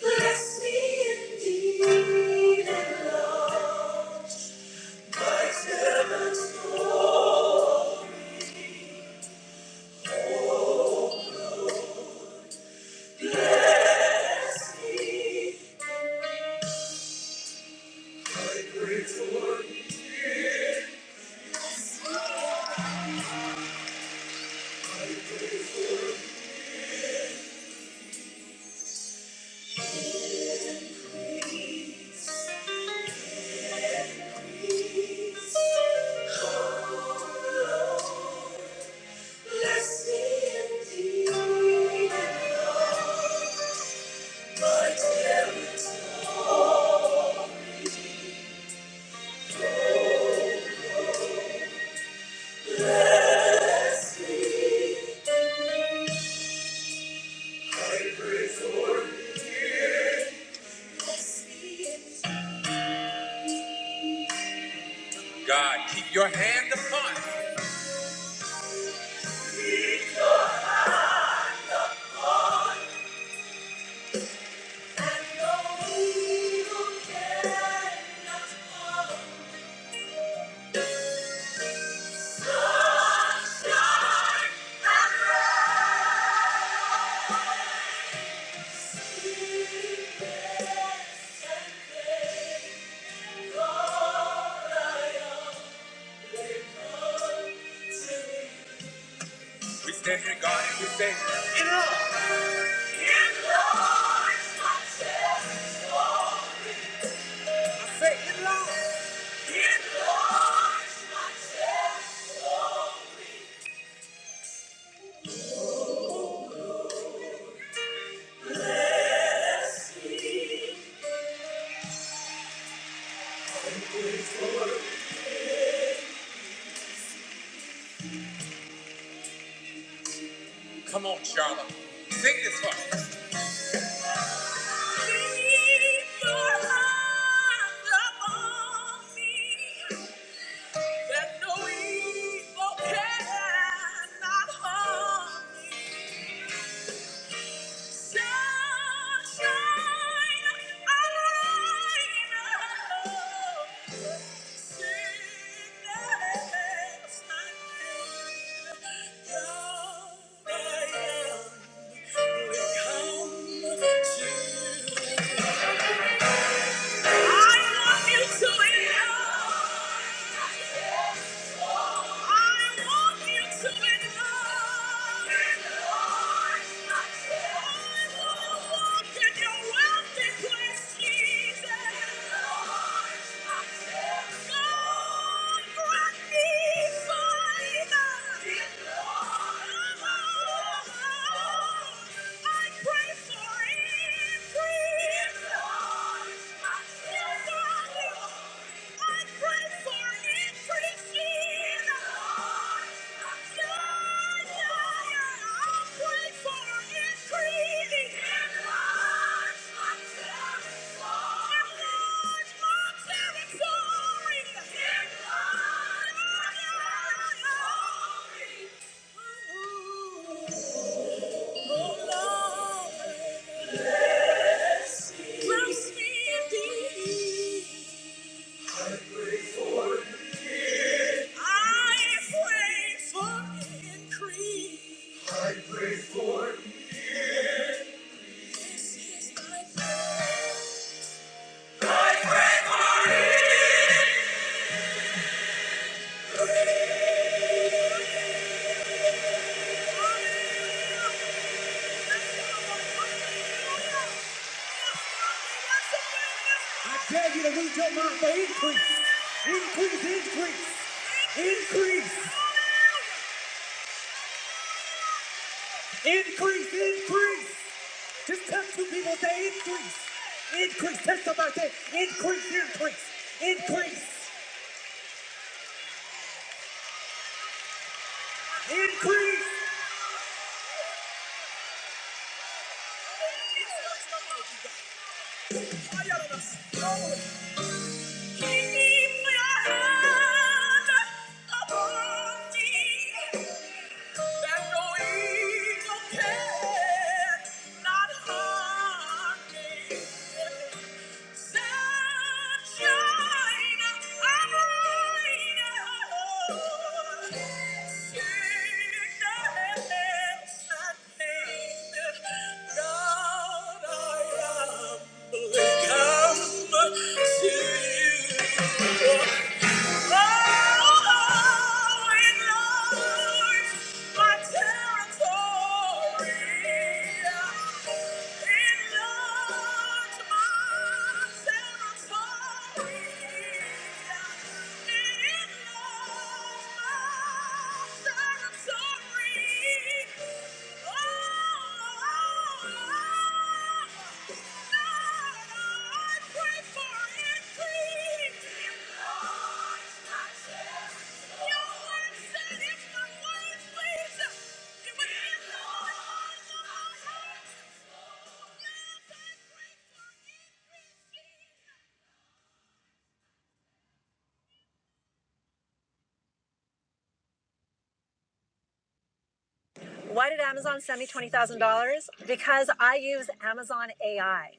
Bless me indeed. Bless me. I pray for you. Bless me. I pray for you. Praise, praise. Oh, Lord. Bless me indeed. My dearest. Bless me. Bless me indeed. God, keep your hand upon me. We stand here, God, and we say, "It Lord's my chest, say it loud. Come on, Charlotte. Sing this for me. Keep your hand upon me. That no evil cannot harm me. Thank you. I pray for it. Ooh. Oh, Lord. I pray for increase. Increase, increase, increase. Increase, increase. Just tell two people, say increase. Increase. Tell somebody, say increase, increase, increase, increase. Keep your hand upon me, that no evil can not harm me. Set Come to you. Oh, Thank you. Why did Amazon send me $20,000? Because I use Amazon AI.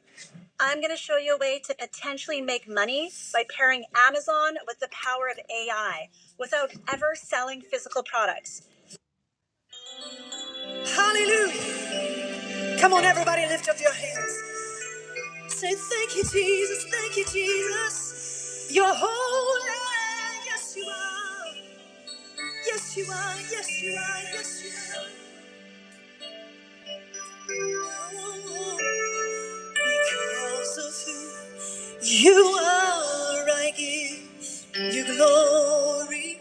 I'm going to show you a way to potentially make money by pairing Amazon with the power of AI without ever selling physical products. Hallelujah. Come on, everybody, lift up your hands. Say, Thank you, Jesus. Thank you, Jesus. You're holy. Yes, you are. Yes, you are. Yes, you are. Yes, you are. Because of who? You are, I give you glory,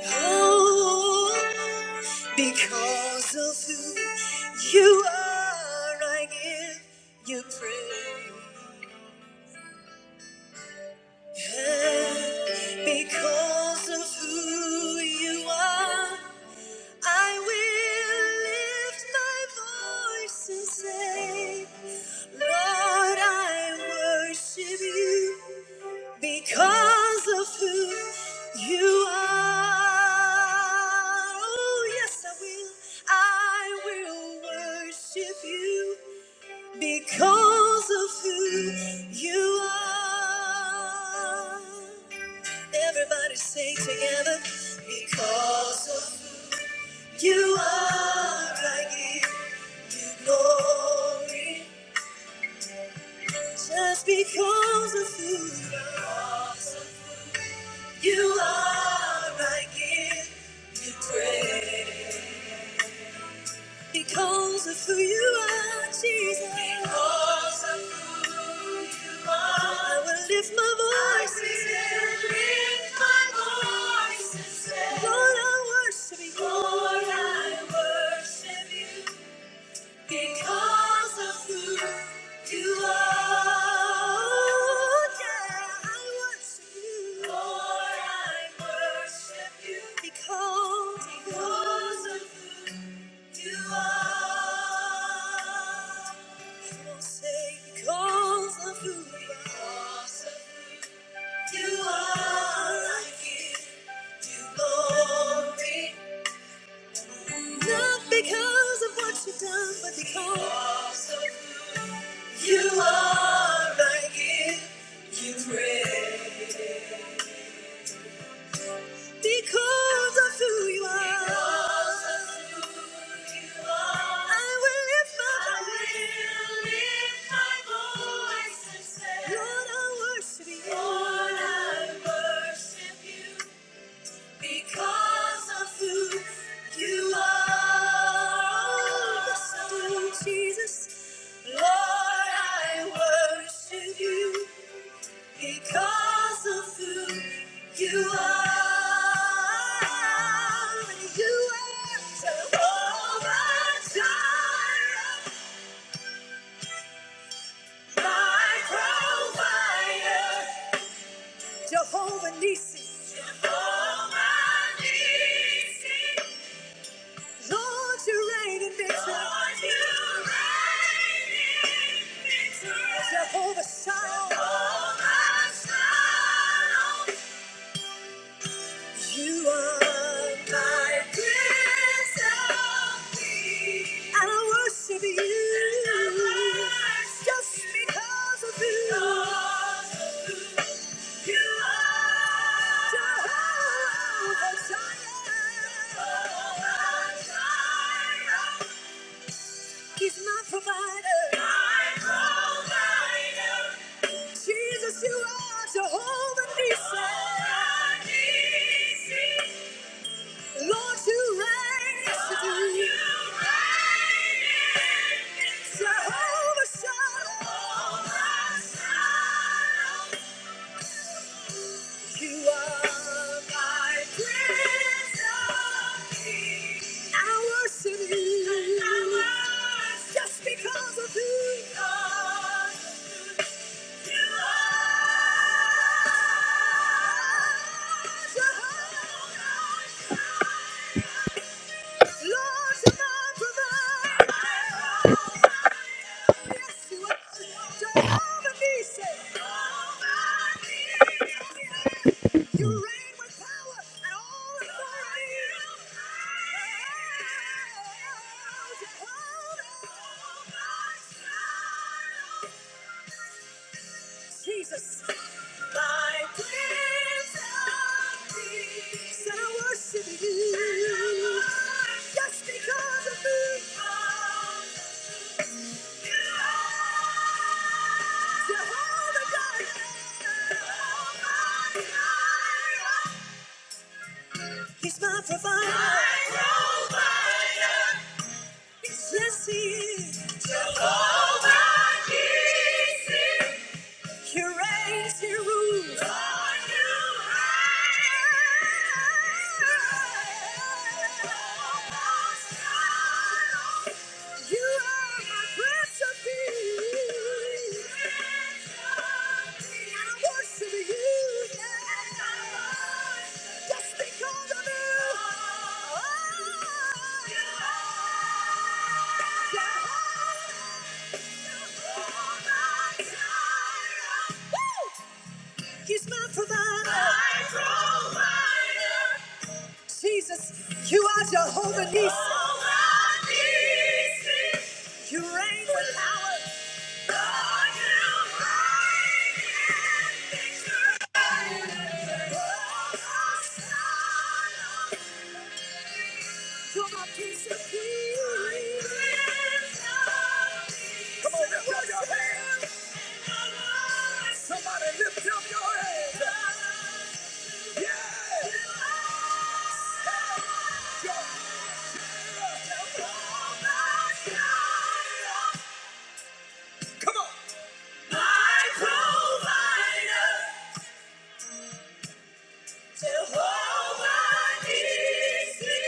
oh, because of who you are, I give you praise, and because of who you are, I will lift my voice and say, Lord, I worship you. Because of who you are. Oh, yes, I will. I will worship you because of who you are. Everybody say together, because of who you are, I give you glory. Just because of who you are. You are, I give you praise. Because of who you are, Jesus. Because of who you are. I will lift my voice. and say, I will lift my voice and say, Lord, I worship you. Lord, I worship you. Because of who you are, Oh, yeah, I worship you. Lord, I worship you. Because, because of who you are. Come on, say, because of who you are. Because of who you are, I give you glory. Not because of what you've done, but because. You are my gift, you pray. Because of who you are. Because of who you are. I will lift my I will lift my voice and say, Lord, I worship you. Lord, I worship you. Because of who you are. Yes, I do, Jesus. Lord, I worship you. Because of who you are, you are Jehovah Jireh, my provider. Oh, see, Jehovah Nissi. Lord, you reign in victory. Lord, you reign in victory. Jehovah Shalom. Jehovah Shalom. You are my Prince of I worship you just because of you. You are Jehovah Jireh. He's my provider. My provider. Jesus, you are Jehovah Nissi. Lord, you reign yesterday. Jehovah Shalom. You are my Prince of Peace. I worship you. I worship you. Just because of who you are. Jesus. My praise and peace. And I worship you. Just because of who you are. Jehovah God. He's my provider. My provider. Yes, he is. Jehovah Nissi. He reigns, you rules. Lord, you reign. You are my prince of peace. And I worship you. Just because of you. Oh, Woo! He's my provider. My provider. Jesus, you are Jehovah Nissi. You reign with power. You're my peace and peace. Come on, lift up your hands. Somebody lift up your hands. Come on! My provider, Jehovah Nissi.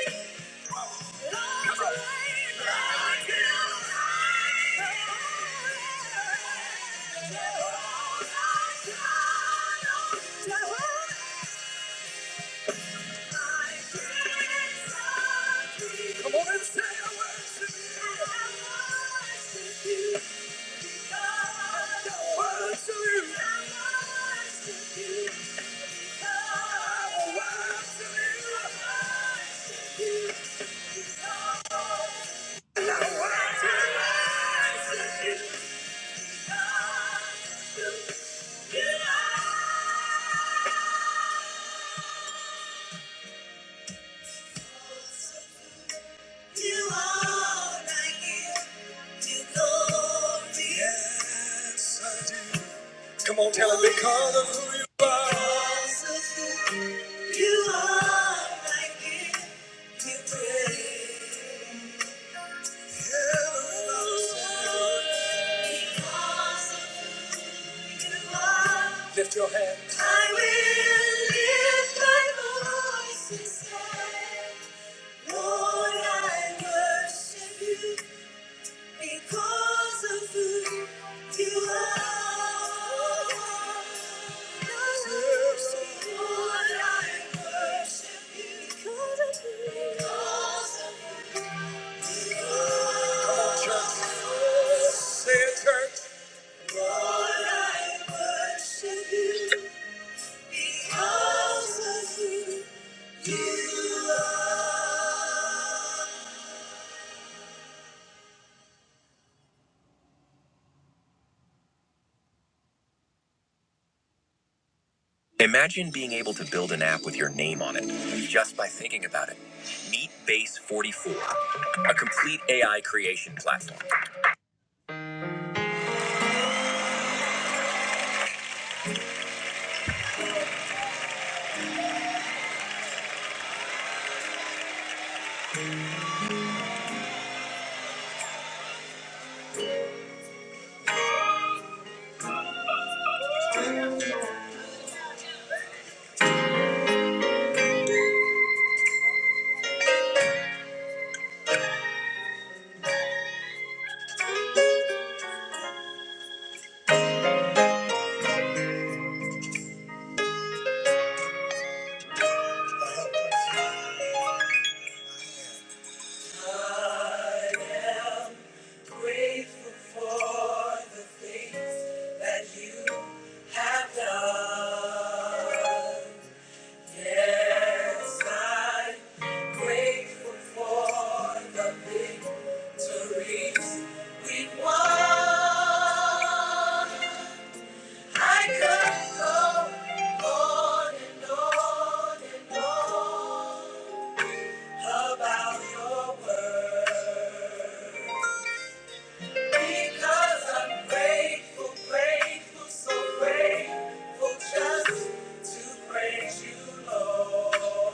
Come on. Lord, you reign. Jehovah Shalom. Jehovah Come on and say I worship you. I worship you. I worship you. And I worship you. You are. Yes, Come on, tell him because of who you are. Because of who you are, I give you praise. Because of who you are. Lift your hands. I will lift my voice and say, Lord, I worship you. Because of who you are. Lord, I worship you. Because of who- you are. Come on, church. Say it, church. Lord, I worship you. Because of who you are. Imagine being able to build an app with your name on it just by thinking about it. Meet Base 44, a complete AI creation platform. Have done. Yes, I'm grateful for the victories we won. I could go on and on and on about your word. Because I'm grateful, grateful, so grateful just to praise you, Lord.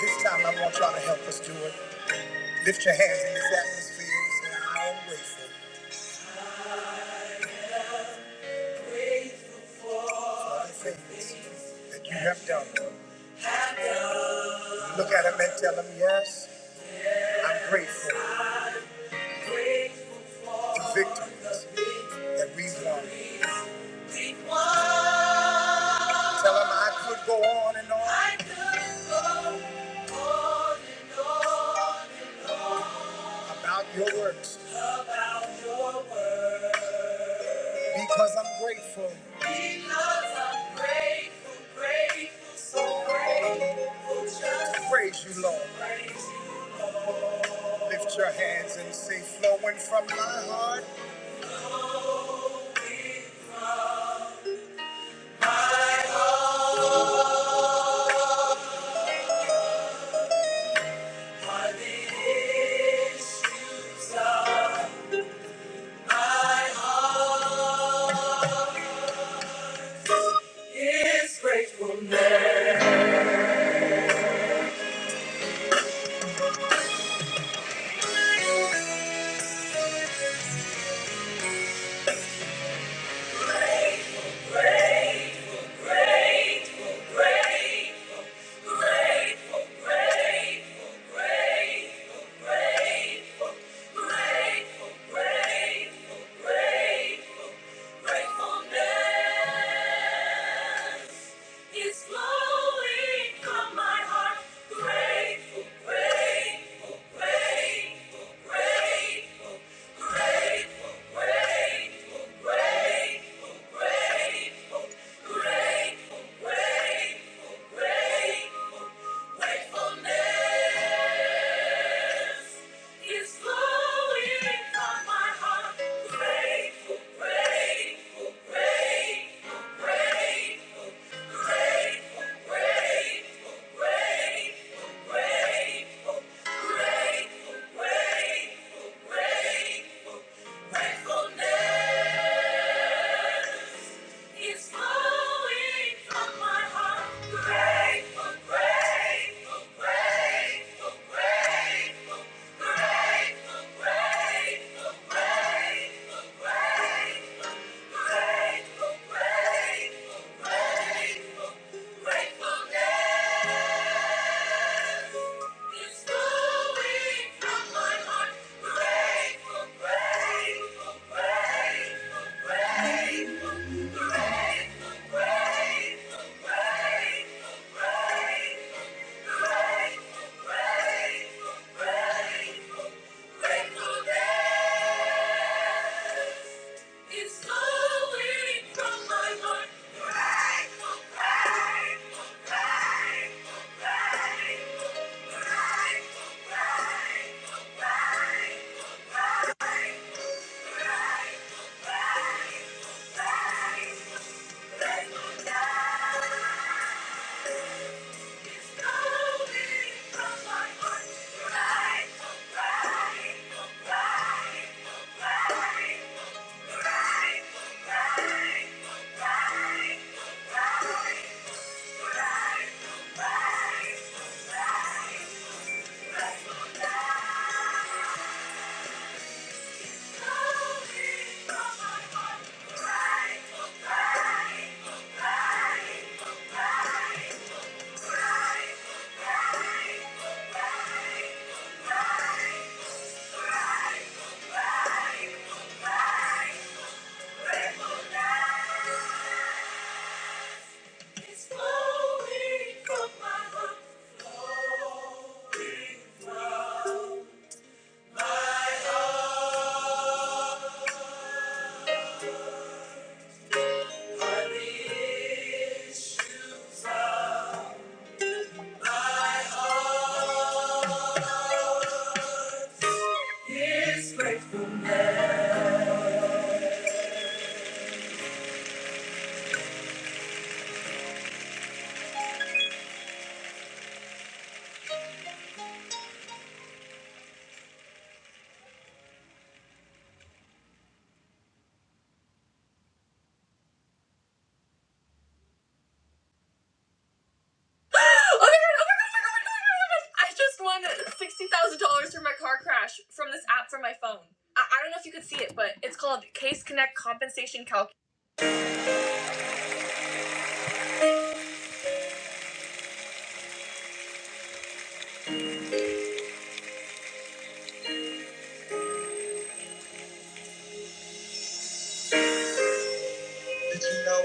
This time I want y'all to help us do it. Lift your hands in this atmosphere and say, I am grateful for the things that you have done. Look at him and tell him, yes, I'm grateful the victories that we won. Tell them I could go on and on. I could go on and on and on. About your works. About your works. Because I'm grateful. Because I'm grateful, grateful, so grateful. Just praise you, Lord. Praise you, Lord. Lift your hands and say, flowing from my heart. Grateful, grateful, grateful, gratefulness. It's flowing from my heart. Grateful, grateful, grateful, grateful, grateful, grateful, grateful, grateful, grateful, grateful, grateful, gratefulness is flowing from my heart. Grateful, grateful, grateful, grateful. It's flowing from my heart. Grateful, grateful, grateful, grateful, grateful, grateful, grateful, grateful. It's flowing from my heart. Grateful, grateful, grateful, grateful, grateful, grateful, grateful, grateful, grateful day. It's flowing from my heart. Grateful, grateful, grateful, grateful, grateful, grateful, grateful, grateful. It's great. Oh my god, oh my god, oh my god, oh my god, oh my god. I just won sixty thousand dollars from my car crash from this app from my phone. I, I don't know if you could see it, but it's called Case Connect Compensation Calculator. Did you know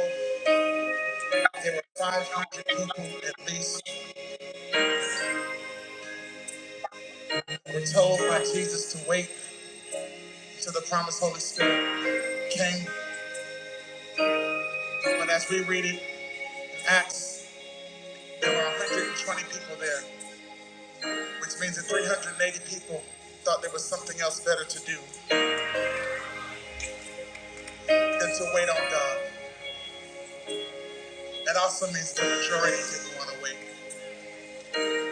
there were five hundred people at least who were told by Ah, Jesus to wait till the promised Holy Spirit came? But as we read it, Acts, there were 120 people there, which means that 380 people thought there was something else better to do than to wait on God. That also means the majority didn't want to wait.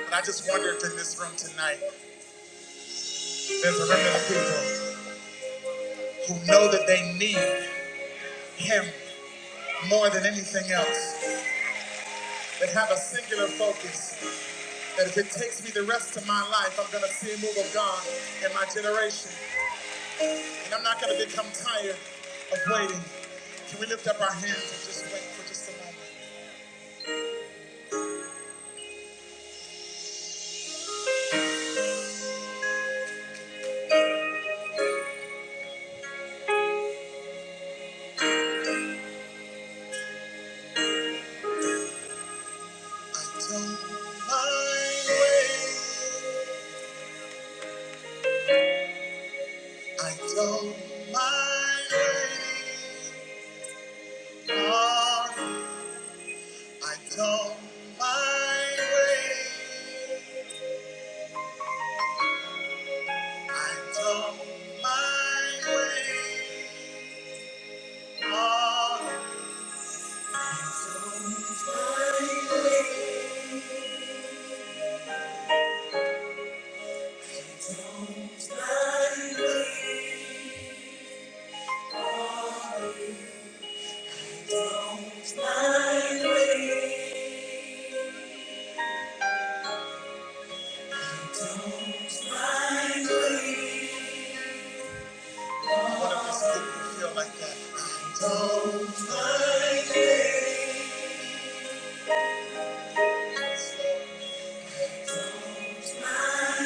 And I just wonder if in this room tonight, there's a remnant of people who know that they need Him more than anything else, that have a singular focus, that if it takes me the rest of my life, I'm going to see a move of God in my generation. And I'm not going to become tired of waiting. Can we lift up our hands and just wait for just a moment? I, I don't mind waiting on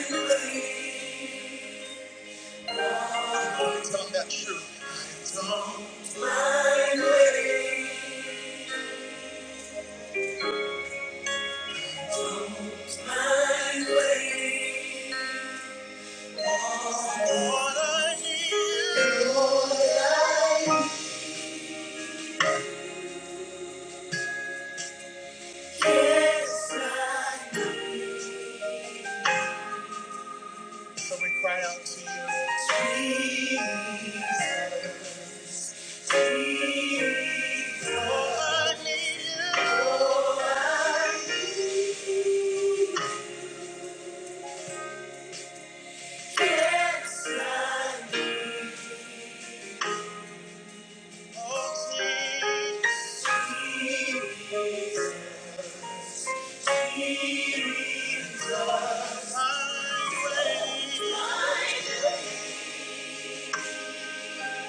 you. Mind waiting, mind waiting, Lord. So we cry out to you. Yes.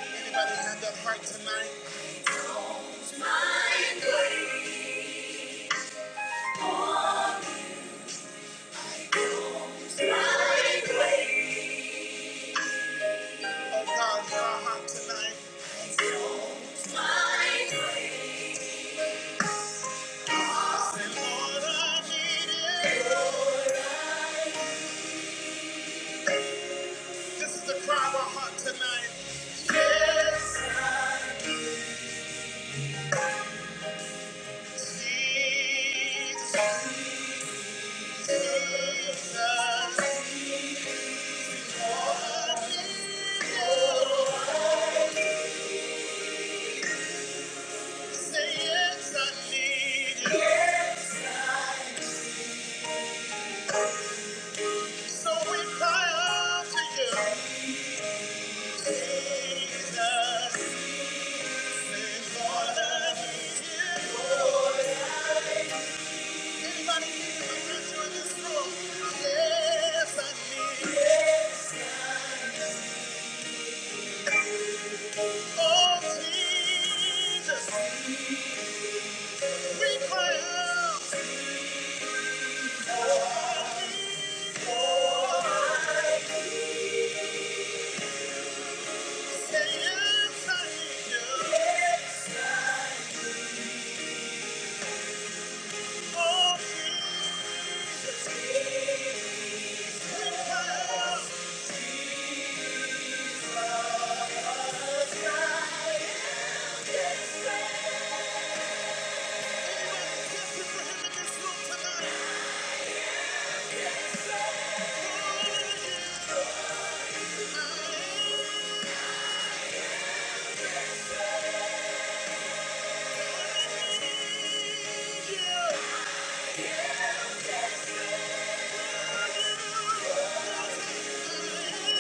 Anybody have that heart tonight? My way, my way. Oh God, hear our heart tonight. My grace. Lord, I need you. This is the cry of our heart tonight. Jesus, Jesus, yes, I need you, Jesus. Thank you. I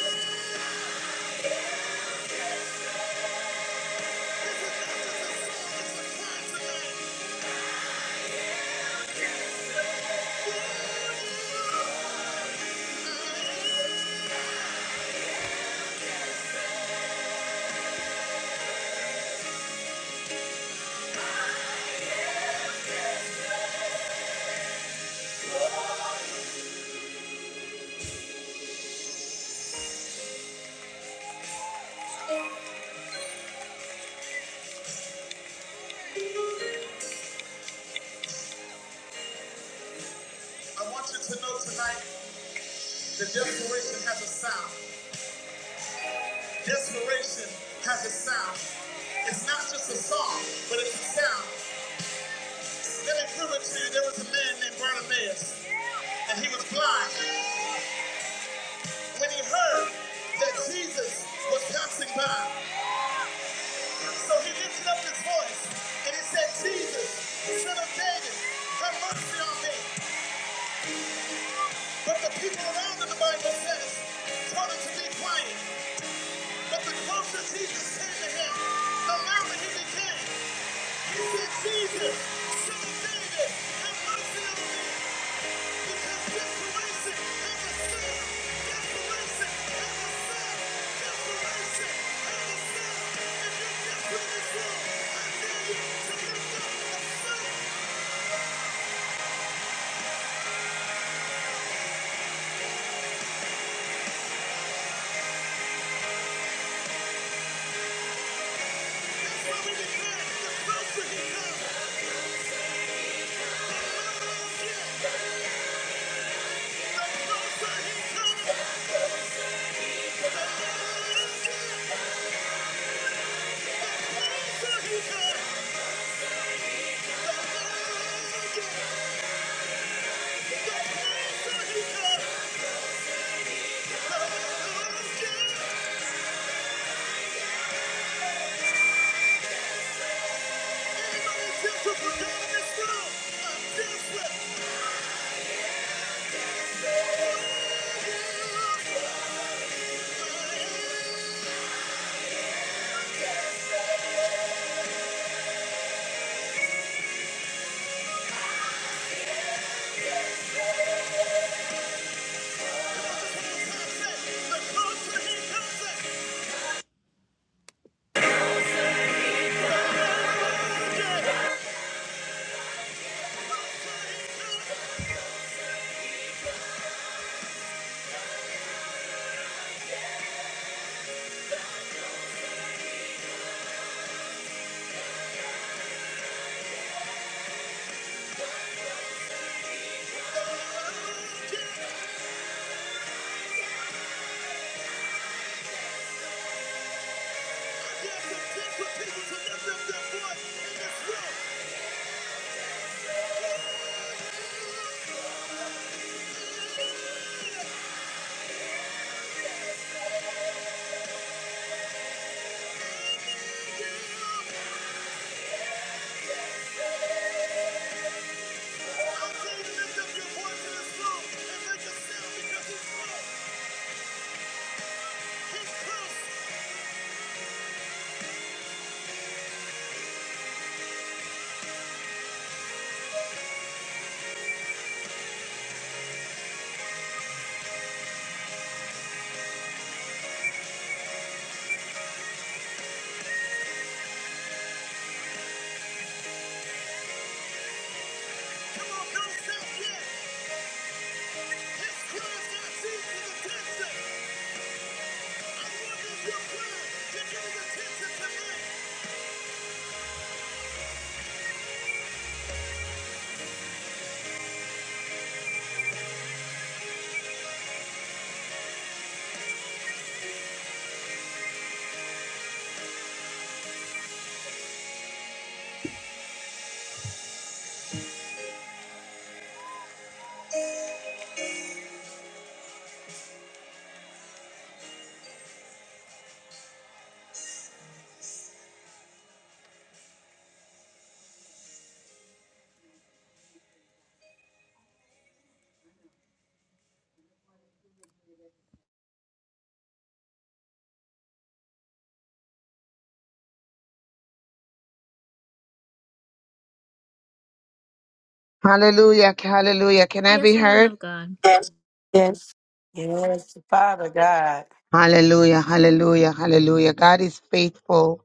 want you to know tonight that desperation has a sound. Desperation has a sound. It's not just a song, but it's a sound. Let me prove it to you. There was a man named Bartimaeus, and he was blind. When he heard that Jesus was passing by, so he lifted up his voice and he said, Jesus, Son of David, have mercy on me. But the people around him, the Bible says, told him to be quiet. But the closer Jesus came to him, the louder he became. He said, Jesus, son of David, have mercy on me. Because desperation has a son. Desperation has a son. Desperation has a son. If you're desperate in this room, I dare you to lift up a son. That's why we declare, the closer he comes, the louder I'll get. The closer he comes. Thank you. Hallelujah, hallelujah. Can I be Yes, woman heard? of God. Yes. Yes, Father God. Hallelujah, hallelujah, hallelujah. God is faithful.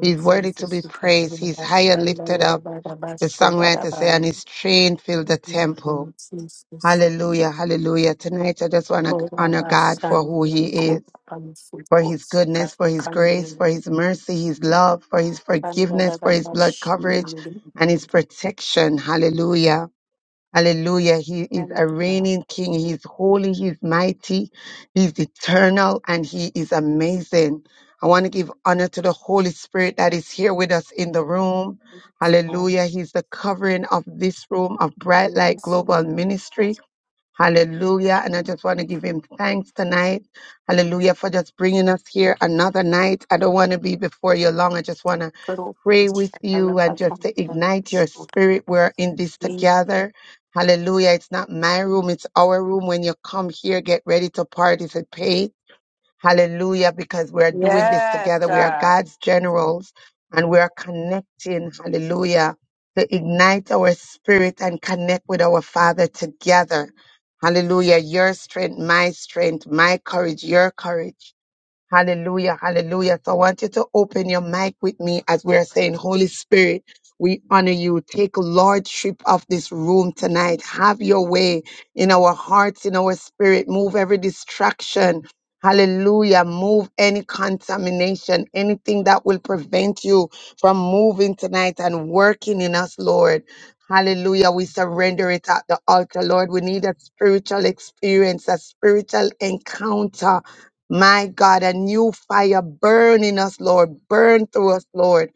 He's worthy to Jesus, be we come to praised. you, He's high and lifted Bashandala, the up. Baba, The Bashoda, songwriter say, and the his train filled the yes. Jesus, temple. we Jesus. Hallelujah, hallelujah. Tonight I just want to Koda, honor God for who Bashandala, he the is, Koda, Bansu, for his Kots, goodness, for Kata, his grace, Kandela, for his mercy, his love, for his Kanda, forgiveness, the for his Baba, blood coverage Shindala, the Baba. and his protection. Hallelujah. Hallelujah. He Shandala, is and a Father. reigning king. He is holy. He is mighty. He is eternal and he is amazing. I want to give honor to the Holy Spirit that is here with us in the room. Yes, Father. Hallelujah. He's the covering of this room of Bright Light Yes, Global Lord. Ministry. Hallelujah. And I just want to give him thanks tonight. Hallelujah for just bringing us here another night. I don't want to be before you long. I just want to Kodo, pray with Bashandala, you and Baka, just to Baba, ignite your Bashoda. spirit. We're in this together. Hallelujah. It's not my room. It's our room. When you come here, get ready to participate. Hallelujah, because we are doing this Yes, together. We are God. God's generals and we are connecting, hallelujah, to ignite our spirit and connect with our Father together. Hallelujah. Your strength, my strength, my courage, your courage. Hallelujah, hallelujah. So I want you to open your mic with me as we're saying, Holy Spirit, we honor you. Take lordship of this room tonight. Have your way in our hearts, in our spirit. Move every distraction. Hallelujah. Move any contamination, anything that will prevent you from moving tonight and working in us, Lord. Hallelujah. We surrender it at the altar, Lord. We need a spiritual experience, a spiritual encounter my God, a new fire burn in us, Lord. Burn through us, Lord.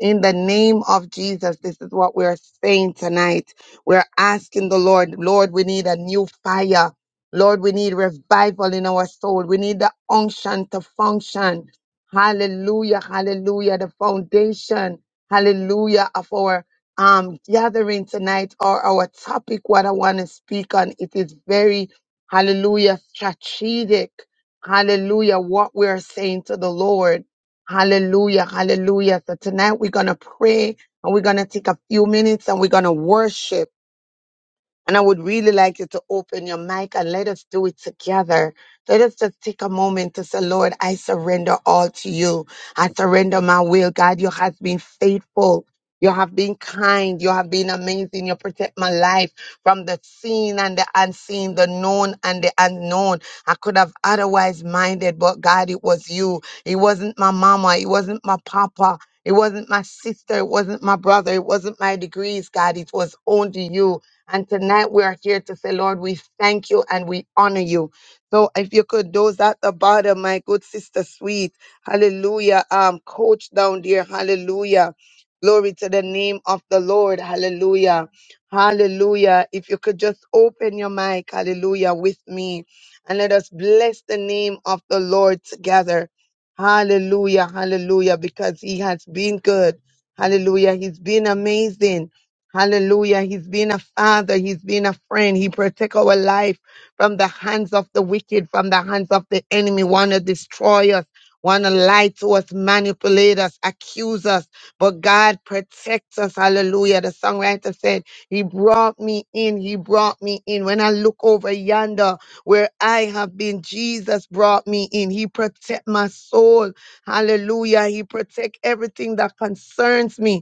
In the name of Jesus, this is what we're saying tonight. We're asking the Lord, Lord, we need a new fire. Lord, we need revival in our soul. We need the unction to function. Hallelujah, hallelujah. The foundation, hallelujah, of our um, gathering tonight or our topic, what I want to speak on, it is very, hallelujah, strategic Hallelujah. What we're saying to the Lord. Hallelujah. Hallelujah. So tonight we're going to pray and we're going to take a few minutes and we're going to worship. And I would really like you to open your mic and let us do it together. Let us just take a moment to say, Lord, I surrender all to you. I surrender my will. God, you have been faithful. You have been kind. You have been amazing. You protect my life from the seen and the unseen, the known and the unknown. I could have otherwise minded, but God, it was you. It wasn't my mama. It wasn't my papa. It wasn't my sister. It wasn't my brother. It wasn't my degrees, God. It was only you. And tonight we are here to say, Lord, we thank you and we honor you. So if you could, those at the bottom, my good sister sweet, hallelujah. Um, coach down there, hallelujah. Glory to the name of the Lord, hallelujah. Hallelujah. If you could just open your mic, hallelujah, with me and let us bless the name of the Lord together. Hallelujah, hallelujah, because he has been good. Hallelujah. He's been amazing. Hallelujah. He's been a father. He's been a friend. He protect our life from the hands of the wicked, from the hands of the enemy, want to destroy us, want to lie to us, manipulate us, accuse us. But God protects us. Hallelujah. The songwriter said, He brought me in. He brought me in. When I look over yonder where I have been, Jesus brought me in. He protect my soul. Hallelujah. He protect everything that concerns me.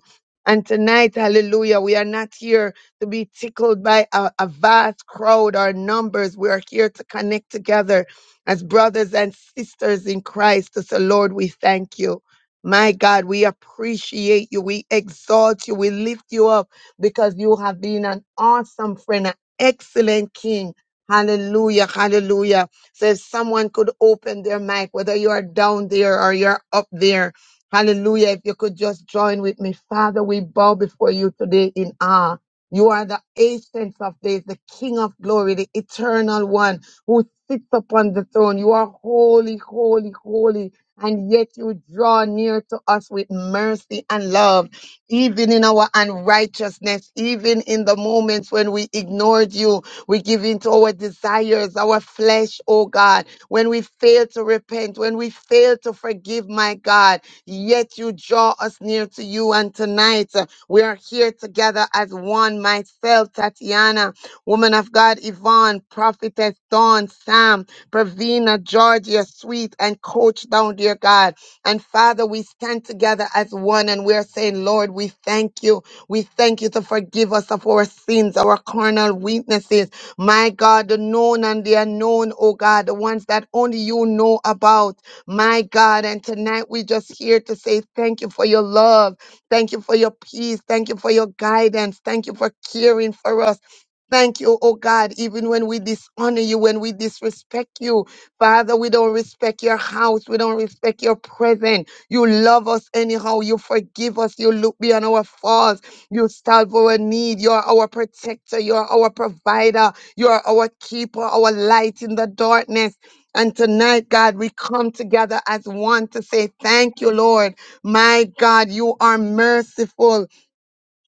And tonight, hallelujah, we are not here to be tickled by a, a vast crowd or numbers. We are here to connect together as brothers and sisters in Christ. So, Lord, we thank you. My God, we appreciate you. We exalt you. We lift you up because you have been an awesome friend, an excellent king. Hallelujah, hallelujah. So if someone could open their mic, whether you are down there or you're up there, Hallelujah. If you could just join with me. Father, we bow before you today in awe. You are the ancient of days, the King of glory, the eternal one who sits upon the throne. You are holy, holy, holy. And yet you draw near to us with mercy and love, even in our unrighteousness, even in the moments when we ignored you, we give in to our desires, our flesh, oh God, when we fail to repent, when we fail to forgive, my God. Yet you draw us near to you. And tonight uh, we are here together as one myself, Tatiana, woman of God, Yvonne, prophetess Dawn, Sam, Pravina, Georgia, Sweet, and Coach down, dear God. And Father, we stand together as one and we are saying, Lord, we thank you. We thank you to forgive us of our sins, our carnal weaknesses. My God, the known and the unknown, oh God, the ones that only you know about. My God, and tonight we are just here to say thank you for your love. Thank you for your peace. Thank you for your guidance. Thank you for caring for us. Thank you, oh God, even when we dishonor you, when we disrespect you. Father, we don't respect your house. We don't respect your presence. You love us anyhow. You forgive us. You look beyond our faults. You solve our need. You're our protector. You're our provider. You're our keeper, our light in the darkness. And tonight, God, we come together as one to say, Thank you, Lord. My God, you are merciful.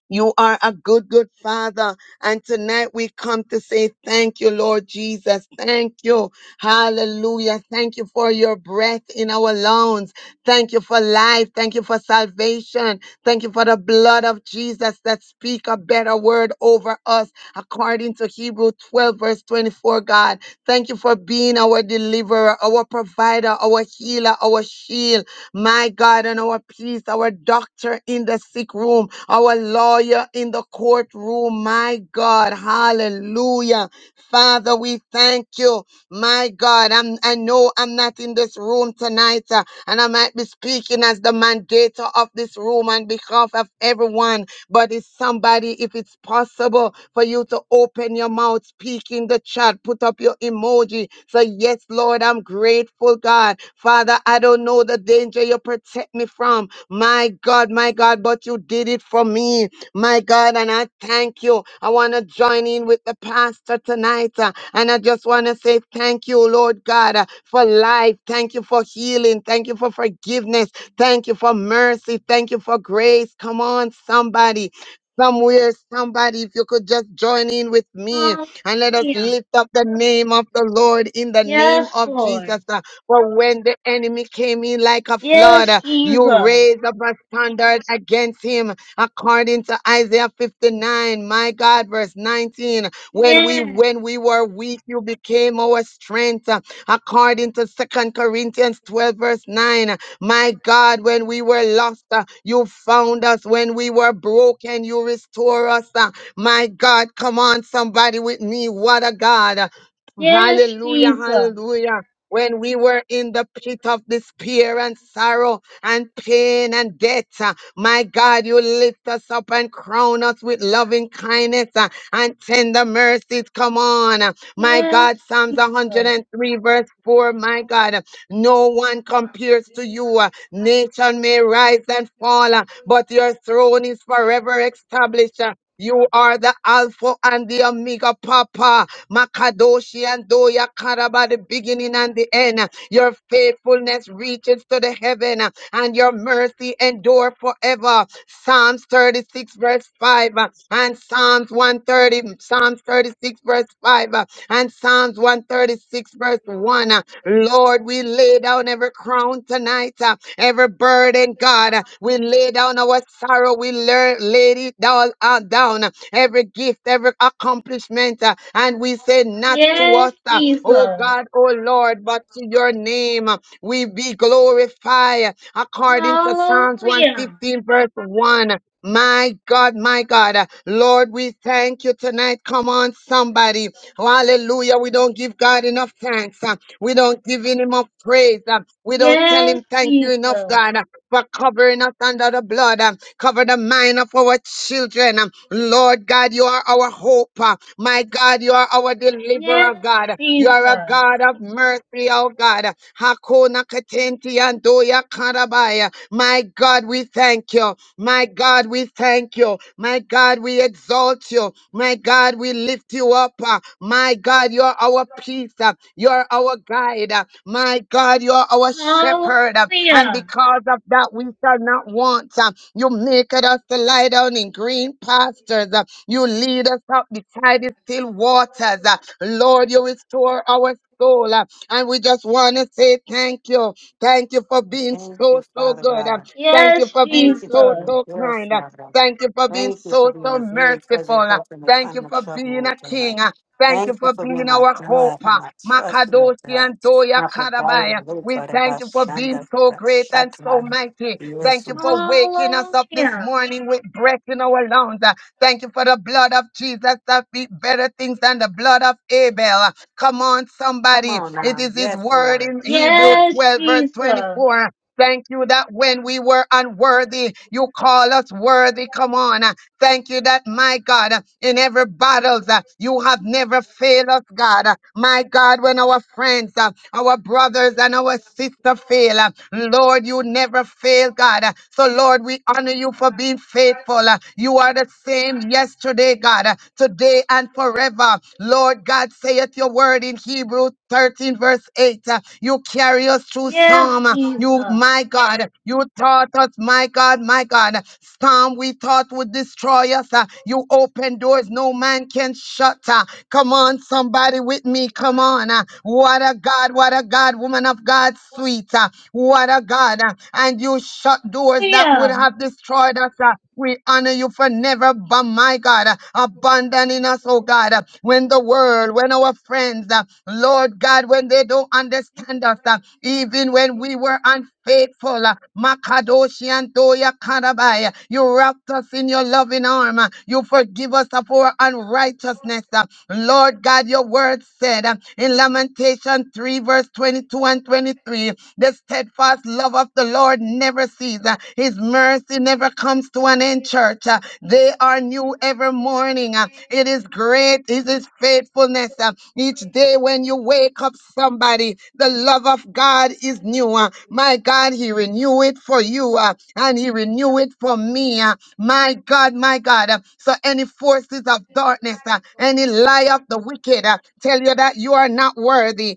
You are a good, good father. And tonight we come to say thank you, Lord Jesus. Thank you. Hallelujah. Thank you for your breath in our lungs. Thank you for life. Thank you for salvation. Thank you for the blood of Jesus that speak a better word over us according to Hebrew 12 verse 24, God. Thank you for being our deliverer, our provider, our healer, our shield my God, and our priest, our doctor in the sick room, our lawyer in the courtroom, my God, hallelujah. Father, we thank you, my God. I'm, I know I'm not in this room tonight, uh, and I might be speaking as the mandator of this room on behalf of everyone but it's somebody, if it's possible for you to open your mouth, speak in the chat, put up your emoji. Say, Yes, Lord, I'm grateful, God. Father, I don't know the danger you protect me from. My God, my God, but you did it for me. My God, and I thank you. I want to join in with the pastor tonight. uh, and I just want to say thank you, Lord God, uh, for life. Thank you for healing. Thank you for forgiveness. Thank you for mercy. Thank you for grace. Come on, somebody. Somewhere, somebody, if you could just join in with me and let us Hallelujah. lift up the name of the Lord in the name Yes, of Jesus. Lord. Uh, For when the enemy came in like a flood, Yes, uh, you Jesus. raised up a standard against him, according to Isaiah 59, my God, verse 19. When we Yes. when we were weak, you became our strength, uh, according to Second Corinthians 12, verse 9. My God, when we were lost, uh, you found us. When we were broken, you restore us. uh, my God, come on, somebody with me. What a God. uh, Yes, Hallelujah, Jesus. hallelujah. When we were in the pit of despair and sorrow and pain and death, uh, my God, you lift us up and crown us with loving kindness uh, and tender mercies. Come on, uh, my Yes, God, Psalms Jesus. 103, verse 4, my God. No one compares to you. Uh, Nation may rise and fall, uh, but your throne is forever established. Uh, You are the Alpha and the Omega, Papa. Makadoshi and Doya Karaba, the beginning and the end. Uh, Your faithfulness reaches to the heaven, uh, and your mercy endure forever. Psalms 36, verse 5, uh, and Psalms 130, Psalms 36, verse 5, uh, and Psalms 136, verse 1. uh, Lord, we lay down every crown tonight, uh, every burden, God. Uh, We lay down our sorrow. We lay, lay it all uh, down, uh, every gift, every accomplishment. uh, and we say, not to Yes, us, uh, oh Jesus. God, oh Lord, but to your name uh, we be glorified according to Psalms Hallelujah. 115, verse 1. My God, my God, uh, Lord, we thank you tonight. Come on, somebody. Hallelujah. We don't give God enough thanks. We don't give him enough praise. uh, We don't tell Yes, him thank you enough, Jesus. God, uh, for covering us under the blood. uh, Cover the mind of our children. um, Lord God, you are our hope. uh, My God, you are our Yes, deliverer, God. You are a Jesus. God of mercy, oh God. Hakuna katenti andoya karabaya. My God, we thank you. My God, we thank you. My God, we exalt you. My God, God, we lift you up. uh, My God, you're our peace. uh, You're our guide. uh, My God, you're our shepherd. uh, And Hallelujah. because of that, we shall not want. uh, You make us to lie down in green pastures. uh, You lead us up beside the still waters. uh, Lord, you restore our soul. uh, And we just want to say thank you. Thank you for being Thank so, you, so Father good. uh, God. Thank you Yes, for being Thank you for so, Jesus. being so there, kind. uh, Father. Thank you for being Thank you for so, being so a very merciful. present Uh, help in the Thank time you of for being trouble, oh a God. king. uh. Thank you Thank you for for being being my our hope. God, uh. my trust, Lord. Makadoshi God. and Toya My provider, Karabaya. oh We God, and my thank you for being shanda, oh so God, great and so shaka. mighty. Yes, Thank you Lord. for waking us up this Hallelujah. morning with breath in our lungs. uh. Thank you for the blood of Jesus that be better things than the blood of Abel. uh. Come on, Come somebody. on It now. is his Yes, word Lord. in Hebrews Yes. Yes, 12, verse Jesus. 24. Thank you that when we were unworthy, you call us worthy. Come on. Thank you that, my God, uh, in every battle, uh, you have never failed us, God. Uh, My God, when our friends, uh, our brothers, and our sisters fail, uh, Lord, you never fail, God. Uh, So, Lord, we honor you for being faithful. Uh, You are the same yesterday, God, uh, today and forever. Lord God, saith your word in Hebrews. 13, verse 8. uh, You carry us through Yes, storm. uh, You, Jesus. my God, you taught us, my God, my God. Storm we thought would destroy us. uh, You open doors no man can shut. uh, Come on, somebody with me. Come on. uh, What a God, what a God, woman of God, sweet. uh, What a God. uh, And you shut doors that would Hallelujah. have destroyed us. uh, we honor you for never, but my God, uh, abandoning us, oh God. uh, When the world, when our friends, uh, Lord God, when they don't understand us, uh, even when we were unfaithful, uh, Makadoshi and Toya Karabai, uh, you wrapped us in your loving arm. uh, You forgive us of our unrighteousness. uh, Lord God, your word said uh, in Lamentation 3, verse 22 and 23, the steadfast love love of the Lord never ceases. Uh, His mercy never comes to an end, church. Uh, They are new every morning. Uh, It is great, is His faithfulness. Uh, Each day when you wake up, somebody, the love of God is new. Uh, My God, He renew it for you uh, and He renew it for me. uh, my God, my God. Uh, So any forces of darkness, uh, any lie of the wicked uh, tell you that you are not worthy.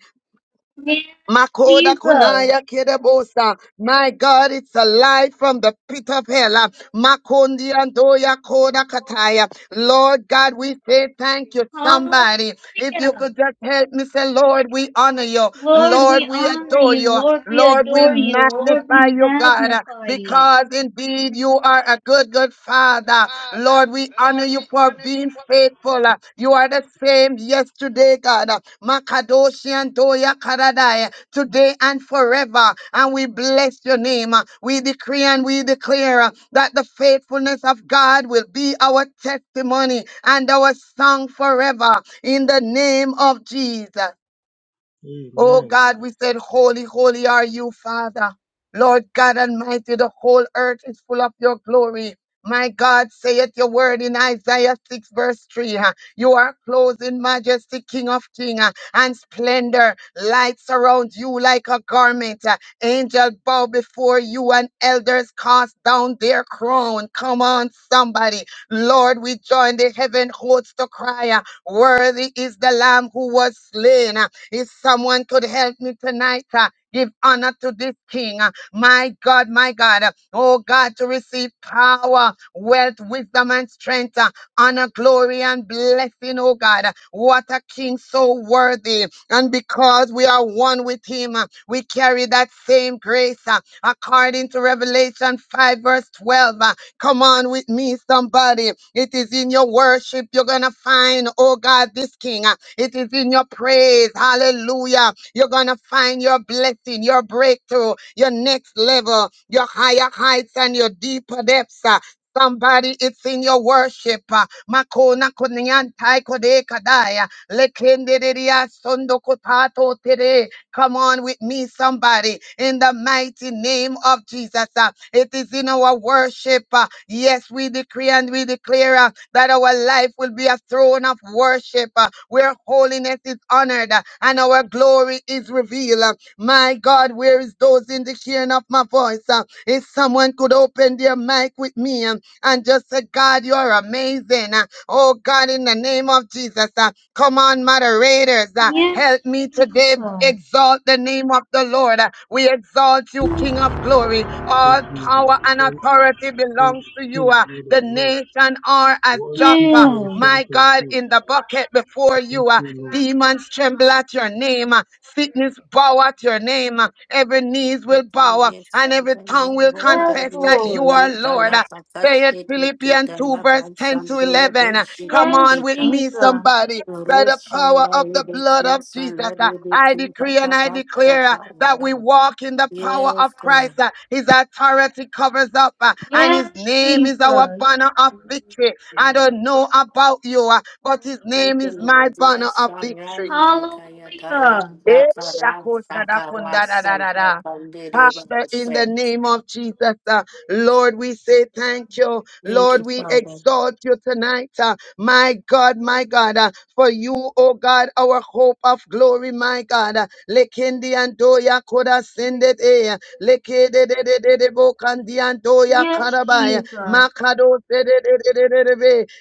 Yes, Makoda Jesus. kunaya kerebosa. My God, it's a light from the pit of hell. Ah, Makondi andoya koda kataya. Lord God, we say thank you. Hallelujah. Somebody, if you could just help me say, Lord, we honor you. Lord, Lord, we we honor adore you. you. Lord, we Lord, we adore you. Lord, we magnify you, God magnify you. because indeed you are a good, good Father. Father. Lord, we honor Lord, you we for honor you being for faithful. Uh, You are the same yesterday, God. Uh, Makadoshi and Doya Karadai, today and forever. And we bless your name. Uh, We decree and we declare uh, that the faithfulness of God will be our testimony and our song forever. In the name of Jesus. Oh Amen. God, we said, Holy, holy are you, Father. Lord God Almighty, the whole earth is full of your glory. My God, saith your word in Isaiah 6, verse 3. huh, You are clothed in majesty, King of Kings, huh, and splendor. Light surrounds you like a garment. huh. Angels bow before you, and elders cast down their crown. Come on, somebody. Lord, we join the heaven hosts to cry. huh, Worthy is the Lamb who was slain. huh, if someone could help me tonight, uh, give honor to this king. uh, my God, my God. uh, oh God, to receive power, wealth, wisdom, and strength. uh, honor, glory, and blessing, oh God. uh, What a king so worthy. And because we are one with him, uh, we carry that same grace. uh, according to Revelation 5, verse 12. uh, Come on with me, somebody. It is in your worship you're going to find, oh God, this King. It is in your praise. Hallelujah. You're going to find your blessing, your breakthrough, your next level, your higher heights and your deeper depths. uh. Somebody, it's in your worship. uh. Makona kunyantai kodekadaya. Lekenderiya sondo kotato tere. Come on with me, somebody, in the mighty name of Jesus. Uh, It is in our worship. uh, Yes, we decree and we declare uh, that our life will be a throne of worship uh, where holiness is honored uh, and our glory is revealed. Uh, My God, where is those in the hearing of my voice? Uh, If someone could open their mic with me um, and just say, God, you are amazing. Uh, Oh God, in the name of Jesus. uh, Come on, moderators. uh, Yes, help me today Jesus. exalt the name of the Lord. Uh, we exalt you, King of glory. Thank All you, Jesus. power and Thank you, authority King of belongs to you. Kings, Uh, Lord of the Lords. nation are as Worship Joppa, you, Yes, my Ancient of God, Days. in the bucket before Thank you. Uh, you, Lord. demons tremble at your name. Uh, sickness bow at your name. Uh, every knees Yes, will bow uh, yes, and every shanda, la, tongue will bunda, yes confess li, that be, you Lord. are ku, ta, Lord. la, Uh, ba, ka, Say it, shi, ni, ki, Philippians ta, 2, la, ba, verse 10 san, to du, la, 11. bu, Uh, shi, Come ni, on Yes, ki, with ta. me, Jesus. somebody by the power Roshanda of the blood of Rebeki Jesus. Sanda uh, I Rebeki decree and Tata I declare uh, Bashata that Vada. we walk in the power of Yes, God. Christ. uh, His authority covers up, uh, and His Yes, name is our Jesus. banner of victory. I don't know about you, uh, but His Thank name you, is my Lord. banner Yes, of victory. Sharanda Kaya Hallelujah. Eh, Taranda Karanda yakosa da kunda da da Karasa da da. Takandere Father, in the Bashe. name of Jesus, uh, Lord, we say thank you. Thank Lord, you, we Father. exalt you tonight. uh, my God, my God, uh, for you, oh God, our hope of glory, my God. Uh, Lekindi andoya koda sendet eh. Lekede de de de de bo kandi andoya Yes, karabaya. Jesus. Makado se de de de de de de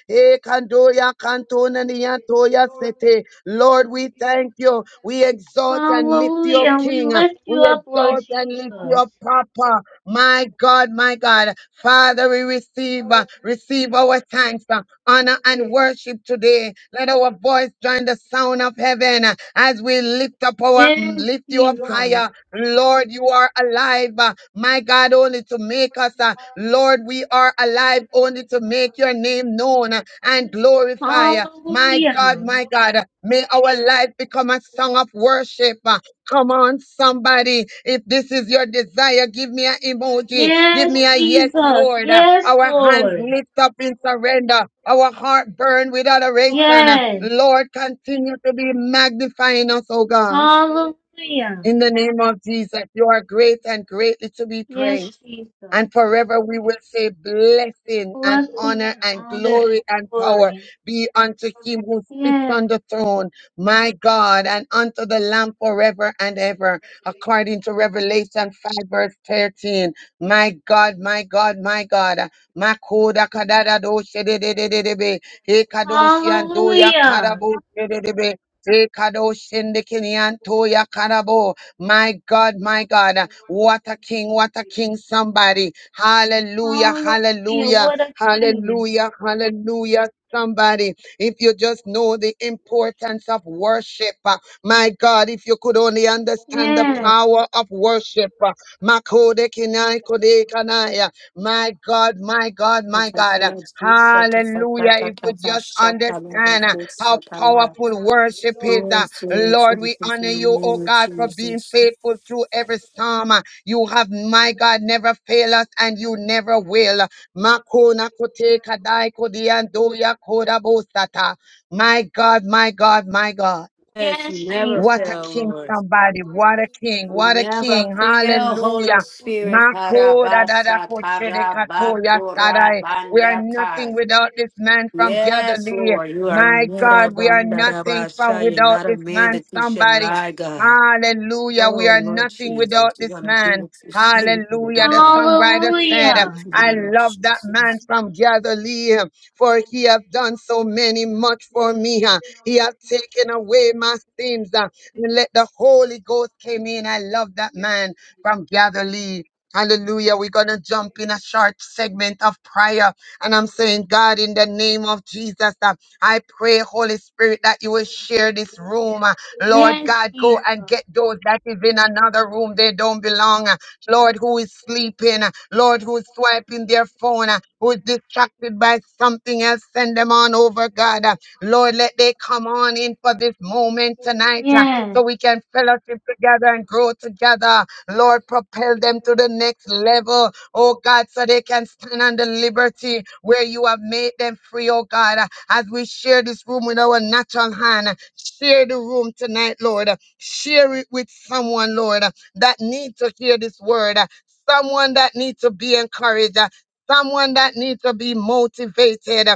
Eh, kandoya kantona niyantoya sete. Lord, we thank you. We exalt and lift you up, Hallelujah. We King. lift We you up, Lord exalt and lift you Jesus. up, Papa. My God, my God. Father, we receive, uh, receive our thanks, uh, honor, and worship today. Let our voice join the sound of heaven uh, as we lift up our, mm, Yes, lift you up Jesus. higher. Lord, you are alive. uh, My God, only to make us. uh, Lord, we are alive only to make your name known uh, and glorify. uh, My God, Hallelujah. my God, uh, may our life become a song of worship. uh, Come on, somebody. If this is your desire, give me an emoji. Give Yes, me a yes, Jesus. Lord. Uh, Yes, Our hands Lord. lift up in surrender. Our heart burn with adoration. Uh, Yes. Lord, continue to be magnifying us, oh God. Hallelujah. In the name of Jesus, you are great and greatly to be Yes, praised. Jesus. And forever we will say blessing and Blessing honor and and honor and glory and power glory. be unto him who sits on Yes. the throne, my God, and unto the Lamb forever and ever, according to Revelation 5 verse 13. My God, my God, my God. Makoda kadada do shededededebe. Hekadoshi and doya Hallelujah. karabo shededebe. Hekadoshi ndekini antoya karabo. My God, my God. uh, What a king, what a king, somebody. Hallelujah, Hallelujah. hallelujah, What a king. hallelujah, hallelujah. Somebody, if you just know the importance of worship, uh, my God, if you could only understand the Yes. power of worship, uh, Makode kinai kode kanai, uh, my God, my God, my Yes, God, uh, hallelujah. If we just understand uh, how powerful worship is. Lord, uh, Jesus, Lord, we in honor the you, oh name of God, for being Jesus. faithful through every storm. You have, my God, never failed us and you never will. Makona kote kadai kodiandoya kodabosata. My God, my God, my God. Yes, you Yes, never Jesus. What a fail, king, Lord. somebody. What a king. You What a never king. fail, Holy Hallelujah. Spirit. Makoda dada Karabasa, koshede katoya karabatura, sadai. We are nothing bandakai. without this man from Yes, Galilee. Lord, you are My not a God, we are nothing from bandarabasha. You're without not a this man man, that you shall somebody. lie, God. Hallelujah. We Oh, are Lord nothing without Jesus, this you're going to do man. what you say you're going to Hallelujah. do, The God. songwriter said, You're In Hallelujah. the I name of love that man Jesus. from Galilee, for he have done so many much for me. He has taken away my sins. uh, And let the Holy Ghost came in. I love that man from Galilee. Hallelujah. We're going to jump in a short segment of prayer. And I'm saying, God, in the name of Jesus, uh, I pray, Holy Spirit, that you will share this room. uh, Lord Yes, God, go Jesus. and get those that is in another room. They don't belong. uh, Lord, who is sleeping. uh, Lord, who is swiping their phone. uh, Who is distracted by something else. Send them on over, God. uh, Lord, let they come on in for this moment tonight uh, Yes. so we can fellowship together and grow together. Lord, propel them to the next level, oh God, so they can stand on the liberty where you have made them free, oh God. Uh, As we share this room with our natural hand, uh, share the room tonight, Lord. Uh, Share it with someone, Lord, uh, that need to hear this word, uh, someone that needs to be encouraged. uh, Someone that needs to be motivated,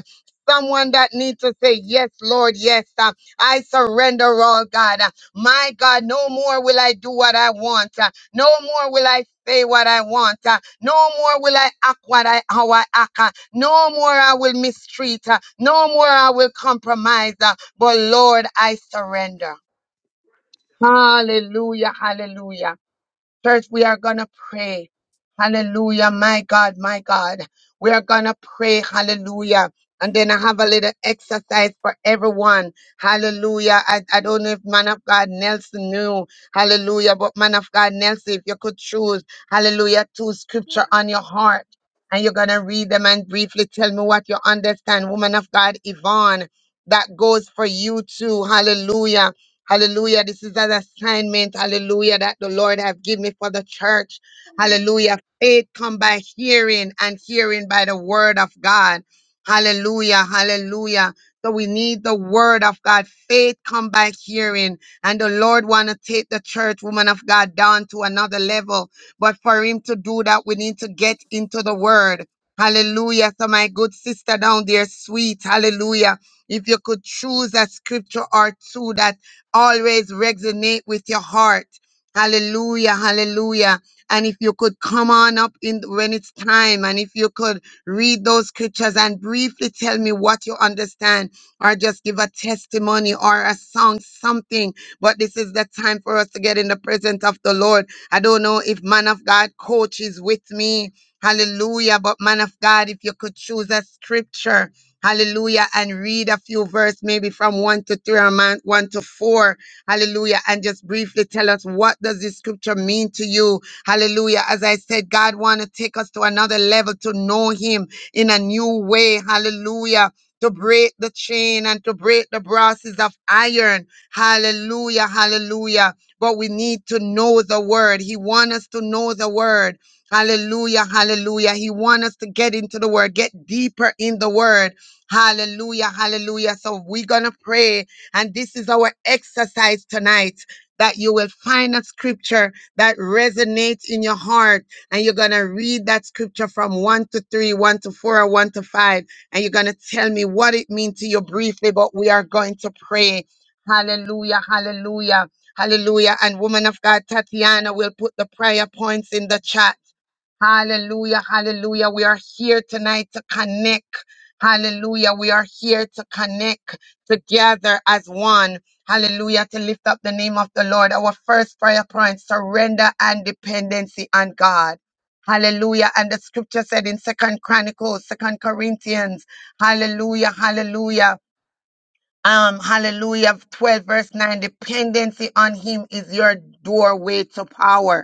someone that needs to say, Yes, Lord, yes, uh, I surrender all, God. Uh, My God, no more will I do what I want. Uh, No more will I say what I want. Uh, No more will I act what I how I act. Uh, No more I will mistreat. Uh, No more I will compromise. Uh, But Lord, I surrender. Hallelujah, hallelujah. Church, we are going to pray. Hallelujah. My God, my God. We are going to pray. Hallelujah. And then I have a little exercise for everyone. Hallelujah. I, I don't know if man of God Nelson knew. Hallelujah. But man of God Nelson, if you could choose, hallelujah, two scripture on your heart. And you're going to read them and briefly tell me what you understand. Woman of God, Yvonne, that goes for you too. Hallelujah. Hallelujah. This is an assignment, hallelujah, that the Lord have given me for the church. Hallelujah. Faith come by hearing and hearing by the word of God. Hallelujah. Hallelujah. So we need the word of God. Faith come by hearing. And the Lord want to take the church, woman of God, down to another level. But for him to do that, we need to get into the word. Hallelujah. So my good sister down there, sweet. Hallelujah. If you could choose a scripture or two that always resonate with your heart. Hallelujah, hallelujah. And if you could come on up in when it's time, and if you could read those scriptures and briefly tell me what you understand, or just give a testimony or a song, something. But this is the time for us to get in the presence of the Lord. I don't know if man of God coach is with me. Hallelujah. But man of God, if you could choose a scripture Hallelujah. And read a few verse, maybe from one to three or man- one to four. Hallelujah. And just briefly tell us what does this scripture mean to you? Hallelujah. As I said, God want to take us to another level to know him in a new way. Hallelujah. To break the chain and to break the brasses of iron. Hallelujah. Hallelujah. But we need to know the word. He want us to know the word. Hallelujah, hallelujah. He wants us to get into the word, get deeper in the word. Hallelujah, hallelujah. So we're going to pray. And this is our exercise tonight that you will find a scripture that resonates in your heart. And you're going to read that scripture from one to three, one to four, or one to five. And you're going to tell me what it means to you briefly, but we are going to pray. Hallelujah, hallelujah, hallelujah. And woman of God, Tatiana will put the prayer points in the chat. Hallelujah, hallelujah. We are here tonight to connect. Hallelujah. We are here to connect together as one. Hallelujah. To lift up the name of the Lord. Our first prayer point, surrender and dependency on God. Hallelujah. And the scripture said in Second Chronicles, Second Corinthians, hallelujah, hallelujah. Um, hallelujah, 12 verse 9, dependency on him is your doorway to power.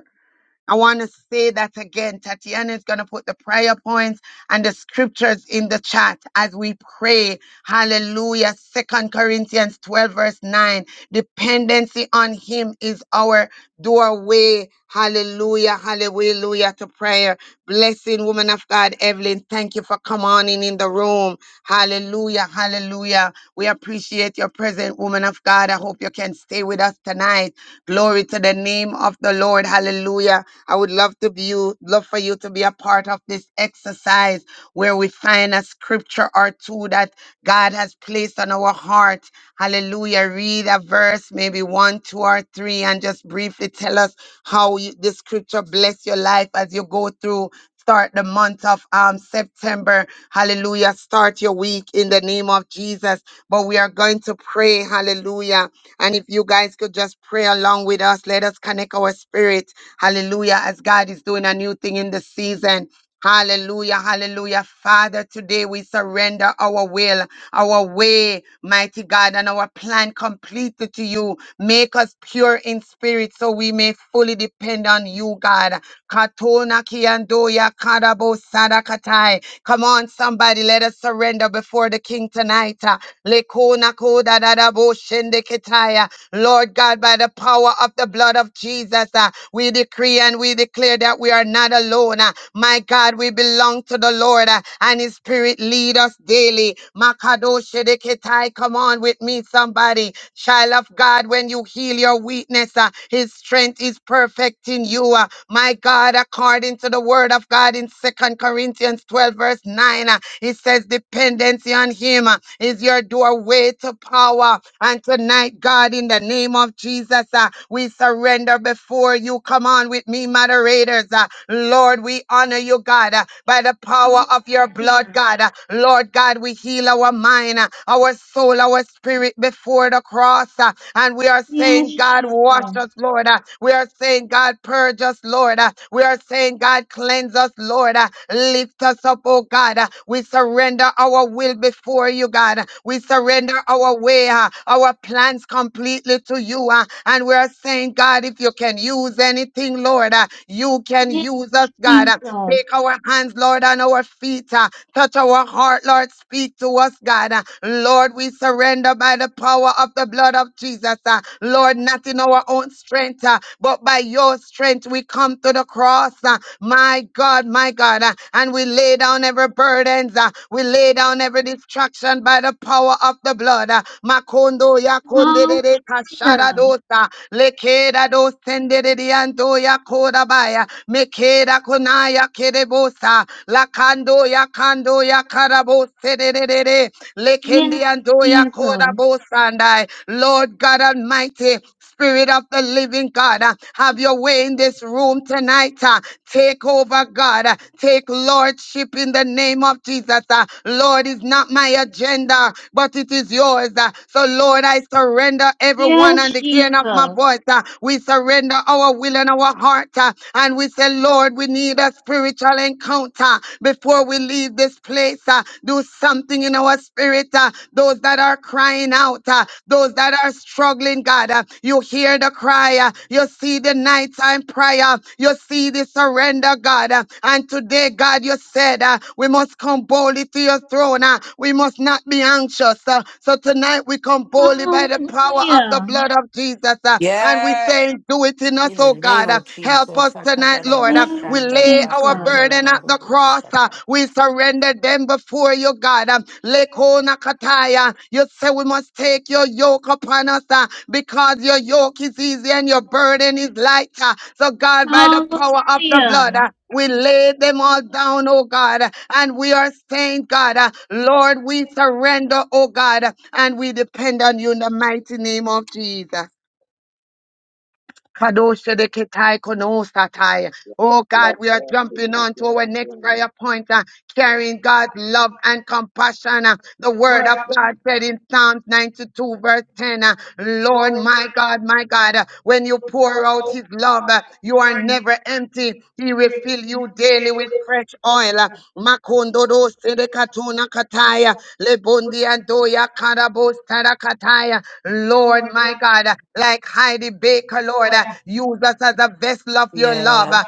I want to say that again. Tatiana is going to put the prayer points and the scriptures in the chat as we pray. Hallelujah. Second Corinthians 12 verse 9. Dependency on him is our doorway. Hallelujah, hallelujah to prayer. Blessing, woman of God, Evelyn. Thank you for coming on in, in the room. Hallelujah, hallelujah. We appreciate your presence, woman of God. I hope you can stay with us tonight. Glory to the name of the Lord. Hallelujah. I would love to be you, love for you to be a part of this exercise where we find a scripture or two that God has placed on our heart. Hallelujah. Read a verse, maybe one, two, or three, and just briefly tell us how you, the scripture bless your life as you go through. Start the month of um, September. Hallelujah. Start your week in the name of Jesus. But we are going to pray. Hallelujah. And if you guys could just pray along with us, let us connect our spirit. Hallelujah. As God is doing a new thing in the season. Hallelujah, hallelujah. Father, today we surrender our will, our way, mighty God, and our plan completely to you. Make us pure in spirit so we may fully depend on you, God. Katona kiandoya karabo sadakatai. Come on, somebody, let us surrender before the King tonight. Uh, Lekona koda dadabo shende ketaya. Lord God, by the power of the blood of Jesus, uh, we decree and we declare that we are not alone. uh. my God, we belong to the Lord uh, and His Spirit lead us daily. Makadoshirikitai, Come on with me, somebody. Child of God, when you heal your weakness, uh, His strength is perfect in you. uh. my God, according to the word of God in Second Corinthians 12, verse 9, uh, it says, dependence Dependency on Him on him uh, is your doorway to power. And tonight, God, in the name of Jesus, uh, we surrender before you. Come on with me, moderators. uh, Lord, we honor you, God, uh, by the power of your blood, Hallelujah. God. uh, Lord God, we heal our mind, uh, our soul, our spirit before the cross. uh, and we are Yes, saying, God, Jesus. wash us, Lord. uh, we are saying, God, purge us, Lord. uh, we are saying, God, cleanse us, Lord. Uh, Lift us up, oh God. Uh, We surrender our will before you, God. Uh, We surrender our way, uh, our plans completely to you. uh, And we're saying, God, if you can use anything, Lord, uh, you can Yes, use us, God. Uh, Jesus. Take our hands, Lord, and our feet. uh, Touch our heart, Lord. Speak to us, God. Uh, Lord, we surrender by the power of the blood of Jesus. uh, Lord, not in our own strength, uh, uh, but by your strength we come to the cross. uh, My God, my God, uh, and we lay down every burden, We lay down every distraction by the power of the blood. uh, Makondo ya kondedede kashada Hallelujah. dosa, lekeda dosendedede ando ya kodabaya, mekeda konaya kedebosa, lakando ya kando ya karabose dededede, Yes, lekendi ando ya koda Jesus. Sandai. Lord God Almighty, Spirit of the Living God, uh, have your way in this room tonight. uh, Take over, God. uh, Take lordship in the name of Jesus. uh, Lord, is not my agenda, but it is yours. uh, So, Lord, I surrender everyone on Yes, the hearing of my Jesus. voice. uh, We surrender our will and our heart. uh, And we say, Lord, we need a spiritual encounter before we leave this this place. uh, do something in our spirit. uh, those that are crying out, uh, those that are struggling, God, uh, you hear the cry. uh, you see the nighttime prayer. You see the surrender, God. uh, and today, God, you said uh, we must come boldly to your throne. uh, we must not be anxious. uh, so tonight we come boldly by the power of the Hallelujah. blood of Jesus. uh, and we Yes. say, Do it in us, In the oh name God. uh, of help Jesus. us tonight tonight, Lord. Uh, We Yes, lay our Jesus. burden at the cross. Uh, Sakadalabashandalabakandalarabashaka. We surrender them before you, God. Uh, Lekona kataya. You say we must take your yoke upon us uh, because your yoke is easy and your burden is light. Uh, So, God, by the power of the blood, Hallelujah. uh, we lay them all down, oh God, and we are saying, God, uh, Lord, we surrender, oh God, and we depend on you in the mighty name of Jesus. Kadoshedeketai konosatai. Yes, Oh God, Lord. we are Yes, jumping Lord. on to our next prayer point, uh, carrying God's love and compassion. uh, the word of God said in Psalms 92, verse 10, uh, Lord, my God, my God, uh, when you pour out his love, uh, you are never empty. He will fill you daily with fresh oil. uh, Makondodo sedekatuna kataya, lebondiandoya karabo sarakataya. Lord, Lord, my God, uh, like Heidi Baker, Lord, uh, use us as a vessel of your love, Yeah. uh,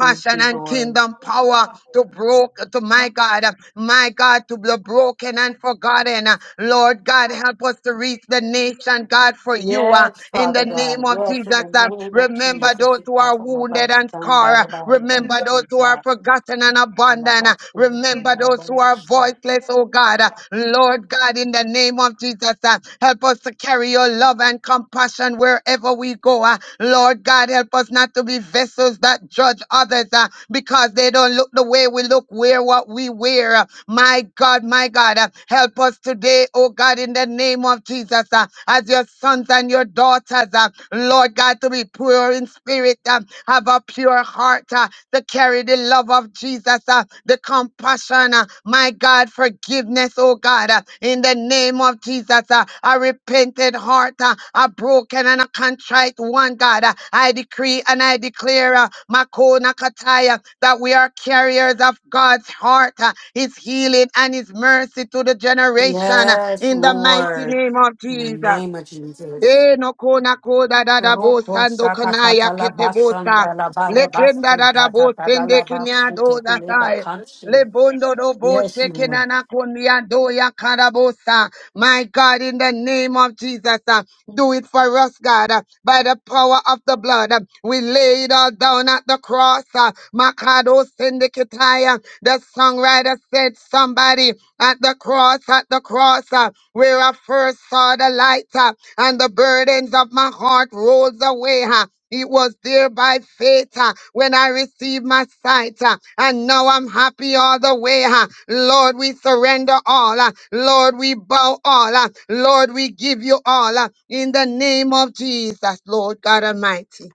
Thank you, and Lord. kingdom power to broke to my God, uh, my God, to the broken and forgotten. uh, Lord God, help us to reach the nation, God, for you. uh, Yes, in Father the name God. of Yes, in Jesus, the uh, name of remember Jesus. those Yes, who are Father wounded God. and scarred. uh, Remember Yes, those who are forgotten and abandoned. uh, Remember those who are voiceless, oh God. Uh, Lord God, in the name of Jesus, uh, help us to carry your love and compassion wherever we go. uh. Lord God, help us not to be vessels that judge others uh, because they don't look the way we look, wear what we wear. uh. My God, my God, uh, help us today, oh God, in the name of Jesus, uh, as your sons and your daughters, uh, Lord God, to be pure in spirit, um, have a a pure heart uh, to carry the love of Jesus, uh, the compassion, uh, my God, forgiveness, oh God, uh, in the name of Jesus, uh, a repented heart, uh, a broken and a contrite one, God. uh, I decree and I declare, uh, Makona Kataya, that we are carriers of God's heart, uh, His healing and His mercy to the generation, uh, Yes, in the mighty Lord. name of In the Jesus. name of Jesus. E no kona koda da da bo Roko sando saka kanaya kata la kete bosa. basanda la bara Lekenda basu da da ta ta bo ta la sende la kinya basu te do da kule ba sai. kanshi. Lebondo dobo Yes, Lord. shekinana kundiando ya karabosa. My God, in the name of Jesus, uh, do it for us, God, uh, by the power of the blood. uh, we lay it all down at the cross. Uh, Makado Syndicataya, the songwriter said, Somebody at the cross, at the cross, uh, where I first saw the light, uh, and the burdens of my heart rolls away. huh? It was there by faith uh, when I received my sight, uh, and now I'm happy all the way. uh. Lord, we surrender all. uh. Lord, we bow all. uh. Lord, we give you all uh, in the name of Jesus, Lord God Almighty.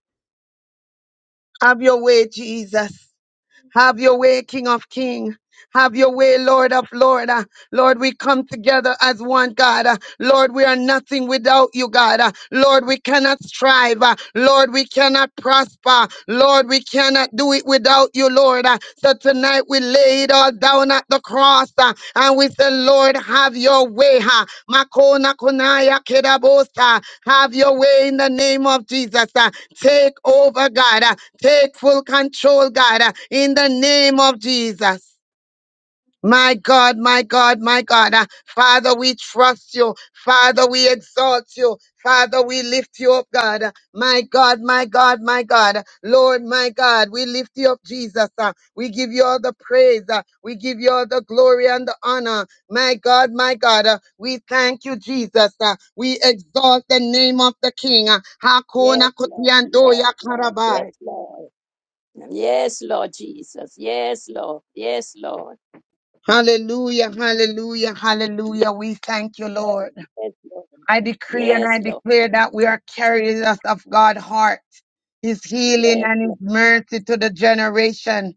Have your way, Jesus. Have your way, King of Kings. Have your way, Lord of Lord. Uh, Lord, we come together as one, God. Uh, Lord, we are nothing without you, God. Uh, Lord, we cannot strive. Uh, Lord, we cannot prosper. Lord, we cannot do it without you, Lord. Uh, So tonight we lay it all down at the cross uh, and we say, Lord, have your way. ha. Makona kunaya kedabosa. Have your way in the name of Jesus. uh, Take over, God. uh, Take full control, God, uh, in the name of Jesus. My God, my God, my God. Uh, Father, we trust you. Father, we exalt you. Father, we lift you up, God. Uh, My God, my God, my God. Uh, Lord, my God, we lift you up, Jesus. Uh, We give you all the praise. Uh, We give you all the glory and the honor. My God, my God. Uh, We thank you, Jesus. Uh, We exalt the name of the King. Uh, Yes, Hakuna Lord. Yes, kutiandoya Lord. karabai. Yes, Lord. Yes, Lord. Yes, Lord Jesus. Yes, Lord. Yes, Lord. Hallelujah, hallelujah, hallelujah. We thank you, Lord. Yes, Lord. I decree and I Yes, Lord. declare that we are carriers of God's heart, His healing Yes, and His Lord. mercy to the generation.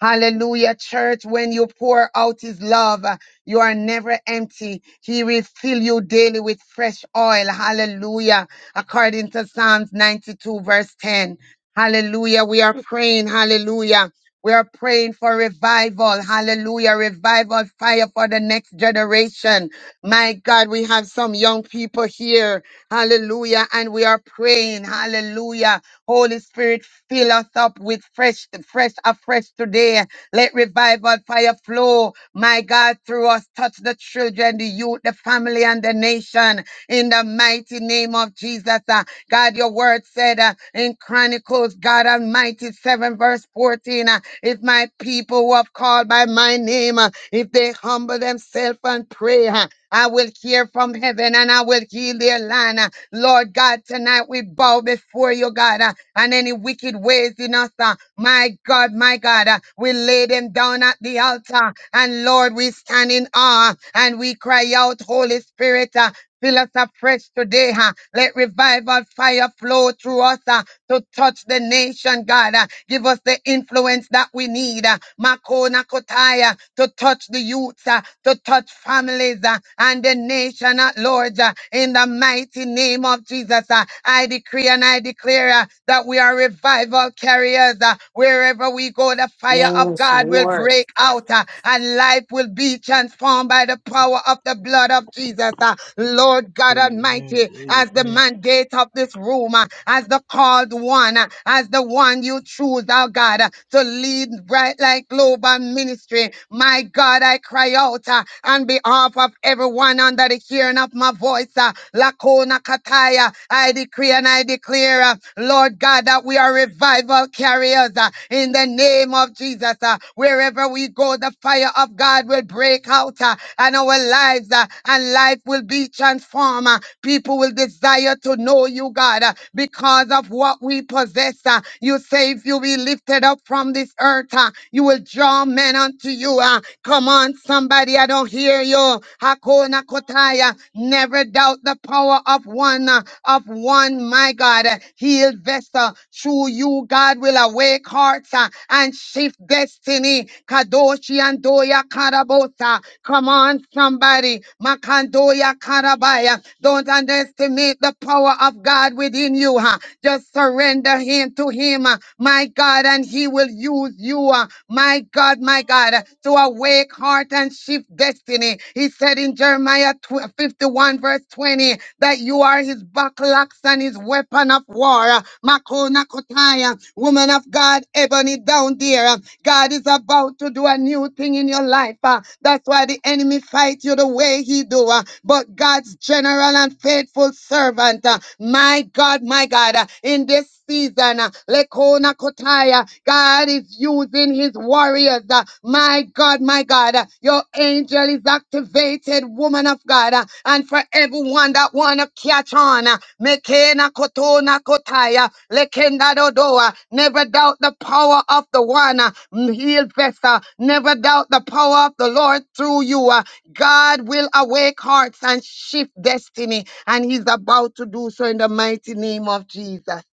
Hallelujah, church. When you pour out his love, uh, you are never empty. He will fill you daily with fresh oil. Hallelujah. According to Psalms 92, verse 10. Hallelujah. We are praying. Hallelujah. We are praying for revival. Hallelujah. Revival fire for the next generation. My God, we have some young people here. Hallelujah. And we are praying. Hallelujah Holy Spirit, fill us up with fresh, fresh, afresh today. Let revival fire flow, my God, through us. Touch the children, the youth, the family, and the nation in the mighty name of Jesus. Uh, God, your word said uh, in Chronicles, God Almighty, 7 verse 14, uh, if my people who have called by my name, uh, if they humble themselves and pray, uh, I will hear from heaven and I will heal their land. Uh, Lord God, tonight we bow before you, God, uh, and any wicked ways in us. uh, My God, my God, uh, we lay them down at the altar. And Lord, we stand in awe and we cry out, Holy Spirit, uh, Fill us afresh today. huh? Let revival fire flow through us huh, to touch the nation, God. huh? Give us the influence that we need. huh? Makona Kotaya to touch the youths, huh, to touch families huh, and the nation at large. huh, In the mighty name of Jesus, huh. I decree and I declare uh, that we are revival carriers. uh, Wherever we go, the fire of Yes, God will Lord. break out uh, and life will be transformed by the power of the blood of Jesus. uh, uh, Lord God Amen. Almighty, as the Amen. mandate of this room, uh, as the called one, uh, as the one you choose, our God, uh, to lead Bright Light Global Ministry. My God, I cry out uh, on behalf of everyone under the hearing of my voice, uh, Lakona Kataya. I decree and I declare, uh, Lord God, that we are revival carriers uh, in the name of Jesus. uh, wherever we go, the fire of God will break out uh, and our lives uh, and life will be transformed. uh, People will desire to know you, God, uh, because of what we possess. uh, You say if you be lifted up from this earth, uh, you will draw men unto you. uh, Come on, somebody, I don't hear you. Hakona Kotaya. Never doubt the power of one, uh, of one, my God, uh, healed vessel. Through you, God will awake hearts uh, and shift destiny. Kadoshi and Doya Karabosa. Come on, somebody. Makandoya Karabaya. Don't underestimate the power of God within you. huh? Just surrender him to him, uh, my God, and he will use you, uh, my God, my God, uh, to awake heart and shift destiny. He said in Jeremiah tw- 51, verse 20, that you are his buckle axe and his weapon of war. uh, Makona Kotaya, woman of God, Ebony down there. uh, God is about to do a new thing in your life. uh, That's why the enemy fights treat you the way he do. uh, But God's general and faithful servant, uh, my God, my God, uh, in this season, uh, Lekona Kotaya, God is using his warriors. uh, My God, my God, uh, your angel is activated, woman of God. uh, And for everyone that wanna catch on, uh, Mekena Kotona Kotaya, Lekenda Dodoa, never doubt the power of the one, uh, mm, healed vessel. Never doubt the power of the Lord through you. uh, God will awake hearts and shift destiny, and He's about to do so in the mighty name of Jesus.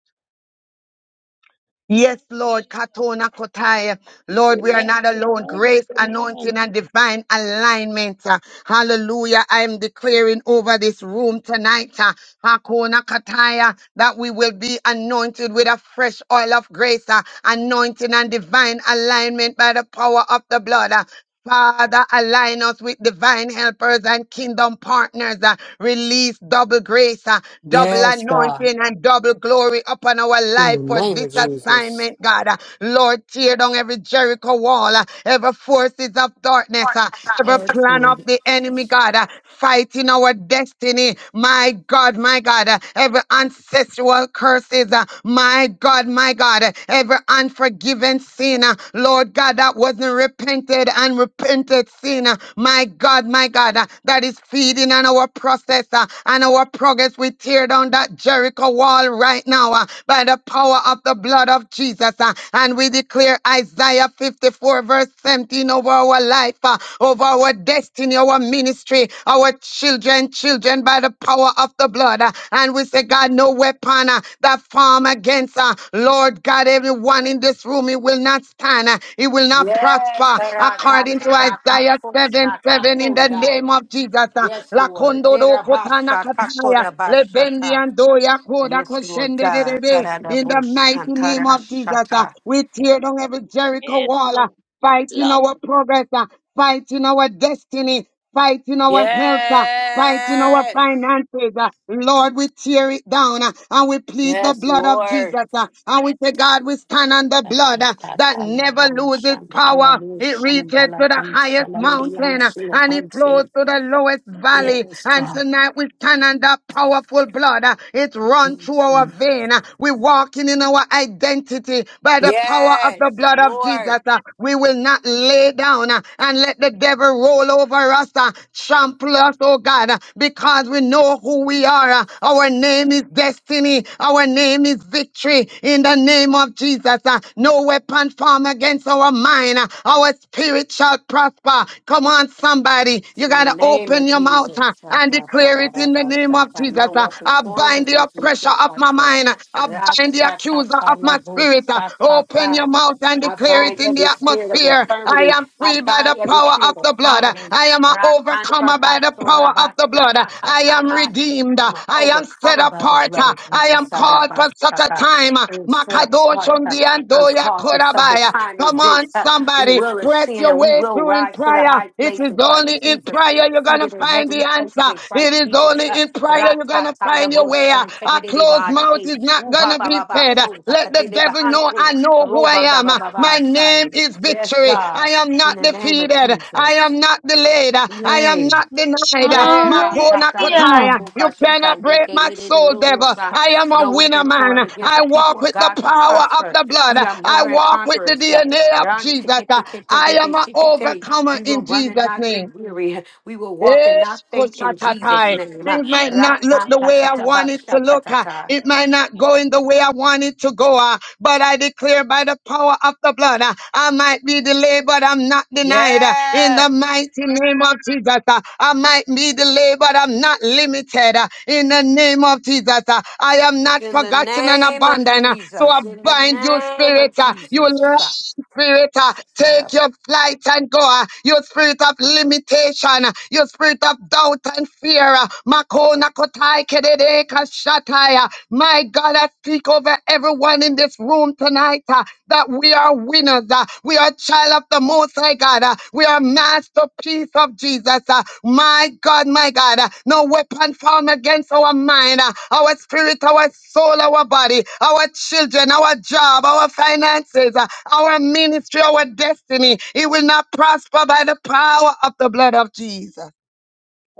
Yes, Lord, Katona Kotaya. Lord, we are Amen. not alone. Amen. Grace, Amen. anointing, and divine alignment. Uh, Hallelujah. I am declaring over this room tonight, uh, Hakona Kataya, that we will be anointed with a fresh oil of grace, uh, anointing, and divine alignment by the power of the blood. uh, Father, align us with divine helpers and kingdom partners. uh, release double grace, uh, double Yes, God. anointing, and double glory upon our In the life for name this of Jesus. assignment, God. Uh, Lord, tear down every Jericho wall, uh, every forces of darkness, uh, every Yes, plan of Lord. the enemy, God, uh, fighting our destiny. My God, my God, uh, every ancestral curses, uh, my God, my God, uh, every for unforgiven sin, uh, Lord God, that wasn't repented and repented sin. uh, My God, my God, uh, that is feeding on our process uh, and our progress. We tear down that Jericho wall right now uh, by the power of the blood of Jesus. uh, And we declare Isaiah 54, verse 17 over our life, uh, over our destiny, our ministry, our children, children by the power of the blood. uh, And we say, God, no weapon uh, that form against, uh, Lord God, everyone in this room, it will not stand. uh, It will not Yes, prosper according to Isaiah 7 7 in the Terakatarakakosatakonda. name of Jesus. uh, yes, Lord. Lakondo do kotana kataya, lebendi Terabashatakotobashata. andoya koda Yes, Lord koshende God. derebe. In the mighty name of Jesus, uh, Taradabushantarashata. we tear down every Jericho Yes, wall. uh, Lord. Yes, fighting Lord. our progress, uh, fighting our destiny, fighting our health, uh, fighting our Yes. finances. uh. Lord, we tear it down uh, and we plead the Yes, blood of Lord. Jesus. uh, and we say, God, we stand on the Yes, blood uh, that never loses power. It reaches to the highest mountain uh, and it flows to the lowest valley. And God. tonight we stand on that powerful blood. uh, it runs through our vein. uh, we walking in our identity identity by the power of Yes, the blood of Jesus. Lord. uh, We will not lay down uh, and let the devil roll over us, uh, trample us, oh God, uh, because we know who we are. uh, Our name is destiny. Our name is victory in the name of Jesus. uh, No weapon formed against our mind. uh, Our spirit shall prosper. Come on, somebody. You In got the to name open of your mouth Jesus. uh, Sha, and sha, sha, declare da, it da, in the da, name sha, of sha. Jesus. No uh, weapons I formed bind the against me oppressor shall accuser of my prosper. mind. I Ra, bind the sha, sha, accuser sha, of la, my bo, spirit. sha, sha, Open sha. your mouth and I declare it bind in the every spirit of atmosphere. I infirmity. am I free by the bind every power of spirit of the blood. poverty. I am an Ra, kan, ta, overcomer by ta, the so, ra, power of ba, the sha, blood. ka, ta, I ta, am ka. redeemed. I'm an I am set overcomer by the apart. blood of I Jesus. am Sha, ra, called ba, for such sha, a ka. time. I am set apart. Makadoshundi I'm andoya called for such a korabaya. time as Come on, this. We somebody. will Press ascend your and we way will through in rise to the prayer. high It place is in only Christ in Jesus, prayer you're going to seated in find heavenly the places in answer. It Christ is is Jesus. Only Uh, in prayer, you're going to find your way. Uh, A closed mouth ratatalaboshantagadiribachi, is not going to be fed. Uh, Let the devil know I ubabababashontakatilibahantu, know who I am. Uh, My robandabababasai. name is Yes, victory. I God, am in not the name of defeated. I Jesus. am not delayed. Uh, I am Yay. not denied. Uh, Era Makona tatareba Hallelujah. Kotaya. You tukashika cannot break my ndekelelebe soul, devil. robosa. I am a No winner, weapon formed man. against the I walk people of with the God shall power of prosper. the blood. We Uh, are I more than walk with the conquerors. DNA of Run, Jesus. ticket, Uh, ticket, I ticket, am an ticket. ticket. overcomer We will in run and Jesus' not name. get weary. We will walk and not Yes, faint Amen. in Jesus' koshatatai. name. Things might Amen. not look the Rakanta way I want it to katabasha look. uh, katata. It might not go in the way I want it to go. uh, But I declare by the power of the blood, uh, I might be delayed, but I'm not denied. uh, In the Yes, mighty name of Jesus, uh, I might be delayed, but I'm not limited. uh, In the name of Jesus, uh, I am it's not in the forgotten and name of abandoned. uh, So I Jesus. In the bind you, name spirit. of uh, You Jesus. lying Shut spirit. uh, shut Take up. your flight and go. uh, You spirit of limitation. uh, You you spirit of doubt and fear. Makona kotai kedede kashataya. My God, I speak over everyone in this room tonight uh, that we are winners. uh, we are child of the Most High God. uh, we are masterpiece of Jesus. uh, my God, my God. uh, no weapon formed against our mind, uh, our spirit, our soul, our body, our children, our job, our finances, uh, our ministry, our destiny. It will not prosper by the power of the blood of Jesus.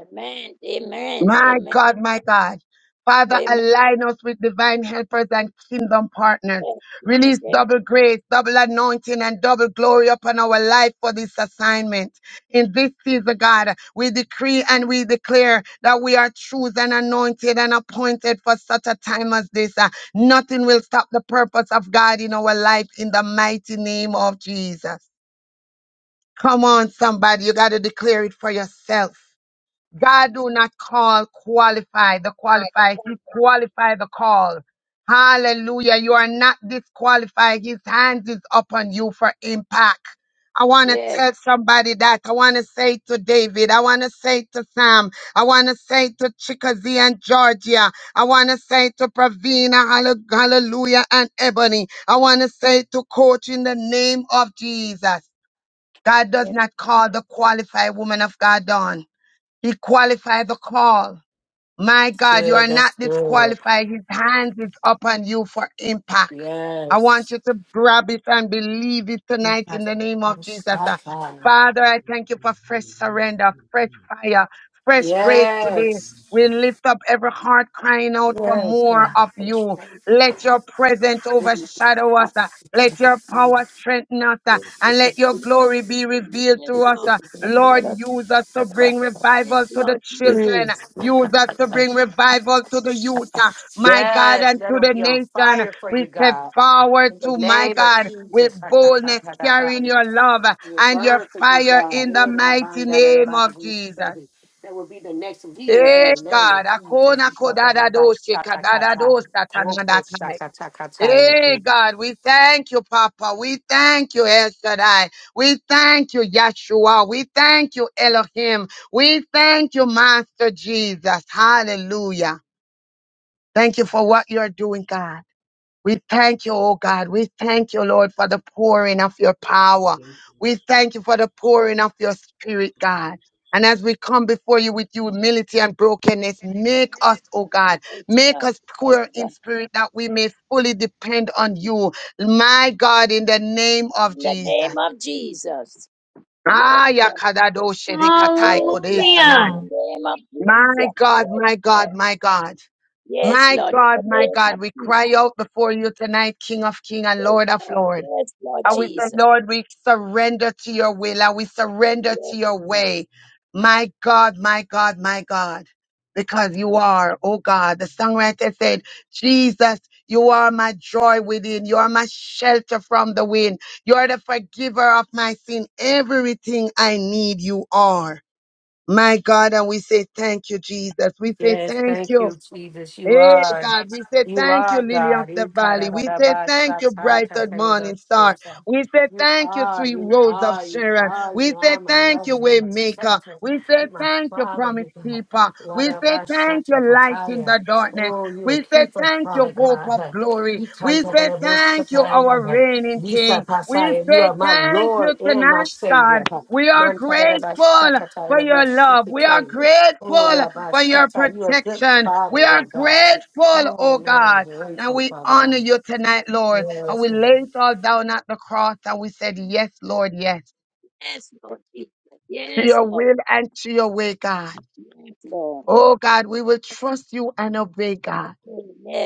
Amen. Amen. My Amen. God, my God. Father, Amen. align us with divine helpers and kingdom partners. Yes. Yes. Release Amen. double grace, double anointing, and double glory upon our life for this assignment. In this season, God, we decree and we declare that we are chosen, anointed, and appointed for such a time as this. Uh, Nothing will stop the purpose of God in our life in the mighty name of Jesus. Come on, somebody. You got to declare it for yourself. God do not call qualify the qualified. He qualify the call. Hallelujah. You are not disqualified. His hands is upon you for impact. I want to Yes. tell somebody that. I want to say to David. I want to say to Sam. I want to say to Chickasee and Georgia. I want to say to Pravina, hallo- hallelujah, and Ebony. I want to say to Coach in the name of Jesus. God does amen, not call the qualified woman of God on. He qualified the call. My That's God, you good. are not That's good. disqualified. His hands is upon you for impact. I want Yes. you to grab it and believe it Yes. Yes, tonight in the name of Jesus. Uh, God. Father, I thank you for Amen. fresh Amen. surrender, fresh Amen. fire, fresh grace Thank today. you, Lord. We lift up every heart crying out for more of you. Let your presence overshadow us. uh, Let your power strengthen us. uh, And let your glory be revealed Yes, to us. Lord. uh. Lord, use us to bring Yes, revival to the Lord. Yes, children. Lord. Mm. Use us to bring revival to the youth, uh, my God, Yes, and let to them the be on nation. fire for We you, step God. forward In the to my name of God with Jesus. boldness, carrying your love uh, We and your burn for you, fire God. in That the mighty name of Jesus. will be the next leaders in Hey, the name God. of Akona Jesus. kodada doshi kadada dosa tanadatai. Hey, God, we thank you, Papa. We thank you, El Shaddai. We thank you, Yeshua. We thank you, Elohim. We thank you, Master Jesus. Hallelujah. Thank you for what you're doing, God. We thank you, oh God. We thank you, Lord, for the pouring of your power. Thank you, Master. We thank you for the pouring of your spirit, Thank you, God. Jesus. And as we come before you with humility and brokenness, make us, oh God, Yes, make God. us Yes, poor in God. spirit that we may fully depend on you. My God, in the name of In the name Jesus. of Jesus. Yes, Ah, God. yakadadoshe rikatai Yes, Lord. In kodesanai. the Hallelujah. name of My Jesus. God, Yes, my God, Lord. my God. Yes, My Lord. In the God, my name God, of we Jesus. cry out before you tonight, King of King and Yes, Lord of Lord. Lord. Yes, Lord And we say, Jesus. Lord, we surrender to your will and we surrender Yes, to your Lord. way. My God, my God, my God, because you are, oh God. The songwriter said, Jesus, you are my joy within. You are my shelter from the wind. You are the forgiver of my sin. Everything I need, you are. My God, and we say, thank you, Jesus. We say, Yes, thank thank you, you. Jesus. You Hey are, God, we say you thank you, are Lily of God. the Valley. We say thank you, brighter morning star. Ikarababasakantafelibasosa. We say You thank you, are, sweet you rose of are, you Sharon. are, you We say are my thank you, lover, you're way my maker. protector, We say you're my thank you, father, promise you God. keeper. We say thank you, light in Warabashatakataya. the darkness. Oh, you We are say keeper, thank you, Father hope of God. glory. We say thank you, our Ikantafeliboshakaya. reigning king. We Lisapasaya. You say are my thank you Lord and Yes, my tonight, Savior. God. Lord. We Yes, are Lord. grateful for your love. We are Mantarabashakatalaboshikite. Oh, grateful Rabbi for your Yes, Shatta, you're a good protection. We father, are oh God. grateful, Oh, oh Lord, I'm God. And grateful, we Father God. honor you tonight, Lord. And Yes. we lay it all down at the cross and we said, Yes, Lord, yes, Lord Jesus. Yes, Lord. Yes, to your will and to your way, God. Lord. Oh God, we will trust you and obey, God.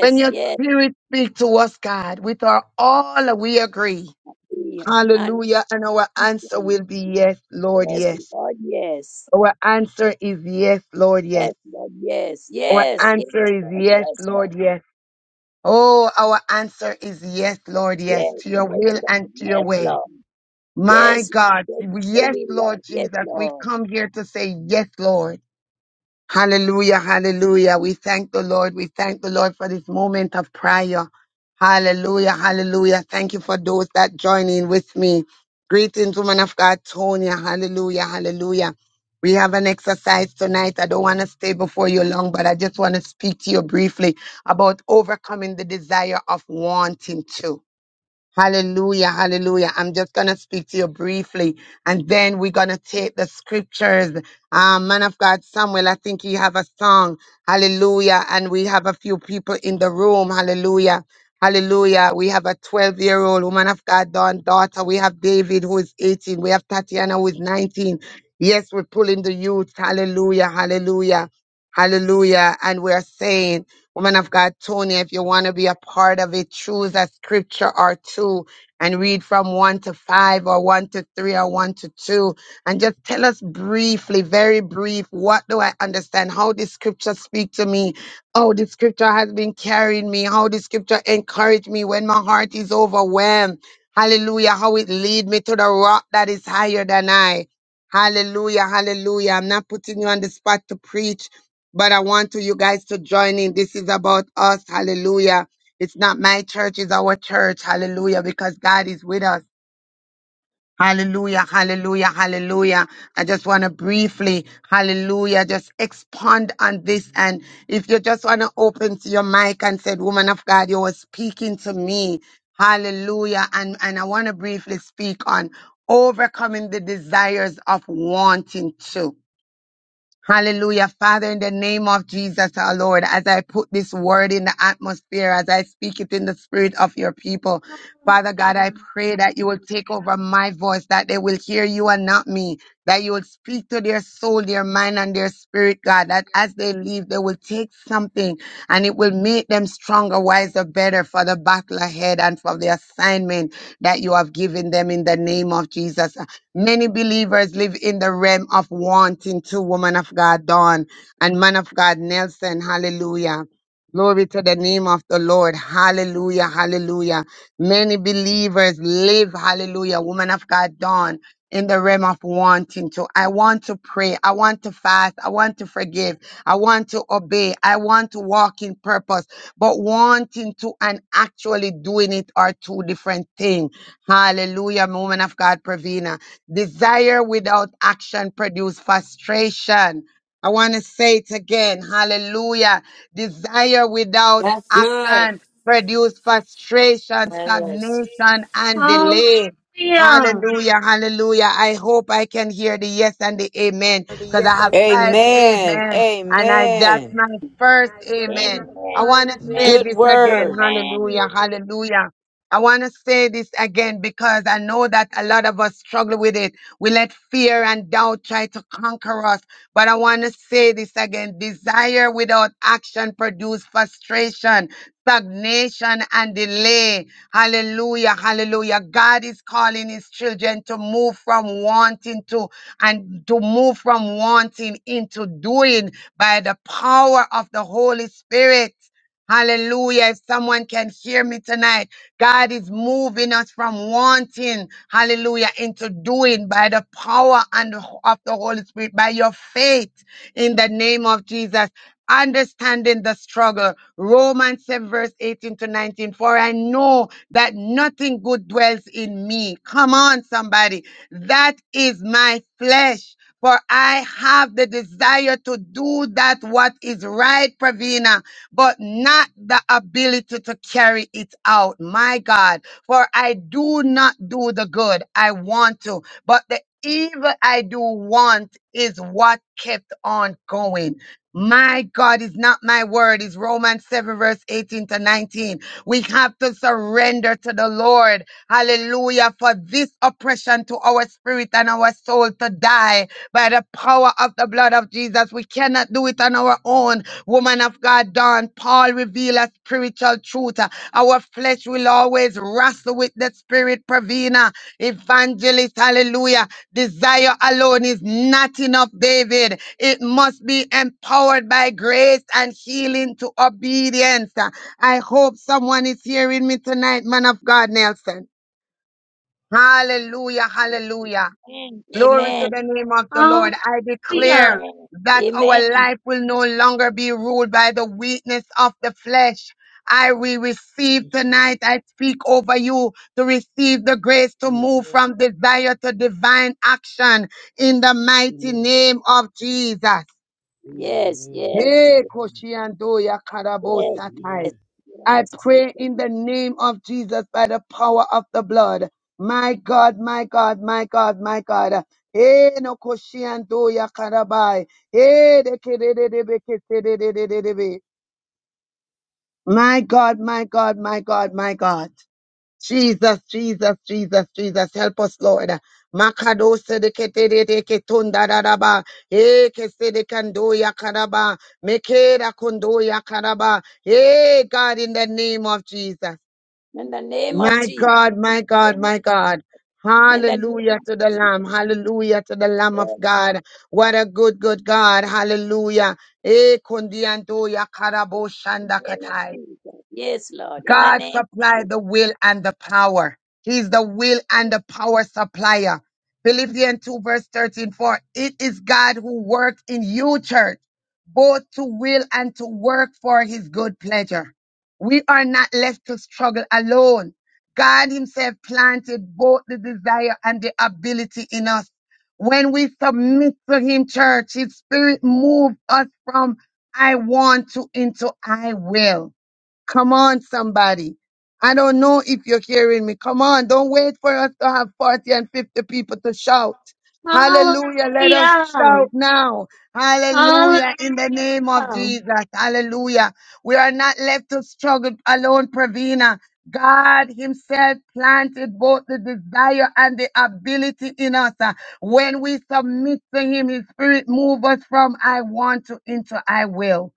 When your yes. spirit speaks to us, God, with our all, we agree. dear. And Hallelujah. And our yes, answer will be yes, Lord, yes. Lord. Yes. Our answer is yes, Lord, yes. Yes, Lord. Yes, Our yes, yes, answer is Lord. yes, Yes, Lord. Lord, yes. Oh, our answer is yes, Lord, yes, Yes, to your yes, will and Lord. to your Yes, way. Lord. My Yes, Lord. God, Yes, your yes, will, Lord. Lord Yes, Jesus, we Lord. come here to say yes, Lord. Hallelujah, hallelujah. We thank the Lord. We thank the Lord for this moment of prayer. Hallelujah, hallelujah. Thank you for those that join in with me. Greetings, woman of God, Tonya. Hallelujah, hallelujah. We have an exercise tonight. I don't want to stay before you long, but I just want to speak to you briefly about overcoming the desire of wanting to. Hallelujah, hallelujah. I'm just going to speak to you briefly and then we're going to take the scriptures. Um, man of God, Samuel, I think you have a song. Hallelujah. And we have a few people in the room. Hallelujah. Hallelujah. We have a 12 year old woman of God, Dawn, daughter. We have David, who is 18. We have Tatiana, who is 19. Yes, we're pulling the youth. Hallelujah, hallelujah, hallelujah. And we're saying, Woman of God, Tony, if you want to be a part of it, choose a scripture or two and read from one to five or one to three or one to two. And just tell us briefly, very brief, what do I understand? How this scripture speak to me? How this scripture has been carrying me? How this scripture encourage me when my heart is overwhelmed? Hallelujah. How it lead me to the rock that is higher than I. Hallelujah. Hallelujah. I'm not putting you on the spot to preach but I want to you guys to join in. This is about us. Hallelujah. It's not my church, it's our church. Hallelujah. Because God is with us. Hallelujah, hallelujah, hallelujah. I just want to briefly, hallelujah, just expand on this. And if you just want to open to your mic and said, Woman of God, you were speaking to me. Hallelujah. And, and I want to briefly speak on overcoming the desires of wanting to. Hallelujah. Father, in the name of Jesus, our Lord, as I put this word in the atmosphere, as I speak it in the spirit of your people, Father God, I pray that you will take over my voice, that they will hear you and not me, that you will speak to their soul, their mind, and their spirit, God, that as they leave, they will take something and it will make them stronger, wiser, better for the battle ahead and for the assignment that you have given them in the name of Jesus. Many believers live in the realm of wanting to, woman of God, Dawn, and man of God, Nelson. Hallelujah. Glory to the name of the Lord. Hallelujah. Hallelujah. Many believers live, hallelujah, woman of God, Dawn, in the realm of wanting to. I want to pray. I want to fast. I want to forgive. I want to obey. I want to walk in purpose. But wanting to and actually doing it are two different things. Hallelujah, woman of God, Pravina. Desire without action produce frustration. I want to say it again. Hallelujah. Desire without That's action good. produce frustration, Yes. stagnation, and Hallelujah. delay. Hallelujah. Hallelujah, hallelujah. I hope I can hear the yes and the amen because I Yes, I have five Amen. I amen and I that's Amen. my and first I got my amen. I Amen. first want to baby. say Good Amen. this again. word. Amen. Hallelujah, hallelujah. I want to say this again because I know that a lot of us struggle with it. We let fear and doubt try to conquer us. But I want to say this again desire without action produces frustration, stagnation, and delay. Hallelujah, hallelujah. God is calling his children to move from wanting to and to move from wanting into doing by the power of the Holy Spirit. Hallelujah. If someone can hear me tonight, God is moving us from wanting, hallelujah, into doing by the power and of the Holy Spirit, by your faith in the name of Jesus. Understanding the struggle. Romans 7, verse 18 to 19. For I know that nothing good dwells in me. Come on, somebody. That is my flesh. For I have the desire to do that what is right, Pravina, but not the ability to carry it out. My God. For I do not do the good I want to, but the evil I do want is what kept on going. My God is not my word. Is Romans 7 verse 18 to 19. We have to surrender to the Lord. Hallelujah. For this oppression to our spirit and our soul to die by the power of the blood of Jesus. We cannot do it on our own. Woman of God, Dawn, Paul reveal a spiritual truth. Our flesh will always wrestle with the spirit, Pravina, evangelist. Hallelujah. Desire alone is not enough, David. It must be empowered by grace and healing to obedience. I hope someone is hearing me tonight, man of God, Nelson. Hallelujah, hallelujah. Amen. Glory to Amen. the name of the Lord. I declare Hallelujah. Amen. that Amen. our life will no longer be ruled by the weakness of the flesh. I will receive Yes, Lord. tonight. I speak over you to receive the grace to move Amen. from desire to divine action in the mighty Amen. name of Jesus. Amen. Yes, yes, Hey, yes, Amen. Koshiando Amen. yes, Yakarabosatai. Amen. I yes, yes. pray in the name of Jesus by the power of the blood. My God, my God, my God, my God. Eh, no koshiando ya karabai. Eh, de ke de de de be ke se de de de de de be. My God, my God, my God, my God. Jesus, Jesus, Jesus, Jesus, help us, Lord. Makadose de ke te de de ke tunda da da ba. Eh, ke se de kando ya karaba. Meke da kondo ya karaba. Eh, God, in the name of Jesus. In the name of My Jesus. God, In my the God, name of my God. in the name Hallelujah to the of Lamb. Jesus. Hallelujah to the Lamb of Yes. God. What a good, good God. Hallelujah. Eh, kundi anto ya karabo In shanda the name of katai. Jesus. Yes, Lord. In the God name of supply Jesus. the will and the power. He's the will and the power supplier. Philippians 2 verse 13, for it is God who works in you, church, both to will and to work for his good pleasure. We are not left to struggle alone. God himself planted both the desire and the ability in us. When we submit to him, church, his spirit moves us from I want to into I will. Come on, somebody. I don't know if you're hearing me. Come on, don't wait for us to have 40 and 50 people to shout. Hallelujah. Let us shout Hallelujah. now. Hallelujah. In the name of Hallelujah. Jesus. Hallelujah. We are not left to struggle alone, Pravina. God Himself planted both the desire and the ability in us. Uh, When we submit to Him, His Spirit move us from I want to into I will.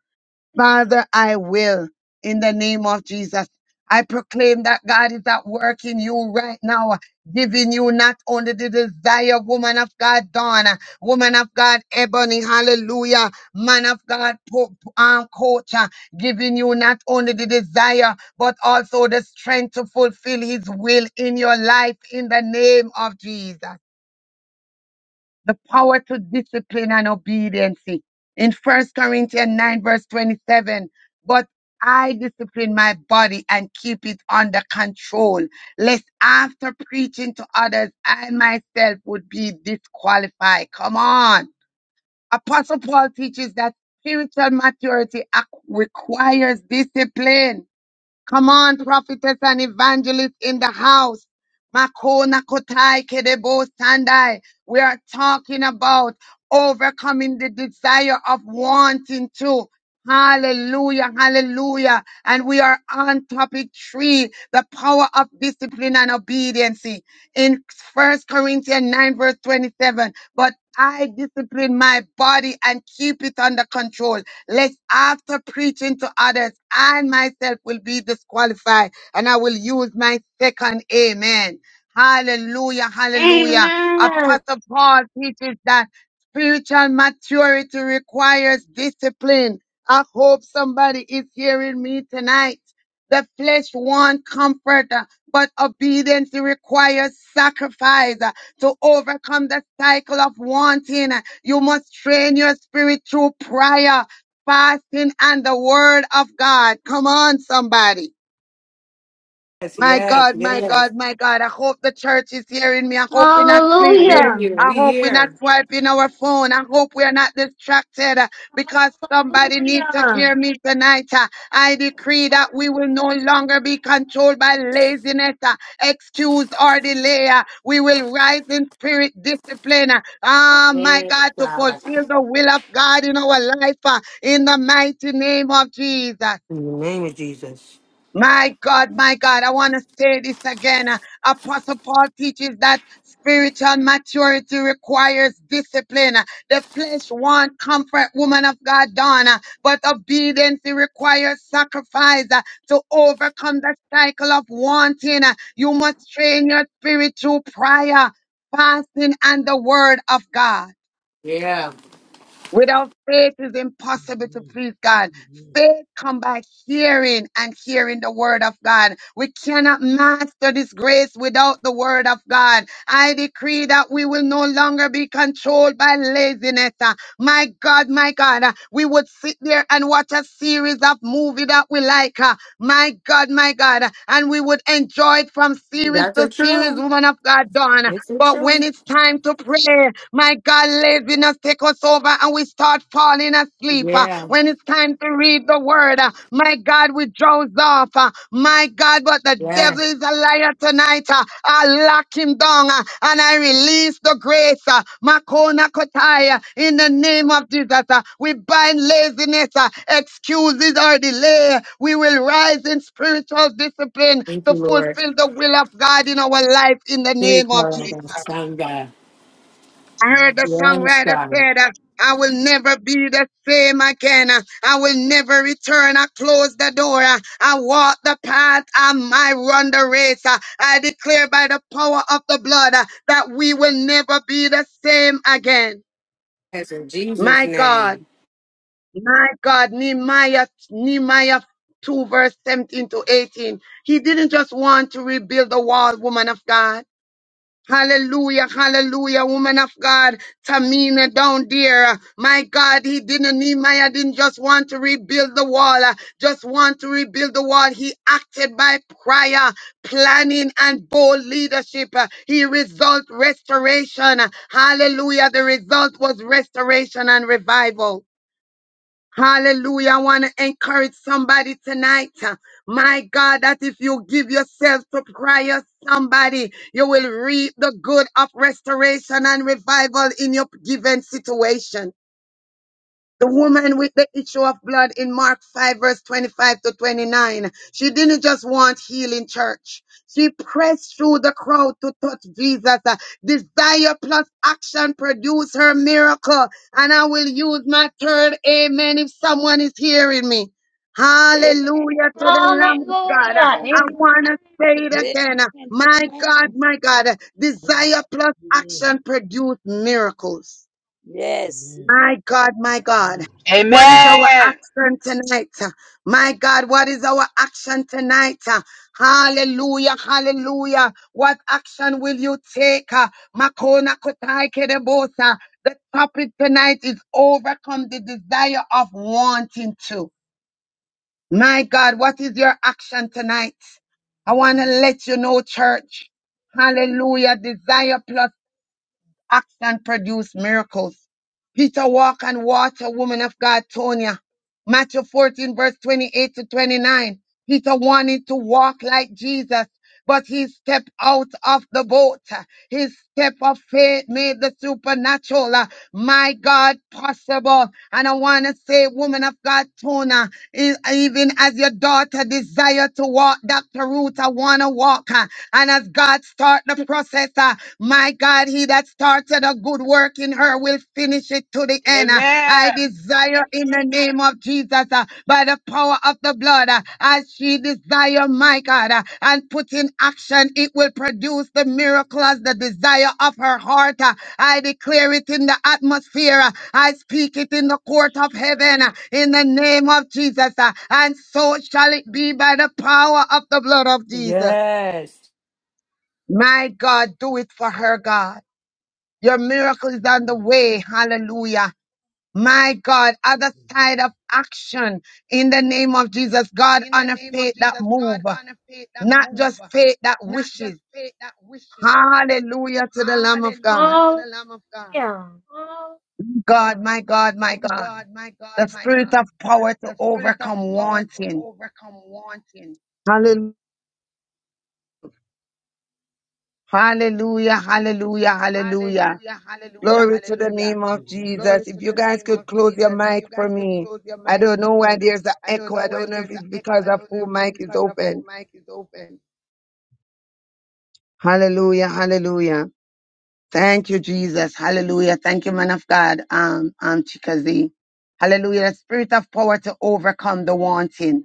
Father, I will in the name of Jesus. I proclaim that God is at work in you right now, giving you not only the desire, woman of God, Donna, woman of God, Ebony, hallelujah, man of God, po- um, coach, uh, giving you not only the desire, but also the strength to fulfill his will in your life in the name of Jesus the power to discipline and obedience. In First Corinthians 9, verse 27, but I discipline my body and keep it under control, lest after preaching to others, I myself would be disqualified. Come on. Apostle Paul teaches that spiritual maturity ac- requires discipline. Come on, prophetess and evangelist in the house. Makona kotai kedebo sandai. We are talking about overcoming the desire of wanting to. Hallelujah, hallelujah. And we are on topic three, the power of discipline and obedience in First Corinthians 9, verse 27. But I discipline my body and keep it under control, lest after preaching to others, I myself will be disqualified and I will use my second amen. Hallelujah, hallelujah. Amen. Apostle Paul teaches that spiritual maturity requires discipline. I hope somebody is hearing me tonight. The flesh wants comfort, uh, but obedience requires sacrifice uh, to overcome the cycle of wanting. uh, You must train your spirit through prayer, fasting, and the word of God. Come on, somebody. Yes, My yes, God, my God, yes. my God. I hope the church is hearing me. I hope we're not I hear sleeping. Hallelujah. you. I We hope we're not hear. swiping our phone. I hope we are not distracted uh, because somebody needs to Hallelujah. hear me tonight. uh. I decree that we will no longer be controlled by laziness, uh, excuse, or delay. uh. We will rise in spirit discipline. uh, Ah, my Yes, God, to God. fulfill the will of God in our life uh, in the mighty name of Jesus. In the name of Jesus. My God, my God, I want to say this again. Uh, Apostle Paul teaches that spiritual maturity requires discipline. Uh, The flesh want comfort, woman of God, Donna, but obedience it requires sacrifice uh, to overcome the cycle of wanting. Uh, You must train your spirit through prayer, fasting, and the word of God. Yeah. Without faith, it's impossible to please God. Amen. Faith come by hearing and hearing the word of God. We cannot master this grace without the word of God. I decree that we will no longer be controlled by laziness. Uh, My God, my God, uh, we would sit there and watch a series of movie that we like. uh, My God, my God, uh, and we would enjoy it from series That's the to series, truth. woman of God, done. It's the But when truth. it's time to pray, my God, laziness take us over and we start falling asleep. Uh, Yeah. When it's time to read the word, uh, my God, we drowse off. Uh, My God, but the devil Yeah. is a liar tonight. Uh, I lock him down uh, and I release the grace. uh, Makona Kotaya, in the name of Jesus, uh, we bind laziness, uh, excuses, or delay. We will rise in spiritual discipline Thank to you, Lord. fulfill the will of God in our life in the Thank you, name of Lord. Jesus. That's Son, God. I heard the Yes, songwriter God. said, uh, I will never be the same again. Uh, I will never return. I close the door. Uh, I walk the path. I might run the race. Uh, I declare by the power of the blood uh, that we will never be the same again. Yes, in Jesus' My God, name. my God, Nehemiah, Nehemiah 2 verse 17 to 18. He didn't just want to rebuild the wall, woman of God. Hallelujah, hallelujah, woman of God, Tamina down there. My God, he didn't, Nehemiah didn't just want to rebuild the wall, uh, just want to rebuild the wall. He acted by prayer, planning, and bold leadership. Uh, He result restoration. Hallelujah, the result was restoration and revival. Hallelujah. I want to encourage somebody tonight. uh, My God, that if you give yourself to prayer, somebody, you will reap the good of restoration and revival in your given situation. The woman with the issue of blood in Mark 5, verse 25 to 29. She didn't just want healing, church. She pressed through the crowd to touch Jesus. Uh, Desire plus action produce her miracle. And I will use my third amen if someone is hearing me. Amen. Hallelujah to the Lamb Amen. of God. Hallelujah. Amen. Uh, I want to say it Amen. Amen. again. Uh, My Amen. God, my God. uh, Amen. Desire plus Amen. action produce miracles. Yes. My God, my God. Amen. What is our Amen. action tonight? My God, what is our action tonight? Hallelujah, hallelujah. What action will you take? Makona kotai kedebosa. The topic tonight is overcome the desire of wanting to. My God, what is your action tonight? I want to let you know, church. Hallelujah. Desire plus Action produced miracles. Peter walk on water, woman of God, Tonya. Matthew 14, verse 28 to 29. Peter wanted to walk like Jesus, but he stepped out of the boat. His step of faith made the supernatural, uh, my God, possible. And I want to say, woman of God, Tona, e- even as your daughter desire to walk Dr. Ruth, I want to walk. And as God start the process, uh, my God, he that started a good work in her will finish it to the end. uh. Amen. I desire in the name of Jesus, uh, by the power of the blood, uh, as she desire, my God, uh, and put in action, it will produce the miracle as the desire of her heart. uh. I declare it in the atmosphere. uh, I speak it in the court of heaven uh, in the name of Jesus. uh, And so shall it be by the power of the blood of Jesus. Yes. My God, do it for her, God. Your miracle is on the Amen. way. Hallelujah. My God, other Amen. side of action in the name of Jesus. God, in the honor name of faith that Jesus. move, God, honor faith that not move, just faith that not wishes. just faith that wishes. Hallelujah to the Lamb of Hallelujah God. to the Hallelujah. Lamb of God. Hallelujah. God, my God, my God. God, my God, The my spirit God. of power to The spirit of overcome power to wanting. overcome wanting. Hallelujah. Hallelujah. Hallelujah. Hallelujah. Hallelujah, hallelujah, Glory to the hallelujah. name of Amen. Glory Jesus. If to you the guys name could of close your Jesus. If mic you for guys could me. close your I mic don't for know why me. there's an I don't echo. know I why don't know if there's an it's echo. because I of don't know who if it's mic is because the full open. mic is open. Hallelujah. Hallelujah. Thank you, Jesus. Hallelujah. Thank you, man of God. Um, um, Chikazi. Hallelujah. The spirit of power to overcome the wanting.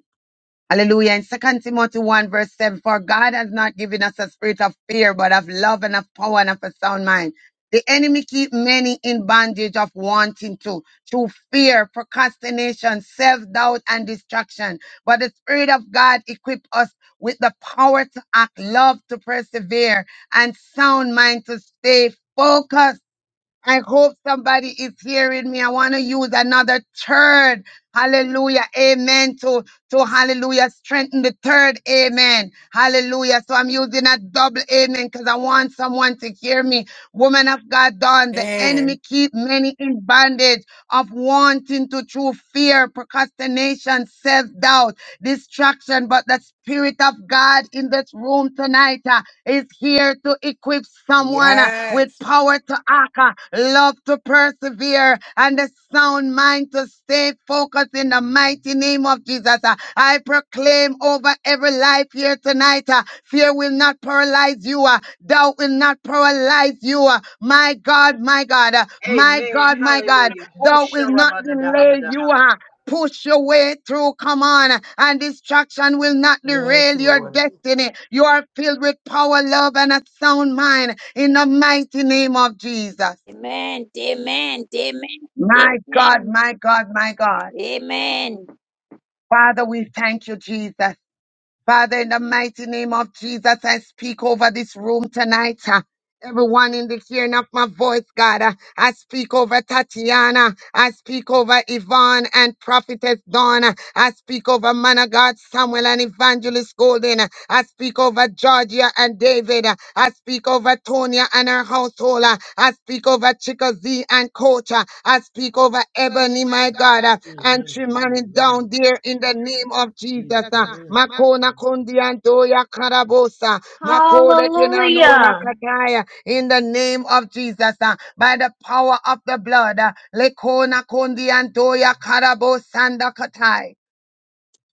Hallelujah. In Second Timothy 1 verse 7, for God has not given us a spirit of fear, but of love and of power and of a sound mind. The enemy keep many in bondage of wanting to, to fear, procrastination, self-doubt, and distraction. But the Spirit of God equip us with the power to act, love to persevere, and sound mind to stay focused I hope somebody is hearing me. I want to use another third. Hallelujah. Amen. To, to hallelujah. Strengthen the third. Amen. Hallelujah. So I'm using a double amen because I want someone to hear me. Woman of God, done. The Man. enemy keep many in bondage of wanting to through fear, procrastination, self doubt, distraction. But the spirit of God in this room tonight. uh, is here to equip someone uh, with Yes. power to act, uh, love to persevere, and a sound mind to stay focused in the mighty name of Jesus. Uh, I proclaim over every life here tonight uh, fear will not paralyze you, uh, doubt will not paralyze you. uh, My God, my God, uh, my Amen. God, my God, Hallelujah. doubt will not delay you. Hosharabadadahabadaha. Uh, Push your way through, come on, and distraction will not Yes, derail your Lord. destiny. You are filled with power, love, and a sound mind in the mighty name of Jesus. Amen. Amen. Amen. My God, Amen. my God, my God. Amen. Father, we thank you, Jesus. Father, in the mighty name of Jesus, I speak over this room tonight. uh, Everyone in the hearing of my voice, God, uh, I speak over Tatiana. I speak over Yvonne and Prophetess Donna. I speak over Man of God, Samuel and Evangelist Golden. uh, I speak over Georgia and David. uh, I speak over Tonya and her household. uh, I speak over Chickasee and Coach. uh, I speak over Bunny, Ebony, my my God, God, uh, uh, mm-hmm. and and trim Trimani it down down there there in in the the name name of of Jesus. Jesus. uh, Uh, my Makona Kondiantoya Karabosa. Makore Kenanona Hallelujah. Kataya. In the name of Jesus. uh, By the power of the blood. uh, Lekona Kondiantoya Karabosanda Katai.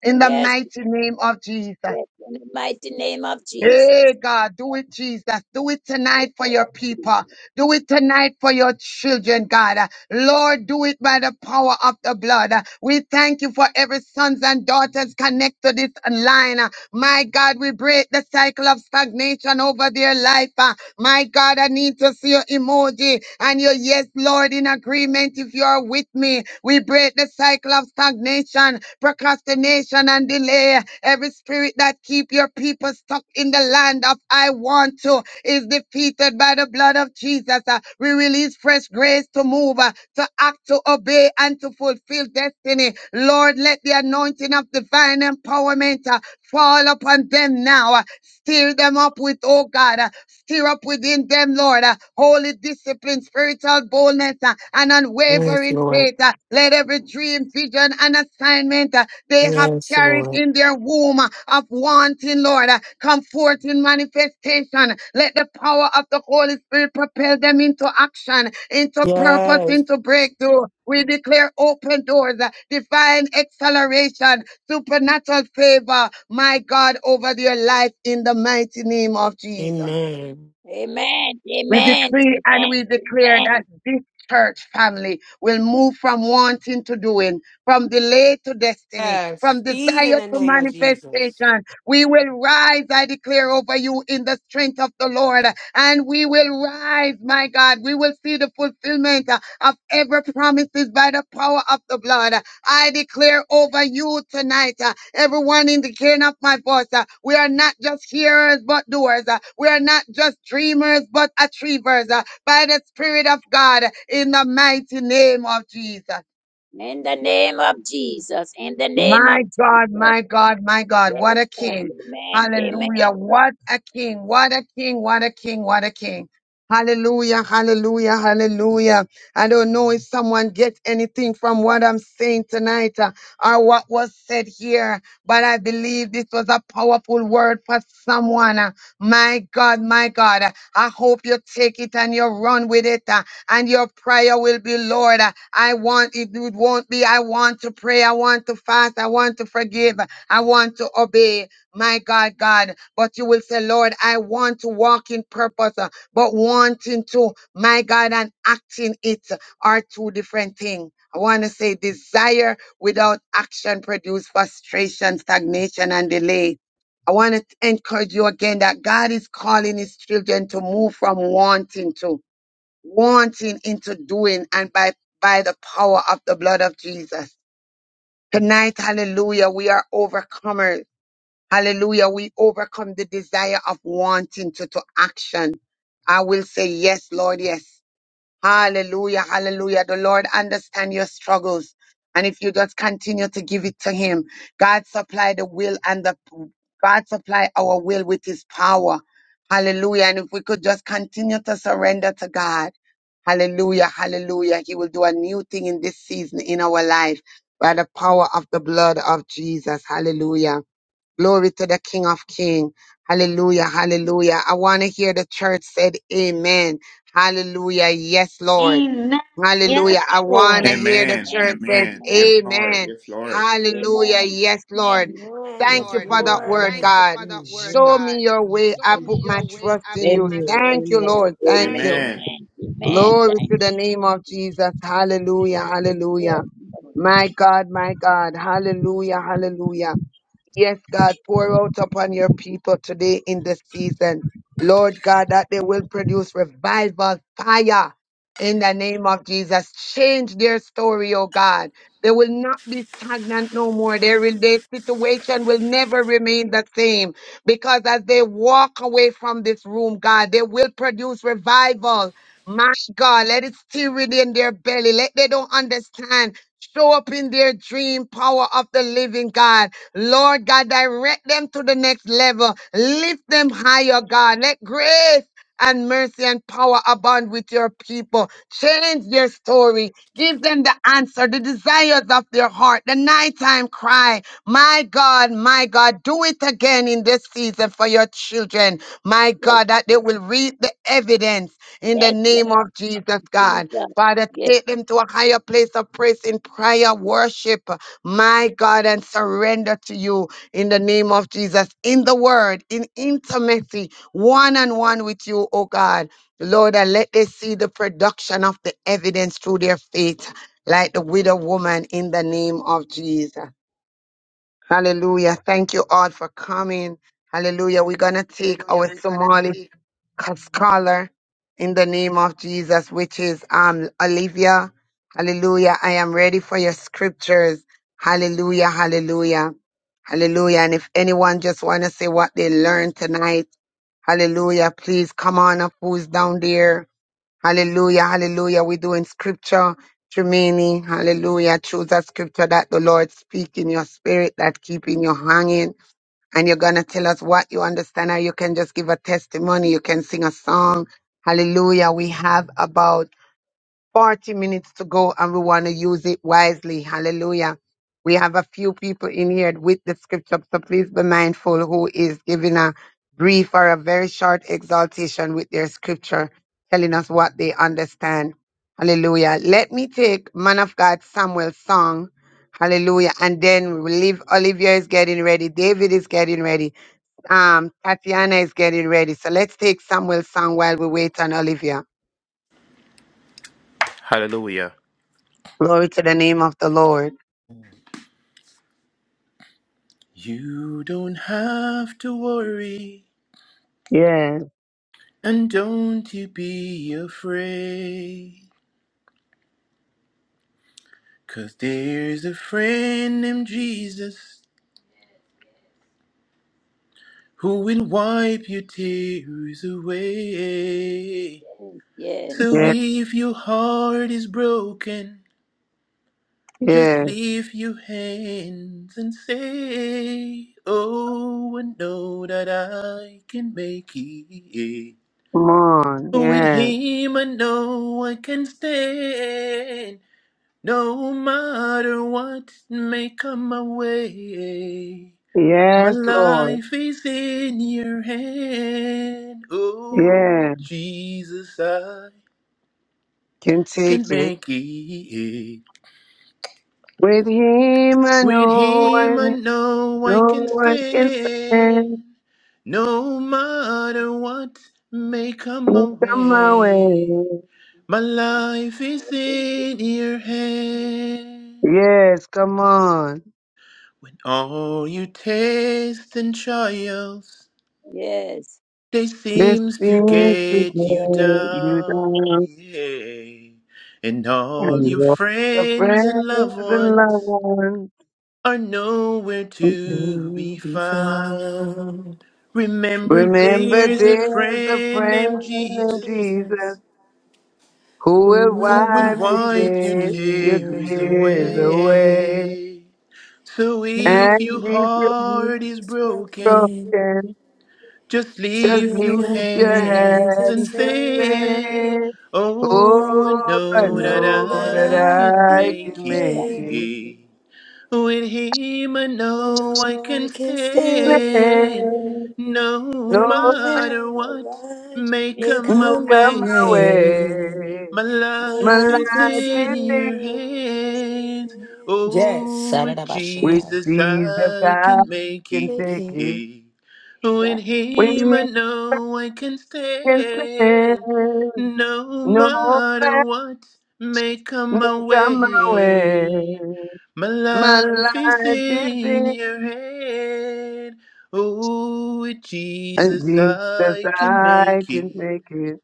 In the Yes. mighty name of Jesus. Yes. In the mighty name of Jesus. Hey God, do it, Jesus. Do it tonight for your people. Do it tonight for your children, God. Uh, Lord, do it by the power of the blood. Uh, We thank you for every sons and daughters connected to this line. Uh, My God, we break the cycle of stagnation over their life. Uh, my God, I need to see your emoji and your yes, Lord, in agreement. If you are with me, we break the cycle of stagnation, procrastination, and delay. Every spirit that keep your people stuck in the land of I want to is defeated by the blood of Jesus. Uh, We release fresh grace to move, uh, to act, to obey, and to fulfill destiny. Lord, let the anointing of divine empowerment uh, fall upon them now. uh, Stir them up with, oh God, uh, stir up within them, Lord, uh, holy discipline, spiritual boldness, uh, and Yes, unwavering Lord. faith. uh, Let every dream, vision, and assignment uh, they have Yes, carried Lord. in their womb uh, of wanting, Lord, uh, come forth in manifestation. Let the power of the Holy Spirit propel them into action, into purpose, Yes. into breakthrough. We declare open doors, uh, divine acceleration, supernatural favor, my God, over their life in the mighty name of Jesus. Amen. Amen. We Amen. decree and Amen. we declare that Amen. this church family will move from wanting to doing, from delay to destiny, Yes. from Speed in desire the to name of Jesus. manifestation. We will rise, I declare over you, in the strength of the Lord, and we will rise, my God. We will see the fulfillment uh, of every promises by the power of the blood. I declare over you tonight, uh, everyone in the hearing of my voice, uh, we are not just hearers but doers. uh, we are not just dreamers but achievers uh, by the Spirit of God in the mighty name of Jesus. In the name of Jesus. In the name of My God, Jesus. my God, my God, Yes. what a Lord. king. Amen. Amen. Hallelujah. What a king. What a king. What a king. What a king. Hallelujah. Hallelujah. Hallelujah. I don't know if someone gets anything from what I'm saying tonight uh, or what was said here, but I believe this was a powerful word for someone. Uh, My God, my God. uh, I hope you take it and you run with it. uh, and your prayer will be, Lord, uh, I want, it would- won't be, I want to pray, I want to fast, I want to forgive, I want to obey, my God, God. But you will say, Lord, I want to walk in purpose, uh, but wanting to, my God, and acting it are two different things. I want to say desire without action produce frustration, stagnation, and delay. I want to encourage you again that God is calling his children to move from wanting to wanting into doing and by by the power of the blood of Jesus. Tonight, hallelujah, we are overcomers. Hallelujah, we overcome the desire of wanting to, to action. I will say yes, Lord, yes. Hallelujah, hallelujah. The Lord understand your struggles. And if you just continue to give it to him, God supply the will and the God supply our will with his power. Hallelujah. And if we could just continue to surrender to God. Hallelujah, hallelujah. He will do a new thing in this season in our life by the power of the blood of Jesus. Hallelujah. Glory to the King of King. Hallelujah. Hallelujah. I want to hear the church said amen. Hallelujah. Yes, Lord. Amen. Amen. Hallelujah. Yes, I want to Lord. Amen. hear the Amen. church Amen. says Amen. Yes, Amen. Lord. amen. Yes, Lord. Hallelujah. Amen. Yes, Lord. Amen. Amen. Yes, Thank you Lord. for that Lord. word, Thank you God. for that word, Show God. me your way. I Show me put my your way. trust I in put you. my Amen. trust Thank you, in Amen. you. Lord. Thank Thank you. Amen. you. Amen. Amen. Amen. Glory to Thank the name of Jesus. Hallelujah. Hallelujah. you. Yes. My God, my God. Hallelujah. Hallelujah. Yes, God, pour out upon your people today in this season. Lord God, that they will produce revival fire in the name of Jesus. Change their story, oh God. They will not be stagnant no more. Their rela- situation will never remain the same because as they walk away from this room, God, they will produce revival. My God, let it still within their belly. Let they don't understand. Show up in their dream power of the living God. Lord God, direct them to the next level. Lift them higher, God. Let grace and mercy and power abound with your people. Change their story. Give them the answer, the desires of their heart, the nighttime cry. My God, my God, do it again in this season for your children. My Yes, God, that they Lord. will read the evidence in the yes, Lord name of Jesus, God. Jesus. Father, Yes, take them to a higher place of praise in prayer, worship my God, and surrender to you in the name of Jesus, in the word, in intimacy, one on one with you, oh God. Lord, and let they see the production of the evidence through their faith, like the widow woman in the name of Jesus. Hallelujah. Thank you all for coming. Hallelujah. We're going to take Hallelujah. our We're going to Somali take co- scholar in the name of Jesus, which is um Olivia. Hallelujah. I am ready for your scriptures. Hallelujah. Hallelujah. Hallelujah. And if anyone just want to say what they learned tonight, hallelujah, please come on up who's down there. Hallelujah. Hallelujah. We're doing scripture. Tremini, hallelujah. Choose a scripture that the Lord speak in your spirit, that keep in your hanging and you're going to tell us what you understand, or you can just give a testimony. You can sing a song. Hallelujah. We have about 40 minutes to go, and we want to use it wisely. Hallelujah. We have a few people in here with the scripture, so please be mindful who is giving a brief or a very short exaltation with their scripture, telling us what they understand. Hallelujah. Let me take Man of God Samuel's song. Hallelujah. And then we leave. Olivia is getting ready. David is getting ready. Um, Tatiana is getting ready. So let's take Samuel's song while we wait on Olivia. Hallelujah. Glory to the name of the Lord. You don't have to worry Yes, and don't you be afraid, 'cause there's a friend named Jesus who will wipe your tears away. So yes. yes, if your heart is broken, Just yes. leave your hands and say, Oh, I know that I can make it. Come on. With Yes, him, I know I can stand. No matter what may come my way, my yes, Lord. life is in your hand. Oh, Yes, with Jesus, I can can take it. make it. With him I With know I, him I know I no can one can stand. stand, no matter what may come my Please Come my way. way. My life I is think it- in your hand. Yes, come on. When all you taste and trials, Yes. they This is seems to the get you day you down, die. yeah. And all And your walk the friends and loved praise and ones love. are nowhere to be To be found. found. Remember, Remember there's a there's a friend named friend in Jesus Jesus Jesus, who who will who will will wipe your wipe your wipe your tears, your tears tears tears away? away. away. So He if And your if you're heart is is broken, broken. broken, Just just leave Lift your your lift your hands hands and and hands and say, say, say, Oh, I Oh, Oh, I I know that know know that that I I can I can make can make make Thank it. it. you, it. With him, I I know I know I can can stand. stand. No No, No matter matter what Jesus. what may Make may come my no, my come heart my come my way, way, way. my my My life strong. life life is is in is big in your your hands. hands. Yes, Oh, with with Sarabashanta. Jesus, Jesus, I I can make can Thank take you. it. it. Thank Oh, in God. We him I can know I can stand. stand, no No matter man what may come will my come my way. way. My My life is life is in in your hand. Oh, with and Jesus Jesus. I can I make can it. make it.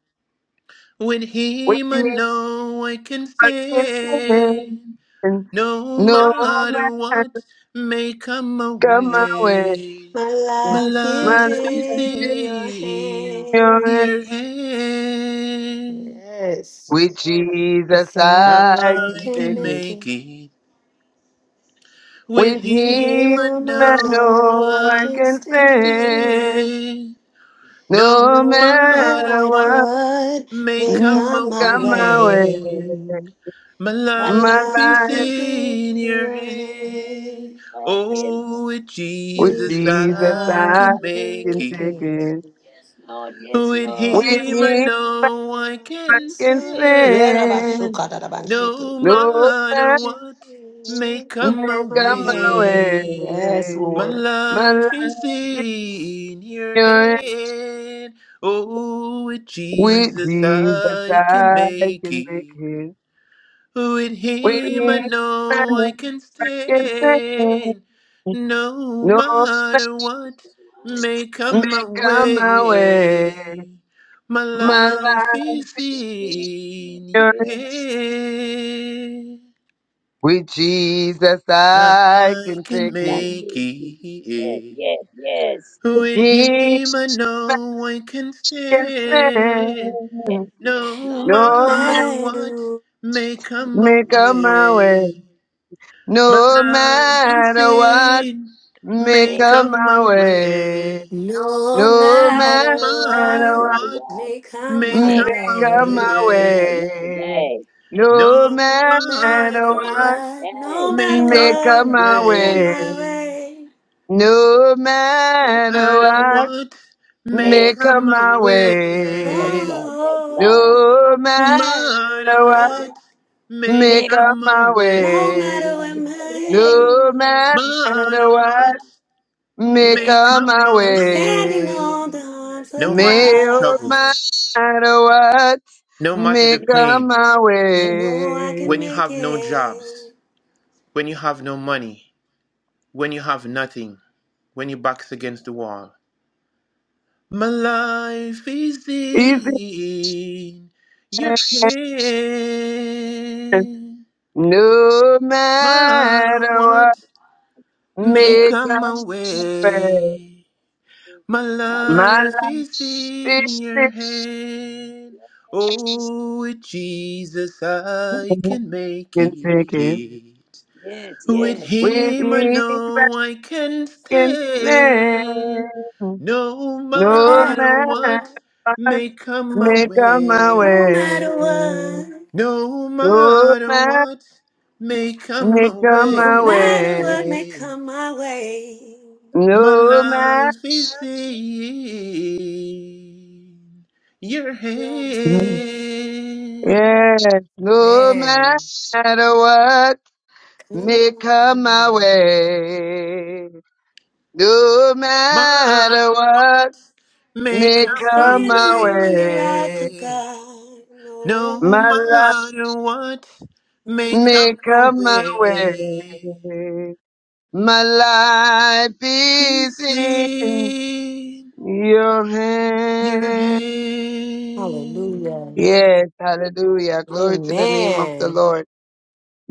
With We him I can know I can stand. stand. No No matter man what may come come my way. away, My my life is My life life is is in your in yours. your hands. hand. Yes. With Jesus, Cause I I can I can take can it. make make it. it with With You Him, him, I hear my I know no, know I I I can can can stand. stand. stay. No No No matter matter matter what what Make my what may may mm, come come heart my come my strong. way, way, away, My my My my life is life life is in in your your God. hand. hand. Lord, yes, Lord, Oh, with with Jesus Jesus, Jesus I I I can can make can make take it. it. it. Lord, yes, With Lord. Just With hear him I Him my no, know I I I can can can stand. Yeah, Rabbi stand. stand. Shuka, da, da, ban, Thank you shiki. No No matter matter what may What come my come my my way, way. yes, way, My Lord. my life is life is in your yours. hand. Oh, with With Jesus Jesus I can I make can make it. it. With With him I Him know I I can can stand, stand. no No matter what so may matter come my come my way. way. My My My life Lord. life Thank is is you. Jesus. in your Yeah. hand. With Jesus, I I can can take it. Thank make you, Jesus. Yes, it. yes, yes, With Jesus him I know I can can stand, stand. yes, no yes, No No man matter what Matter may come my make a my way. way. My No life is matter what, in, make may Lord. a come my my way. way. No No No matter matter God, matter say what what, what, what? may come may my make Make come up my my a my day. way, Say way. what way. day? No No no matter matter Say matter what what, what, what, day? no may matter make come my a what my may come way. my away. way, No God, matter say Matter what. what? what, may Make make up up come my my yes, way. away. Lord, yes, Lord. oh, No no matter matter Matter Say what, what, what, what? may Make make up up come my my my no way. matter what day. away. Hey, hey. may, No matter Matter Say what? what, what, make Make may up up come my my I'm standing way. yes, on way. the Lord. arms of No matter the No God. struggles, matter what, no matter the make Make up pain, my I know I way. can when you make have no it. jobs, when you have no money, when you have nothing, when your back's against the wall. My life is If in your hand. no But matter what, what may make make come up my my way. way? My my life. My life is life in your is hand. Oh, with Jesus I can make and sinking it. Yes, With yes. with him I even in know I can sin. stand. No No No matter matter matter what what, what, may come my um, make up my no way. way. matter what. No No matter man, what may come my make up No my matter way. what may way. come my way, My No matter, life is in your hand. you're here. yes, no Man, matter what, come make up my on. way. No My matter what, words may make I'm come my up my standing on the rock way. of way, God. No, No My life. matter what may next come time. Make my up my way, way. My life It's is in in your your hand. Hallelujah. hand. Yes, hallelujah. Glory to the name of the Amen. Lord.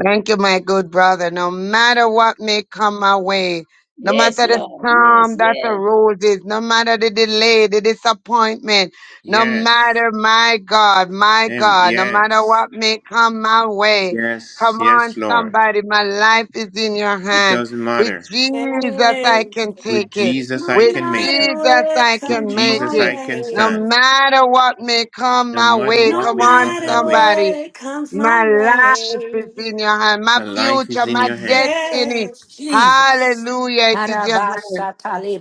Thank you, my good brother. No matter what may come my way, no Yes, matter the Lord. Yes, storm that yes. arises, no matter the delay, the disappointment, no Yes. matter my God, my Um, God, no matter yes. what may come my way, Yes. come Yes, on, Lord. somebody, my life is in your It hand. doesn't With matter. Jesus, I Amen. can With take it. Jesus, No I With can make matter it. Jesus, what I With can comes make my Jesus, it. I can No way, stand. matter what may come No my matter way, what no come may on, come matter my way, somebody. what comes My my life is way. in your hand. My my life future, is in my your hand. destiny. Yes, Jesus. Hallelujah. It is your hand.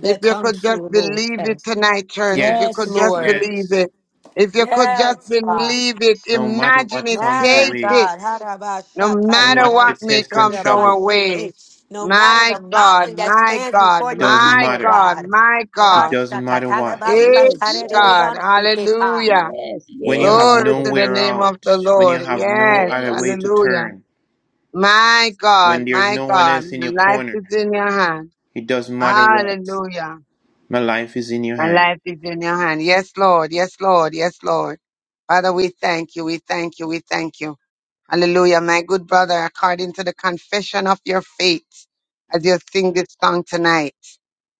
If you could just believe it tonight, church. If you Yes, could Yes, just Lord. believe yes. it. If you could just Yes, God. believe it. No matter Imagine what it. comes your Matter, Taste way, it. God. Harabasha No no matter matter what the may test and comes trouble, our way. Harabashataribansukudabanshete. No matter My the God, mountain that my stands God, before your doesn't my people, matter. God, God. my It God. Rasha doesn't matter what. Hey, Yes, yes. God. Rashatatalabasantaridibansukita. Hallelujah. Yes, When you have yes. Glory to the nowhere name of out, the when you Lord. have no Yes. other way Yes, to Hallelujah. turn, My God, when there's my no one God, else in my your life corner, is in your hand. it doesn't matter what. Hallelujah. My life is in your My hand. life is in your hand. Yes, Lord. Yes, Lord. Yes, Lord. Father, we thank you. We thank you. We thank you. Hallelujah. My good brother, according to the confession of your faith, as you sing this song tonight.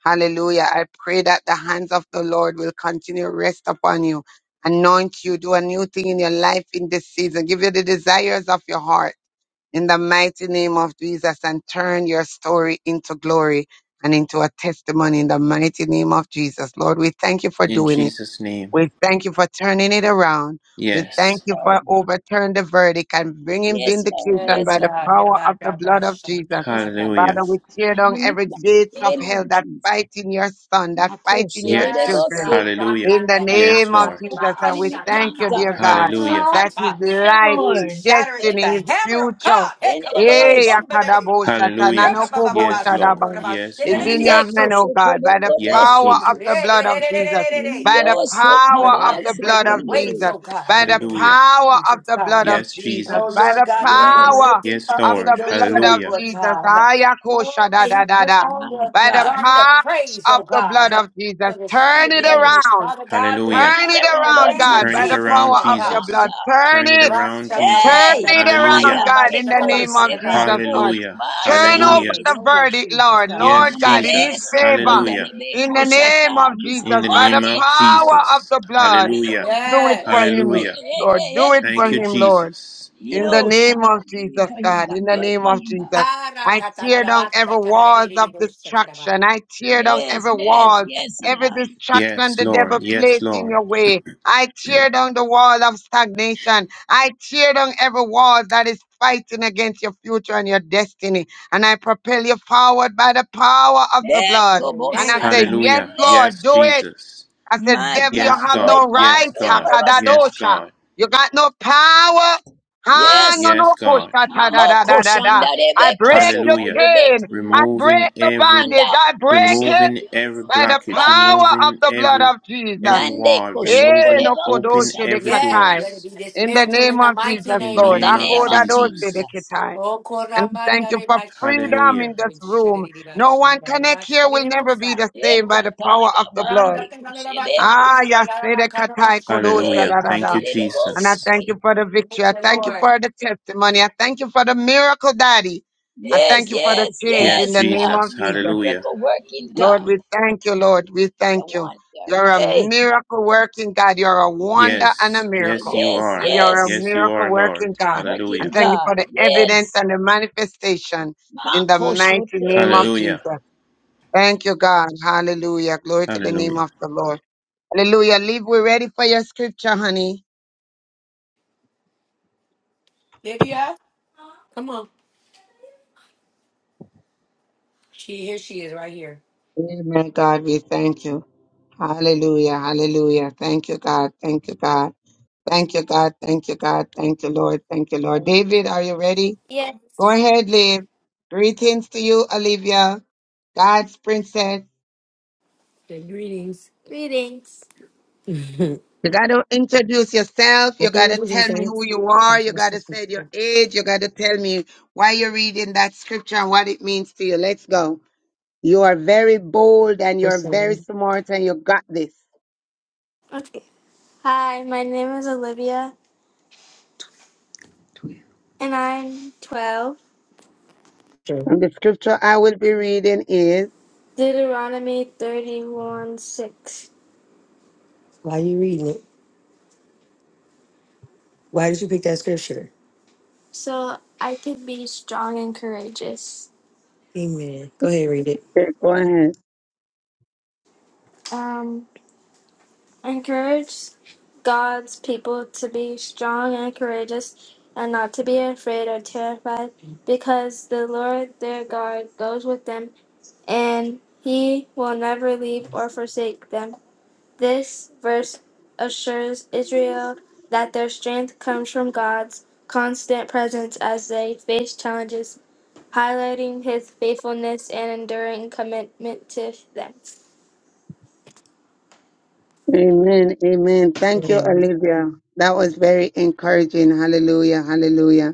Hallelujah. I pray that the hands of the Lord will continue to rest upon you, anoint you, do a new thing in your life in this season, give you the desires of your heart in the mighty name of Jesus and turn your story into glory and into a testimony in the mighty name of Jesus. Lord, we thank you for In doing it. Jesus' name. We thank you for turning it around. We thank Yes. you Lord. for overturning the verdict and bringing Yes, Lord. vindication Yes, Yes, by the Lord. God. power of the blood of Jesus. Hallelujah. Father, esibhakabhaka Yabadabashatakarabash. we tear down every lemibhalo gates of hell that elujufu fight in your son, that fight in your Yes, Yes. children God. makhoshelelebosika Hallelujah. in the Yes, name of Lord. Jesus, and we thank you, elimiplanta dear God, Hallelujah. elebos that his Rambandarabakaribaashatakarabashakata. Hallelujah, life, his Ooh, akhoshi Lord. Shatter it with the lebeku destiny, his hammer of future God. Hey, eh, endelesi kabababasongobebe. yakadabosha, Hallelujah. Yes, tananokobosha Lord. daba, Yes, is in mande your Jesus. hand, Rabababababasukorabashidididididiyatso. oh God, by the Yes, Yes, power khoshekololobeseke of Lord. Hey, hey, the hey, Jesus. blood hey, of hey, hey, Jesus, hey, hey. by the lioso Father power of God, we the break blood the of khambasekende weights, Jesus, oh God, by in the the name of Hallelujah. power of Jesus, the blood God. of Yes, Jesus, Oh by Lord Jesus. the God, may he be yes power lifted Yes, up of in the Lord. your joy, blood of Hallelujah. Lord Jesus, God. Oh, ayakosha da may he da da put da, on my the by the god garment of power praise, of oh the blood of God. Jesus, For the turn spirit of it yes heaviness, around. Father God, bring them turn Hallelujah. Turn it it up in around the around, lord name of God, Turn by it jesus the Jesus, turn around, power it Lord of your God. around Jesus. blood. God. Turn Turn it it, around, turn Jesus. Day, it around, Maya, Hallelujah. God, in the Teko, name of Jesus, Rasha-ta-ta-ta-ya-ba-sha-ta-la-ba-sha-ta-ba-sha-ta-ta-ya. Sebeko, Lord. Hallelujah. Lord Turn God, Kabashende, over in the Hallelujah. the name of verdict, Jesus, Lord, God. Yes, Lord God, in his Manede, Jesus. favor, Sokonda, Hallelujah. in Rebeko, the name of Shata, In Jesus, the by name the disappointed, of power Jesus. of Jesus. the blood. Hey, Hallelujah. Do it for Yes. hey, him, hey, Hallelujah. Lord. hey, Do it hey, for Thank you, him, Jesus. Lord. Jesus. In the Nido, Shama, name of do it Jesus, for him, God, God, in the do it name for of him. Jesus, I tear down every walls of Ah-ra-ka-ta-la-la-ba-sha-ta-la-la-ba-di-di-bo-sha-ta-la-ba. destruction. I tear down Yes, every yes, walls, yes, every God. distraction Yes, the Lord. devil Yes, placed in Lord. your way. I tear down the wall of stagnation. I tear down every wall that is fighting against your future and your destiny. And I propel you forward by the power of the That blood. In the Tobo And name I of say, Shata, Jesus. Yes, Hallelujah. hey, Lord, Yes, do it. Jesus. I said, my devil, you God, Yes, have do no God. it, Lord, right. Yes, do it for God. us, Yes, God. Hakadadosha. God. You got no power. Ah, no, Yes, Yes, no, kusha, God. ta, ta, da, Mamo da, da, da, da. Koshanda, I Rebeko, break your Soko, Hallelujah. chain. Rebeko, I Removing break the every anda bondage. I break kuse it removing every by the sokonda blockage, yek. power of removing the blood every of Jesus. every Nande wall, Eh, removing no, koshokoreba open kusa. kodoshe de every Yes, katai. let it be doors In the dismantled name in the of mighty Jesus, in the name of In Lord. the name of name of Jesus. Akodadoshe de Jesus. Jesus. katai. Oh, And thank Korambanda you for Reba Shikari freedom Hallelujah. in this Bodwin room. Shari Reba No Shari one connect Reba here Shari will never be Rebosa. the same by the power of Ekotaya the ba blood. Randa Kanaraba Karama Ah, dekoshebekita. Salarama Yasere Karama Katai Kodosha Shankaraba Hallelujah. da da Thank da. Kasha. you And I Jesus. thank Ekarededobosike. you for the victory. Thank I you, thank you Lord. for the testimony. I thank you for the miracle, Daddy. I Yes, thank you for the yes, change Yes, in the yes, name God. Jesus. of He's a Jesus. Hallelujah. miracle working Lord, God. we thank you, Lord. We It's a thank you. wonder. You're a Hey, miracle working God. You're a wonder yes, and a Yes, yes, miracle. you yes, are. And you're a yes. Yes, you miracle are, Lord. working God. And Hallelujah. Working thank you God. for the evidence Yes. and the manifestation in the mighty name of Makosotebeka. Hallelujah. Jesus. Thank you, God. Hallelujah. Glory to the Hallelujah. name of the Lord. Hallelujah. Leave. We're ready for your scripture, honey. Livia, come on. She here she is right here. Amen, God. We thank you. Hallelujah. Hallelujah. Thank you, God. Thank you, God. Thank you, God. Thank you, God. Thank you, Lord. Thank you, Lord. David, are you ready? Yes. Go ahead, Liv. Greetings to you, Olivia, God's princess. Okay, greetings. Greetings. what You got to introduce yourself. You are got you to doing, tell me sir? who you are. Come to You the got to system. say your age. You got to tell me why you're reading that scripture and what it means to you. Let's go. You are very bold and you're very Person. smart and you got this. Okay. Hi, my name is Olivia. And I'm 12. Sure. And the scripture I will be reading is, Deuteronomy 31 6. Why are you reading it? Why did you pick that scripture? So I could be strong and courageous. Amen. Go ahead, read it. Yeah, go ahead. Um, encourage God's people to be strong and courageous and not to be afraid or terrified because the Lord their God goes with them and he will never leave or forsake them. This verse assures Israel that their strength comes from God's constant presence as they face challenges, highlighting his faithfulness and enduring commitment to them. Amen. Amen. Thank you, Amen. Olivia. That was very encouraging. Hallelujah. Hallelujah.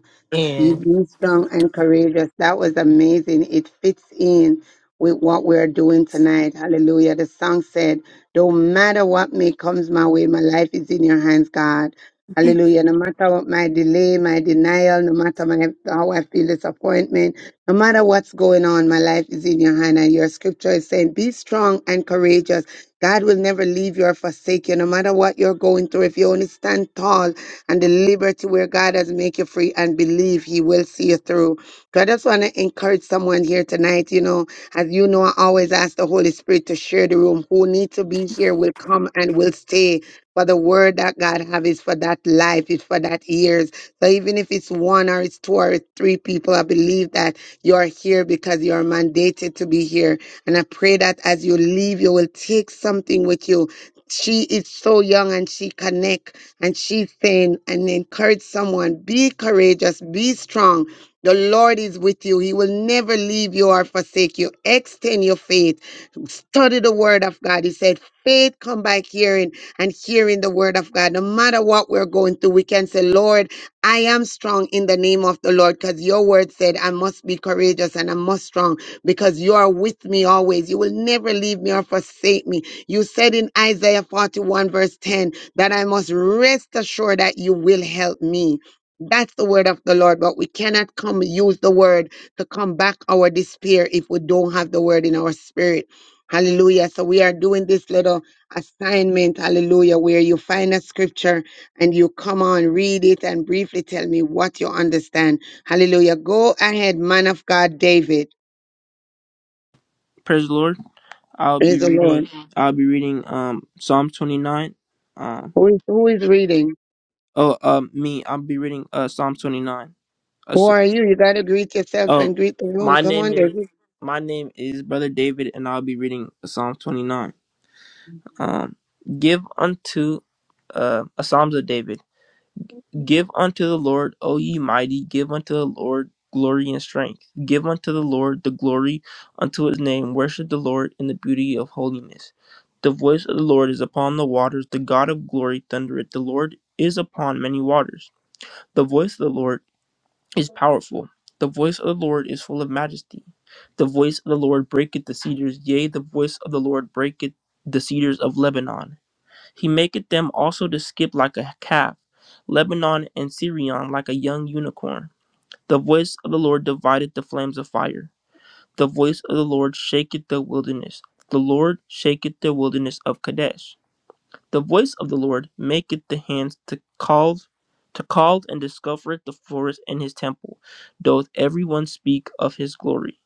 You've Amen. been strong and courageous. That was amazing. It fits in with what we're doing tonight. Hallelujah. The song said, No matter what may comes my way, my life is in your hands, God. Hallelujah. No matter what my delay, my denial, no matter my, how I feel disappointment, no matter what's going on, my life is in your hand. And your scripture is saying, Be strong and courageous. God will never leave you or forsake you. No matter what you're going through, if you only stand tall and the liberty where God has made you free and believe he will see you through. So I just want to encourage someone here tonight, you know, as you know, I always ask the Holy Spirit to share the room. Who need to be here will come and will stay. For the word that God have is for that life, is for that years. So even if it's one or it's two or it's three people, I believe that you're here because you're mandated to be here. And I pray that as you leave, you will take something with you. She is so young and she connect and she's saying and encourage someone be courageous be strong the lord is with you he will never leave you or forsake you extend your faith study the word of god he said faith come by hearing and hearing the word of god no matter what we're going through we can say lord i am strong in the name of the lord because your word said i must be courageous and i must strong because you are with me always you will never leave me or forsake me you said in isaiah 41 verse 10 that I must rest assured that you will help me. That's the word of the Lord, but we cannot come use the word to come back our despair if we don't have the word in our spirit. Hallelujah. So we are doing this little assignment, hallelujah, where you find a scripture and you come on, read it, and briefly tell me what you understand. Hallelujah. Go ahead, man of God, David. Praise the Lord. I'll Praise be the Lord. reading. I'll be reading um Psalm twenty nine. Um. Who is, who is reading? Oh. Um. Me. I'll be reading uh Psalm twenty nine. Uh, Who s- are you? You got to greet yourself oh. and greet the room. My Come name on, David. is. My name is Brother David, and I'll be reading Psalm twenty nine. Um. Give unto. Uh. A Psalms of David. Give unto the Lord, O ye mighty, give unto the Lord glory and strength. Give unto the Lord the glory unto his name. Worship the Lord in the beauty of holiness. The voice of the Lord is upon the waters. The God of glory thundereth. The Lord is upon many waters. The voice of the Lord is powerful. The voice of the Lord is full of majesty. The voice of the Lord breaketh the cedars. Yea, the voice of the Lord breaketh the cedars of Lebanon. He maketh them also to skip like a calf, Lebanon and Syrian like a young unicorn. The voice of the Lord divideth the flames of fire. The voice of the Lord shaketh the wilderness. The Lord shaketh the wilderness of Kadesh. The voice of the Lord maketh the hands to call, to call and discovereth the forest in his temple. Doth every one speak of his glory.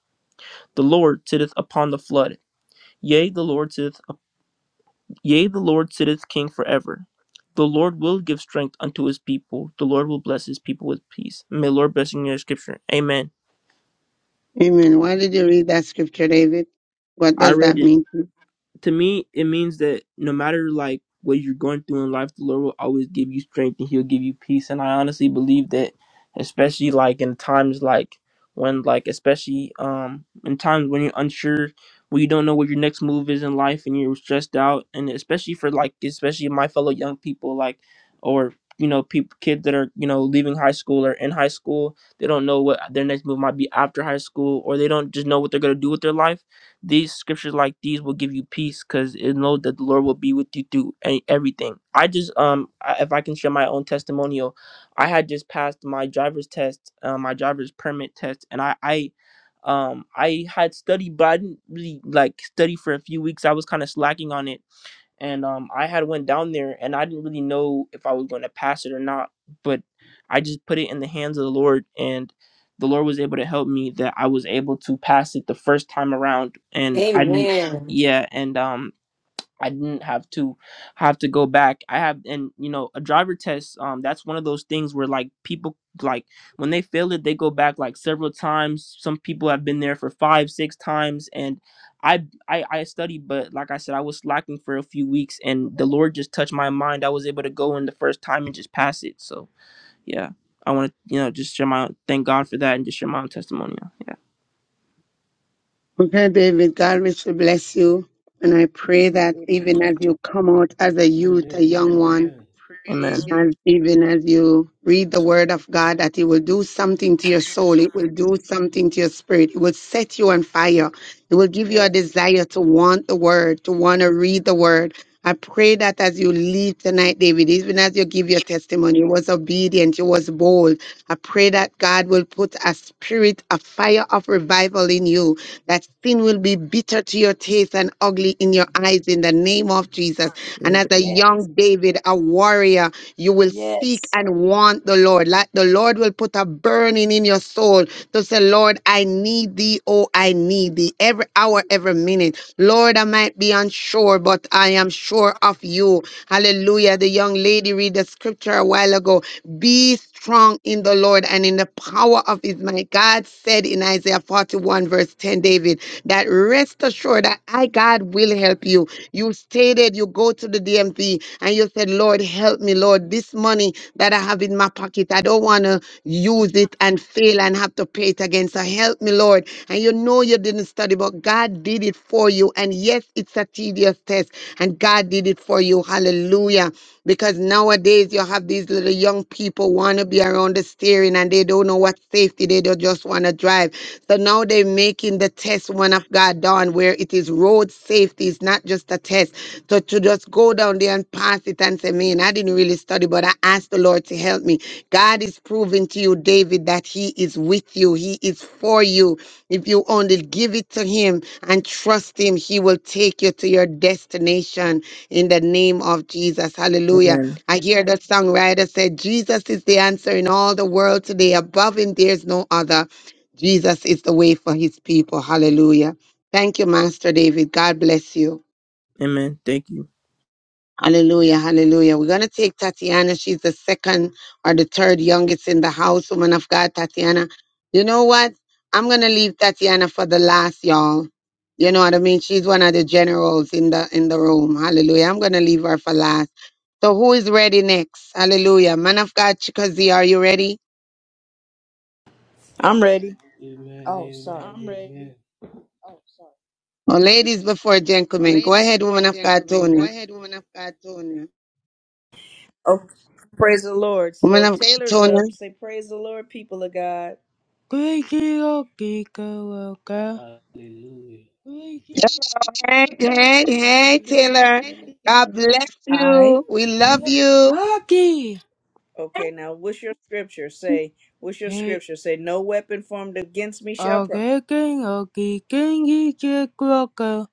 The Lord sitteth upon the flood. Yea, the Lord sitteth Yea, the Lord sitteth king forever. The Lord will give strength unto his people. The Lord will bless his people with peace. May the Lord bless you in your scripture. Amen. Amen. Why did you read that scripture, David? What I does that read it. mean? to you? to me, it means that no matter like what you're going through in life, the Lord will always give you strength and He'll give you peace. And I honestly believe that, especially like in times like when like especially um in times when you're unsure, when you don't know what your next move is in life, and you're stressed out, and especially for like especially my fellow young people like or you know people kids that are you know leaving high school or in high school they don't know what their next move might be after high school or they don't just know what they're going to do with their life these scriptures like these will give you peace because it know that the Lord will be with you through a- everything. I just um I, if I can share my own testimonial, I had just passed my driver's test, uh, my driver's permit test, and I I um I had studied, but I didn't really like study for a few weeks. I was kind of slacking on it and um I had went down there and I didn't really know if I was going to pass it or not, but I just put it in the hands of the Lord and the Lord was able to help me that I was able to pass it the first time around and I didn't Amen. yeah and um I didn't have to have to go back. I have and you know a driver test. Um, that's one of those things where like people like when they fail it, they go back like several times. Some people have been there for five, six times, and I I, I studied, but like I said, I was slacking for a few weeks, and the Lord just touched my mind. I was able to go in the first time and just pass it. So yeah, I want to you know just share my thank God for that and just share my own testimony. Yeah, Okay, David, God richly bless you. And I pray that even as Amen. you come out as a youth, a young and one, I pray. Amen. Amen. And even as you read the word of God, that it will do something to your soul. It will do something to your spirit. It will set you on fire. It will give you a Yes. desire to want the word, to want to read the word. I pray that as you leave tonight, David, even as you give your testimony, you was obedient, you was bold. I pray that God will put a spirit, a fire of revival in you, that sin will be bitter to your taste and ugly in your eyes in the name of Jesus. And as a Yes. young David, a warrior, you will seek Yes. and want the Lord. Like the Lord will put a burning in your soul to say, Lord, I need thee. Oh, I need thee every hour, every minute. Lord, I might be unsure, but I am sure of you. Hallelujah. The young lady read the scripture a while ago. Be strong in the Lord and in the power of his might. God said in Isaiah 41, verse 10, David, that rest assured that I, God, will help you. You still agitated, you go to the DMV and you said, Lord, help me, Lord, this money that I have in my pocket, I don't want to use it and fail and have to pay it again. So help me, Lord. And you know you didn't study, but God did it for you. And yes, it's a tedious test, and God did it for you. Hallelujah. Because nowadays you have these little young people want to be around the steering and they don't know what safety, they don't just want to drive. So now they're making the test one of God done where it is road safety, it's not just a test. So to just go down there and pass it and say, man, I didn't really study, but I asked the Lord to help me. God is proving to you, David, that he is with you. He is for you. If you only give it to him and trust him, he will take you to your destination in the name of Jesus. Hallelujah. Amen. I hear the songwriter said, Jesus is the answer in all the world today. Above him, there's no other. Jesus is the way for his people. Hallelujah. Thank you, Master David. God bless you. Amen. Thank you. Hallelujah, hallelujah. We're going to take Tatiana. She's the second or the third youngest in the house, woman of God, Tatiana. You know what? I'm going to leave Tatiana for the last, y'all. You know what I mean? She's one of the generals in the in the room. Hallelujah. I'm going to leave her for last. So who is ready next? Hallelujah. Man of God, Chikazi, are you ready? I'm ready. Oh, Amen. sorry. I'm ready. Oh, sorry. Oh, ladies before Well, gentlemen. Go ladies ahead, before woman of God, gentlemen, go Tonya. ahead, woman of God, Tonya. Oh, praise the Lord. Woman So of Taylor's God, up. Tonya. Say praise the Lord, people of God. Great Hallelujah. Hey, hey, hey, Amen. Taylor. God bless I. you. We love Yeah. you. Okay, now what's your scripture say? What's your Ye- scripture say? No weapon formed against me shall prosper, Ageking agekengi chikroka.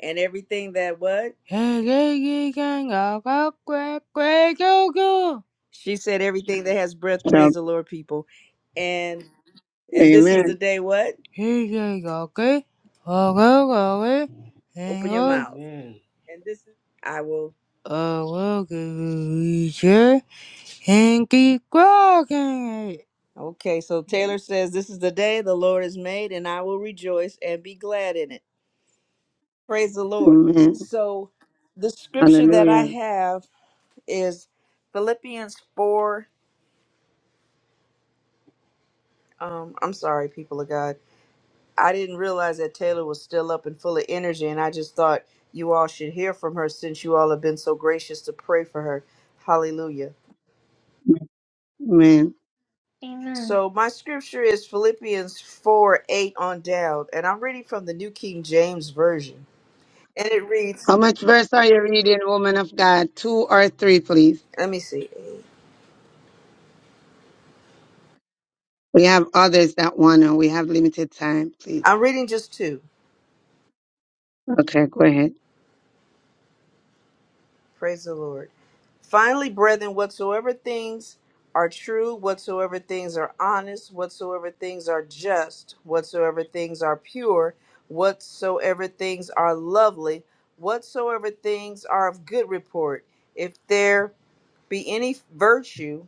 and everything that what Ageking agakwekwekoko. she said, everything that has breath, So, praise the Lord, people, and and this is the amen. day. What? Higegoke. Ogogoke. Open your Lord, mouth. Amen. I will. I will give you and keep walking. Okay, so Taylor says, This is the day the Lord has made, and I will rejoice and be glad in it. Praise the Lord. Amen. So, the scripture that I Hallelujah. have is Philippians 4. Um, I'm sorry, people of God. I didn't realize that Taylor was still up and full of energy, and I just thought you all should hear from her since you all have been so gracious to pray for her. Hallelujah. Amen. Amen. So my scripture is Philippians 4 8 on down, and I'm reading from the New King James Version. And it reads, How much verse are you reading, woman of God? Two or three, please. let me see. We have others that want to. We have limited time, please. I'm reading just two. Okay, go ahead. Praise the Lord. Finally, brethren, whatsoever things are true, whatsoever things are honest, whatsoever things are just, whatsoever things are pure, whatsoever things are lovely, whatsoever things are of good report, if there be any virtue,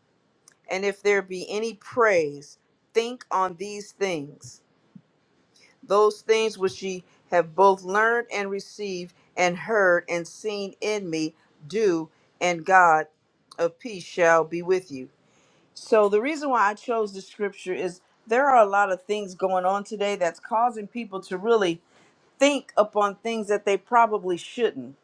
And if there be any praise, think on these things, those things which ye have both learned and received, and heard and seen in me, do, and God of peace shall be with you. So, the reason why I chose this scripture is there are a lot of things going on today that's causing people to really think upon things that they probably shouldn't.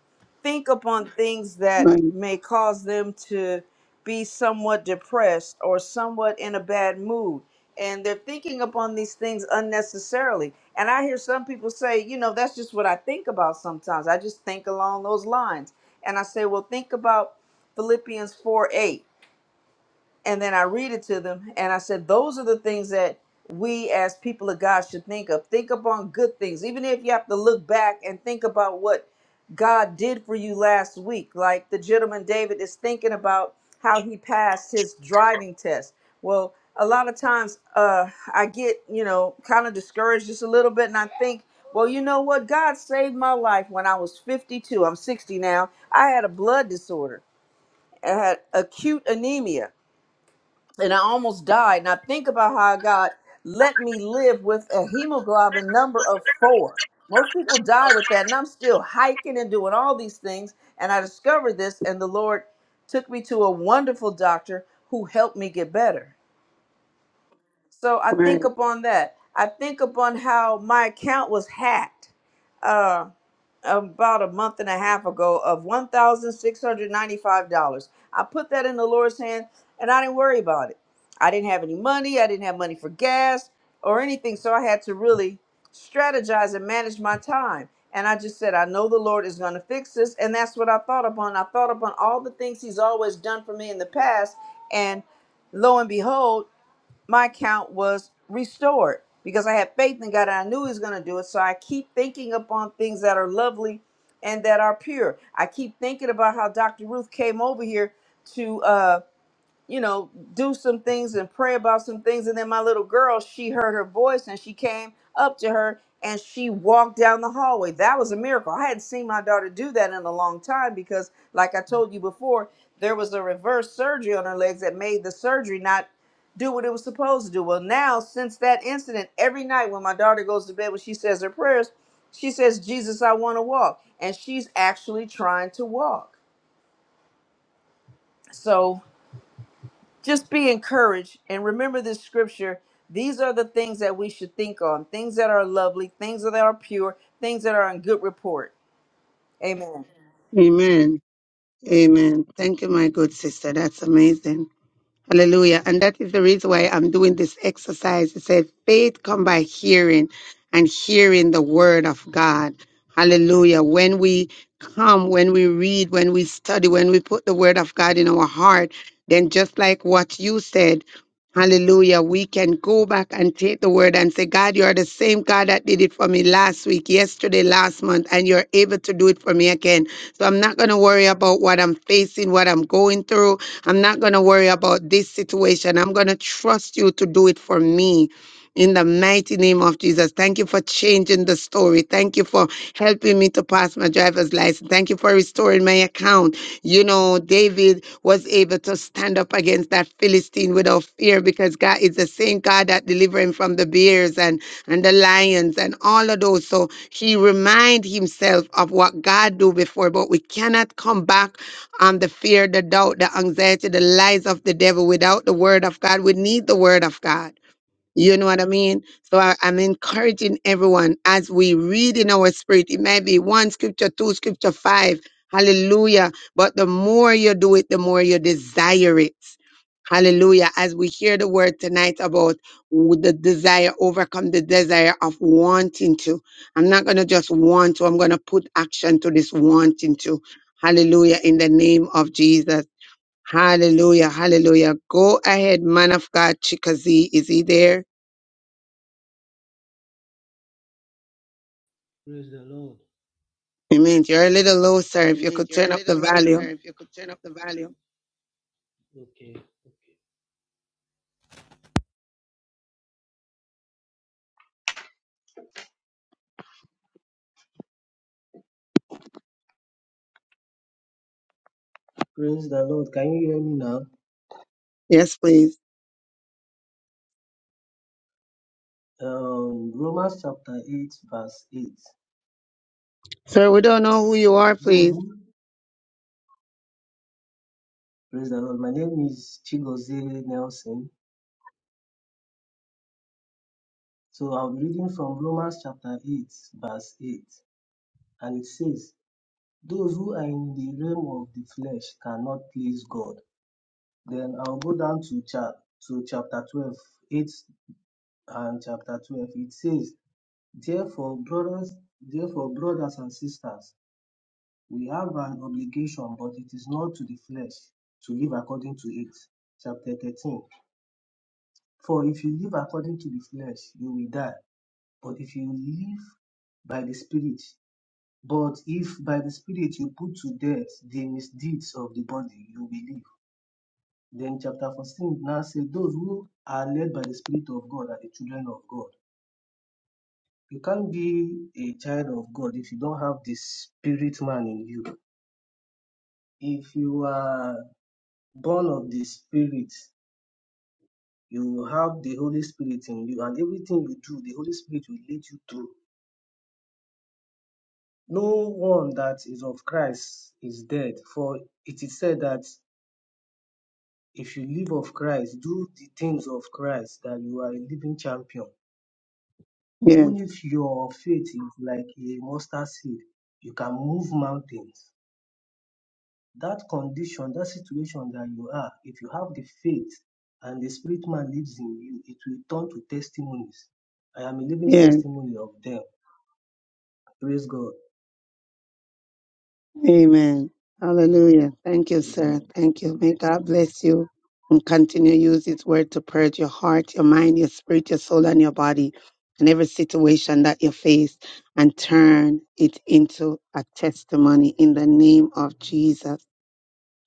Think upon things that Right. may cause them to be somewhat depressed or somewhat in a bad mood. And they're thinking upon these things unnecessarily. And I hear some people say, you know, that's just what I think about sometimes. I just think along those lines. And I say, well, think about Philippians 4:8 and then I read it to them, and I said, Those are the things that we as people of God should think of. Think upon good things, even if you have to look back and think about what God did for you last week. Like the gentleman David is thinking about how he passed his driving test. Well, a lot of times uh, I get, you know, kind of discouraged just a little bit, and I think, well, you know what? God saved my life when I was 52. I'm 60 now. I had a blood disorder. I had acute anemia and I almost died. Now think about how God let me live with a hemoglobin number of four. Most people die with that, and I'm still hiking and doing all these things. And I discovered this, and the Lord took me to a wonderful doctor who helped me get better. So I think Right. upon that. I think upon how my account was hacked uh, about a month and a half ago of $1,695. I put that in the Lord's hand and I didn't worry about it. I didn't have any money. I didn't have money for gas or anything. So I had to really strategize and manage my time. And I just said, I know the Lord is going to fix this. And that's what I thought upon. I thought upon all the things He's always done for me in the past. And lo and behold, my account was restored because I had faith in God and I knew He was going to do it. So I keep thinking upon things that are lovely and that are pure. I keep thinking about how Dr. Ruth came over here to. uh, you know, do some things and pray about some things. And then my little girl, she heard her voice and she came up to her and she walked down the hallway. That was a miracle. I hadn't seen my daughter do that in a long time because, like I told you before, there was a reverse surgery on her legs that made the surgery not do what it was supposed to do. Well, now, since that incident, every night when my daughter goes to bed, when she says her prayers, she says, Jesus, I want to walk. And she's actually trying to walk. So, just be encouraged and remember this scripture. These are the things that we should think on things that are lovely, things that are pure, things that are in good report. Amen. Amen. Amen. Thank you, my good sister. That's amazing. Hallelujah. And that is the reason why I'm doing this exercise. It says faith come by hearing and hearing the word of God. Hallelujah. When we come, when we read, when we study, when we put the word of God in our heart, then just like what you said, Hallelujah. We can go back and take the word and say, God, you are the same God that did it for me last week, yesterday, last month, and you're able to do it for me again. So I'm not going to worry about what I'm facing, what I'm going through. I'm not going to worry about this situation. I'm going to trust you to do it for me in the mighty name of Jesus. Thank you for changing the story. Thank you for helping me to pass my driver's license. Thank you for restoring my account. You know, David was able to stand up against that Philistine without fear because God is the same God that delivered him from the bears and, and the lions and all of those. So he remind himself of what God do before, but we cannot come back on the fear, the doubt, the anxiety, the lies of the devil without the word of God. We need the word of God. You know what I mean? So I, I'm encouraging everyone as we read in our spirit, it may be one scripture, two scripture, five. Hallelujah. But the more you do it, the more you desire it. Hallelujah. As we hear the word tonight about w- the desire, overcome the desire of wanting to. I'm not going to just want to, I'm going to put action to this wanting to. Hallelujah. In the name of Jesus. Hallelujah. Hallelujah. Go ahead, man of God. Chikazi, is he there? Praise the Lord. Clement, you're a little low, sir. If you Amen. could You're a turn up the little low, sir. volume. If you could turn up the volume. Okay. Okay. Praise the Lord. Can you hear me now? Yes, please. Um, Romans chapter 8, verse 8. Sir, we don't know who you are, please. Though, praise the Lord. My name is Chigozie Nelson. So I'll be reading from Romans chapter 8, verse 8. And it says, Those who are in the realm of the flesh cannot please God. Then I'll go down to, chap to chapter 12, 8, and chapter 12. It says, Therefore, brothers, therefore, brothers and sisters, We have an obligation, but it is not to the flesh to live according to it. Chapter 13. For if you live according to the flesh, you will die. But if you live by the Spirit, but if by the Spirit you put to death the misdeeds of the body, you will live. Then chapter 14 now says, Those who are led by the Spirit of God are the children of God. You can't be a child of God if you don't have the Spirit man in you. If you are born of the Spirit, you have the Holy Spirit in you, and everything you do, the Holy Spirit will lead you through. No one that is of Christ is dead, for it is said that if you live of Christ, do the things of Christ, that you are a living champion. Yes, Even if your faith is like a mustard seed, you can move mountains. That condition, that situation that you are, if you have the faith and the spirit man lives in you, it will turn to testimonies. I am a living yes. testimony of them. Praise God. Amen. Hallelujah. Thank you, sir. Amen. Thank you. May God bless you and continue to use His word to purge your heart, your mind, your spirit, your soul, and your body and every situation that you face and turn it into a testimony in the name of Jesus.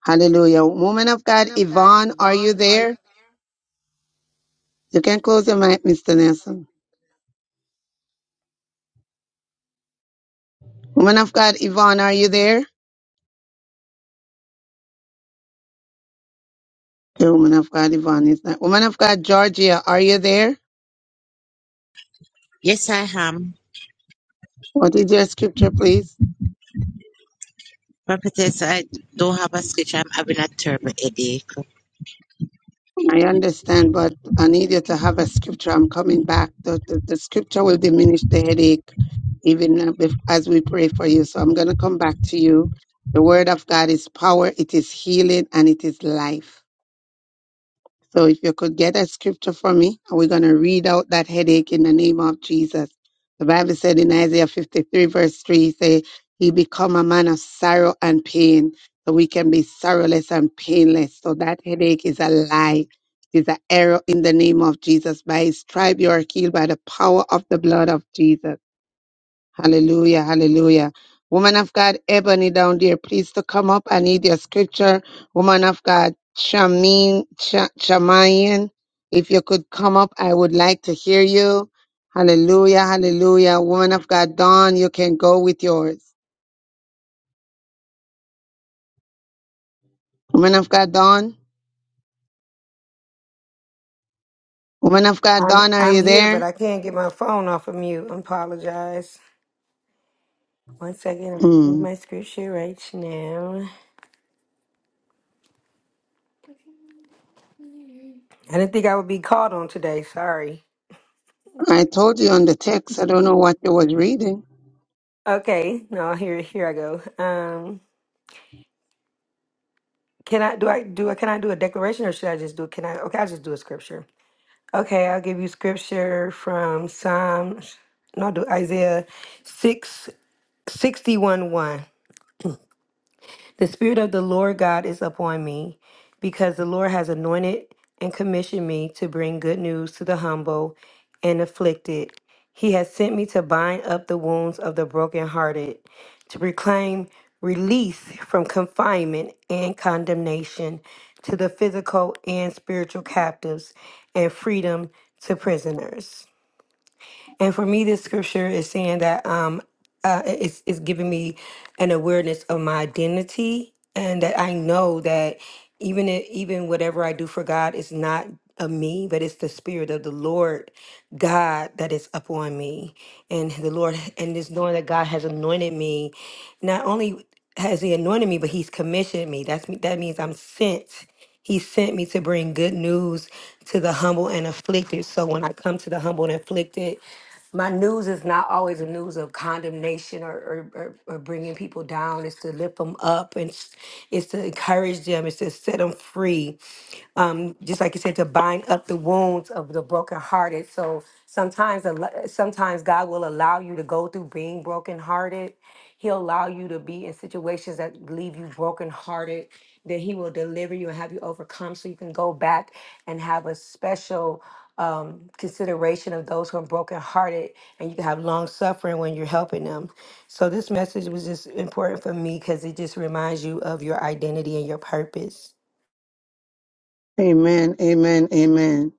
Hallelujah. Woman of God, Woman of God, Yvonne, are you Yvonne, are there? you? You can close your mic, Mr. Nelson. Woman of God, Yvonne, are you there? The woman of God, Yvonne is not. Woman of God, Georgia, are you there? Yes, I am. What is your scripture, please? Prophetess, I don't have a scripture. I'm having a terrible headache. I understand, but I need you to have a scripture. I'm coming back. The, the, the scripture will diminish the headache even uh, bef- as we pray for you. So I'm going to come back to you. The word of God is power, it is healing, and it is life. So if you could get a scripture for me, and we're going to read out that headache in the name of Jesus. The Bible said in Isaiah 53 verse 3, say, he become a man of sorrow and pain. So we can be sorrowless and painless. So that headache is a lie. It is an error in the name of Jesus. By his tribe you are healed by the power of the blood of Jesus. Hallelujah, hallelujah. Woman of God, Ebony down there, please to come up. I need your scripture. Woman of God, Shamin, Ch- Chamayan, if you could come up, I would like to hear you. Hallelujah, hallelujah. Woman of God, Dawn, you can go with yours. Woman of God, Dawn. Woman of God, I'm Dawn, are I'm you here, but there? I can't get my phone off of mute. I apologize. One second, I need Mm. my scripture right now. I didn't think I would be called on today. Sorry. I told you on the text. I don't know what you was reading. Okay, no, here here I go. Um, Can I do I do I can I do a declaration or should I just do can I okay I'll just do a scripture. Okay, I'll give you scripture from Psalms no I'll do Isaiah six sixty one one. The Spirit of the Lord God is upon me, because the Lord has anointed and commissioned me to bring good news to the humble and afflicted. He has sent me to bind up the wounds of the brokenhearted, to proclaim release from confinement and condemnation to the physical and spiritual captives, and freedom to prisoners. And for me, this scripture is saying that um, uh, it's, it's giving me an awareness of my identity, and that I know that even i- even whatever I do for God is not of me, but it's the Spirit of the Lord God that is upon me, and the Lord, and this knowing that God has anointed me. Not only has He anointed me, but He's commissioned me. That's me. That means I'm sent. He sent me to bring good news to the humble and afflicted. So when I come to the humble and afflicted, my news is not always a news of condemnation or, or, or, or bringing people down. It's to lift them up and s- it's to encourage them. It's to set them free um, just like you said, to bind up the wounds of the brokenhearted. So sometimes, al- sometimes God will allow you to go through being brokenhearted. He'll allow you to be in situations that leave you brokenhearted. That He will deliver you and have you overcome, so you can go back and have a special um, consideration of those who are brokenhearted, and you can have long suffering when you're helping them. So this message was just important for me because it just reminds you of your identity and your purpose. Amen, amen, amen,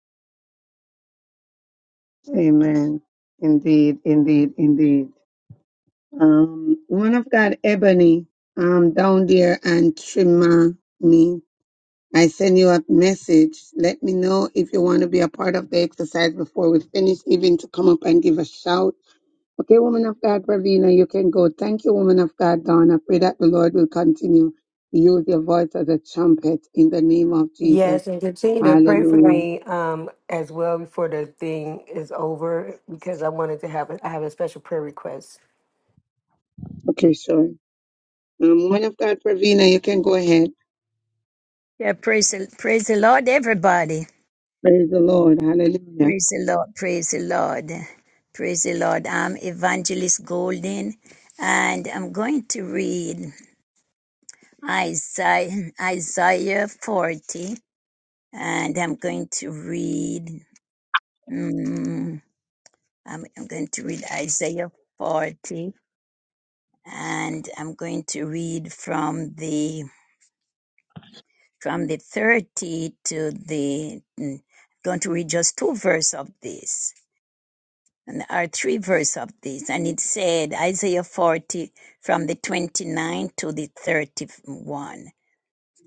amen. Indeed, indeed, indeed. Um, one of God, Ebony, um, down there and Trimani. I send you a message. Let me know if you want to be a part of the exercise before we finish, even to come up and give a shout. Okay, woman of God, Pravina, you can go. Thank you, woman of God, Dawn. I pray that the Lord will continue to use your voice as a trumpet in the name of Jesus. Yes, and continue to pray for Hallelujah. me um, as well before the thing is over because I wanted to have a, I have a special prayer request. Okay, sure. Um, woman of God, Pravina, you can go ahead. Yeah, praise the, praise the Lord, everybody. Praise the Lord. Hallelujah. Praise the Lord, praise the Lord, praise the Lord. I'm Evangelist Golden, and I'm going to read Isaiah, Isaiah 40, and I'm going to read, mm, I'm, I'm going to read Isaiah 40, and I'm going to read from the, from the 30 to the, mm, going to read just two verses of this And there are three verses of this, and it said Isaiah 40 from the 29 to the 31.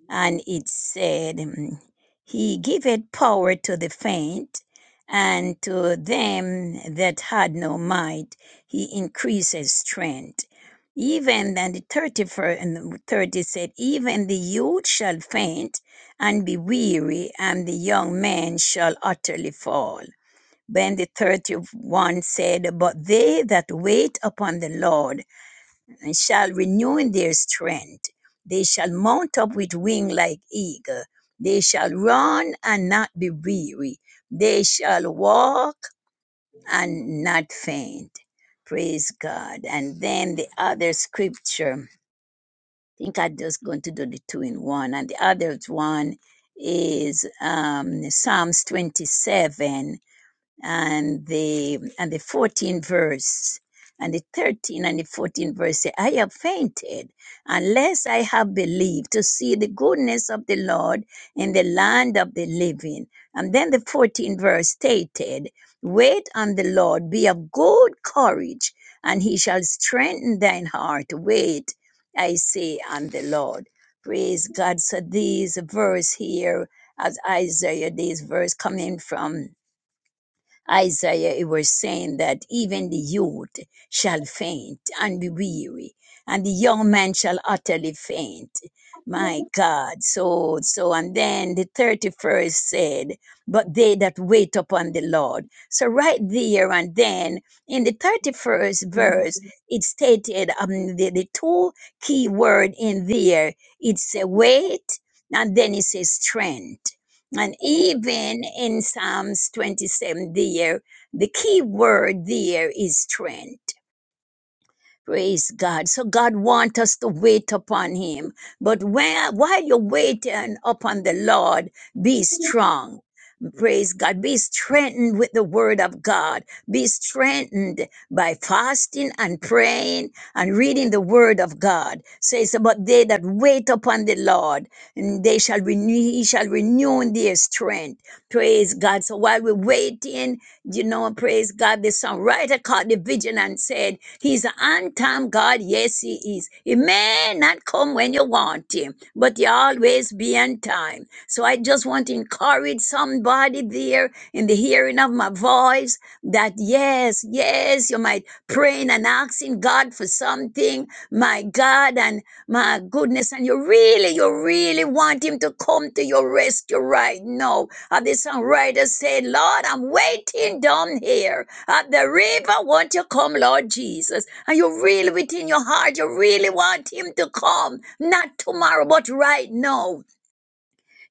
And it said, mm, He giveth power to the faint, and to them that had no might, He increases strength. Even then, the 31st and 30 said, Even the youth shall faint and be weary, and the young men shall utterly fall. When the 31 said, But they that wait upon the Lord shall renew their strength, they shall mount up with wing like eagle, they shall run and not be weary, they shall walk and not faint. Praise God. And then the other scripture, I think I'm just going to do the two in one. And the other one is um, Psalms 27 and the and the 14 verse and the 13 and the 14 verse say, I have fainted unless I have believed to see the goodness of the Lord in the land of the living. And then the 14 verse stated, Wait on the Lord, be of good courage, and he shall strengthen thine heart. Wait, I say, on the Lord. Praise God. So these verse here, as Isaiah, these verse coming from Isaiah, it was saying that even the youth shall faint and be weary, and the young man shall utterly faint. My God. So, so, and then the 31st said, but they that wait upon the Lord. So right there and then in the 31st verse, it stated um, the, the two key word in there, it's a wait and then it says strength. And even in Psalms 27, there, the key word there is strength. Praise God. So God wants us to wait upon Him. But when, while you're waiting upon the Lord, be strong. Praise God. Be strengthened with the word of God. Be strengthened by fasting and praying and reading the word of God. Says about they that wait upon the Lord, and they shall renew, he shall renew their strength. Praise God. So while we're waiting, you know, praise God, the songwriter caught the vision and said, He's an on time God. Yes, He is. He may not come when you want Him, but He always be on time. So I just want to encourage somebody there in the hearing of my voice that yes, yes, you might praying and asking God for something, my God, and my goodness, and you really, you really want Him to come to your rescue right now. And the songwriter said, Lord, I'm waiting down here at the river. Won't you come, Lord Jesus? And you really, within your heart, you really want him to come. Not tomorrow, but right now.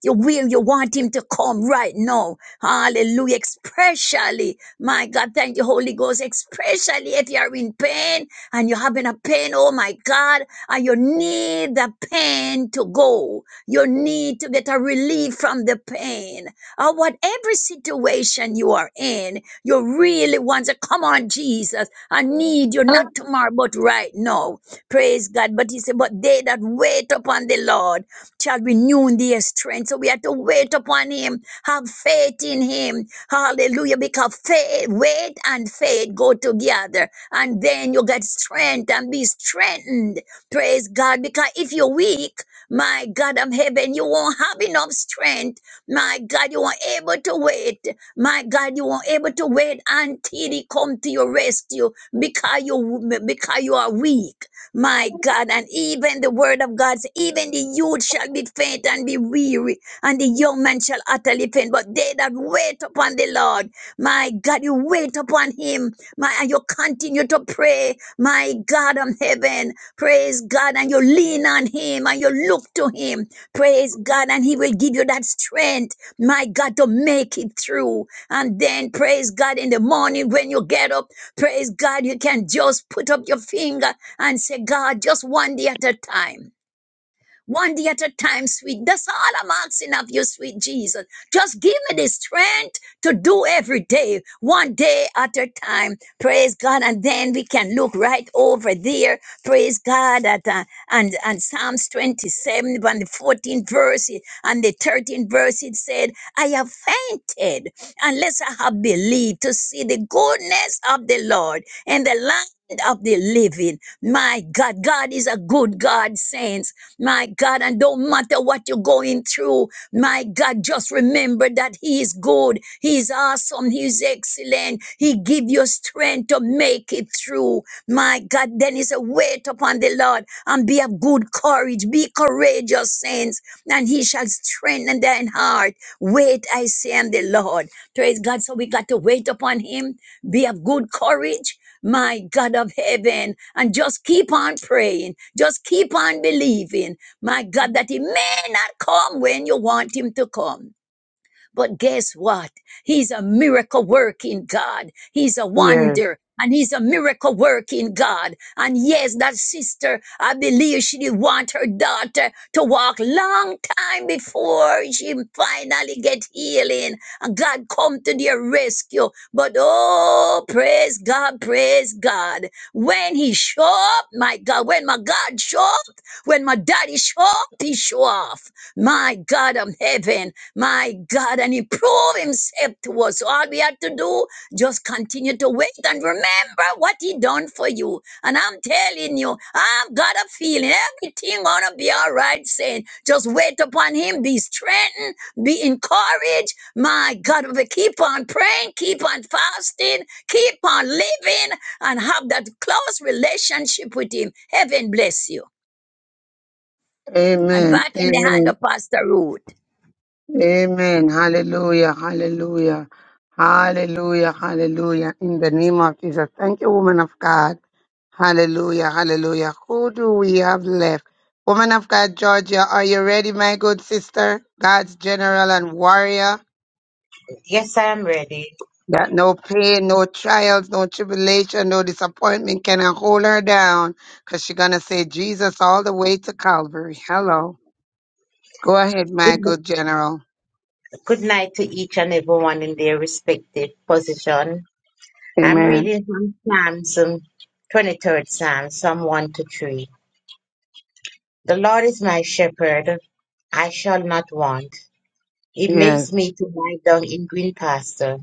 You will, you want him to come right now. Hallelujah. Especially, my God, thank you, Holy Ghost. Especially if you are in pain and you're having a pain, oh my God, and you need the pain to go. You need to get a relief from the pain. Or whatever situation you are in, you really want to come on, Jesus. I need you not tomorrow, but right now. Praise God. But he said, But they that wait upon the Lord, shall renew their strength. So we have to wait upon Him, have faith in Him. Hallelujah. Because faith, wait and faith go together. And then you get strength and be strengthened. Praise God. Because if you're weak, my God, i heaven, you won't have enough strength. My God, you won't able to wait. My God, you won't able to wait until He come to your rescue because you because you are weak. My God, and even the word of God, says, even the youth shall be faint and be weary, and the young man shall utterly faint. But they that wait upon the Lord, my God, you wait upon him, my, and you continue to pray, my God of heaven, praise God, and you lean on him, and you look to him, praise God, and he will give you that strength, my God, to make it through. And then, praise God, in the morning when you get up, praise God, you can just put up your finger and say, God, just one day at a time. One day at a time, sweet. That's all I'm asking of you, sweet Jesus. Just give me the strength to do every day, one day at a time. Praise God. And then we can look right over there. Praise God. At, uh, and, and Psalms 27, and the 14th verse and the 13th verse, it said, I have fainted unless I have believed to see the goodness of the Lord in the land of the living. My God, God is a good God, saints. My God, and don't matter what you're going through, my God, just remember that He is good, He is awesome, He is excellent. He give you strength to make it through. My God, then it's a wait upon the Lord and be of good courage, be courageous, saints, and He shall strengthen thine heart. Wait, I say, on the Lord. Praise God. So we got to wait upon Him, be of good courage my God of heaven, and just keep on praying, just keep on believing, my God, that He may not come when you want Him to come. But guess what? He's a miracle working God. He's a Yes. wonder and he's a miracle working God. And yes, that sister, I believe she did want her daughter to walk long time before she finally get healing and God come to their rescue. But oh, praise God, praise God. When he show up, my God, when my God show up, when my daddy show up, he show off my God of heaven, my God, and He proved Himself to us. So All we had to do, just continue to wait and remember what He done for you. And I'm telling you, I've got a feeling everything gonna be all right. Saying, just wait upon Him, be strengthened, be encouraged. My God, we keep on praying, keep on fasting, keep on living, and have that close relationship with Him. Heaven bless you. And Amen. back in the hand Amen. of Pastor Ruth. Amen. Hallelujah. Hallelujah. Hallelujah. Hallelujah. In the name of Jesus. Thank you, woman of God. Hallelujah, hallelujah. Who do we have left? Woman of God, Georgia, are you ready, my good sister? God's general and warrior. Yes, I am ready. That no pain, no trials, no tribulation, no disappointment can hold her down because she's going to say Jesus all the way to Calvary. Hello. Go ahead, my Good, good general. good night to each and everyone in their respective position. I'm Amen. reading from Psalms, um, 23rd Psalm, Psalm 1 to 3. The Lord is my shepherd. I shall not want. It Yes, makes me to lie down in green pasture.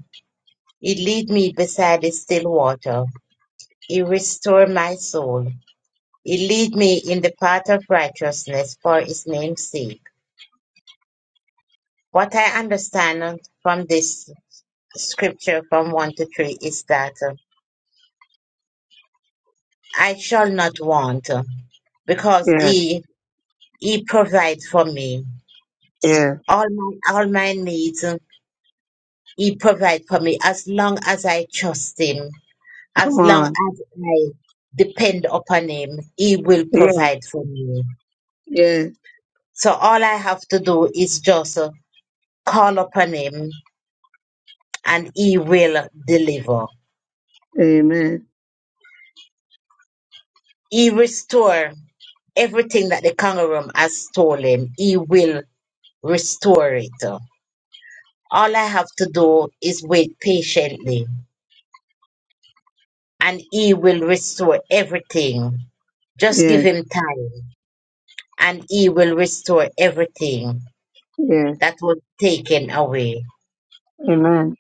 It lead me beside the still water. It restore my soul. He lead me in the path of righteousness for his name's sake. What I understand from this scripture from 1 to 3 is that uh, I shall not want uh, because yes, he he provides for me. yes. All my all my needs uh, he provides for me as long as I trust him, Come as long on. as I depend upon him, he will Yes, provide for me. yes. So all I have to do is just uh, call upon him and he will deliver. Amen. He restore everything that the kangaroo has stolen. He will restore it. All I have to do is wait patiently and he will restore everything. Just give Yes, him time and he will restore everything yes. that was taken away. Amen.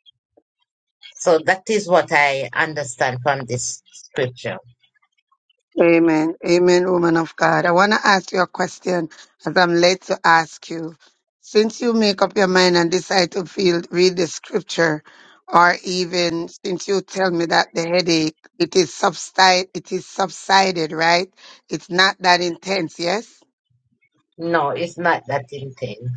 So that is what I understand from this scripture. Amen. Amen, woman of God. I want to ask you a question as I'm led to ask you. Since you make up your mind and decide to feel, read the scripture, or even since you tell me that the headache, it is subside, it is subsided, right? It's not that intense, yes? No, it's not that intense.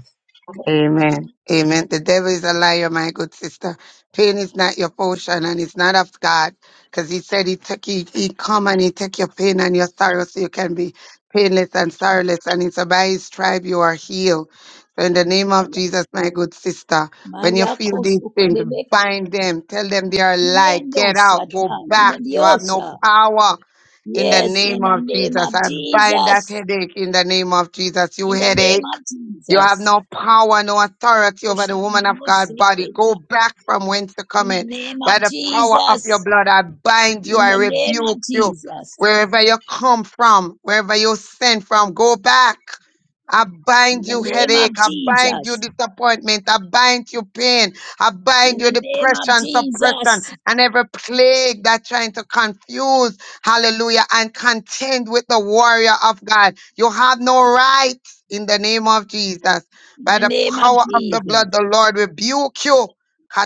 Amen. Amen. The devil is a liar, my good sister. Pain is not your portion and it's not of God. Because he said he took he, he come and he take your pain and your sorrow so you can be painless and sorrowless. And it's by his tribe you are healed. So in the name of Jesus, my good sister, when you Maya feel these things, kosukurebeka bind them, tell them they are a lie. Get inendosa out, ta go back. You have no inendiosa. power. In the Yes, in name the of name Jesus, of I bind that Jesus. headache in the name of Jesus. You In the name headache. of You have Jesus. no power, no authority over the woman of God body. Oshunemoseke. Go back from whence you In come the in. name By of the power of your Jesus. blood, I bind you, In I the name of rebuke you. Jesus. Wherever you come from, wherever you sent from, go back. I In bind the you name headache. of I bind you Jesus. disappointment. I bind you pain. I In bind you the name of depression, suppression, Jesus. and every plague that's trying to confuse, hallelujah, and contend with the warrior of God. You have no right in the name of Jesus. In By the the name of power of the Jesus. blood, the Lord rebuke you.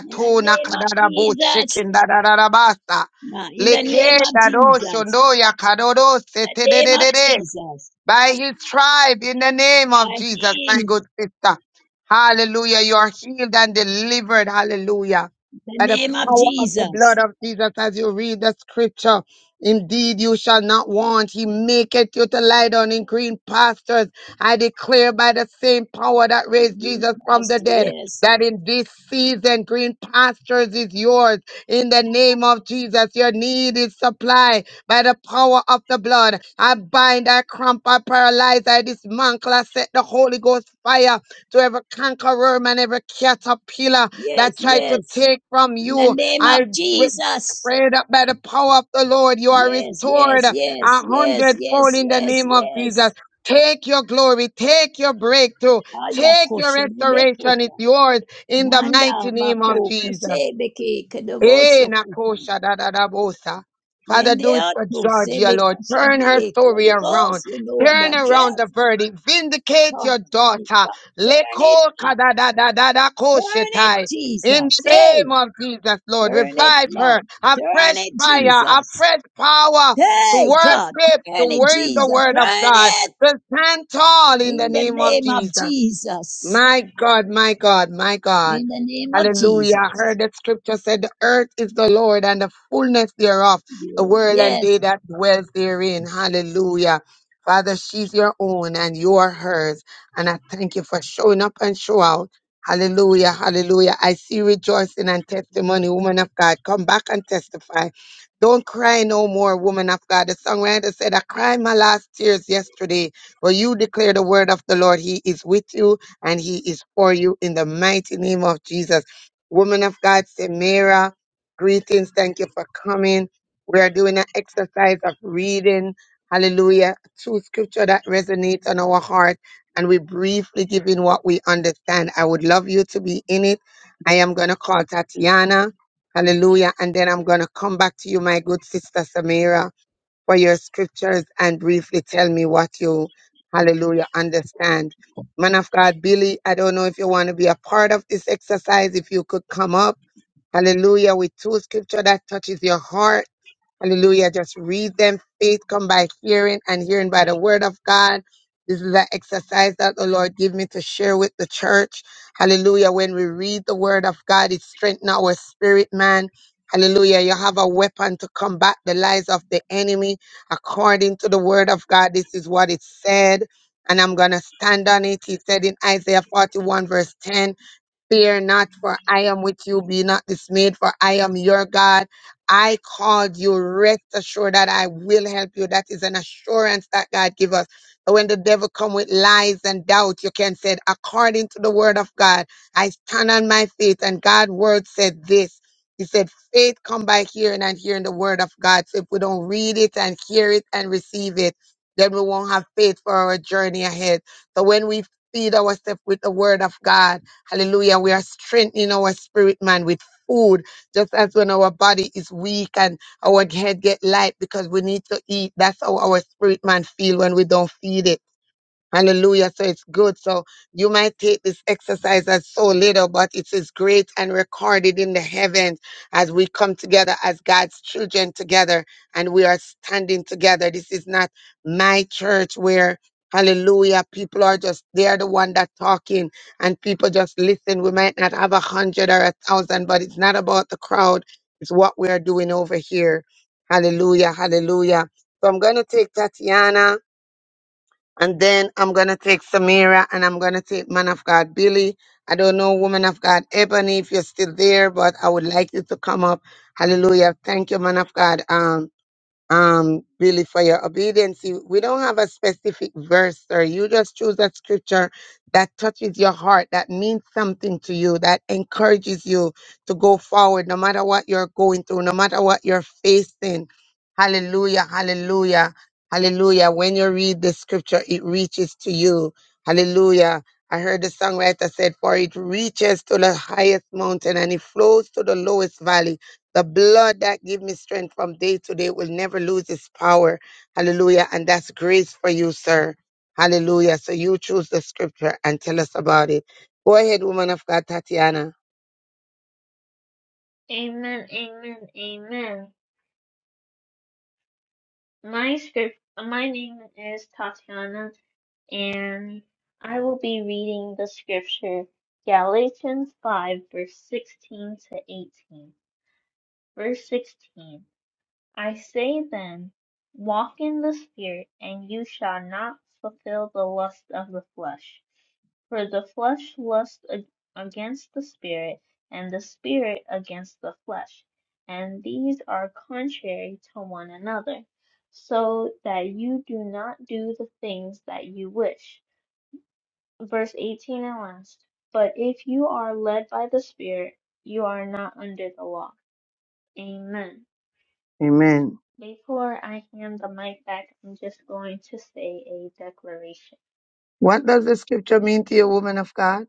In the name of kadarabo Jesus. shikin dadadadabasa. Ma- In the Leke name of dado Jesus. shondoya kadoro In the name of Jesus. by his tribe in the name You of are Jesus, my healed. good sister. Hallelujah. You are healed and delivered. Hallelujah. The By the name of power of the blood Jesus. of Jesus, as you read the scripture, indeed you shall not want. He maketh you to lie down in green pastures. I declare by the same power that raised Yes, Jesus from the Pastor. dead. Yes. That in this season, green pastures is yours. In the name of Jesus, your need is supplied by the power of the blood. I bind, I cramp, I paralyze, I dismantle, I set the Holy Ghost fire to every conqueror and every caterpillar Yes. that tried to Yes. take from In the you. name I of wi- Jesus. pray that by the power of the Lord, you are Yes. restored Yes. a Yes. Yes. hundredfold Yes. in the Yes. name of Jesus. Yes. Take your glory, take your breakthrough, take your restoration. It's Ayakoshenebekota. yours in the Manda mighty name of bako Jesus. kosebeke Eh, kedovoso kota. Nakosha, da, da, da, bosa. Father, And the do it for other Georgia, Lord. Turn her sebekashane. story Holy around. Ghost, you know Turn about just around the verdict. Vindicate your turn it daughter. up. Turn it Leko ka, up. da da da da da Turn it, koshetai. In Jesus. the Hey. name of Jesus, Lord, Turn it, revive her. Lord. A Turn fresh it, fire, a Jesus. fresh power to Hey, God. worship, to Turn it, word the Jesus. word of Turn God. it To stand tall in the in the name of name of Jesus. Jesus. My God, my God, my God. In the name of Hallelujah. I Jesus. heard that scripture said the earth is the Lord and the fullness thereof, the world and they Yes, that dwell therein. Hallelujah. Father, she's your own and you are hers. And I thank you for showing up and show out. Hallelujah. Hallelujah. I see rejoicing and testimony, woman of God. Come back and testify. Don't cry no more, woman of God. The songwriter said, I cried my last tears yesterday, but you declare the word of the Lord. He is with you and he is for you in the mighty name of Jesus. Woman of God, Samira, greetings. Thank you for coming. We are doing an exercise of reading, hallelujah, two scripture that resonate on our heart, and we briefly give in what we understand. I would love you to be in it. I am going to call Tatiana, hallelujah, and then I'm going to come back to you, my good sister Samira for your scriptures and briefly tell me what you, hallelujah, understand. Man of God, Billy, I don't know if you want to be a part of this exercise. If you could come up, hallelujah, with two scripture that touches your heart Hallelujah. Just read them. Faith come by hearing and hearing by the word of God. This is an exercise that the Lord give me to share with the church. Hallelujah. When we read the word of God, it strengthens our spirit, man. Hallelujah. You have a weapon to combat the lies of the enemy. According to the word of God, this is what it said. And I'm going to stand on it. He said in Isaiah 41 verse 10, Fear not, for I am with you. Be not dismayed, for I am your God. I called you. Rest assured that I will help you. That is an assurance that God give us. So When the devil come with lies and doubt, you can say, according to the word of God, I stand on my faith. And God's word said this. He said, faith come by hearing and hearing the word of God. So if we don't read it and hear it and receive it, then we won't have faith for our journey ahead. So when we feed ourselves with the word of God, Hallelujah. We are strengthening our spirit, man, with food, just as when our body is weak and our head get light because we need to eat. That's how our spirit, man, feel when we don't feed it. Hallelujah. So it's good. So you might take this exercise as so little, but it is great and recorded in the heavens as we come together as God's children together and we are standing together. This is not my church where Hallelujah. People are just, they are the one that talking and people just listen. We might not have a hundred or a thousand, but it's not about the crowd. It's what we are doing over here. Hallelujah. Hallelujah. So I'm going to take Tatiana. And then I'm going to take Samira and I'm going to take man of God Billy. I don't know, woman of God Ebony, if you're still there, but I would like you to come up. Hallelujah. Thank you, man of God. Um um really for your obedience You- we don't have a specific verse Sir, you just choose a scripture that touches your heart that means something to you that encourages you to go forward no matter what you're going through no matter what you're facing hallelujah hallelujah hallelujah when you read the scripture it reaches to you hallelujah I heard the songwriter said, for it reaches to the highest mountain and it flows to the lowest valley the blood that give me strength from day to day will never lose its power. Hallelujah. And that's grace for you, sir. Hallelujah. So you choose the scripture and tell us about it. Go ahead, woman of God, Tatiana. Amen. Amen. Amen. My script. My name is Tatiana and I will be reading the scripture Galatians 5, verse 16 to 18. Verse 16 I say then, walk in the Spirit, and you shall not fulfill the lust of the flesh. For the flesh lusts against the Spirit, and the Spirit against the flesh, and these are contrary to one another, so that you do not do the things that you wish verse 18 and last. But if you are led by the Spirit, you are not under the law. Amen. Before I hand the mic back, I'm just going to say a declaration. What does the scripture mean to you, woman of God?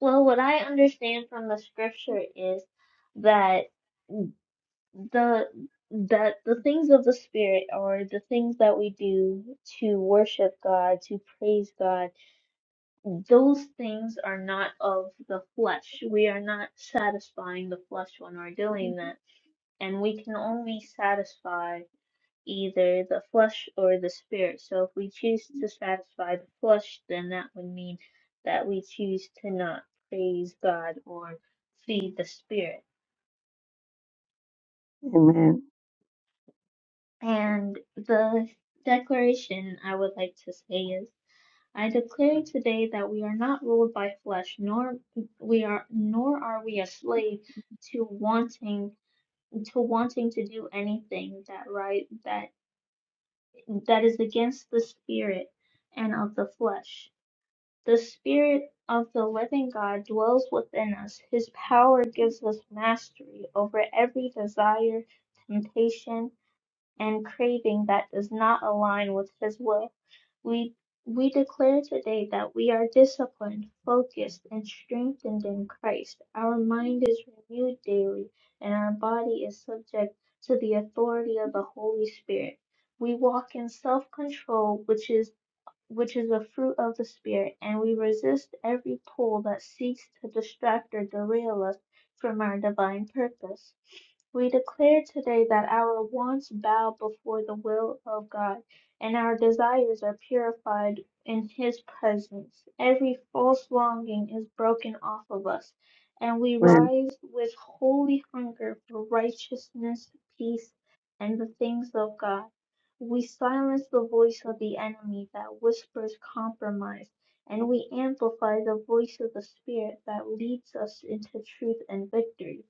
Well, what I understand from the scripture is that the that the things of the spirit or the things that we do to worship God, to praise God, those things are not of the flesh. We are not satisfying the flesh when we're doing that and we can only satisfy either the flesh or the spirit. So if we choose to satisfy the flesh, then that would mean that we choose to not praise God or feed the spirit. Amen. And the declaration I would like to say is I declare today that we are not ruled by flesh nor we are nor are we a slave to wanting to wanting to do anything that right that. that is against the spirit and of the flesh. The spirit of the living God dwells within us. His power gives us mastery over every desire, temptation, and craving that does not align with His will. We, we declare today that we are disciplined, focused, and strengthened in Christ. Our mind is renewed daily, and our body is subject to the authority of the Holy Spirit. We walk in self control, which is which is a fruit of the Spirit, and we resist every pull that seeks to distract or derail us from our divine purpose. We declare today that our wants bow before the will of God, and our desires are purified in His presence. Every false longing is broken off of us, and we Amen. rise with holy hunger for righteousness, peace, and the things of God. We silence the voice of the enemy that whispers compromise, and we amplify the voice of the Spirit that leads us into truth and victory.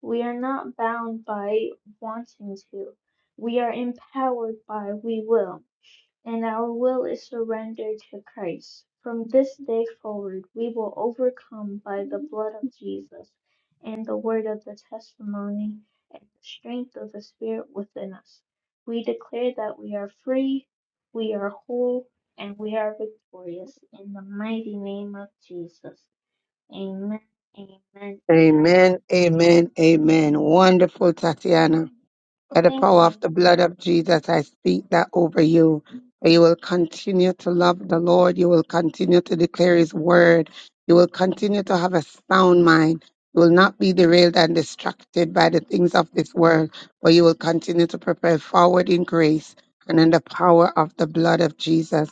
We are not bound by wanting to, we are empowered by we will and our will is surrendered to Christ. From this day forward, we will overcome by the Mhm. blood of Jesus and the word of the testimony and the strength of the Spirit within us. We declare that we are free, we are whole, and we are victorious in the mighty name of Jesus. Amen, amen, amen. Amen, amen, amen. Wonderful, Tatiana. By the Thank power of you. the blood of Jesus, I speak that over you. That You will continue to love the Lord. You will continue to declare His word. You will continue to have a sound mind. You will not be derailed and distracted by the things of this world, but you will continue to prepare forward in grace and in the power of the blood of Jesus.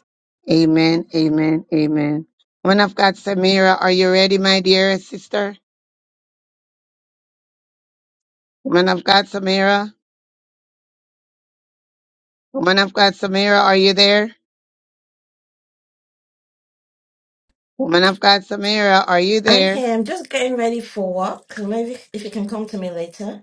Amen, amen, amen. Woman of God, Samira, are you ready, my dear sister? Woman of God, Samira? Woman of God, Samira, are you there? Woman of God, Samira, are you I'm there? here. I'm just getting ready for work. Maybe if you can come to me later.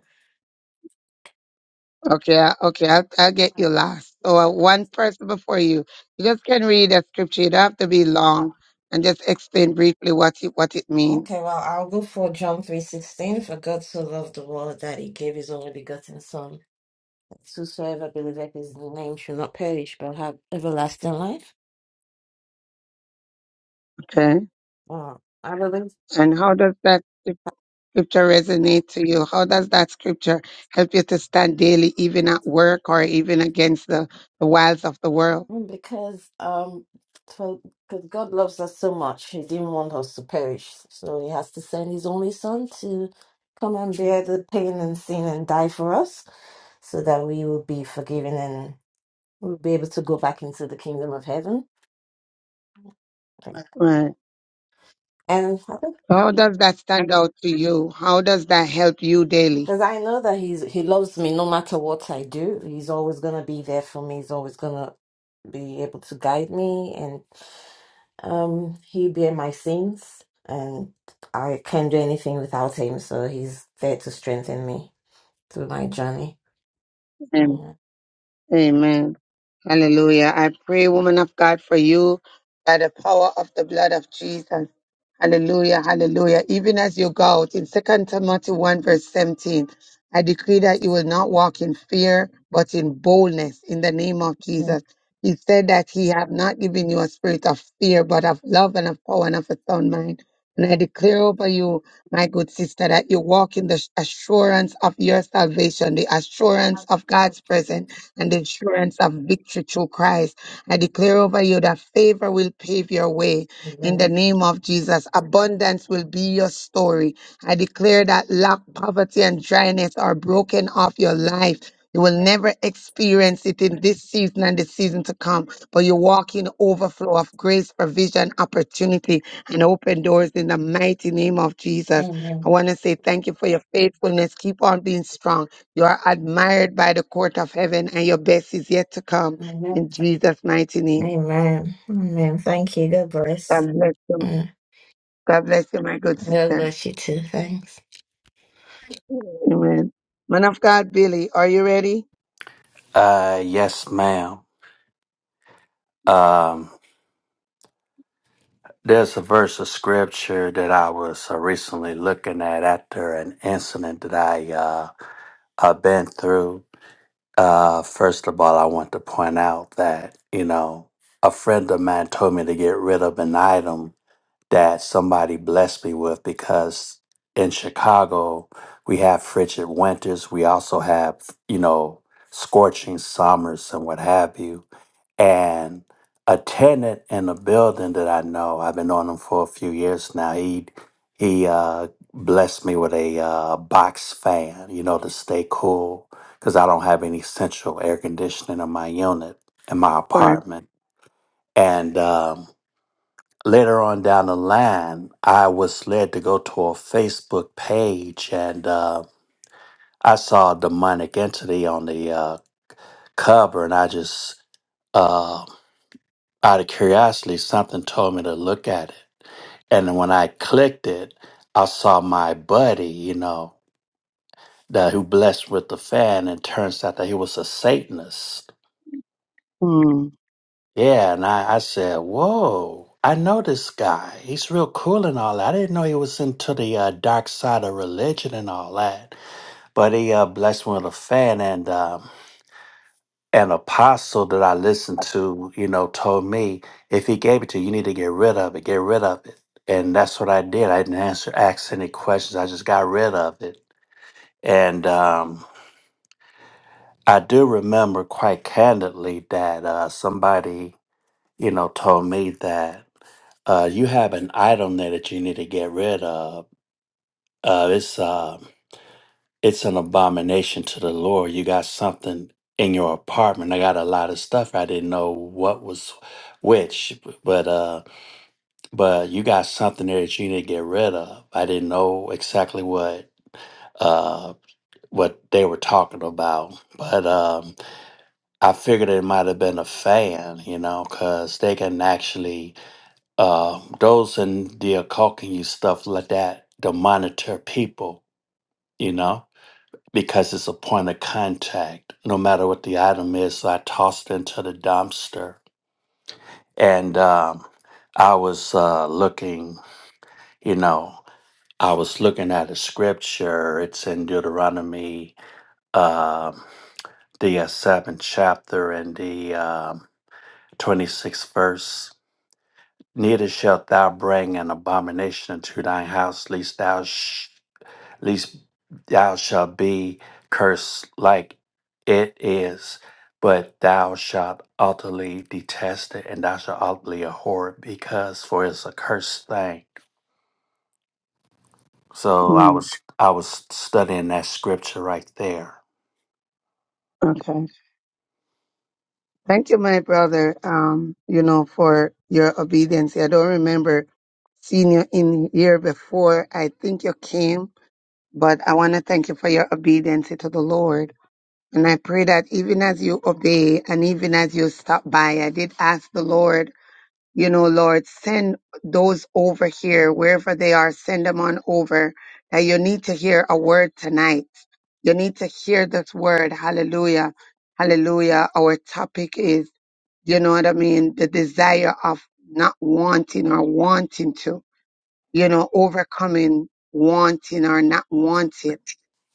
Okay, I- okay, I'll, I'll get you last. So uh, one person before you. You just can read a scripture. You don't have to be long, and just explain briefly what it, what it means. Okay, well, I'll go for John 3.16. For God so loved the world that he gave his only begotten Son. that Whosoever believeth his name should not perish but have everlasting life. Okay, Well, I believe and how does that scrip- scripture resonate to you? How does that scripture help you to stand daily, even at work or even against the the wiles of the world? because um, for, because God loves us so much, he didn't want us to perish. So he has to send his only Son to come and bear the pain and sin and die for us so that we will be forgiven to be able to go back into the kingdom of heaven. Right. And because So, How does that stand out to you? How does that help you daily? I know that he's he loves me no matter what I do, he's always gonna be there for me. He's always gonna be able to guide me, and um, he bear my sins, and I can't do anything without him. So he's there to strengthen me through my journey. Amen. Hallelujah. I pray, woman of God, for you by the power of the blood of Jesus. Hallelujah, hallelujah. Even as you go out in Second Timothy 1, verse 17, I decree that you will not walk in fear, but in boldness in the name of Yeah. Jesus. He said that he have not given you a spirit of fear, but of love and of power and of a sound mind. And I declare over you, my good sister, that you walk in the assurance of your salvation, the assurance of God's presence, and the assurance of victory through Christ. I declare over you that favor will pave your way in the name of Jesus. Abundance will be your story. I declare that lack, poverty, and dryness are broken off your life. You will never experience it in this season and the season to come, but you walk in overflow of grace, provision, opportunity, and open doors in the mighty name of Jesus. I Amen. want to say thank you for your faithfulness. Keep on being strong. You are admired by the court of heaven, and your best is yet to come Amen. in Jesus' mighty name. Amen. Amen. Thank you. God bless. God bless you Mm. God bless you, my good God sister. bless you too. Thanks. Amen. Man of God, Billy, are you ready? Uh, yes, ma'am. Um, there's a verse of scripture that I was uh, recently looking at after an incident that I uh I've been through. Uh, first of all, I want to point out that you know a friend of mine told me to get rid of an item that somebody blessed me with because in Chicago we have frigid winters. We also have you know scorching summers and what have you and a tenant in a building that I know, I've been on him for a few years now. He he uh, blessed me with a uh, box fan, you know, to stay cool because I don't have any central air conditioning in my unit in my For apartment. And um, later on down the line, I was led to go to a Facebook page and uh, I saw a demonic entity on the uh, cover, and I just uh, Out of curiosity, something told me to look at it. And when I clicked it, I saw my buddy, you know, that who blessed with the fan, and turns out that he was a Satanist. mm, Yeah, and I, I said, Whoa, I know this guy. He's real cool and all that. I didn't know he was into the uh, dark side of religion and all that. But he uh, blessed me with a fan, and um, an apostle that I listened to, you know, told me if he gave it to you, you need to get rid of it, get rid of it. And that's what I did. I didn't answer, ask any questions. I just got rid of it. And um, I do remember quite candidly that uh, somebody, you know, told me that uh, you have an item there that you need to get rid of. Uh, it's uh, it's an abomination to the Lord. You got something in your apartment. I got a lot of stuff. I didn't know what was which, but uh, but you got something there that you need to get rid of. I didn't know exactly what uh what they were talking about, but um, I figured it might have been a fan, you know, because they can actually uh those in the occult can use stuff like that to monitor people, you know because it's a point of contact, no matter what the item is. So I tossed it into the dumpster, and um, I was uh, looking, you know, I was looking at a scripture. It's in Deuteronomy, um the uh, seventh chapter and the um, twenty-sixth verse. Neither shalt thou bring an abomination into thine house, lest thou sh- least thou shalt be cursed like it is, but thou shalt utterly detest it, and thou shalt utterly abhor it, because for it's a cursed thing. So I mm, was I was studying that scripture right there. okay. Thank you, my brother. Um, you know, for your obedience. I don't remember seeing you in here before. I think you came. But I want to thank you for your obedience to the Lord. And I pray that even as you obey and even as you stop by, I did ask the Lord, you know, Lord, send those over here, wherever they are, send them on over. That you need to hear a word tonight. You need to hear this word. Hallelujah. Hallelujah. Our topic is, you know what I mean? The desire of not wanting or wanting to, you know, overcoming wanting or not wanting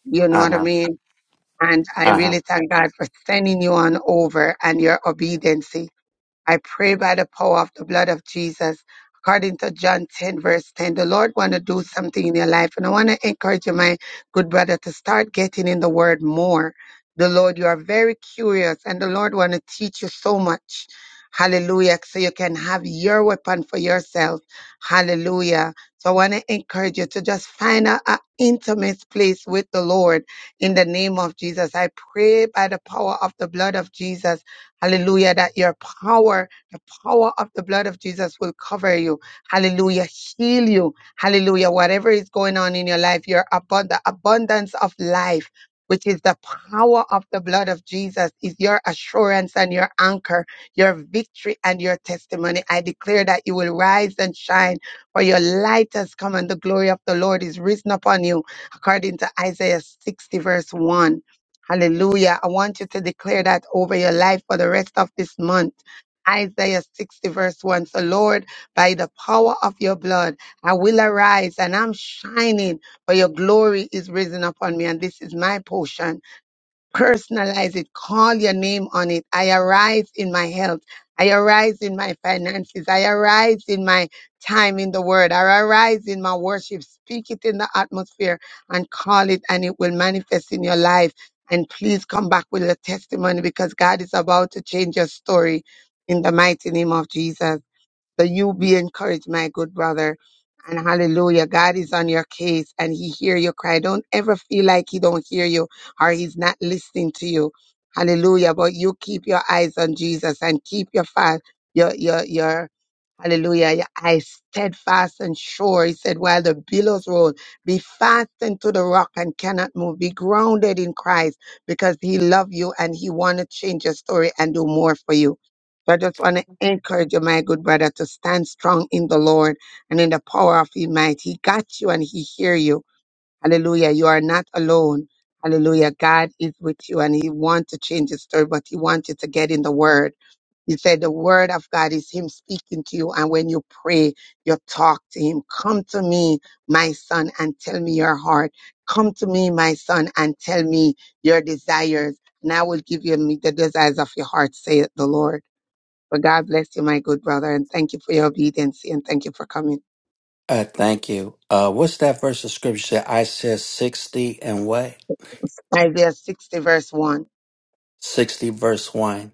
you know Uh what I huh. mean? And I Uh huh. really thank God for sending you on over and your obedience. I pray by the power of the blood of Jesus. According to John 10, verse 10, the Lord want to do something in your life. And I want to encourage you, my good brother, to start getting in the word more. The Lord, you are very curious and the Lord want to teach you so much. Hallelujah. So you can have your weapon for yourself. Hallelujah. So I want to encourage you to just find a, a intimate place with the Lord in the name of Jesus. I pray by the power of the blood of Jesus Hallelujah. That your power, the power of the blood of Jesus will cover you. Hallelujah. Heal you. Hallelujah. Whatever is going on in your life, your abund- abundance of life, which is the power of the blood of Jesus, is your assurance and your anchor, your victory and your testimony. I declare that you will rise and shine, for your light has come and the glory of the Lord is risen upon you, according to Isaiah 60, verse 1. Hallelujah. I want you to declare that over your life for the rest of this month. Isaiah 60 verse 1. So Lord, by the power of your blood, I will arise and I'm shining for your glory is risen upon me and this is my portion personalize it, call your name on it. I arise in my health. I arise in my finances. I arise in my time in the word. I arise in my worship. Speak it in the atmosphere and call it, and it will manifest in your life. And please come back with a testimony because God is about to change your story in the mighty name of Jesus. So you be encouraged, my good brother. And hallelujah, God is on your case and he hear your cry. Don't ever feel like he don't hear you or he's not listening to you. Hallelujah. But you keep your eyes on Jesus and keep your fast, your, your, your, hallelujah, your eyes steadfast and sure. He said, while the billows roll, be fastened to the rock and cannot move. Be grounded in Christ because he loved you and he want to change your story and do more for you. So I just want to encourage you, my good brother, to stand strong in the Lord and in the power of His might. He got you and He hear you. Hallelujah. You are not alone. Hallelujah. God is with you and He wants to change the story, but He wants you to get in the Word. He said the Word of God is Him speaking to you. And when you pray, you talk to Him. Come to me, my son, and tell me your heart. Come to me, my son, and tell me your desires. And I will give you the desires of your heart, saith the Lord. But God bless you, my good brother, and thank you for your obedience and thank you for coming. Uh, thank you. Uh, what's that verse of scripture? Said I said sixty and what? Isaiah 60, verse 1. Sixty verse one.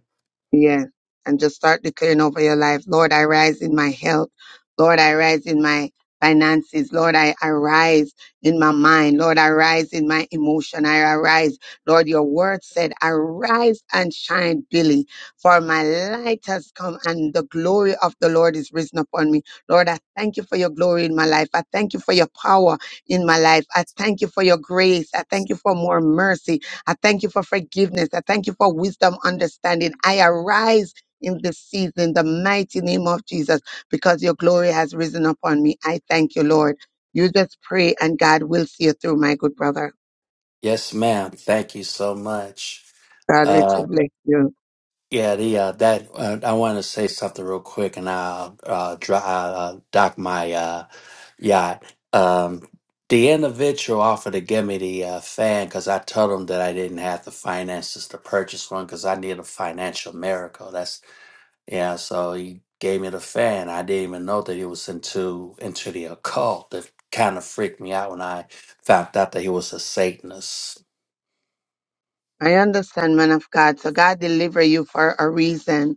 Yes. And just start declaring over your life. Lord, I rise in my health. Lord, I rise in my finances. Lord, I arise in my mind. Lord, I rise in my emotion. I arise. Lord, your word said, arise and shine, Billy, for my light has come and the glory of the Lord is risen upon me. Lord, I thank you for your glory in my life. I thank you for your power in my life. I thank you for your grace. I thank you for more mercy. I thank you for forgiveness. I thank you for wisdom, understanding. I arise in this season, in the mighty name of Jesus, because your glory has risen upon me. I thank you, Lord. You just pray and God will see you through, my good brother. Yes, ma'am. Thank you so much. God richly bless you. Yeah, the uh, that uh, I want to say something real quick, and I'll uh, dry, uh, uh, dock my uh, yacht. Um, the individual offered to give me the uh, fan because I told him that I didn't have the finances to purchase one because I need a financial miracle. That's yeah. So he gave me the fan. I didn't even know that he was into into the occult. That kind of freaked me out when I found out that he was a Satanist. I understand, man of God. So God deliver you for a reason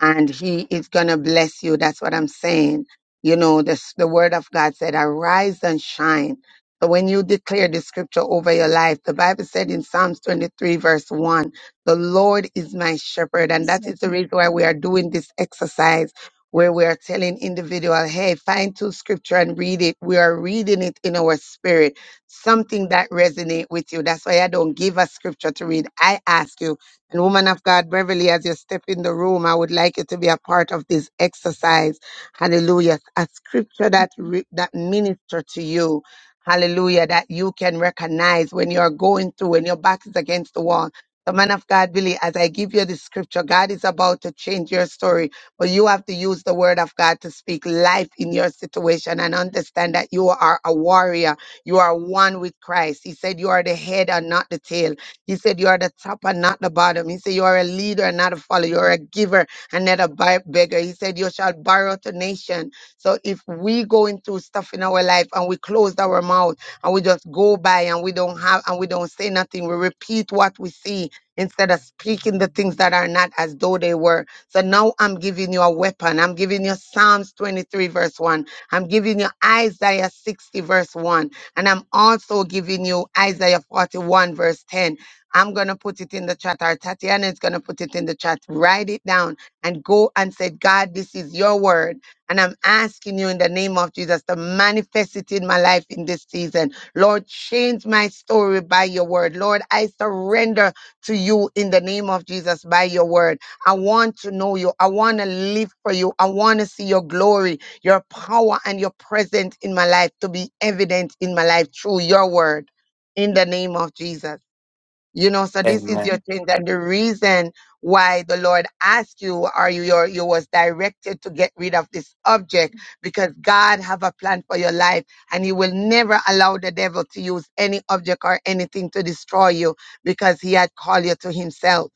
and he is going to bless you. That's what I'm saying. You know, this, the word of God said, arise and shine. So when you declare the scripture over your life, the Bible said in Psalms 23 verse 1, the Lord is my shepherd. And that is the shepherd. reason why we are doing this exercise where we are telling individual, hey, find two scripture and read it. We are reading it in our spirit, something that resonate with you. That's why I don't give a scripture to read. I ask you, and woman of God, Beverly, as you step in the room, I would like you to be a part of this exercise. Hallelujah. A scripture that, re- that minister to you. Hallelujah. That you can recognize when you're going through, when your back is against the wall. So man of God, Billy, as I give you this scripture, God is about to change your story, but you have to use the word of God to speak life in your situation and understand that you are a warrior. You are one with Christ. He said you are the head and not the tail. He said, You are the top and not the bottom. He said, You are a leader and not a follower. You are a giver and not a bi- beggar. He said, You shall borrow to nation. So if we going through stuff in our life and we close our mouth and we just go by and we don't have and we don't say nothing, we repeat what we see instead of speaking the things that are not as though they were. So now I'm giving you a weapon. I'm giving you Psalms 23, verse 1. I'm giving you Isaiah 60, verse 1. And I'm also giving you Isaiah 41, verse 10 I'm going to put it in the chat, or Tatiana is going to put it in the chat. Write it down and go and say, God, this is your word. And I'm asking you in the name of Jesus to manifest it in my life in this season. Lord, change my story by your word. Lord, I surrender to you in the name of Jesus by your word. I want to know you. I want to live for you. I want to see your glory, your power, and your presence in my life to be evident in my life through your word in the name of Jesus. You know, so this is your Amen. thing that the reason why the Lord asked you, or you your, you was directed to get rid of this object because God have a plan for your life and he will never allow the devil to use any object or anything to destroy you because he had called you to himself.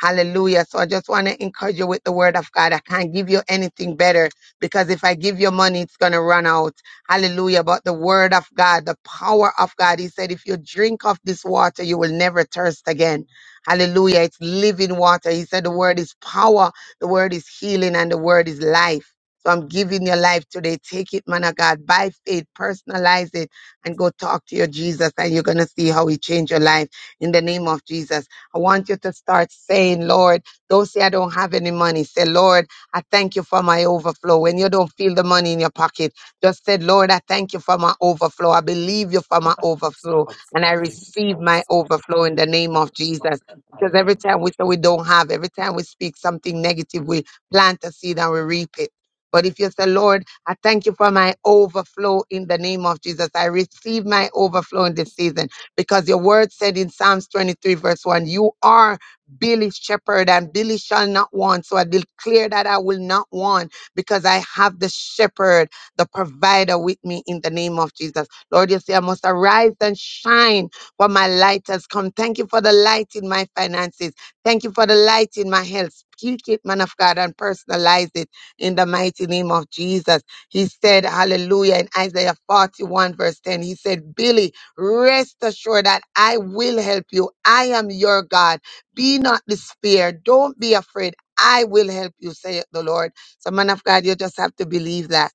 Hallelujah. So I just want to encourage you with the word of God. I can't give you anything better because if I give you money, it's going to run out. Hallelujah. But the word of God, the power of God, he said, if you drink of this water, you will never thirst again. Hallelujah. It's living water. He said, the word is power, the word is healing, and the word is life. So I'm giving your life today. Take it, man of God, by faith, personalize it, and go talk to your Jesus, and you're going to see how he changed your life in the name of Jesus. I want you to start saying, Lord, don't say I don't have any money. Say, Lord, I thank you for my overflow. When you don't feel the money in your pocket, just say, Lord, I thank you for my overflow. I believe you for my overflow and I I receive my overflow in believe. the name of God Jesus. Because every time we say we don't have, every time we speak something negative, we plant a seed and we reap it. But if you say, Lord, I thank you for my overflow in the name of Jesus. I receive my overflow in this season because your word said in Psalms 23, verse 1, you are Billy's shepherd, and Billy shall not want. So I declare that I will not want because I have the shepherd, the provider with me in the name of Jesus. Lord, you say, I must arise and shine, for my light has come. Thank you for the light in my finances. Thank you for the light in my health. Speak it, man of God, and personalize it in the mighty name of Jesus. He said, Hallelujah, in Isaiah 41, verse 10. He said, Billy, Rest assured that I will help you. I am your God. Be not despaired. Don't be afraid. I will help you, saith the Lord. So, man of God, you just have to believe that.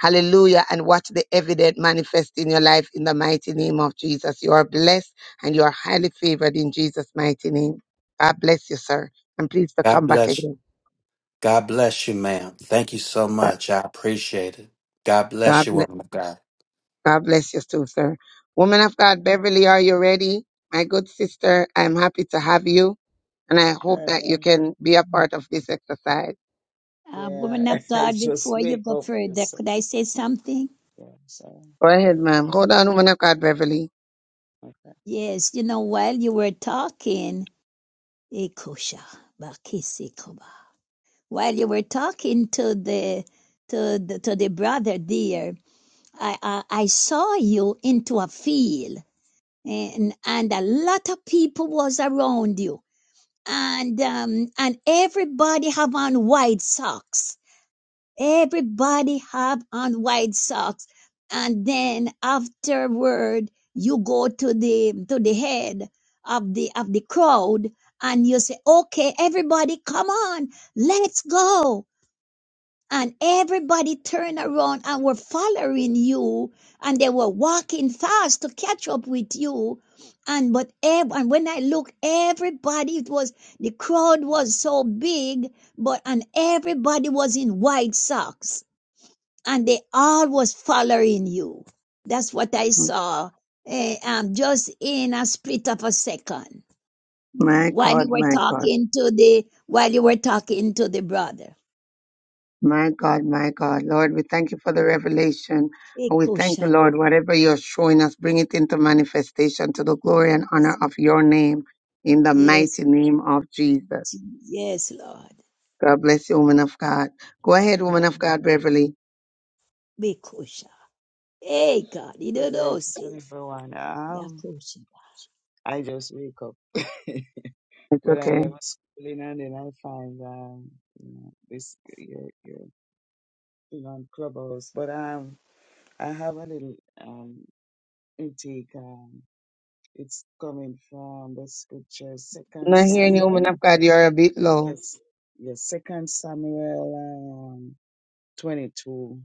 Hallelujah. And watch the evident manifest in your life in the mighty name of Jesus. You are blessed and you are highly favored in Jesus' mighty name. God bless you, sir. And please to come back bless again. God bless you, ma'am. Thank you so much. I appreciate it. God bless God you, bless, woman of God. God bless you too, sir. Woman of God, Beverly, are you ready? My good sister, I'm happy to have you. and I hope And, that uh, you can be a part of this exercise. Uh, yeah, woman of God, it's just before you wake go up. further, It's, could I say something? yeah, so Go ahead, ma'am. Hold on, woman of God, Beverly. like, Yes, you know, while you were talking, Ekosha, Bakisekoba, while you were talking to the to the to the brother dear, I, I I saw you into a field and and a lot of people was around you and um and everybody have on white socks everybody have on white socks and then afterward you go to the to the head of the of the crowd and you say okay everybody come on let's go and everybody turned around and were following you and they were walking fast to catch up with you and but ev- and when i looked everybody it was the crowd was so big but and everybody was in white socks and they all was following you that's what i saw eh, um, just in a split of a second My while you God, were my God, talking to the while you were talking to the brother my God, my God. Lord, we thank you for the revelation. Eh, And we thank you, Kusha. Lord, whatever you're showing us, bring it into manifestation to the glory and yes honor of your name in the yes mighty name of Jesus. Yes, Lord. God bless you, woman of God. Go ahead, woman God, of God, Beverly. be kosher. Hey, God, you good don't know, night to say, everyone. yeah, Um, kosher. I just wake up It's But okay. I am I'm schooling, and then I find um, you know, this your your thing on Clubhouse. But um, I have a little um intake. Um, it's coming from the scripture, Second It not is a hearing you, Samuel. law. woman of God. You're a bit low. Yes, yes, Second Samuel um twenty two.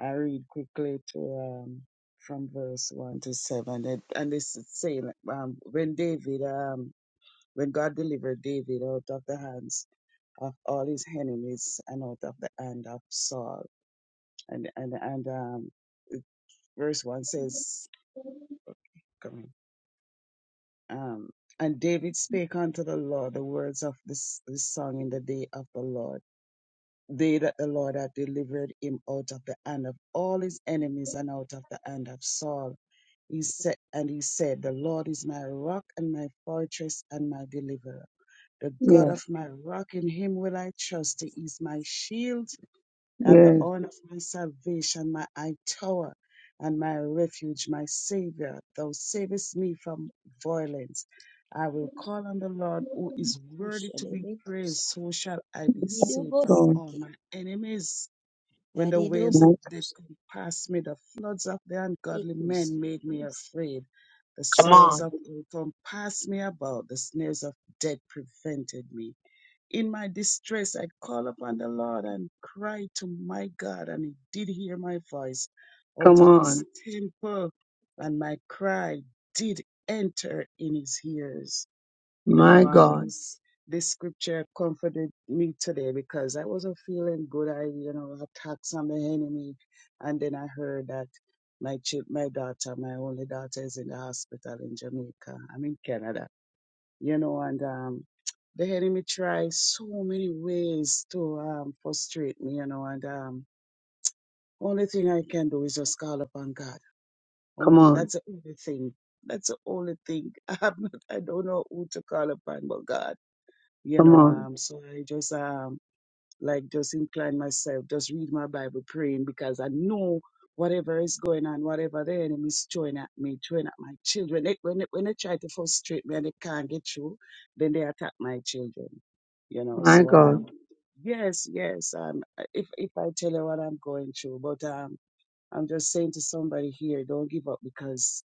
I read quickly to um, from verse one to seven, and, and this is saying um, when David, um, when God delivered David out of the hands of all his enemies and out of the hand of Saul, and and and um, verse one says, coming. Um, and David spake unto the Lord the words of this, this song in the day of the Lord. They that the Lord hath delivered him out of the hand of all his enemies and out of the hand of Saul. He said, and he said, The Lord is my rock and my fortress and my deliverer. The God Yes, of my rock, in him will I trust. He is my shield and the yes, horn of my salvation, my high tower and my refuge, my Savior. Thou savest me from violence. I will call on the Lord who is worthy Kosher, to they be be kosher. praised, so shall I be You need to saved go from seek Lord. all it. my enemies. When That the it do waves of both death kosher. compassed me, the floods of the Be ungodly kosher. men made me Yes, afraid. The Come sorrows on. of earth compassed me about, the snares of death prevented me. In my distress, I called upon the Lord and cried to my God, and he did hear my voice Come out of on. his temple, and my cry did enter in his ears. You My know, um, God. this this scripture comforted me today because I wasn't feeling good. I, you know, attacks on the enemy, and then I heard that my chil- my daughter, my only daughter, is in the hospital in Jamaica. I'm in Canada you know, and um, the enemy tries so many ways to um, frustrate me, you know, and um, only thing I can do is just call upon God. Come On on. that's the only thing. That's the only thing. I'm not, I don't know who to call upon but God, you Come know. on. Um, so I just um like just incline myself, just read my Bible, praying because I know whatever is going on, whatever the enemy is throwing at me, throwing at my children. They, when, they, when they try to frustrate me and they can't get through, then they attack my children. You know, My so God. um, yes, yes. Um, if if I tell you what I'm going through, but um, I'm just saying to somebody here, don't give up because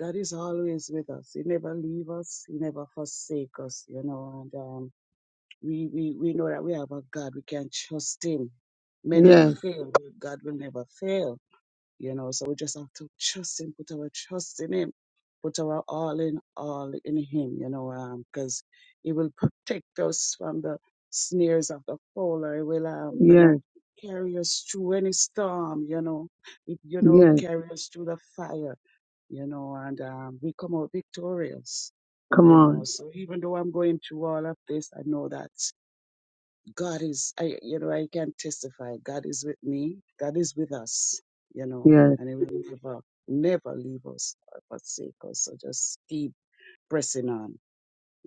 God is always with us. He never leave us. He never forsake us. You know, and um. We, we, we know that we have a God. We can trust Him. Men will Yes. fail, but God will never fail. You know, so we just have to trust Him, put our trust in Him, put our all in all in Him. You know, because He will protect us from the snares of the fowler. He will, um, you Yes. know, carry us through any storm. You know, He- you know, Yes. carry us through the fire. You know, and um, we come out victorious Come you know. on. So even though I'm going through all of this, I know that God is, I, you know, I can testify. God is with me. God is with us, you know, Yes. and He will never, never leave us or forsake us. So just keep pressing on,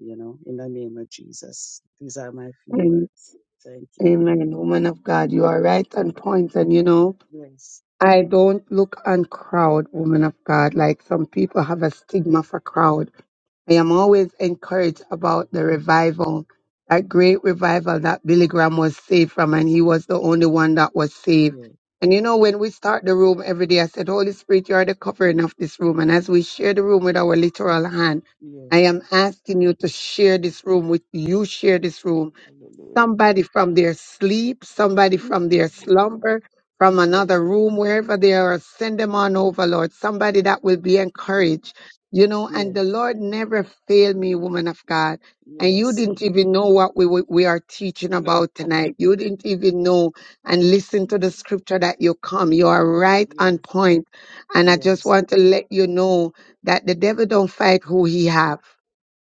you know, in the name of Jesus. These are my few Am- words. Thank you. Amen. Woman of God, you are Amen. right on point. And you know, Yes. I don't look on crowd, woman of God. Like some people have a stigma for crowd. I am always encouraged about the revival, that great revival that Billy Graham was saved from, and he was the only one that was saved. Yeah. And you know, when we start the room every day, I said, Holy Spirit, you are the covering of this room. And as we share the room with our literal hand, Yeah. I am asking you to share this room with you, share this room Hallelujah. somebody from their sleep, somebody Mm, from their slumber, from Yeah. another room, wherever they are, send them on over, Lord. Somebody that will be Mm, encouraged, you know. And the Yes. Lord never failed me, woman of God. And you Yes. didn't even know Amen. what we we we are teaching No. about tonight. You didn't even know and listen to the No. scripture that you come. You are right on Yes. point. And I just Yes. want to let you know that the devil don't fight who he have.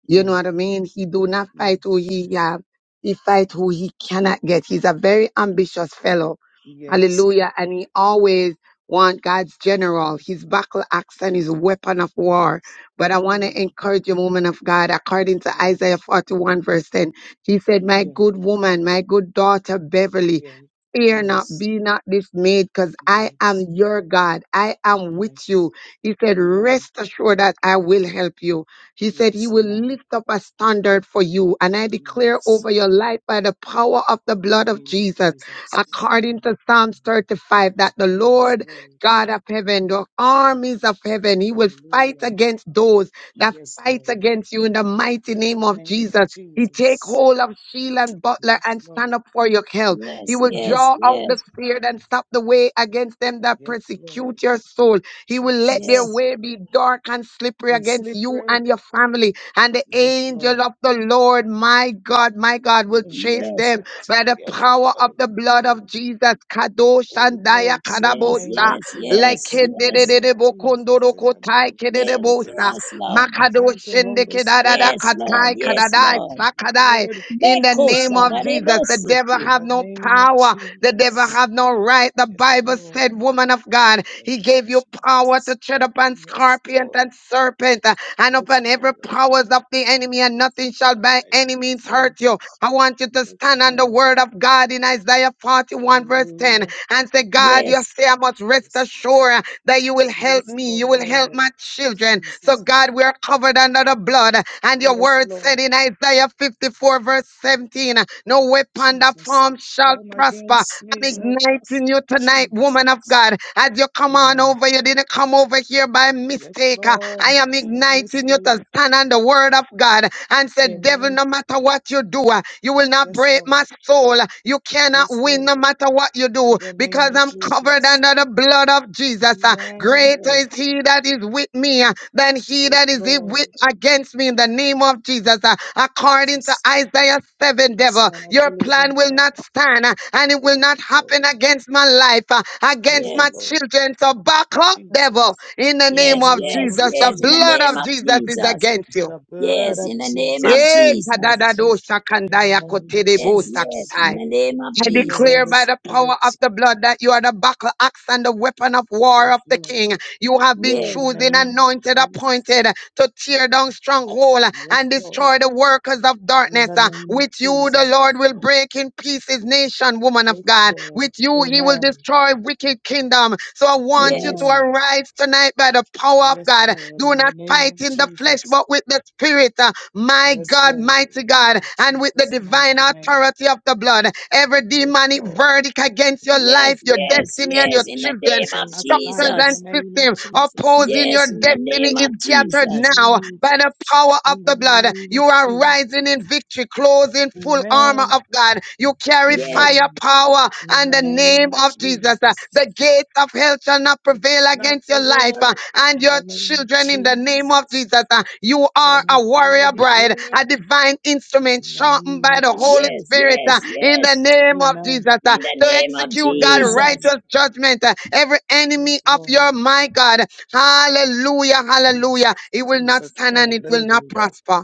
You know Yes. what I mean? He do not Yes. fight who he have. He fight who he cannot get. He's a very ambitious fellow. Yes. Hallelujah. And he always want God's general, his battle axe and his weapon of war. Yes. But I want to Mm. encourage you, woman of God, according to Isaiah Yes. 41 verse 10, he said, my Yeah. good woman, my good daughter, Beverly, Yeah. Fear not, Yes. be not dismayed, because I am Yes. your God. I am with Yes. you. He said, Amen. Rest assured that I will help you. He said, He Yes. will Amen. lift up a standard for you. And I declare Yes. over your life by the power of the In blood the of name of Jesus, Jesus. according to Psalms 35, that the Yes, Lord Lord. God of heaven, the armies of heaven, He will fight Hallelujah. against those that Yes, fight Lord. against you in the mighty In name the of name of Jesus. He take Jesus. hold of shield and butler Yes, and stand Lord. up for your help. He yes, will Yes, yes, draw out Lord. the yes, spear and stop the way against them that Yes, Lord. persecute your soul. He will let their Jesus. yes, way be dark and slippery And against you slippery. and your family. And the Yes, angel Lord. of the Lord, my God, my God, will And chase tempered. yes, them by the Yes, power Lord. of In the the blood name. of Jesus. Kadosh Holy and Daya Ghost, in the yes, name Kadabosa. of yes, yes, Like Jesus, in the yes, name of Jesus, in the Kendedebokondorokotai name of yes, Kedebosa. Jesus. yes, Lord. Thank Makadosh you, and Holy Kedadada Spirit, Yes, Lord. Katai Yes, Kadadai Lord. Sakadai Lord. Be in the Yes, kosher. name Lord, of That it Jesus. The must seek devil in it. have the no name of power. The devil Jesus. have no right. The Yes, Bible Lord, said, woman of God, in the he name of gave you power to Jesus. tread upon Yes, scorpions Lord. and serpent uh, and Yes, upon every Lord. powers of the enemy and Yes, nothing shall Lord. by I any trust means you. hurt you. I want you to Yes, stand on the Lord. word of God in Isaiah 41 verse 10 Hallelujah. and say, God, you Yes, say I must rest Yes, Lord. assured that you will help Yes, me. You will help Lord. my children. So, Jesus. God, we are covered under the blood. And your Yes, word said Lord. in Isaiah 54, verse 17, no weapon that Jesus. form shall Born again, prosper. I'm slaves of igniting gospel. you tonight, woman of Jesus. God. As you come on Amen. over, you didn't come over here by Yes, mistake. Lord. I am It's no igniting you mistake. to stand on the word of God and said, Devil, Amen. no matter what you do, uh, you will not Yes, break Lord. my soul. You cannot Yes, win no Lord. matter what you do In the because name of I'm covered Jesus. under the blood of Jesus. uh, Amen. Greater yes, is he that is with me uh, than he Yes, that is i- with Lord. against me in the name of Jesus. uh, According to Jesus. Isaiah 7, devil, Son of your the plan living will God. not stand uh, and it will Yes, not happen Lord. against my life, uh, against Yes, yes. my Lord. children. So back up, Jesus. devil, in the In the name Yes, of name yes, of Jesus. The yes, in the blood name Jesus. of of Jesus is Jesus. against you. The blood Yes, of in the name of Eh, Jesus. Jesus. Thank kadadado you. In the shakandaya name of kotedebo Yes, yes, Jesus. in sakitai. the name of I Thank you, declare Holy Jesus. by the power Spirit. of the blood that you are the battle axe and the weapon of war Yes, of the Lord. king. You have been In Yes, the chosen, name of anointed, Jesus. appointed to tear down stronghold Yes, and Lord. destroy the workers of In darkness. the Uh, name of With you, the Jesus. Lord will break in pieces nation, woman of Yes, God. Lord. With you, he will Amen. destroy wicked kingdom. So I want you yes, to Amen. arise tonight by the power of Yes, God Lord. do In the not name fight of in the flesh, Jesus. but with the spirit. uh, My Yes, God, Lord. mighty God, In and with the Jesus' divine mighty name. authority of the blood. Every Yes, demonic Lord. verdict against your life, yes, your yes, destiny, and yes, your in Jesus. the It children, name shall of not structures stand in and the Jesus. name of system Jesus. opposing your Yes, in the destiny name is of scattered Jesus. now by Jesus. the power of In the the blood. name You of are Jesus. rising in victory, clothed in full armor Amen. of God. God. You carry Yes, fire Amen. power In and the the name name of of Jesus. Uh, Jesus, The gates of hell shall not if prevail not against your life uh, prevail, and in your the name of children in the name of Jesus, Jesus. Uh, You shall are not a prevail warrior but bride, live, a divine instrument in the sharpened name by of the Holy yes, Jesus. Spirit uh, yes, in the yes, name of Jesus Amen. uh, in the to name of execute God Jesus. Amen. righteous judgment. uh, Every Yes, enemy of Lord. your my God, hallelujah, Jesus, hallelujah. It will not Jesus, stand Son and of it the will not living God. prosper.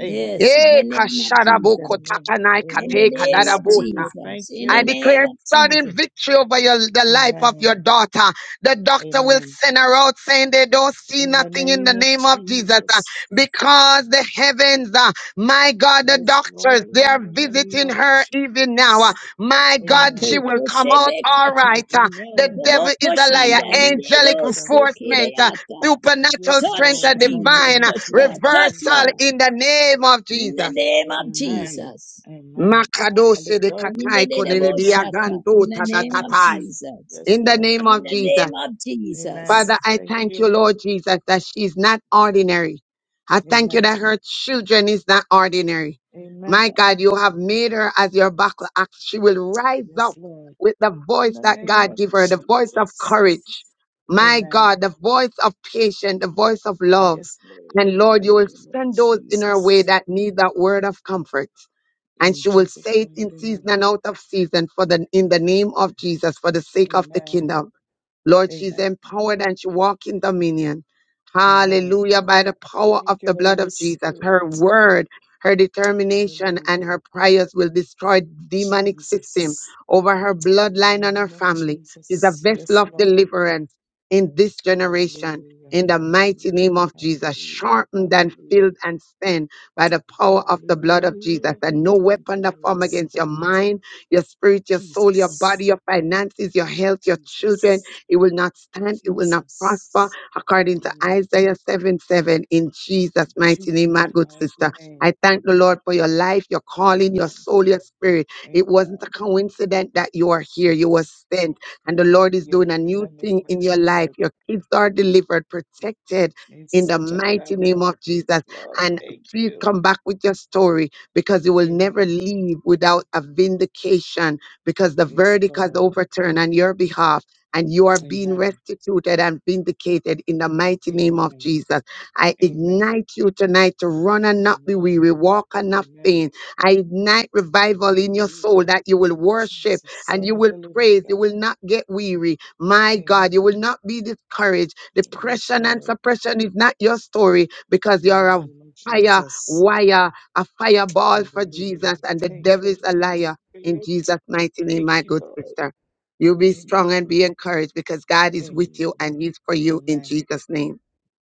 Amen. in the Eh, name of kasharabu Jesus. Amen. kotakanai In the kate Amen. Holy name of Spirit, kadarabusa. I thank Jesus. In the I you. name declare of sudden Jesus. victory over your, the life of your Amen. daughter. The doctor will Amen. send her out saying they don't see In the nothing in the name of name of Jesus uh, Jesus. because the heavens, uh, my God, the Yes, doctors, Lord, they are in the name visiting of her even now. uh, Jesus. my God, Amen. she Atu, will come out all Koshebekata. right. uh, the Amen. devil Koboko is a In the liar. shanda name of didedo Angelic Jesus. enforcement, uh, supernatural Yes, Touch strength Lord. and In the Jesus. name divine uh, of Touch Lord. Jesus. Touch oh reversal God. Lord. in the name of In the Jesus. name of Amen. Jesus. Amen. Call Makadose it de done. In the katai Call name it konene of done. Shata. In the diagando In name the of name of Jesus. tatatatai. Jesus. Yes, In the Lord. name In of Thank the you. name Jesus. of Amen. Jesus. Father, I Thank thank you, you. Lord Jesus, that she's not ordinary. I thank you Amen. that her children is not ordinary. Amen. My God, you have made her as your battle axe. She will rise Yes, up Lord. with the In voice the that name God of give her, the voice of Jesus. courage. My Amen. God, the voice of patience, the voice of love. Yes, Lord. And In Lord, the you will name of send those in her way Jesus. that need that word of comfort and In she will Jesus' say it in mighty season name. and out of season for the in the name of Jesus for the sake of the Amen. kingdom Lord, she's Amen. empowered and she walks in dominion. Amen. Hallelujah. By the power of Thank the you, blood Holy of Jesus, Spirit. her word, her determination, and Hallelujah. her prayers will destroy demonic system Jesus. over her In the bloodline and her name of family. She's a Jesus. vessel Yes, of Lord. deliverance in this generation. Hallelujah. In the mighty Hallelujah. name of Jesus, Hallelujah. sharpened and Hallelujah. filled and stand by the power of the blood of Jesus. Hallelujah. And no Thank you, weapon that Holy form against your Spirit. mind, your spirit, your soul, your Jesus. body, your finances, your health, your children Jesus. it will not stand. It will not prosper. Jesus. According to Amen. Isaiah 7 7, in Jesus' mighty name, Jesus. my good Mighty sister. name. I thank the Lord for your life, your Amen. calling, your soul, your spirit. It wasn't a Amen. coincidence that you are here. You were Yes. sent, and the Lord is Yes. doing a In new the name thing of in your Jesus. life. Your kids are delivered, protected. In In the such a mighty time name like of Jesus. this, Lord, And thank please you. come back with your story because you will never Amen. leave without a vindication because the Yes, verdict has Lord. overturned on your behalf and you are being Amen. restituted and vindicated in the mighty name of Amen. Jesus. I Amen. ignite you tonight to run and not be Amen. weary, walk and not Amen. faint. I ignite revival in your soul Hallelujah. that you will worship Jesus, and Son you of will the Living praise. You God. will not get weary. My God, you will Amen. not be discouraged. Yes, Depression and Lord. suppression is not your story because you In the are a name of fire Jesus. wire, a fireball for Hallelujah. Jesus, and the Thank devil you, is a Holy liar. In Spirit. Jesus' mighty name, Thank my you, good Lord. sister. You be Amen. strong and be encouraged because God is with Amen. you and He's for you in Amen. Jesus' name.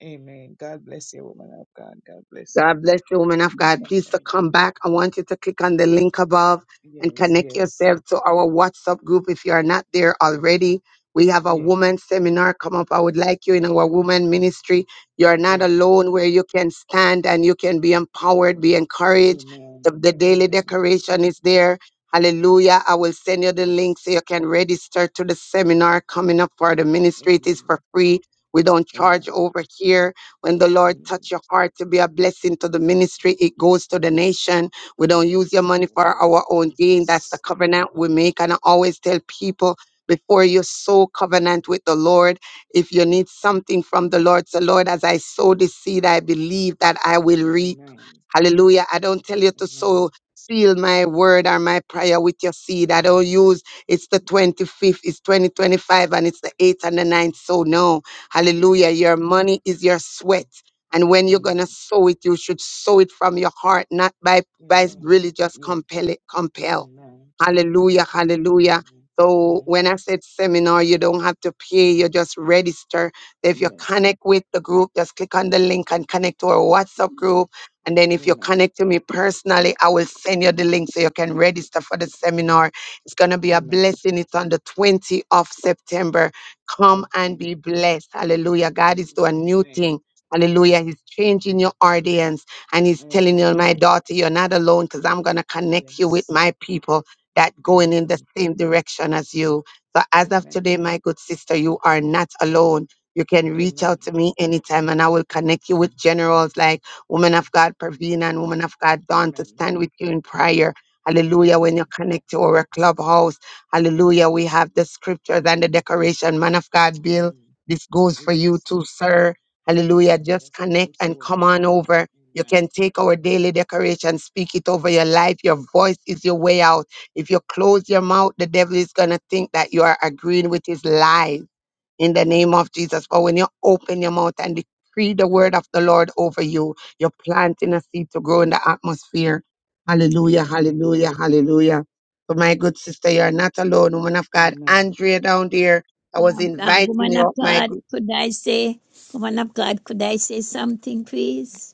Amen. God bless you, woman of God. God bless you. God bless you, woman of God. Please to Amen. come back. I want you to click on the link above and Yes, connect yes. yourself to our WhatsApp group if you are not there already. We have a Yes. woman seminar come up. I would like you in our woman ministry. You're not Okay. alone where you can stand and you can be empowered, be encouraged. The, Amen. the daily Amen. decoration is there. Hallelujah. I will send you the Yes. link so you can register to the seminar coming up for the ministry. It is for Amen. free. We don't charge Amen. over here when the Lord Amen. touch your heart to be a blessing to the ministry, it goes to the nation. We don't use your Yes. In money the for name of our own gain. That's the Jesus. covenant we make. And I always tell people before you sow covenant with the Lord, if you Yes. need something from the Lord, so Lord, as I sow this seed, I believe that I will reap. Amen. Hallelujah. I don't tell you to Amen. sow, seal my word or my prayer with your seed. I don't use it's the 25th, it's 2025, and it's the 8th and the ninth. So no. Hallelujah. Yes. Your money is your sweat. And when you're going to Amen. sow it, you should sow it from your heart, not by, by Amen. really just Yes. compel it, compel. Amen. Amen. Hallelujah. Hallelujah. Amen. So Amen. when I said seminar, you don't have to pay. You just register. If you Yes. connect with the group, just click on the link and connect to our WhatsApp group. And then if you Amen. connect to me personally, I will send you the link so you can register for the seminar. It's going to be a Amen. blessing. It's on the 20th of September. Come and Okay. be blessed. Hallelujah. In God is doing a Jesus' new name. thing. Hallelujah. He's changing your audience and he's telling you, Amen. my daughter, you're not alone because I'm going to connect you with Yes. my people that going in the Amen. same direction as you. So as of today, Amen. my good sister, you are not alone. You can reach Amen. out to me anytime and I will connect you with generals like woman of God Pravina and woman of God Dawn to Amen. stand with you in prayer. Hallelujah. Amen. When you connect to our clubhouse. Hallelujah. We have the scriptures and the decoration. Man of God, Bill, Amen. this goes for Yes. you too, sir. Hallelujah. Just Yes, thank connect you, and come woman of on God. over. You Amen. can take our daily decoration, speak it over your life. Your voice is your way out. If you close your mouth, the devil is going to think that you are agreeing with his lies in the name of Jesus. For when you open your mouth and decree the word of the Lord over you, you're planting a seed to grow in the atmosphere. Hallelujah, Amen. hallelujah, hallelujah. So, my good sister, you're not alone. Woman of God, Amen. Andrea down there, I was Um, um, inviting woman you of up, my God, good. could I say, woman of God, could I say something, please?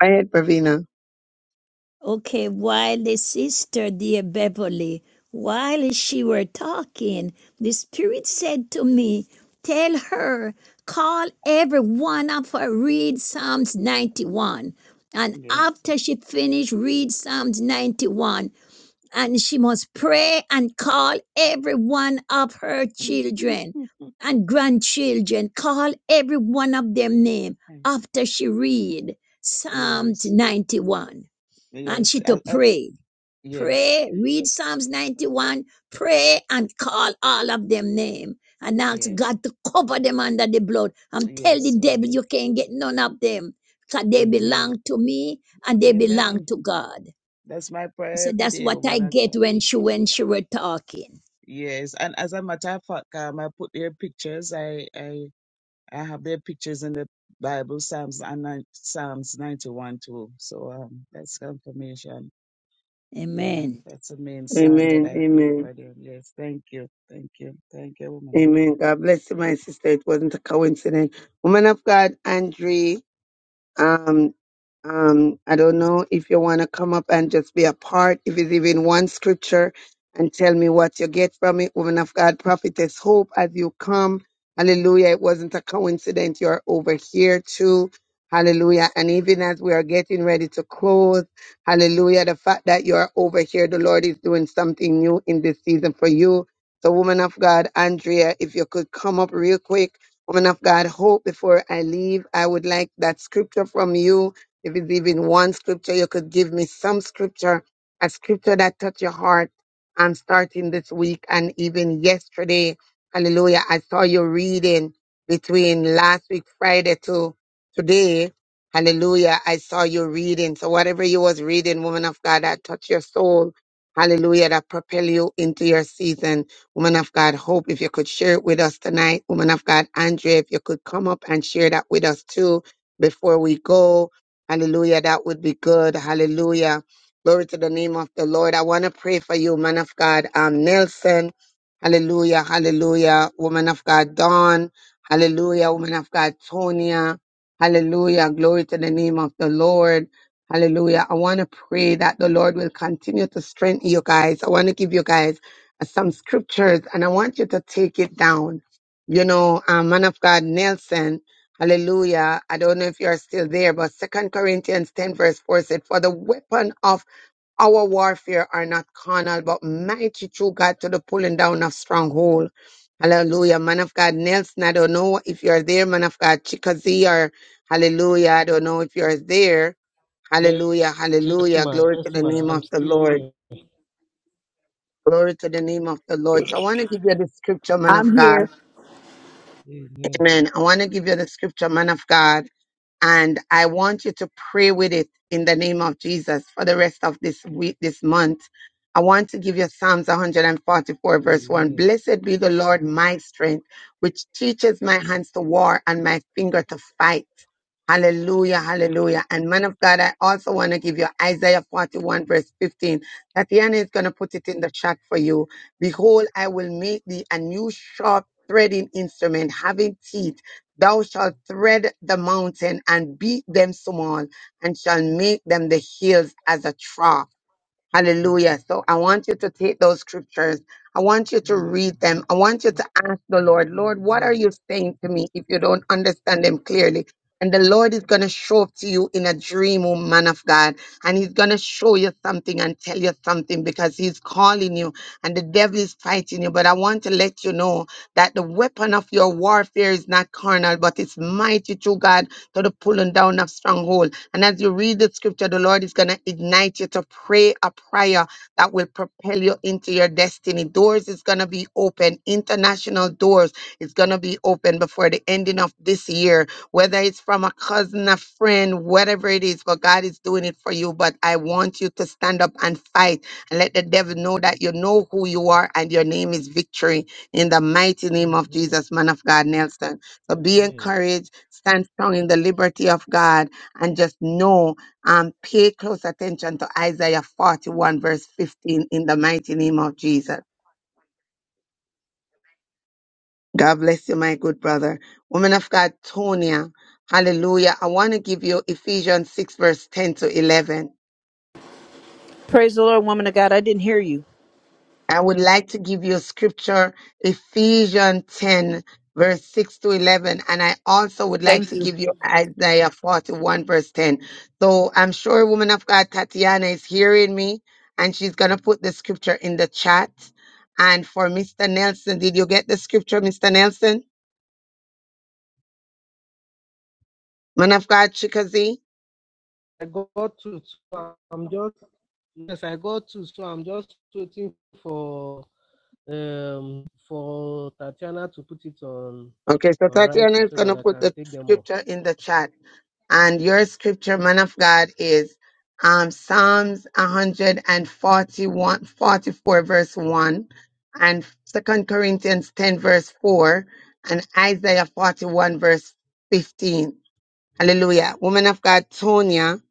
Go ahead, Pravina. Okay, while the sister, dear Beverly, while she were talking, the Spirit said to me, Tell her, call every one of her, read Psalms 91. And Yes. after she finished, read Psalms 91. And she must pray and call every one of her Amen. children and grandchildren, call every one of them name after she read Psalms Yes. 91 and Yes. she to I, I, pray. yes. Pray, read Psalms 91, pray and call all of them name and ask Yes. God to cover them under the blood and tell the Yes. devil Amen. you can't get none of them because they Amen. belong to me and they belong Amen. to God. That's my prayer So every that's day, what I woman of get God. when she when she were talking. Yes. And as a matter of fact, um, I put their pictures. I, I, I have their pictures in the Bible, Psalms and nine- Psalms 91 too. So um, that's confirmation. Yeah, Amen. that's the main psalm that Amen, I pray amen, over them. Yes, thank you. Thank you. Thank you, woman. of amen. God bless you, my sister. It wasn't a coincidence. Woman of God, Andrea. Um, um, I don't know if you want to come up and just be a part, if it's even one scripture, and tell me what you get from it. Woman of God, prophetess, hope as you come. Hallelujah. It wasn't a coincidence. You're over here too. Hallelujah. And even as we are getting ready to close, hallelujah, the fact that you're over here, the Lord is doing something new in this season for you. So, woman of God, Andrea, if you could come up real quick Woman of God, hope before I leave, I would like that scripture from you. If it's even one scripture, you could give me some scripture, a scripture that touched your heart. I'm starting this week and even yesterday. Hallelujah. I saw you reading between last week, Friday to today. Hallelujah. I saw you reading. So whatever you was reading, woman of God, that touched your soul. Hallelujah. That propel you into your season. Woman of God, Hope, if you could share it with us tonight. Woman of God, Andrea, if you could come up and share that with us too before we go. Hallelujah. That would be good. Hallelujah. Glory to the name of the Lord. I want to pray for you, man of God, um, Nelson. Hallelujah. Hallelujah. Woman of God, Dawn. Hallelujah. Woman of God, Tonia. Hallelujah. Glory to the name of the Lord. Hallelujah. I want to pray that the Lord will continue to strengthen you guys. I want to give you guys some scriptures and I want you to take it down. You know, uh, man of God, Nelson, hallelujah. I don't know if you're still there, but Second Corinthians 10 verse 4 said, for the weapon of our warfare are not carnal, but mighty through God to the pulling down of stronghold. Hallelujah. Man of God, Nelson, I don't know if you're there, man of God, Chickasee or hallelujah. I don't know if you're there. Yes, Hallelujah. yes, Hallelujah. ma. Glory Yes, to the ma. name I'm of the still Lord. here. Glory to the name of the Lord. So I want to give you the scripture, man of I'm God. here. Amen. Amen. I want to give you the scripture, man of God and I want you to pray with it in the name of Jesus for the rest of this week, this month. I want to give you Psalms 144 verse 1. Amen. Blessed be the Lord, my strength, which teaches my hands to war and my finger to fight. Hallelujah, hallelujah. And man of God, I also want to give you Isaiah 41 verse 15. Tatiana is going to put it in the chat for you. Behold, I will make thee a new sharp threading instrument having teeth Thou shalt tread the mountain and beat them small, and shall make them the hills as a trough Hallelujah. So I want you to take those scriptures. I want you to read them. I want you to ask the Lord, Lord, what are Amen. you saying to me if you don't understand them clearly? And the Lord is going to show up to you in a dream, oh man of God. And he's going to show you something and tell you something because he's calling you and the devil is fighting you. But I want to let you know that the weapon of your warfare is not carnal, but it's mighty to God to the pulling down of stronghold. And as you read the scripture, the Lord is going to ignite you to pray a prayer that will propel you into your destiny. Doors is going to be open, international doors is going to be open before the ending of this year, whether it's from a cousin, a friend, whatever it is, but God is doing it for you. But I want you to stand up and fight and let the devil know that you know who you are and your name is victory in the mighty name of Amen. Jesus, man of God, Nelson. So be Amen. encouraged, stand strong in the liberty of God and just know and pay close attention to Isaiah 41 verse 15 in the mighty name of Jesus. God bless you, my good brother. Woman of God, Tonia, hallelujah. I want to give you Ephesians 6 verse 10 to 11. Praise the Lord, woman of God. I didn't hear you. I would like to give you scripture, Ephesians 10, verse 6 to 11. And I also would like Thank to you. give you Isaiah 41, verse 10. So I'm sure woman of God Tatiana is hearing me and she's going to put the scripture in the chat. And for Mr. Nelson, did you get the scripture, Mr. Nelson? Man of God, Chickasee? I got to, so I'm just, yes, I got to, so I'm just waiting for, um, for Tatiana to put it on, Okay, so on Tatiana writing is so going to that I put can the take them off. scripture in the chat. And your scripture, man of God, is um, Psalms one hundred and forty-one, forty-four, verse 1, and Second Corinthians 10, verse 4, and Isaiah 41, verse 15. Hallelujah. Woman of God, Tonya,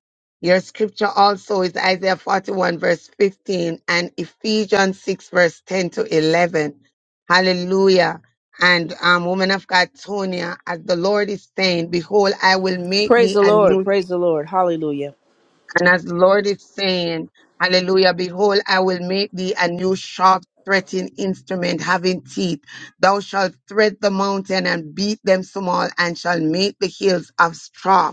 your scripture also is Isaiah 41 verse 15 and Ephesians 6 verse 10 to 11. Hallelujah. And um, woman of God, Tonya, as the Lord is saying, behold, I will make Praise thee the a Lord. new, Praise the Lord. Hallelujah. and as the Lord is saying, hallelujah, behold, I will make thee a new sharp threading instrument having teeth. Thou shalt thread the mountain and beat them small and shall make the hills of straw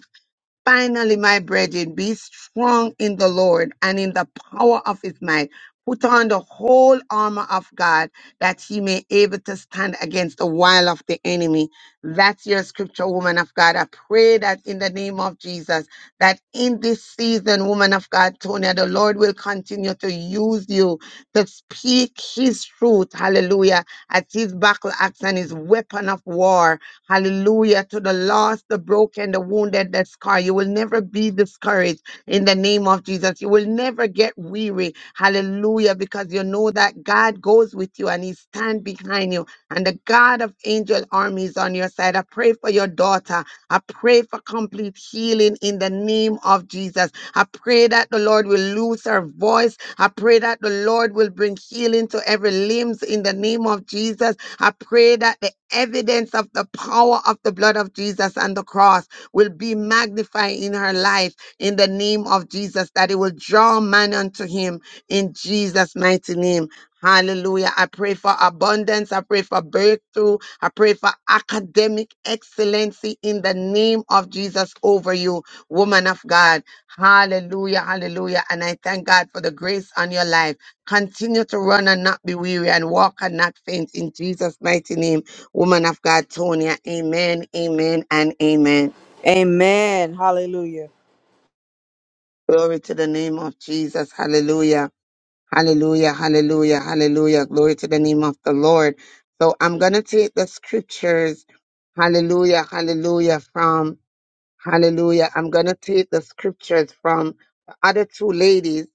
Finally, my brethren, be strong in the Lord and in the power of his might. Put on the whole armor of God that he may able to stand against the wile of the enemy. That's your scripture, woman of God. I pray that in the name of Jesus, that in this season, woman of God, Tonya, the Lord will continue to use you to speak his truth. Hallelujah. As his battle axe and his weapon of war. Hallelujah. To the lost, the broken, the wounded, the scar. You will never be discouraged in the name of Jesus. You will never get weary. Hallelujah. Because you know that God goes with you and He stands behind you. And the God of angel armies on your side. I pray for your daughter. I pray for complete healing in the name of Jesus. I pray that the Lord will lose her voice. I pray that the Lord will bring healing to every limbs in the name of Jesus. I pray that the evidence of the power of the blood of Jesus and the cross will be magnified in her life in the name of Jesus, that it will draw man unto him in Jesus' mighty name. Hallelujah. I pray for abundance. I pray for breakthrough. I pray for academic excellency in the name of Jesus over you, woman of God. Hallelujah. Hallelujah. And I thank God for the grace on your life. Continue to run and not be weary and walk and not faint in Jesus' mighty name. Woman of God, Tonya, amen, amen, and amen. Amen. Hallelujah. Glory to the name of Jesus. Hallelujah. Hallelujah. Hallelujah. Hallelujah. Glory to the name of the Lord. So I'm going to take the scriptures. Hallelujah. Hallelujah. From Hallelujah. I'm going to take the scriptures from the other two ladies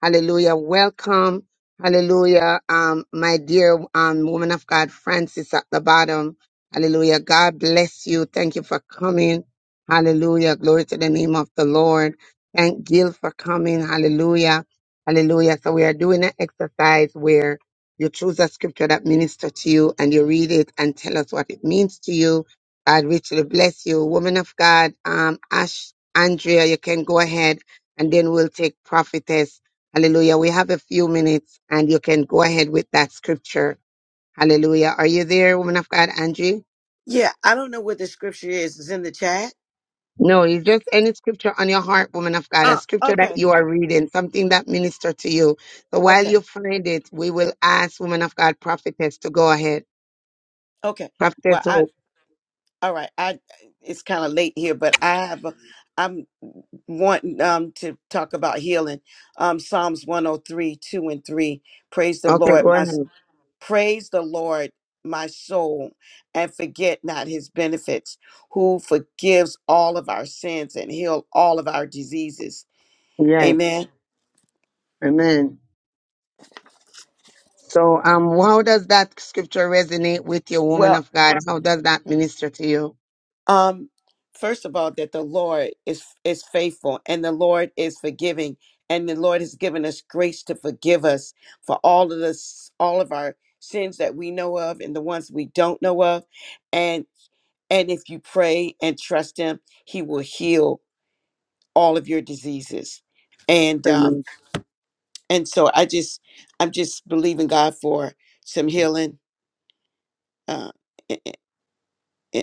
Hallelujah. Welcome. Hallelujah. Um, my dear um woman of God, Francis at the bottom. Hallelujah. God bless you. Thank you for coming. Hallelujah. Glory to the name of the Lord. Thank Gil for coming. Hallelujah. Hallelujah. So we are doing an exercise where you choose a scripture that minister to you and you read it and tell us what it means to you. God richly bless you. Woman of God, um, Ash, Andrea, you can go ahead and then we'll take prophetess Hallelujah. We have a few minutes and you can go ahead with that scripture. Hallelujah. Are you there, woman of God, Angie? Yeah, I don't know what the scripture is. It's in the chat. No, it's just any scripture on your heart, woman of God, a Oh, scripture that okay, you are reading, something that minister to you. So while you okay, find it, we will ask woman of God, prophetess, to go ahead. okay. Well, Prophetess I Hope. all right. I it's kind of late here, but I have a, I'm wanting um to talk about healing. Um, Psalms one hundred three, two and three. Praise the Okay, Lord, go my s- ahead. praise the Lord, my soul, and forget not His benefits, who forgives all of our sins and heal all of our diseases. Yes. Amen. Amen. So um how does that scripture resonate with you, woman Well, of God? How does that minister to you? Um, first of all, that the Lord is is faithful and the Lord is forgiving, and the Lord has given us grace to forgive us for all of this, all of our sins that we know of and the ones we don't know of, and and if you pray and trust Him, He will heal all of your diseases, and um and so I just I'm just believing God for some healing, uh, i- i-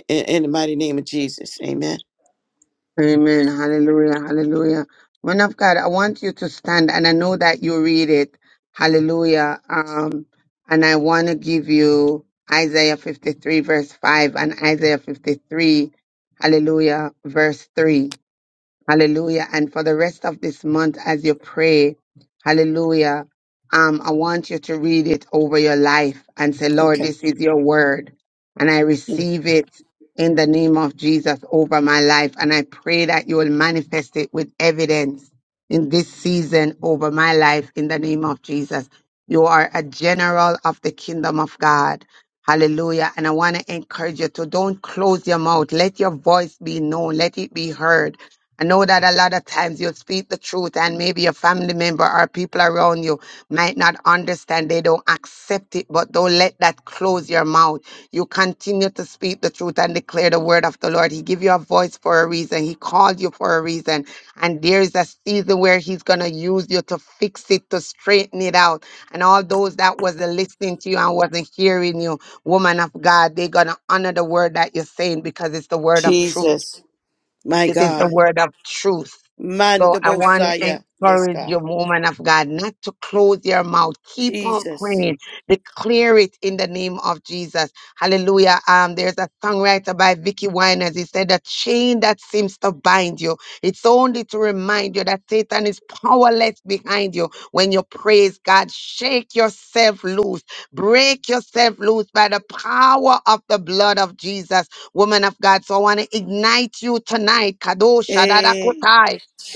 in the mighty name of Jesus, Amen. Amen. Hallelujah. Hallelujah. Man of God, I want you to stand and I know that you read it. Hallelujah. Um, and I want to give you Isaiah 53 verse 5 and Isaiah 53, hallelujah, verse 3. Hallelujah. And for the rest of this month, as you pray, hallelujah, um, I want you to read it over your life and say, Lord, Okay. this is your word. And I Mm. receive it in the name of Jesus over my life. And I pray that you will manifest it with evidence in this season over my life in the name of Jesus. You are a general of the kingdom of God. Hallelujah. And I want to encourage you to don't close your mouth. Let your voice be known. Let it be heard I know that a lot of times you speak the truth, and maybe your family member or people around you might not understand. They don't accept it, but don't let that close your mouth. You continue to speak the truth and declare the word of the Lord. He give you a voice for a reason. He called you for a reason, and there is a season where He's gonna use you to fix it, to straighten it out. And all those that wasn't listening to you and wasn't hearing you, woman of God, they're gonna honor the word that you're saying because it's the word of truth. Jesus, my It is the God. word of truth. So I want to Mandabosaya. Yes, encourage you, God. woman of God, not to close your mouth. Keep on Jesus. praying. Declare it in the name of Jesus. Hallelujah. Um, there's a songwriter by Vicky Winers. He said, "The chain that seems to bind you, it's only to remind you that Satan is powerless behind you. When you praise God, shake yourself loose, break yourself loose by the power of the blood of Jesus, woman of God. So I want to ignite you tonight. Kadosh, Eh.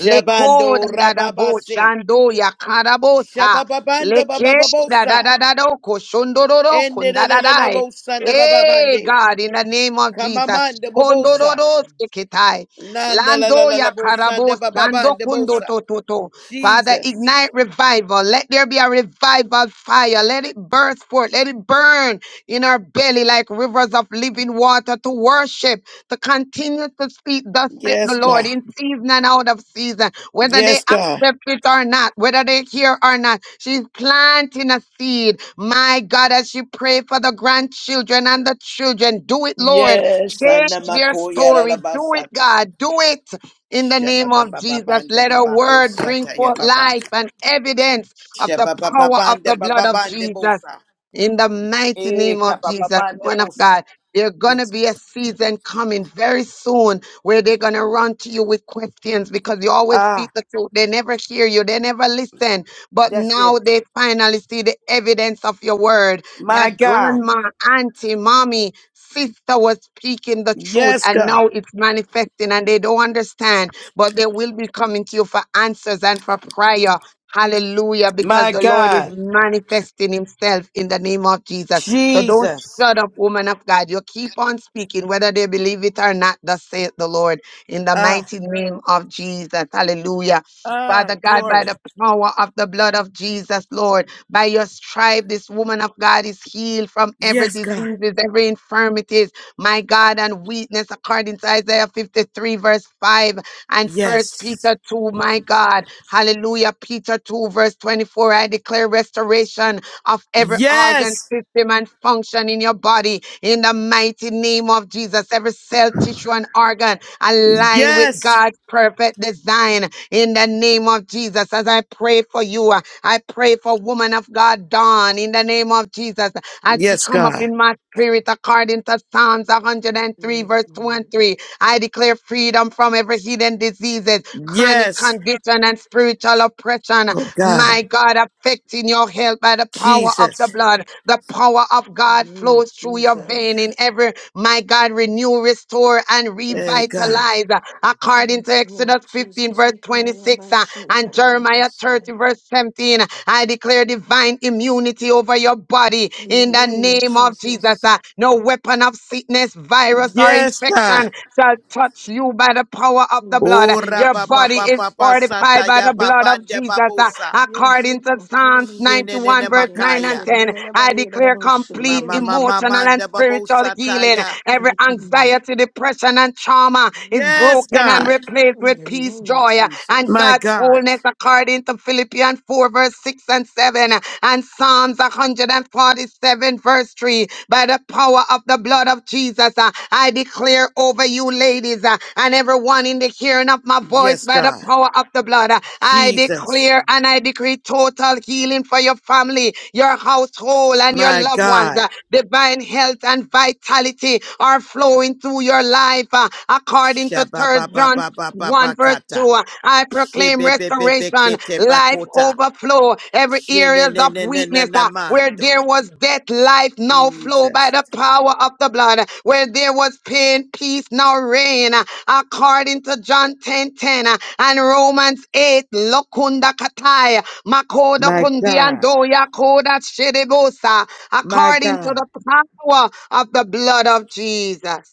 Lekoda da da da bo rababase. shando ya karabosa. Shabababanda Leke da da bababosa. da da do ko shondororo kunda da dai. Endelelelelebosa da Hey bababande. God, in the name of Jesus. Kamamanda God. bobosa. Kondororo seketai. Nanda la la Lando la ya la bosa. da karabo ba ba ba sando da kundo bosa. to to to. Father, ignite Jesus. revival. Let there be a revival fire. Let it burst forth. Let it burn in our belly like rivers of living water to worship to continue to speak, thus said the Yes, Lord, God. in season and out of season, whether they Yes, God. accept it or not, whether they hear or not. She's planting a seed. My God, as she pray for the grandchildren and the children, do it, Lord. Yes, ya, Change their story. la Do it, basata. God. Do it in the Shaba name ba of ba ba Jesus. ba, da Let ba her ba word bring bosata ya forth ba ba, life and evidence of the Shaba ba ba power ba of da the ba, ba blood of ba yababa. Jesus. Shababababandabababandebosa. In the mighty Eh, name ka of ba ba Jesus, ba da one of bosa. God, there's going to Yes, be God. a season coming very soon where they're going to run to you with questions because you always Ah, speak the truth. They never hear you, they never listen. But that's now it. they finally see the evidence of your word My that God. grandma, auntie, mommy, sister was speaking the truth Yes, and God. now it's manifesting and they don't understand, but they will be coming to you for answers and for prayer. Hallelujah, because My the Lord is God. manifesting himself in the name of Jesus. So don't Jesus. shut up, woman of God. You keep on speaking, whether they believe it or not, thus saith the Lord, in the Ah, mighty name of Jesus. Hallelujah. ah, Father God, by glory. the power of the blood of Jesus, Lord, by your stripe, this woman of God is healed from every Yes, God. diseases, every infirmities, my God, and weakness, according to Isaiah 53, verse 5 and First Yes. Peter 2, my God. Hallelujah. Peter 2, verse 24. I declare restoration of every organ, Yes. system, and function in your body in the mighty name of Jesus. Every cell, tissue, and organ align with Yes. God's perfect design in the name of Jesus. As I pray for you, uh, I pray for woman of God, Dawn, in the name of Jesus. As she Yes, come up God. in my spirit, according to Psalms 103, Yes, verse 2 and Lord. 3, I declare freedom from every hidden diseases, chronic Yes. condition, and spiritual oppression. Oh, God. My God, affecting your health by the power of the Jesus. blood. The power of In the God name of flows through your vein in Jesus. every, my God, renew, restore, and Hey, God. revitalize. According to Yes, Lord Exodus 15, Jesus. verse In the name of 26, Jesus. and Jeremiah 30, verse 17, I declare divine immunity over your body In the in the name of Jesus. Uh, No weapon of sickness, virus, or Yes, God. infection shall touch you by the power of the blood. Oh, name of Your rapa pa body pa is pa Jesus. pa fortified by sataya the blood of babande Jesus. Uh, babosa. Yes, According to Psalms Shenene 91, verse 9 and makaya. 10, I declare complete Mama Lord. mama emotional and manda spiritual babosa healing. taya. Every Thank you, Lord. anxiety, depression, and trauma is Yes, broken and God. replaced In with the peace, name joy of joy uh, and Jesus. My God's God. wholeness according to Philippians 4, verse 6 and 7, uh, and Psalms 147, verse 3. By the power of the blood of Jesus, uh, I declare over you, ladies, uh, and everyone in the hearing of my voice, Yes, by the God. power of the blood, uh, I Jesus. declare and I decree total healing for your family, your household, and your My loved ones. God. uh, divine health and vitality are flowing through your life, uh, according to Third Shababa ba ba John ba ba ba 1 verse kata. 2 i proclaim Shebe be be be restoration kete life bakota. overflow every areas of weakness uh, where there Shinanamando. was death life now flow by Jesus. the power of the blood where there was pain peace now reign uh, according to john ten ten uh, and romans 8 lokunda katai makoda My kundi God. andoya koda shedebosa My according to God. the power of the blood of jesus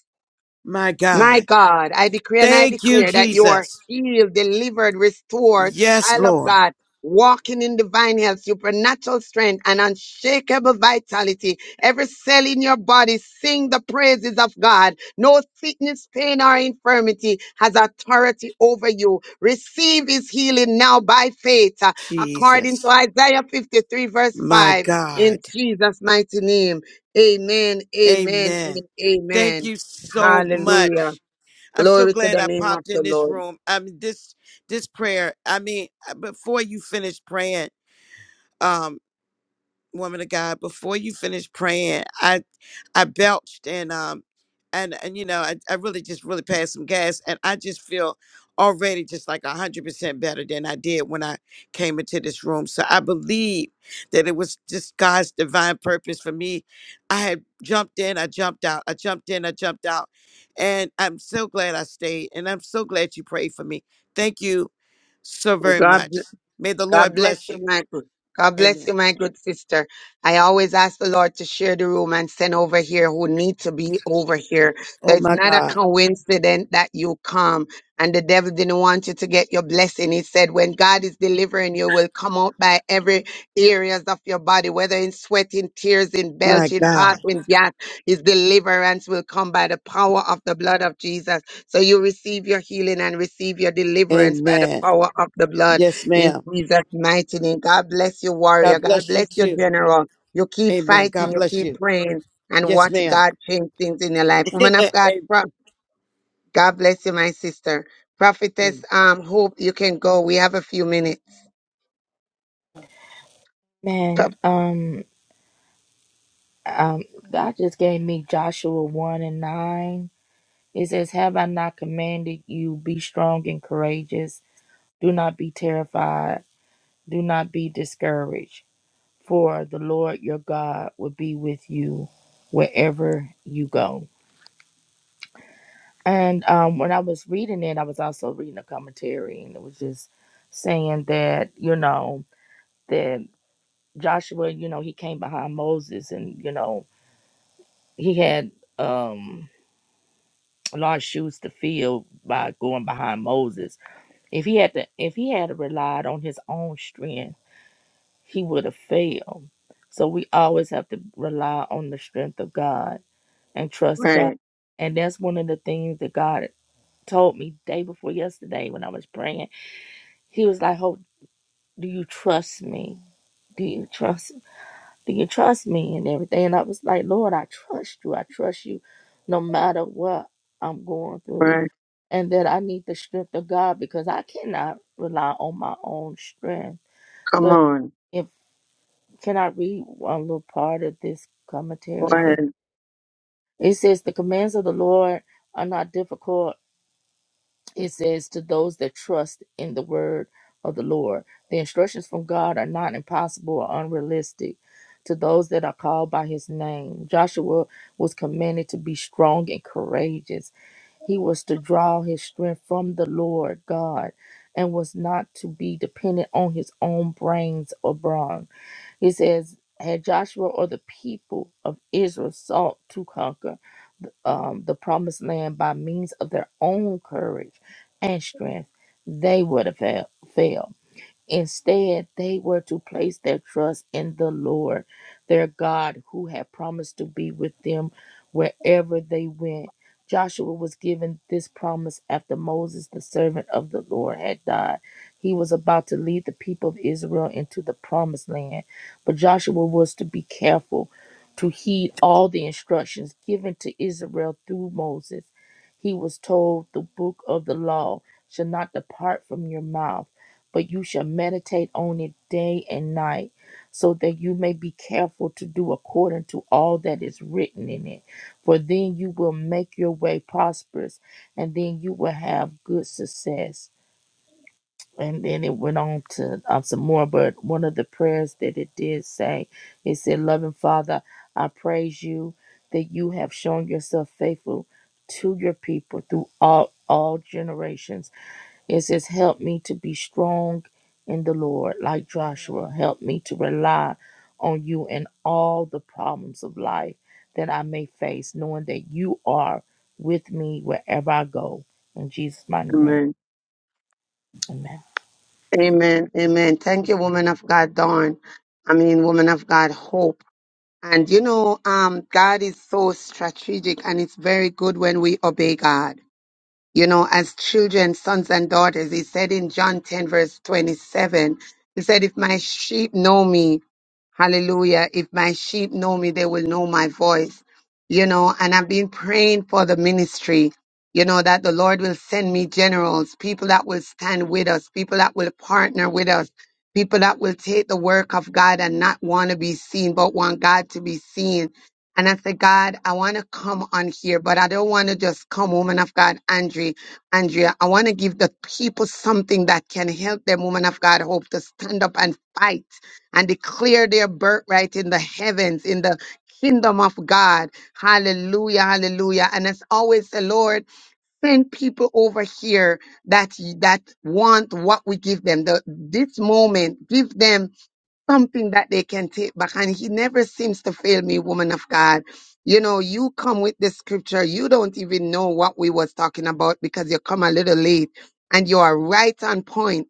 My my God. God, I decree and I Thank you, declare that you are Jesus. healed, delivered, restored, Yes, child of Lord. God, walking in divine health, supernatural strength, and unshakable vitality. Every cell in your body sing the praises of God. No sickness, pain, or infirmity has authority over you. Receive his healing now by faith, uh, according to Jesus. Isaiah 53, verse My 5, God. in Jesus' mighty name. Amen, amen, and Amen. Thank amen. you so Hallelujah. much. I'm so Glory to glad the I name of popped in the this Lord. room. I mean this this prayer. I mean, uh, before you finish praying, um, woman of God, before you finish praying, I belched and um and and you know I, I really just really passed some gas and I just feel already just like a hundred percent better than I did when I came into this room. So I believe that it was just God's divine purpose for me. I had jumped in, I jumped out, I jumped in, I jumped out, and I'm so glad I stayed and I'm so glad you prayed for me. Thank you so very God, much. May the God Lord bless bless you, you. my good. God bless Amen. you, my good sister. I always ask the Lord to share the room and send over here who need to be over here. Oh So it's my not a God, coincidence that you come and the devil didn't want you to get your blessing. He said, when God is delivering, you will come out by every areas of your body, whether in sweat, in tears, in my belching, God. passing gas, his deliverance will come by the power of the blood of Jesus. So you receive your healing and receive your deliverance by the Amen. power of the blood Yes, ma'am. in Jesus' mighty name. God bless you, warrior. God God bless you bless you, too. general. You keep Amen. God fighting, you bless keep you. praying, and Yes, watch ma'am. God change things in your life. Woman of God, pro- God bless you, my sister. Prophetess, Amen. um, hope you can go. We have a few minutes. Pro- Man, um, um, God just gave me Joshua 1 and 9. It says, Have I not commanded you, be strong and courageous? Do not be terrified, do not be discouraged, for the Lord your God will be with you wherever you go. And um, when I was reading it, I was also reading a commentary, and it was just saying that, you know, that Joshua, you know, he came behind Moses, and, you know, he had. um Lord shoes to fill by going behind Moses. If he had to, if he had relied on his own strength, he would have failed. So we always have to rely on the strength of God and trust God. Right, And that's one of the things that God told me day before yesterday when I was praying. He was like, "Hope, do you trust me? Do you trust?" Do you trust me and everything? And I was like, Lord, I trust you. I trust you no matter what I'm going through. right. And that I need the strength of God because I cannot rely on my own strength. Come But on. if can I read one little part of this commentary? If you Word. it says the commands of the Lord are not difficult It says, To those that trust in the word of the Lord, the instructions from God are not impossible or unrealistic. To those that are called by his name, Joshua was commanded to be strong and courageous. He was to draw his strength from the Lord God and was not to be dependent on his own brains or brawn. He says, Had Joshua or the people of Israel sought to conquer um, the promised land by means of their own courage and strength, they would have fa- failed. Instead, they were to place their trust in the Lord, their God, who had promised to be with them wherever they went. Joshua was given this promise after Moses, the servant of the Lord, had died. He was about to lead the people of Israel into the promised land, but Joshua was to be careful to heed all the instructions given to Israel through Moses. He was told, The book of the law shall not depart from your mouth but you shall meditate on it day and night, so that you may be careful to do according to all that is written in it. For then you will make your way prosperous, and then you will have good success. And then it went on to um, some more, but one of the prayers that it did say, it said, Loving Father, I praise you that you have shown yourself faithful to your people through all, all generations. It says, Help me to be strong in the Lord, like Joshua. Help me to rely on you in all the problems of life that I may face, knowing that you are with me wherever I go. In Jesus' mighty name, Amen. amen. Amen. Amen. Thank you, woman of God, Dawn. I mean, woman of God, hope. And you know, um, God is so strategic and it's very good when we obey God you know, as children, sons and daughters. He said in John 10, verse 27, he said, If my sheep know me, Hallelujah. If my sheep know me, they will know my voice. You know, and I've been praying for the ministry, you know, that the Lord will send me generals, people that will stand with us, people that will partner with us, people that will take the work of God and not want to be seen, but want God to be seen. And I said, God, I want to come on here, but I don't want to just come, woman of God, Andrea. Andrea, I want to give the people something that can help them, woman of God, hope to stand up and fight and declare their birthright in the heavens, in the kingdom of God. Hallelujah, hallelujah. And as always, the Lord send people over here that that want what we give them. The, this moment, give them something that they can take back. And he never seems to fail me, woman of God. You know, you come with the scripture. You don't even know what we was talking about because you come a little late and you are right on point.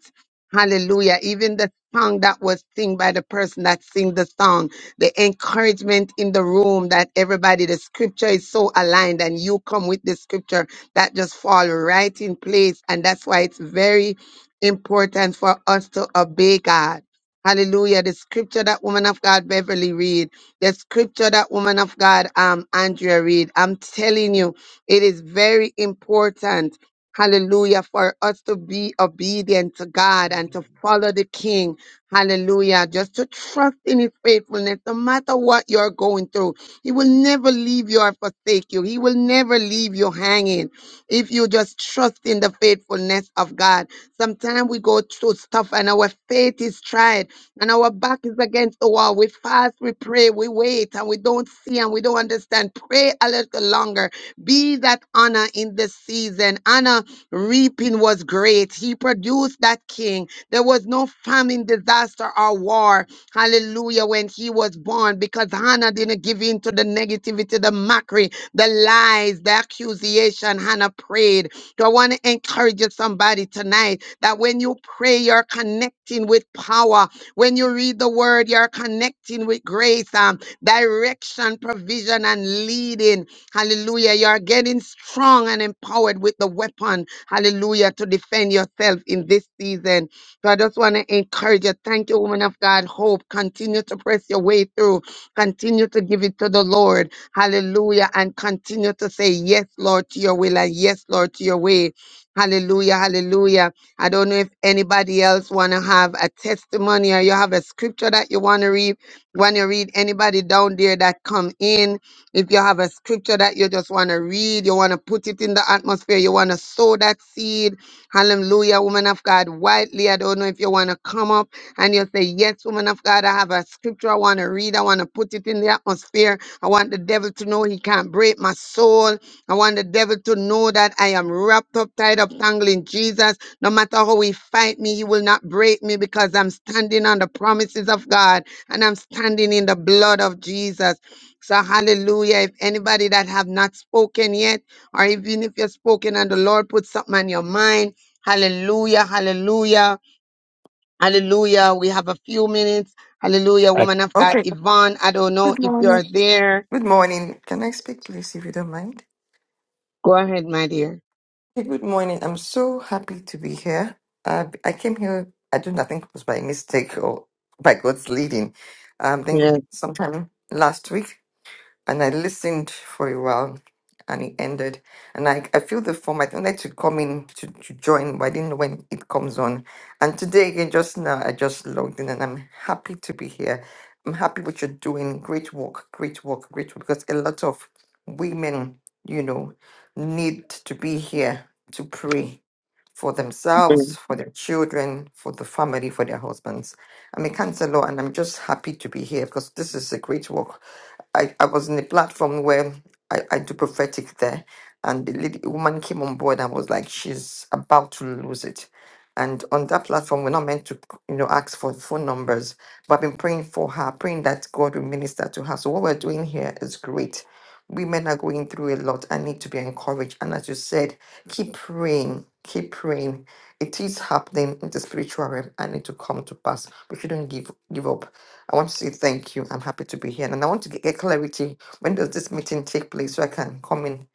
Hallelujah. Even the song that was sung by the person that sing the song, the encouragement in the room that everybody, the scripture is so aligned and you come with the scripture that just fall right in place. And that's why it's very important for us to obey God Hallelujah. The scripture that woman of God Beverly read, the scripture that woman of God um Andrea read. I'm telling you, it is very important. Hallelujah. For us to be obedient to Amen. God and to Amen. follow the King. Hallelujah. Just to trust in his faithfulness, no matter what you're going through. He will never leave you or forsake you. He will never leave you hanging. If you just trust in the faithfulness of God. Sometimes we go through stuff and our faith is tried and our back is against the wall. We fast, we pray, we wait, and we don't see and we don't understand. Pray a little longer. Be that Anna in this season. Anna reaping was great. He produced that king. There was no famine, disaster, or war. Hallelujah. When he was born, because Hannah didn't give in to the negativity, the mockery, the lies, the accusation. Hannah prayed. So I want to encourage you somebody tonight that when you pray, you're connecting with power when you read the word, you're connecting with grace, um, direction, provision, and leading. Hallelujah. You're getting strong and empowered with the weapon. Hallelujah. To defend yourself in this season. So I just want to encourage you. Thank you, woman of God. Hope. Continue to press your way through. Continue to give it to the Lord. Hallelujah. And continue to say, Yes, Lord, to your will and yes, Lord, to your way. Hallelujah. Hallelujah. I don't know if anybody else want to have a testimony or you have a scripture that you want to read. Want to read anybody down there that come in. If you have a scripture that you just want to read, you want to put it in the atmosphere, you want to sow that seed. Hallelujah, woman of God. Widely, I don't know if you want to come up and you say, Yes, woman of God, I have a scripture I want to read. I want to put it in the atmosphere. I want the devil to know he can't break my soul. I want the devil to know that I am wrapped up, tied up, tangled in Jesus. No matter how he fight me, he will not break me because I'm standing on the promises of God and I'm standing in the blood of Jesus. So hallelujah. If anybody that have not spoken yet, or even if you're spoken and the Lord put something on your mind, hallelujah, hallelujah, hallelujah. We have a few minutes. Hallelujah, I, woman of God. Okay, Yvonne, I don't know good if you're morning. there. Good morning. Can I speak, please, if you don't mind? Go ahead, my dear. Hey, good morning. I'm so happy to be here. Uh, I came here, I do nothing was by mistake or by God's leading. Um, I think Yes. sometime last week. and I listened for a while and it ended. And I, I feel the form. I wanted to come in to, to join, but I didn't know when it comes on. And today again, just now, I just logged in and I'm happy to be here. I'm happy what you're doing. Great work, great work, great work. Because a lot of women, you know, need to be here to pray for themselves, for their children, for the family, for their husbands. I'm a counselor and I'm just happy to be here because this is a great work I, I was in a platform where I, I do prophetic there, and the lady, woman came on board and was like, she's about to lose it. And on that platform, we're not meant to, you know, ask for phone numbers, but I've been praying for her, praying that God will minister to her. So what we're doing here is great. Women are going through a lot and need to be encouraged. And as you said, keep praying, keep praying. It is happening in the spiritual realm and it will come to pass. We shouldn't give give up. I want to say thank you. I'm happy to be here, and I want to get, get clarity. When does this meeting take place so I can come in,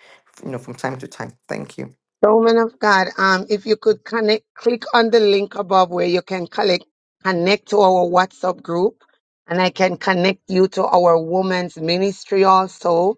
you know, from time to time? Thank you. So, woman of God, um, if you could connect, click on the link above where you can collect, connect to our WhatsApp group, and I can connect you to our women's ministry also.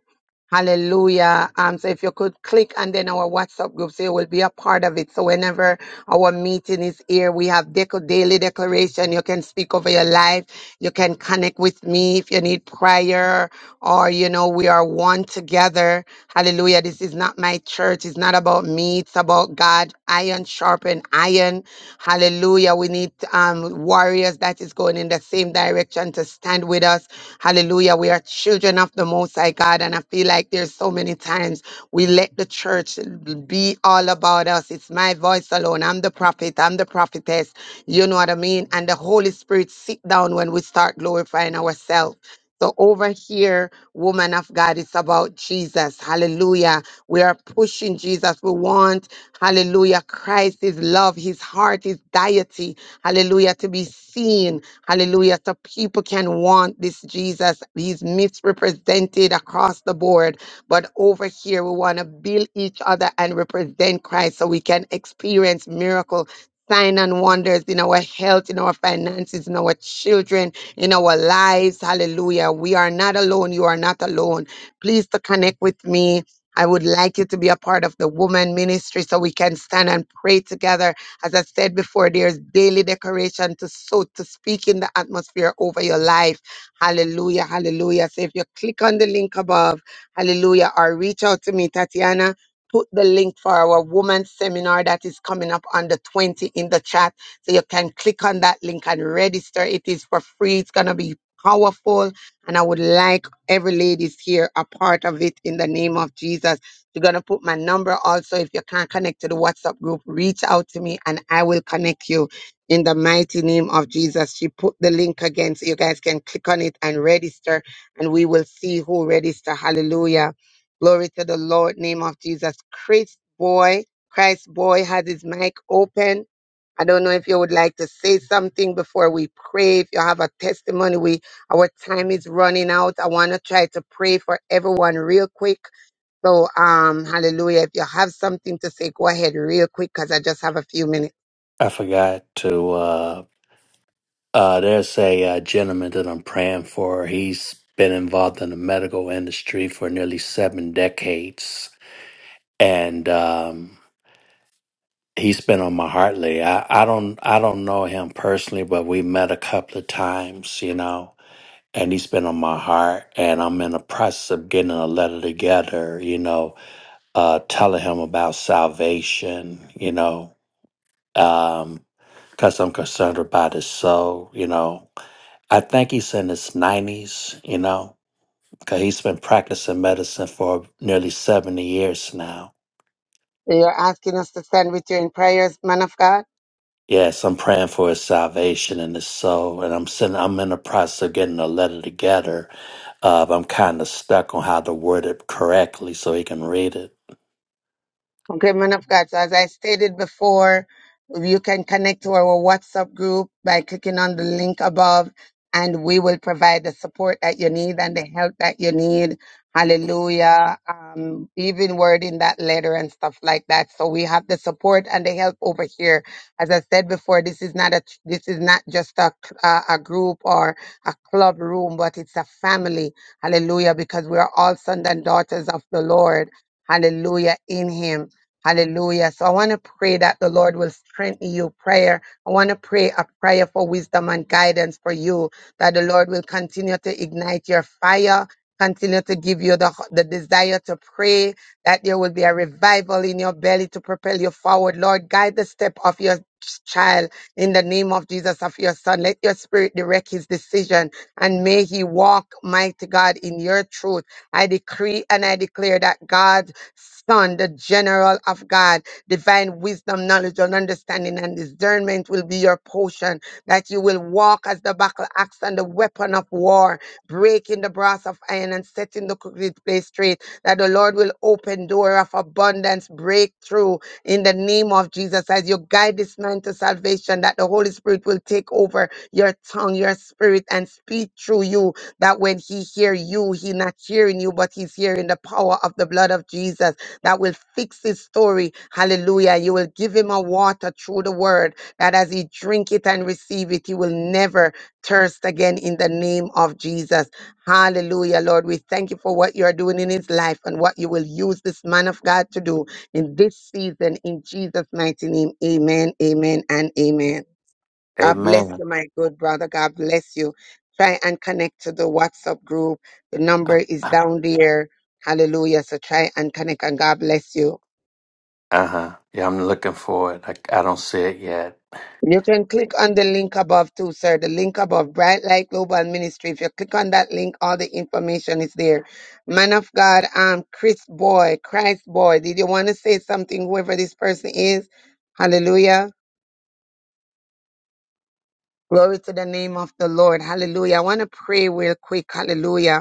Hallelujah. Um, so if you could click and then our WhatsApp group, so you will be a part of it. So whenever our meeting is here, we have deco- daily declaration. You can speak over your life. You can connect with me if you need prayer or, you know, we are one together Hallelujah. This is not my church. It's not about me. It's about God. Iron sharpen iron. Hallelujah. We need um, warriors that is going in the same direction to stand with us. Hallelujah. We are children of the Most High God. And I feel like there's so many times we let the church be all about us. It's my voice alone. I'm the prophet. I'm the prophetess. You know what I mean? And the Holy Spirit sit down when we start glorifying ourselves. So over here, woman of God, it's about Jesus. Hallelujah. We are pushing Jesus. We want, hallelujah, Christ, his love, his heart, his deity, hallelujah, to be seen. Hallelujah. So people can want this Jesus. He's misrepresented across the board. But over here, we want to build each other and represent Christ so we can experience miracle. Sign and wonders in our health, in our finances, in our children, in our lives. Hallelujah. We are not alone. You are not alone. Please to connect with me. I would like you to be a part of the woman ministry so we can stand and pray together. As I said before, there's daily decoration to so to speak in the atmosphere over your life. Hallelujah. Hallelujah. So if you click on the link above, hallelujah, or reach out to me, Tatiana put the link for our women's seminar that is coming up on the 20 in the chat. So you can click on that link and register. It is for free. It's going to be powerful. And I would like every ladies here a part of it in the name of Jesus. You're going to put my number also. If you can't connect to the WhatsApp group, reach out to me and I will connect you in the mighty name of Jesus. She put the link again so you guys can click on it and register and we will see who register. Hallelujah. Glory to the Lord, name of Jesus. Chris Boy, Christ Boy has his mic open. I don't know if you would like to say something before we pray. If you have a testimony, we our time is running out. I want to try to pray for everyone real quick. So, um, hallelujah. If you have something to say, go ahead real quick because I just have a few minutes. I forgot to, uh, uh, there's a uh, gentleman that I'm praying for. He's been involved in the medical industry for nearly seven decades. And, um, he's been on my heart lately. I, I don't, I don't know him personally, but we met a couple of times, you know. and he's been on my heart and i'm in the process of getting a letter together you know uh telling him about salvation you know um because i'm concerned about his soul you know i think he's in his 90s you know because he's been practicing medicine for nearly 70 years now You're asking us to stand with you in prayers, man of God. yes i'm praying for his salvation and his soul and i'm sending i'm in the process of getting a letter together uh, but i'm kind of stuck on how to word it correctly so he can read it Okay, man of God. So as I stated before, you can connect to our WhatsApp group by clicking on the link above and we will provide the support that you need and the help that you need. Hallelujah. Um, even wording that letter and stuff like that. So we have the support and the help over here. As I said before, this is not a, this is not just a, a, a group or a club room, but it's a family. Hallelujah. Because we are all sons and daughters of the Lord. Hallelujah in him. Hallelujah. So I want to pray that the Lord will strengthen you prayer. I want to pray a prayer for wisdom and guidance for you, that the Lord will continue to ignite your fire, continue to give you the, the desire to pray, that there will be a revival in your belly to propel you forward. Lord, guide the step of your child in the name of Jesus of your son. Let your spirit direct his decision and may he walk, mighty God, in your truth. I decree and I declare that God Son, the general of God. Divine wisdom, knowledge, and understanding and discernment will be your portion, that you will walk as the battle axe and the weapon of war, breaking the brass of iron and setting the crooked place straight, that the Lord will open door of abundance, breakthrough in the name of Jesus as you guide this man to salvation, that the Holy Spirit will take over your tongue, your spirit, and speak through you that when he hear you, he not hearing you, but he's hearing the power of the blood of Jesus that will fix his story. Hallelujah. You will give him a water through the word that as he drink it and receive it, he will never thirst again in the name of Jesus. Hallelujah, Lord. We thank you for what you are doing in his life and what you will use this man of God to do in this season in Jesus' mighty name. Amen, amen, and amen. God bless Amen. you, my good brother. God bless you. Try and connect to the WhatsApp group. The number is down there. Hallelujah. So try and connect and God bless you. Uh huh. Yeah, I'm looking for it. I, I don't see it yet. You can click on the link above too, sir. The link above, Bright Light Global Ministry. If you click on that link, all the information is there. Man of God, um, Chris Boy, Christ Boy. Did you want to say something, whoever this person is? Hallelujah. Glory to the name of the Lord. Hallelujah. I want to pray real quick. Hallelujah.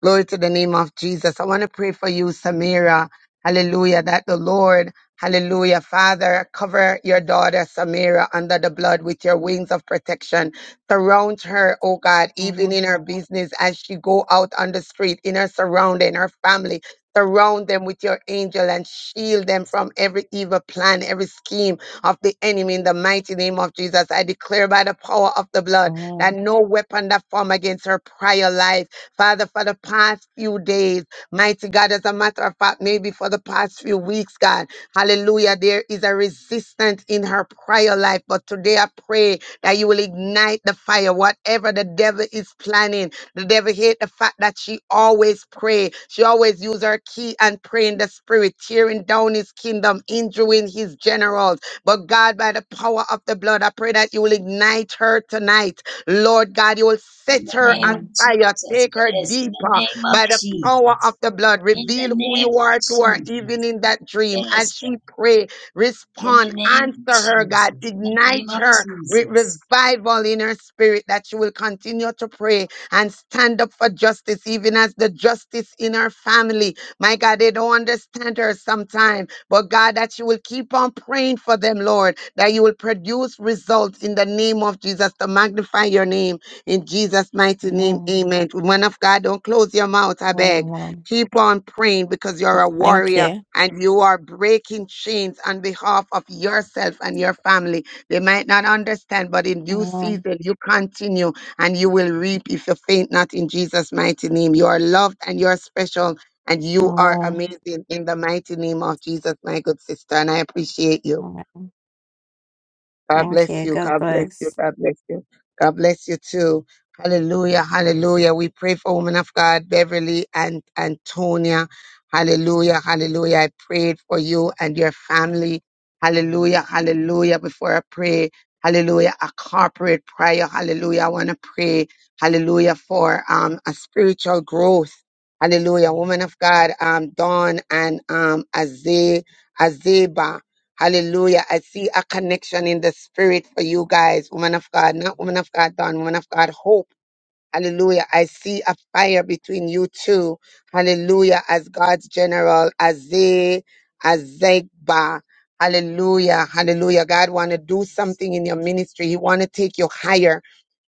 Glory to the name of Jesus. I want to pray for you, Samira. Hallelujah. That the Lord, hallelujah, Father, cover your daughter, Samira, under the blood with your wings of protection. Surround her, oh God, even Amen. in her business as she go out on the street, in her surrounding, her family. Surround them with your angel and shield them from every evil plan, every scheme of the enemy in the mighty name of Jesus. I declare by the power of the blood that Amen. no weapon that form against her prior life Father, for the past few days, mighty God, as a matter of fact, maybe for the past few weeks, God, hallelujah, there is a resistance in her prayer life. But today I pray that you will ignite the fire, whatever the devil is planning. The devil hate the fact that she always pray. She always use her key and pray in the spirit, tearing down his kingdom, injuring his generals. But God, by the power of the blood, I pray that you will ignite her tonight Lord God, you will In set the her name of on Amen. fire, Jesus. take her Yes. In the deeper name of by the power Jesus. of the blood. In the Reveal who name you of are to her, Jesus. even in that dream. As Yes. she pray, In the respond, name answer of her, Jesus. God. In the name Ignite of her with Jesus. revival in her spirit that she will continue to pray and stand up for justice, even as the justice in her family. My God, they don't understand her sometimes but God, that you will keep on praying for them, Lord, that you will produce results in the name of Jesus to magnify your name in Jesus' mighty name. Amen. Amen. Woman of God, don't close your mouth, I beg. Amen. Keep on praying because you're a Thank warrior. you. And you are breaking chains on behalf of yourself and your family. They might not understand, but in due Amen. season, you continue and you will reap if you faint not in Jesus' mighty name. You are loved and you are special and you are Amen. amazing in the mighty name of Jesus, my good sister. And I appreciate you. Amen. God Thank bless you. you. God God bless you. bless. God bless you. God bless you too. Hallelujah. Hallelujah. We pray for women of God, Beverly and Antonia. Hallelujah. Hallelujah. I prayed for you and your family. Hallelujah. Amen. Hallelujah. Before I pray, hallelujah, a corporate prayer. Hallelujah. I want to pray. Hallelujah for um a spiritual growth. Hallelujah. Amen. Woman of God, um, Dawn and um Azay, Hallelujah. I see a connection in the spirit for you guys, woman of God, not Amen. woman of God, Don, woman of God, hope. Hallelujah. I see a fire between you two. Hallelujah. As God's general, Azay, Azegba. Hallelujah. Hallelujah. God want to do Yes, something in your yes, ministry. He want to take you higher.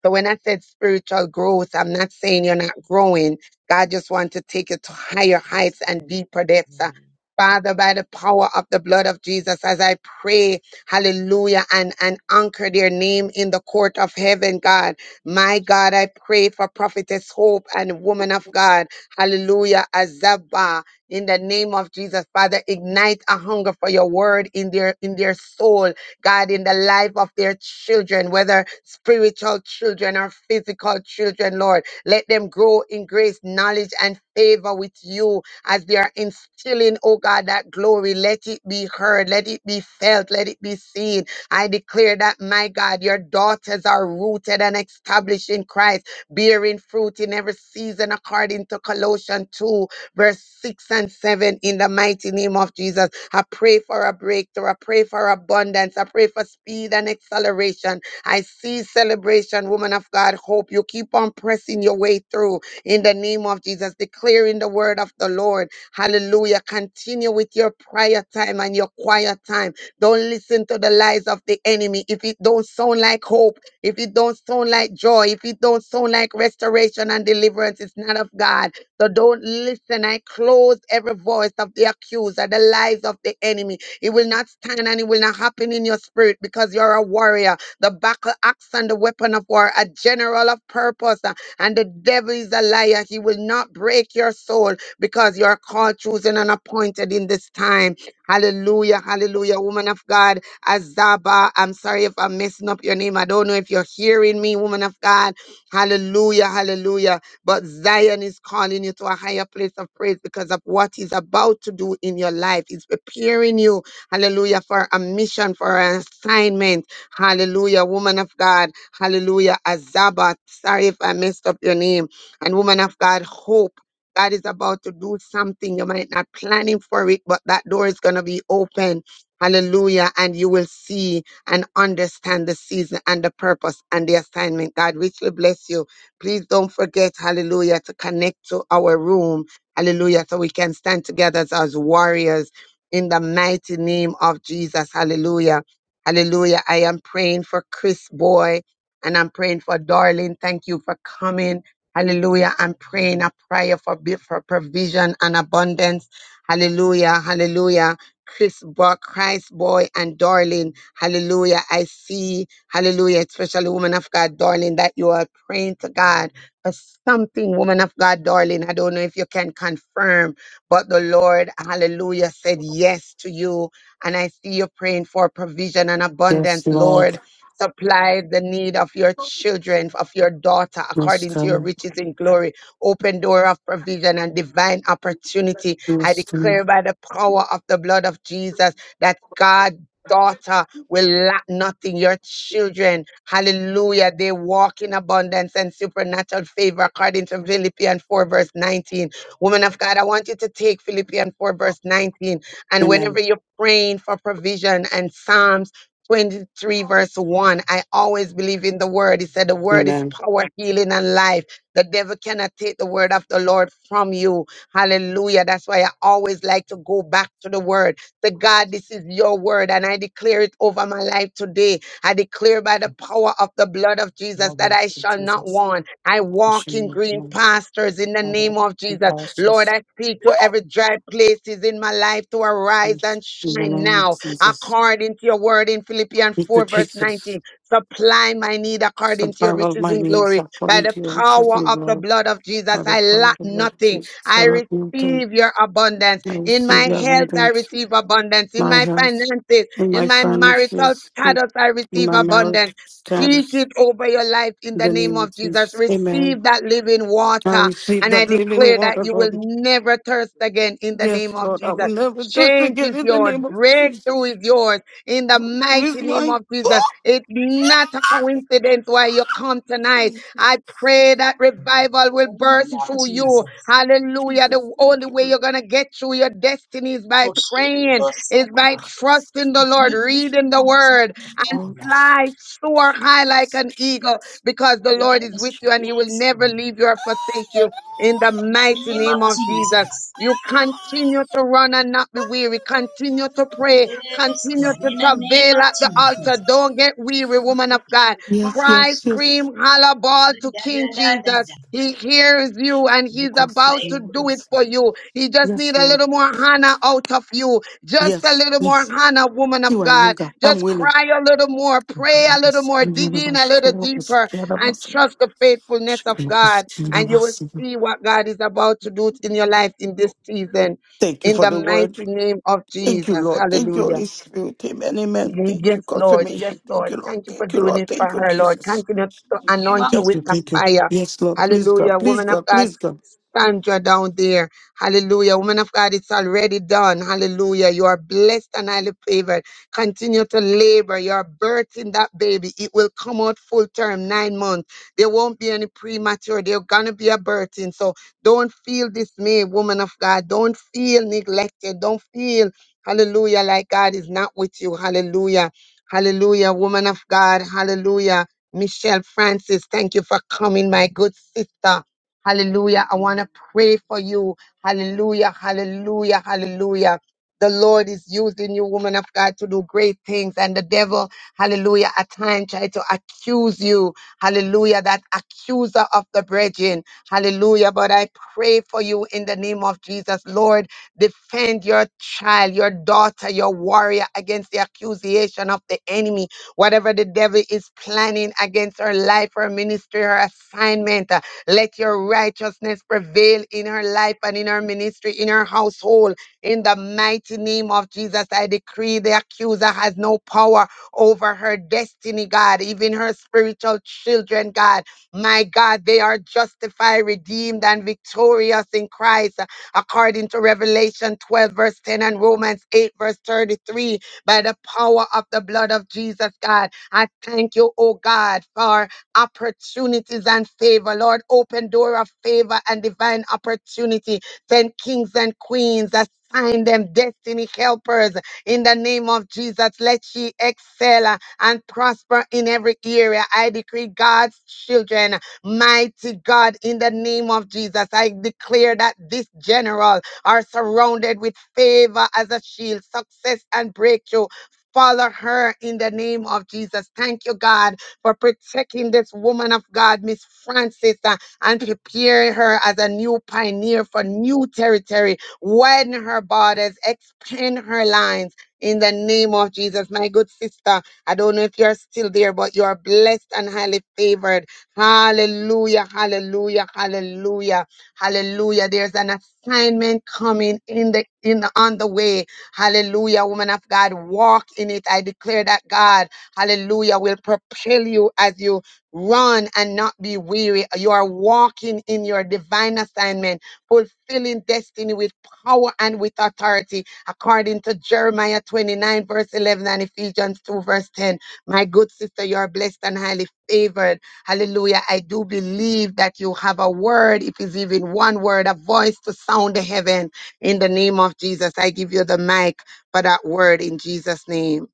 So when I said spiritual growth, I'm not saying you're not growing. God just want to take you to higher yes, heights and Lord. deeper depths. Uh, Amen. Father, by the power of the blood of Jesus, as I pray, hallelujah, and, and anchor their name in the court of heaven, Jesus, God. My Jesus. God, I pray for prophetess hope and woman of God. Hallelujah. Azaba. In the name of Jesus, Father, ignite a hunger for your word in their in their soul, God, in the life of their children, whether spiritual children or physical children, Lord. Let them grow in grace, knowledge, and favor with you as they are instilling, oh God, that glory. Let it be heard, let it be felt, let it be seen I declare that, my God, your daughters are rooted and established in Christ, bearing fruit in every season, according to Colossians 2, verse 6 and 7, in the mighty name of Jesus. I pray for a breakthrough. I pray for abundance. I pray for speed and acceleration. I see celebration, woman of God. Hope you keep on pressing your way through in the name of Jesus, declaring the word of the Lord. Hallelujah. Continue with your prayer time and your quiet time don't listen to the lies of the enemy. If it don't sound like hope, if it don't sound like joy, if it don't sound like restoration and deliverance, it's not of God. So don't listen. I close every voice of the accuser, the lies of the enemy. It will not stand and it will not happen in your spirit because you're a warrior. The battle axe and the weapon of war, a general of purpose. uh, And the devil is a liar. He will not break your soul because you're called, chosen, and appointed in this time. Hallelujah, hallelujah, woman of God. Azaba, I'm sorry if I'm messing up your name. I don't know if you're hearing me, woman of God. Hallelujah, hallelujah. But Zion is calling you to a higher place of praise because of what he's about to do in your life. He's preparing you, hallelujah, for a mission, for an assignment. Hallelujah, woman of God. Hallelujah, Azaba. Sorry if I messed up your name. And woman of God, hope. God is about to do something. You might not planning for it, but that door is going to be open. Hallelujah. And you will see and understand the season and the purpose and the assignment. God richly bless you. Please don't forget, hallelujah, to connect to our room. Hallelujah. So we can stand together as, as warriors in the mighty name of Jesus. Hallelujah. Hallelujah. I am praying for Chris Boy and I'm praying for Darling. Thank you for coming. Hallelujah. I'm praying a prayer for, be- for provision and abundance. Hallelujah. Hallelujah. Chris Buck, Christ boy, and darling. Hallelujah. I see, hallelujah, especially woman of God, darling, that you are praying to God for something, woman of God, darling. I don't know if you can confirm, but the Lord, hallelujah, said yes to you. And I see you praying for provision and Yes, abundance, Lord. Lord. Supply the need of your children, of your daughter, Yes, according to your come. riches in glory. Open door of provision and divine opportunity. I Yes, come. declare by the power of the blood of Jesus that God daughter will lack nothing your children hallelujah they walk in abundance and supernatural favor according to philippians 4 verse 19 woman of god i want you to take philippians 4 verse 19 and whenever Amen. you're praying for provision and psalms 23 verse 1 i always believe in the word he said the word is Amen. power healing and life the devil cannot take the word of the lord from you hallelujah that's why i always like to go back to the word the god this is your word and i declare it over my life today i declare by the power of the blood of jesus that Lord, i shall not Jesus. want i I'm walk sure in you green do. pastures in the name Lord, of we jesus lord us i speak to every dry places in my life to arise in and the shine name of now Jesus. according to your word in Philippians Thank you, 4, verse 19. Jesus. Supply my need The according to your power of riches my in means glory. By according the to your riches power and of the glory. blood of Jesus, By the I power lack of the Lord nothing. Jesus, I I lack nothing. receive your abundance. I In receive my your health, I abundance, receive abundance. In my my health, finances, in in my my marital finances, in status, I in receive my abundance. marriage Speak status. it over your life in In the the name name of of Jesus. Jesus. Amen. Receive that living I water. receive And I that living declare that water, you will Lord. never thirst again in the Yes, name of Lord, I Jesus. will never do this Change again is in the yours. name of Breakthrough is Jesus. yours. In the Breakthrough is mighty name mine. of Jesus. Oh, It's not a coincidence why you come tonight. Jesus. I pray that revival will In the name burst Thank of you, through Jesus. you. Jesus. Hallelujah. Jesus, The only thank you, way you're Lord. going to get through your destiny is by praying, is Oh, by God. trusting the Lord, reading the word, and Scroll. fly, soar high like an eagle because the Lord is Yes, with you and he will yes. never leave you or forsake you. In the In the mighty name name of of Jesus. Jesus. You continue to run and not be weary. Continue to pray. Yes, Continue God. to In the name travail of at the altar. Jesus. Don't get weary, woman of Makosh- God. Yes, Cry, yes, yes. scream, holler, ball Da, to da, King da, da, Jesus. da. He hears you and he's about to do it Rekos. for you. He just Yes, need a Lord. little more Hannah out of you. Just a Yes, little more yes. Hannah, woman of Here I am, God. God. I'm Just willing. cry a little more, Thank pray a little more, dig in a little deeper and trust the faithfulness of God and you will see what God is about to do in your life in this season. you In for the the word. mighty name of Thank you, Jesus. Lord. Thank you, Hallelujah. Holy Spirit. Amen. Amen. Thank you, Yes, Lord. Yes, confirmation. Thank Lord. you, Lord. Thank you for Thank you, doing Lord. it Thank for you, her, Lord. Jesus. Continue to Name of anoint her Thank with you. the Jesus. Thank you. fire. Yes, Lord. Please, Hallelujah. God. Please, Woman of God. God, Please, God. Sandra down there. Hallelujah. Woman of God, it's already done. Hallelujah. You are blessed and highly favored. Continue to labor. You are birthing that baby. It will come out full term, nine months. There won't be any premature. There's going to be a birthing. So don't feel dismayed, woman of God. Don't feel neglected. Don't feel, hallelujah, like God is not with you. Hallelujah. Hallelujah, woman of God. Hallelujah. Michelle Francis, thank you for coming, my good sister. Hallelujah. I want to pray for you. Hallelujah. Hallelujah. Hallelujah. The Lord is using you, woman of God, to do great things. And the devil, hallelujah, at times try to accuse you. Hallelujah. That accuser of the brethren. Hallelujah. But I pray for you in the name of Jesus. Lord, defend your child, your daughter, your warrior against the accusation of the enemy. Whatever the devil is planning against her life, her ministry, her assignment. Let your righteousness prevail in her life and in her ministry, in her household. In the mighty name of Jesus, I decree the accuser has no power over her destiny, God, even her spiritual children, God. My God, they are justified, redeemed, and victorious in Christ, uh, according to Revelation 12, verse 10, and Romans 8, verse 33, by the power of the blood of Jesus, God. I thank you, oh God, for opportunities and favor. Lord, open door of favor and divine opportunity. Send kings and queens. Assign them destiny helpers in the name of Jesus. Let she excel uh, and prosper in every area. I decree God's children, mighty God, in the name of Jesus. I declare that this general are surrounded with favor as a shield, success and breakthrough. Follow her in the name of Jesus. Thank you, God for protecting this woman of God, Miss Francis, uh, and preparing her as a new pioneer for new territory. Widen her borders, expand her lines. In the name of Jesus, my good sister, I don't know if you're still there, but you're blessed and highly favored. Hallelujah, hallelujah, hallelujah, hallelujah. There's an assignment coming in the in the, on the way. Hallelujah, woman of God, walk in it. I declare that God. Hallelujah will propel you as you run and not be weary. You are walking in your divine assignment, fulfilling destiny with power and with authority, according to Jeremiah 29, verse 11, and Ephesians 2, verse 10. My good sister, you are blessed and highly favored. Hallelujah. I do believe that you have a word, if it's even one word, a voice to sound the heaven. In the name of Jesus, I give you the mic for that word in Jesus' name.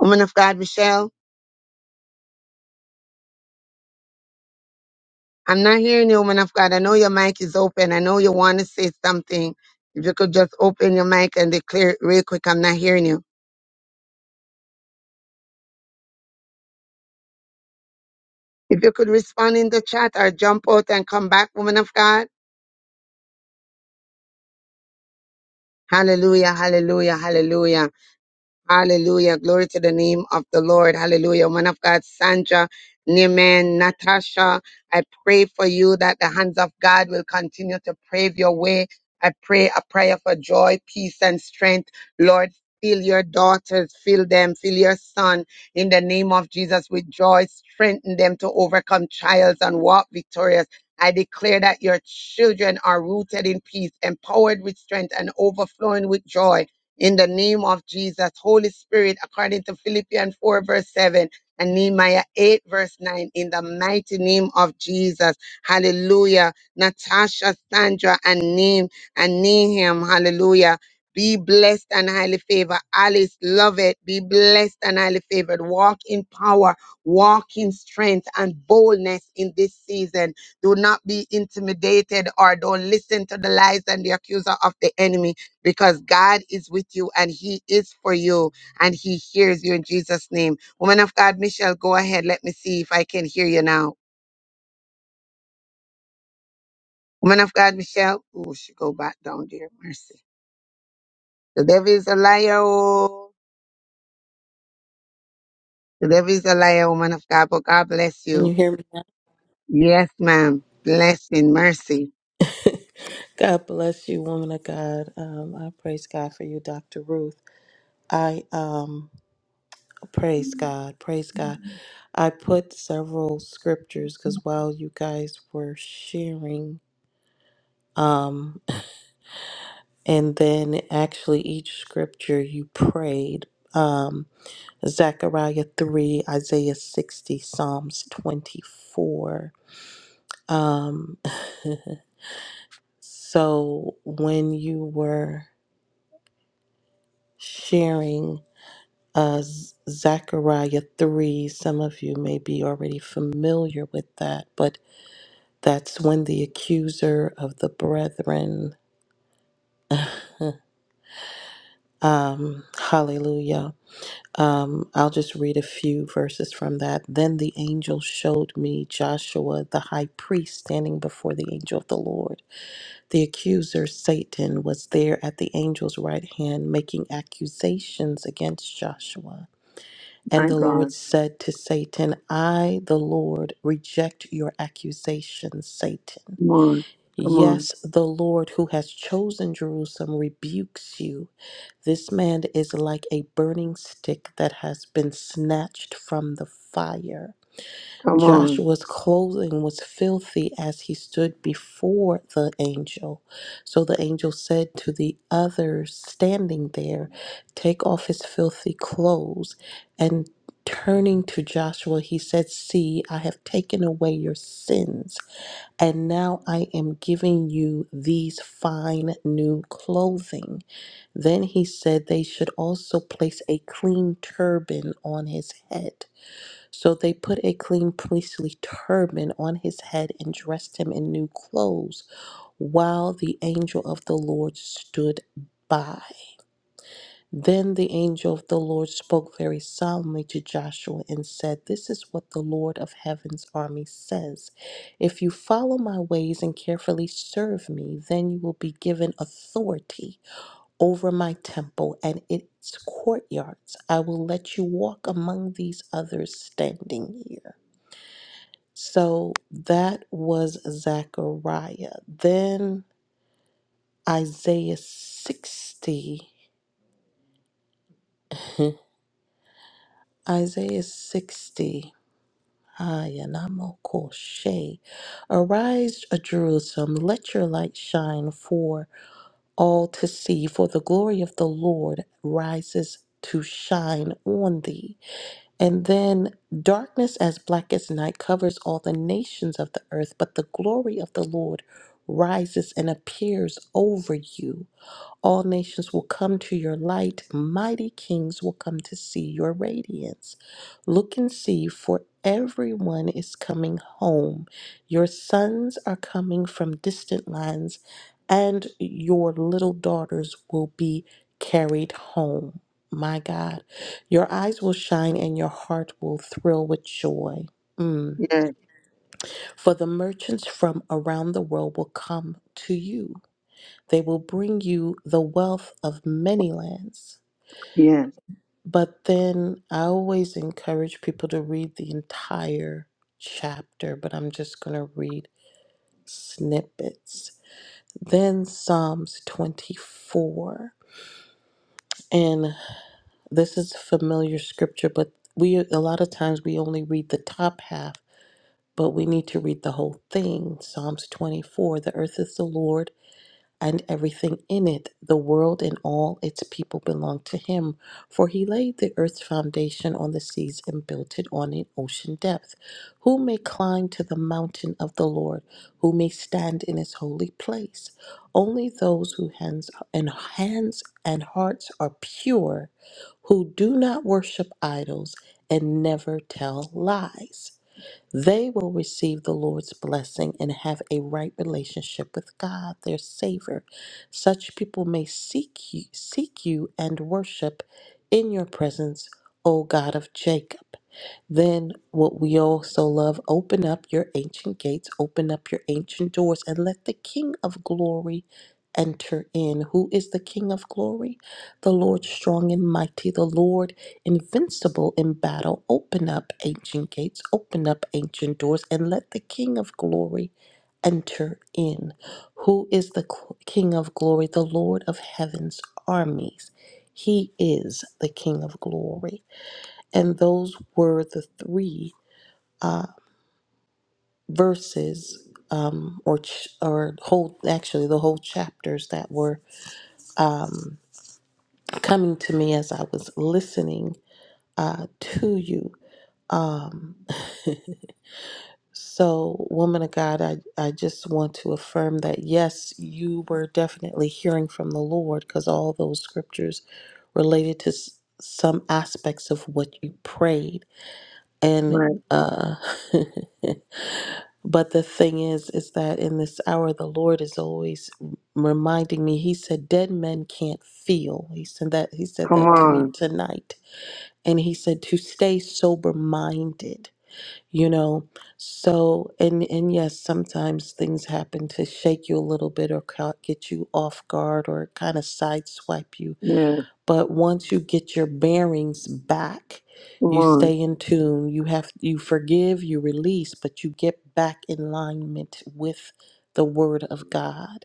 Woman of God, Michelle. I'm not hearing you, woman of God. I know your mic is open. I know you want to say something. If you could just open your mic and declare it real quick, I'm not hearing you. If you could respond in the chat or jump out and come back, woman of God. Hallelujah, hallelujah, hallelujah. Hallelujah. Glory to the name of the Lord. Hallelujah. Woman of God, Sandra, Neiman, Natasha, I pray for you that the hands of God will continue to pave your way. I pray a prayer for joy, peace, and strength. Lord, fill your daughters, fill them, fill your son in the name of Jesus with joy. Strengthen them to overcome trials and walk victorious. I declare that your children are rooted in peace, empowered with strength, and overflowing with joy in the name of Jesus. Holy Spirit, according to Philippians 4, verse 7 and Nehemiah 8, verse 9, in the mighty name of Jesus. Hallelujah. Natasha, Sandra, and Neem and Neham, hallelujah. Be blessed and highly favored. Alice, love it. Be blessed and highly favored. Walk in power, walk in strength and boldness in this season. Do not be intimidated or don't listen to the lies and the accuser of the enemy because God is with you and He is for you and He hears you in Jesus' name. Woman of God, Michelle, go ahead. Let me see if I can hear you now. Woman of God, Michelle. Oh, she go back down there. Mercy. The devil is a liar. oh. The devil is a liar, woman of God, but God bless Can you. you hear me now? Yes, ma'am. Blessing, mercy. God bless you, woman of God. Um, I praise God for you, Dr. Ruth. I um, praise God, praise God. I put several scriptures because while you guys were sharing, um, and then actually each scripture you prayed, um, Zechariah 3, Isaiah 60, Psalms 24. Um, so when you were sharing uh, Z- Zechariah 3. Some of you may be already familiar with that, but that's when the accuser of the brethren, huh, um, hallelujah. Um, I'll just read a few verses from that. Then the angel showed me Joshua, the high priest, standing before the angel of the Lord. The accuser, Satan, was there at the angel's right hand, making accusations against Joshua. And My the Lord God. said to Satan, I, the Lord, reject your accusation, Satan. Come on. Come on. Yes, the Lord who has chosen Jerusalem rebukes you. This man is like a burning stick that has been snatched from the fire. Come on. Joshua's clothing was filthy as he stood before the angel. So the angel said to the others standing there, Take off his filthy clothes. And turning to Joshua, he said, See, I have taken away your sins, and now I am giving you these fine new clothing. Then he said they should also place a clean turban on his head. So they put a clean priestly turban on his head and dressed him in new clothes, while the angel of the Lord stood by. Then the angel of the Lord spoke very solemnly to Joshua and said, This is what the Lord of heaven's army says. If you follow my ways and carefully serve me, then you will be given authority over my temple and its courtyards. I will let you walk among these others standing here. So that was Zechariah. Then Isaiah 60. Isaiah 60. Hayanamokoshe. Arise, O Jerusalem, let your light shine for all to see, for the glory of the Lord rises to shine on thee. And then darkness as black as night covers all the nations of the earth, but the glory of the Lord rises and appears over you. All nations will come to your light. Mighty kings will come to see your radiance. Look and see, for everyone is coming home. Your sons are coming from distant lands, and your little daughters will be carried home. My God, your eyes will shine and your heart will thrill with joy. Mm. Yes. For the merchants from around the world will come to you. They will bring you the wealth of many lands. Yes. But then I always encourage people to read the entire chapter, but I'm just going to read snippets. Then Psalms 24. And this is familiar scripture, but we a lot of times we only read the top half, but we need to read the whole thing. Psalms 24, the earth is the Lord and everything in it. The world and all its people belong to him, for he laid the earth's foundation on the seas and built it on an ocean depth. Who may climb to the mountain of the Lord? Who may stand in his holy place? Only those whose hands and hands and hearts are pure, who do not worship idols and never tell lies they will receive the Lord's blessing and have a right relationship with God, their Savior. Such people may seek you, seek you and worship in your presence, O God of Jacob. Then what we also love, open up your ancient gates, open up your ancient doors, and let the King of glory enter in. Who is the King of glory? The Lord strong and mighty, the Lord invincible in battle. Open up ancient gates, open up ancient doors, and let the King of glory enter in. Who is the cl- King of glory? The Lord of heaven's armies. He is the King of glory and those were the three uh, verses um, or ch- or whole actually the whole chapters that were um, coming to me as I was listening uh, to you. Um, so, woman of God, I, I just want to affirm that yes, you were definitely hearing from the Lord because all those scriptures related to s- some aspects of what you prayed. And Right. uh, But the thing is, is that in this hour, the Lord is always reminding me. He said, "Dead men can't feel." He said that. He said Come that to me on. tonight, and he said to stay sober-minded. You know, so and and yes, sometimes things happen to shake you a little bit or ca- get you off guard or kind of sideswipe you Yes. but once you get your bearings back Come you on. stay in tune you have you forgive you release but you get back in alignment with the word of god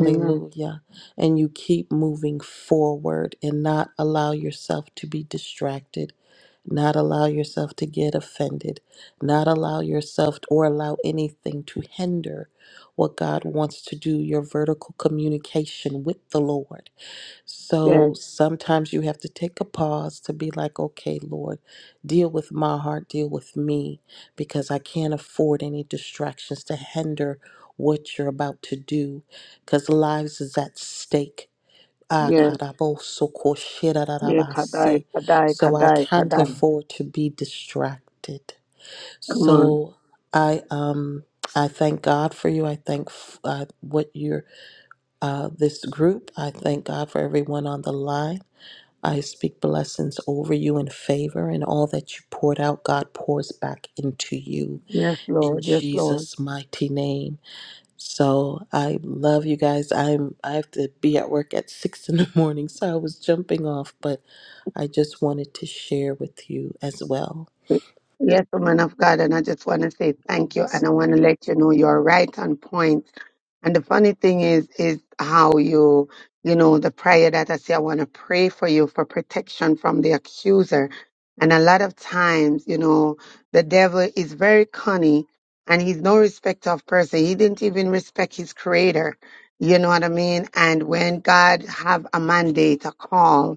Amen. and you keep moving forward and not allow yourself to be distracted not allow yourself to get offended not allow yourself or allow anything to hinder what god wants to do your vertical communication with the lord Yes. so sometimes you have to take a pause to be like, okay, Lord, deal with my heart, deal with me, because I can't afford any distractions to hinder what you're about to do, because lives is at stake. Ah, Yes. Yeah, Kadai, karabosokoshirarabase. Kadai, So I Kadai, can't Kadai. afford to be distracted. Come on. So I um I thank God for you. I thank f- uh, what you're uh, this group. I thank God for everyone on the line. I speak blessings over you in favor, and all that you poured out, God pours back into you Yes, in Lord. Yes, Lord. Jesus' mighty name. So I love you guys. I'm I have to be at work at six in the morning, so I was jumping off, but I just wanted to share with you as well. Yes, woman of God, and I just want to say God thank you, bless and you, I want to woman. of let you know God, you're right on point. And the funny thing is, is how you, you know, the prayer that I say, I want to pray for you for protection from the accuser. And a lot of times, you know, the devil is very cunning and he's no respect of person. He didn't even respect his creator. You know what I mean? And when God have a mandate, a call,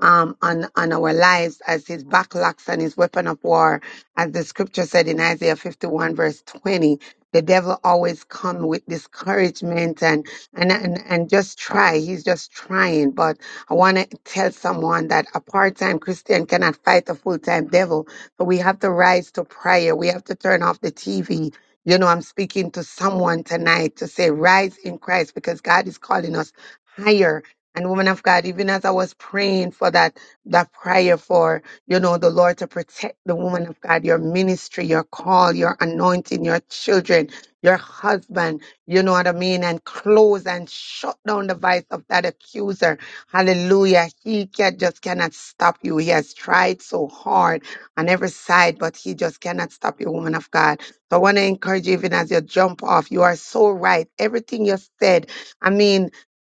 um, on, on our lives as his backlocks and his weapon of war. As the scripture said in Isaiah 51 verse 20, the devil always come with discouragement and, and, and, and just try. He's just trying. But I want to tell someone that a part-time Christian cannot fight a full-time devil. So we have to rise to prayer. We have to turn off the TV. You know, I'm speaking to someone tonight to say, rise in Christ because God is calling us higher and woman of God, even as I was praying for that, that prayer for, you know, the Lord to protect the woman of God, your ministry, your call, your anointing, your children, your husband, you know what I mean? And close and shut down the vice of that accuser. Hallelujah. He can, just cannot stop you. He has tried so hard on every side, but he just cannot stop you, woman of God. So I want to encourage you, even as you jump off, you are so right. Everything you said, I mean,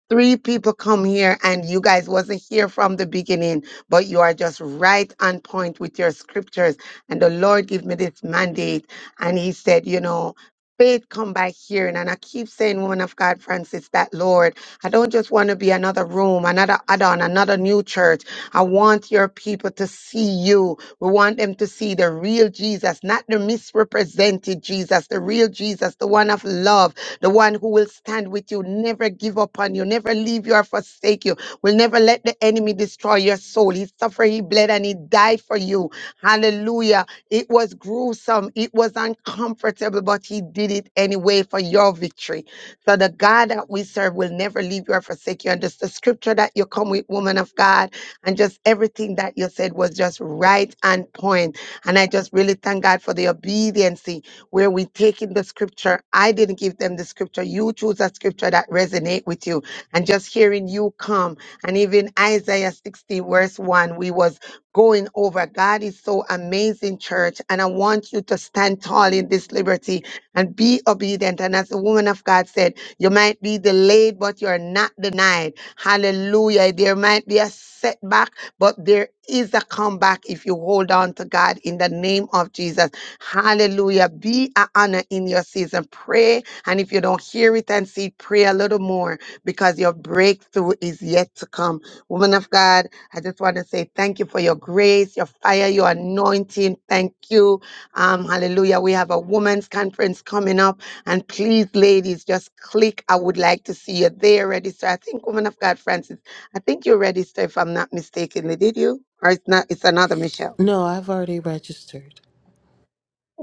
three people come here and you guys wasn't here from the beginning but you are just right on point with your scriptures and the lord gave me this mandate and he said you know faith come by hearing and i keep saying woman of god francis that lord i don't just want to be another room another add-on another new church i want your people to see you we want them to see the real jesus not the misrepresented jesus the real jesus the one of love the one who will stand with you, never give up on you, never leave you or forsake you, will never let the enemy destroy your soul. He suffered, he bled, and he died for you. Hallelujah. It was gruesome, it was uncomfortable, but he did it anyway for your victory. So the God that we serve will never leave you or forsake you. And just the scripture that you come with, woman of God, and just everything that you said was just right and point. And I just really thank God for the obedience where we take in the scripture. I didn't give them the scripture. You choose a scripture that resonate with you. And just hearing you come and even Isaiah 60 verse 1, we was going over. God is so amazing, church. And I want you to stand tall in this liberty and be obedient. And as the woman of God said, you might be delayed, but you're not denied. Hallelujah. There might be a setback, but there is a comeback if you hold on to God in the name of Jesus. Hallelujah. Be an honor in your season. Pray. And if you don't hear it and see, it, pray a little more because your breakthrough is yet to come. Woman of God, I just want to say thank you for your grace, your fire, your anointing. Thank you. Um, hallelujah. We have a women's conference coming up. And please, ladies, just click. I would like to see you there. Register. I think, Woman of God, Francis, I think you registered, if I'm not mistaken. Did you? Or it's not, it's another Michelle. No, I've already registered.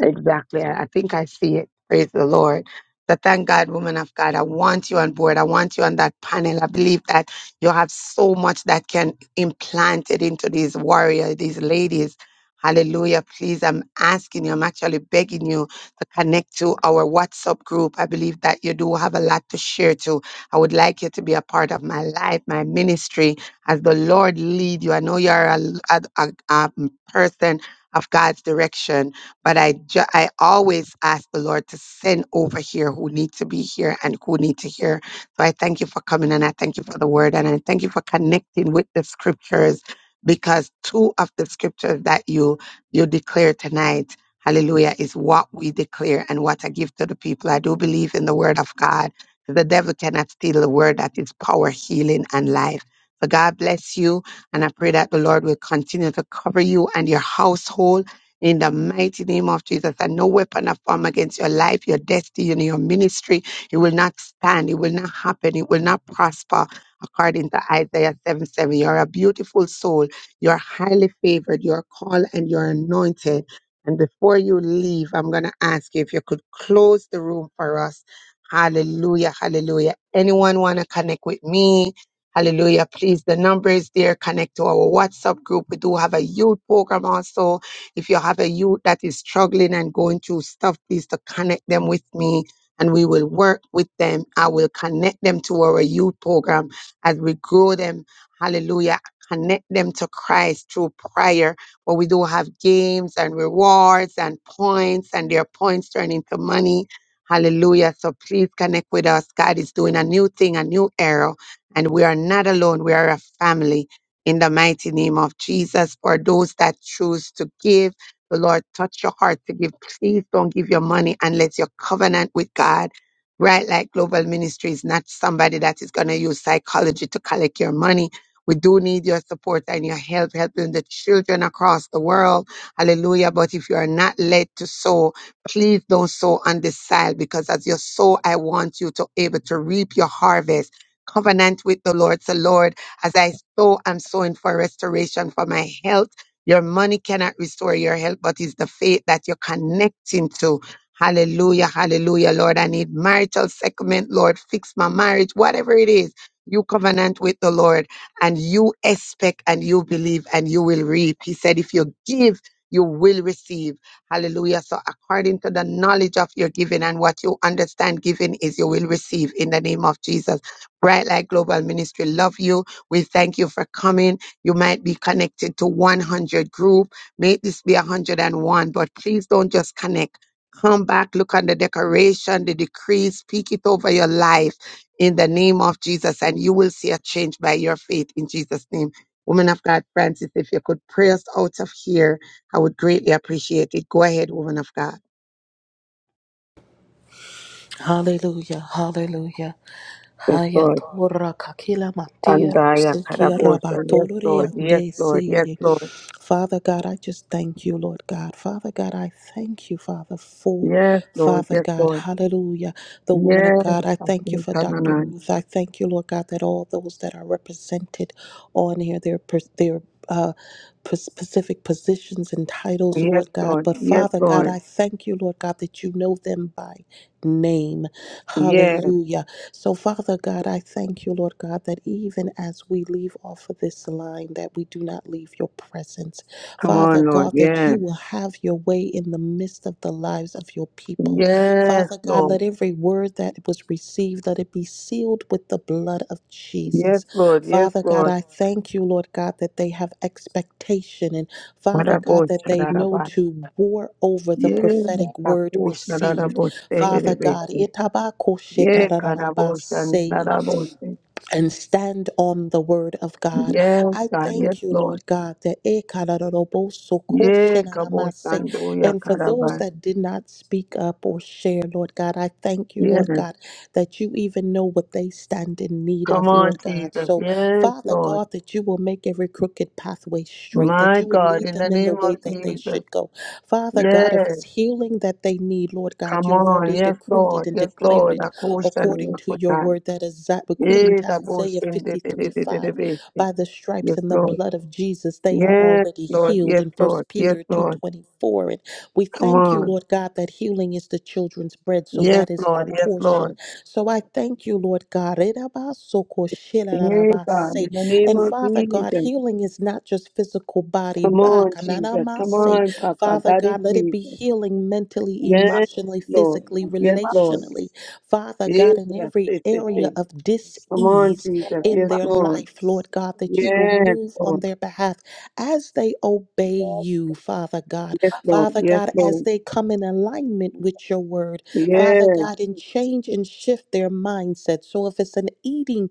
Exactly. I I think I see it. Praise the Lord. So thank God, woman of God. I want you on board. I want you on that panel. I believe that you have so much that can implant it into these warriors, these ladies. Hallelujah. Please, I'm asking you, I'm actually begging you to connect to our WhatsApp group. I believe that you do have a lot to share too. I would like you to be a part of my life, my ministry, as the Lord lead you. I know you're a, a, a a person of God's direction but I ju- I always ask the Lord to send over here who need to be here and who need to hear. So I thank you for coming and I thank you for the word and I thank you for connecting with the scriptures because two of the scriptures that you you declare tonight, hallelujah, is what we declare and what I give to the people. I do believe in the word of God. The devil cannot steal the word that is power, healing, and life. So God bless you, and I pray that the Lord will continue to cover you and your household in the mighty name of Jesus. And no weapon of form against your life, your destiny, and your ministry, it will not stand, it will not happen, it will not prosper. According to Isaiah 7 7, you're a beautiful soul, you're highly favored, you're called and you're anointed. And before you leave, I'm going to ask you if you could close the room for us. Hallelujah, hallelujah. Anyone want to connect with me? Hallelujah. Please, the number is there. Connect to our WhatsApp group. We do have a youth program also if you have a youth that is struggling and going through stuff, please to connect them with me and we will work with them. I will connect them to our youth program as we grow them. Hallelujah. Connect them to Christ through prayer. But we do have games and rewards and points, and their points turn into money. Hallelujah. So please connect with us. God is doing a new thing, a new era. And we are not alone. We are a family in the mighty name of Jesus. For those that choose to give, the Lord touch your heart to give. Please don't give your money unless your covenant with God. Bright Light Global Ministry is not somebody that is going to use psychology to collect your money. We do need your support and your help, helping the children across the world. Hallelujah. But if you are not led to sow, please don't sow on this side because as you sow, I want you to able to reap your harvest. Covenant with the Lord. So Lord, as I sow, I'm sowing for restoration for my health. Your money cannot restore your health, but it's the faith that you're connecting to. Hallelujah, hallelujah, Lord. I need marital settlement, Lord. Fix my marriage, whatever it is. You covenant with the Lord and you expect and you believe and you will reap. He said, if you give, you will receive. Hallelujah. So according to the knowledge of your giving and what you understand giving is, you will receive in the name of Jesus. Bright Light Global Ministry love you we thank you for coming. You might be connected to 100 group. May this be 101, but please don't just connect. Come back, look on the decoration, the decree, speak it over your life in the name of Jesus, and you will see a change by your faith in Jesus' name. Woman of God, Francis, if you could pray us out of here, I would greatly appreciate it. Go ahead, woman of God. Hallelujah. Hallelujah. Yes, Haya Lord. torra kakila matia Andaya rose kia Karabosa. Yes, rabatolore Lord. Yes, ande Lord. Yes, seye. Lord. Father God, I just thank you, Lord God. Father God, I thank you, Father, Yes, Lord. for Yes, Lord. Father Yes, God, Lord. hallelujah. The woman of Yes, God, I I thank you think for come Dr. on. Ruth. I thank you, Lord God, that all those that are represented on here, their pers- their uh, pers- specific positions and titles, Yes, Lord God. Lord. But Yes, Father God, Lord. I thank you, Lord God, that you know them by name. Yes. Hallelujah. So, Father God, I thank you, Lord God, that even as we leave off of this line, that we do not leave your presence. Come Father on, Lord. God, that you Yes. will have your way in the midst of the lives of your people. Yes, Father God, Lord. let every word that was received, let it be sealed with the blood of Yes, Jesus. Lord. Yes, Father God, Lord. I thank you, Lord God, that they have expectation and Father God, Sarabos, that they know sarabas. to war over the In the name Yes, prophetic of word tapos, received. sarabos, Father tegerebes. God, itabako Yes, karabos, and shetarabase name of sarabos. Jesus. and stand on the word of God. Yes, I God. Yes, thank you, Lord. Lord God, that Ekararaboso Yes, kabos, koshenanamase. anduya, and for those karabas. that did not speak up or share, Lord God, I thank you, Yes. Lord God, that you even know what they stand in need Come of, on, Lord God. Jesus. So, Yes, Father Lord. God, that you will make every crooked pathway straight, that My you will God, lead in the them in the name way of that they Jesus. should go. Father God, Yes. if it's healing that they need, Lord God, Come you've on, already yes, decreed it Lord, and yes, declared Lord. it Akosha ni according to your makotai. word that is according Eh, to da bo Isaiah shende de de 53 de de de 5. besi. By the stripes Yes, and the Lord. blood of Jesus, they are Yes, already Lord, healed yes, in Lord, First yes, Peter Lord. 2.24. And we Come thank you, on. Lord God, that healing is the children's bread. So Yes, that is our Lord, yes, portion. Lord. So I God, thank thank you, you. Lord God. And Yes, God, in the name Yes, of Lord. Father God, Jesus. healing is not just physical body. Come Ah, on, Jesus. Come on, Papa. Father Daddy, God, let it be Jesus. healing mentally, Name Yes, of Yes, Lord. emotionally, In the Lord. name physically, of Yes, name of Lord. Jesus. relationally. Jesus. Father God, Yes, in yes, every yes, yes, Name area yes. of Yes, Come Lord. on, dis-ease the Jesus. in name Yes, Yes, of their Lord. I Lord. life, Lord receive God, it. that you will Yes, move on Lord. their behalf as they obey you, Father God. Yes, Lord. Father Yes, God, as Lord. they come in alignment with your word, Yes, Father God, and Jesus. change and shift their mindset. So if it's an eating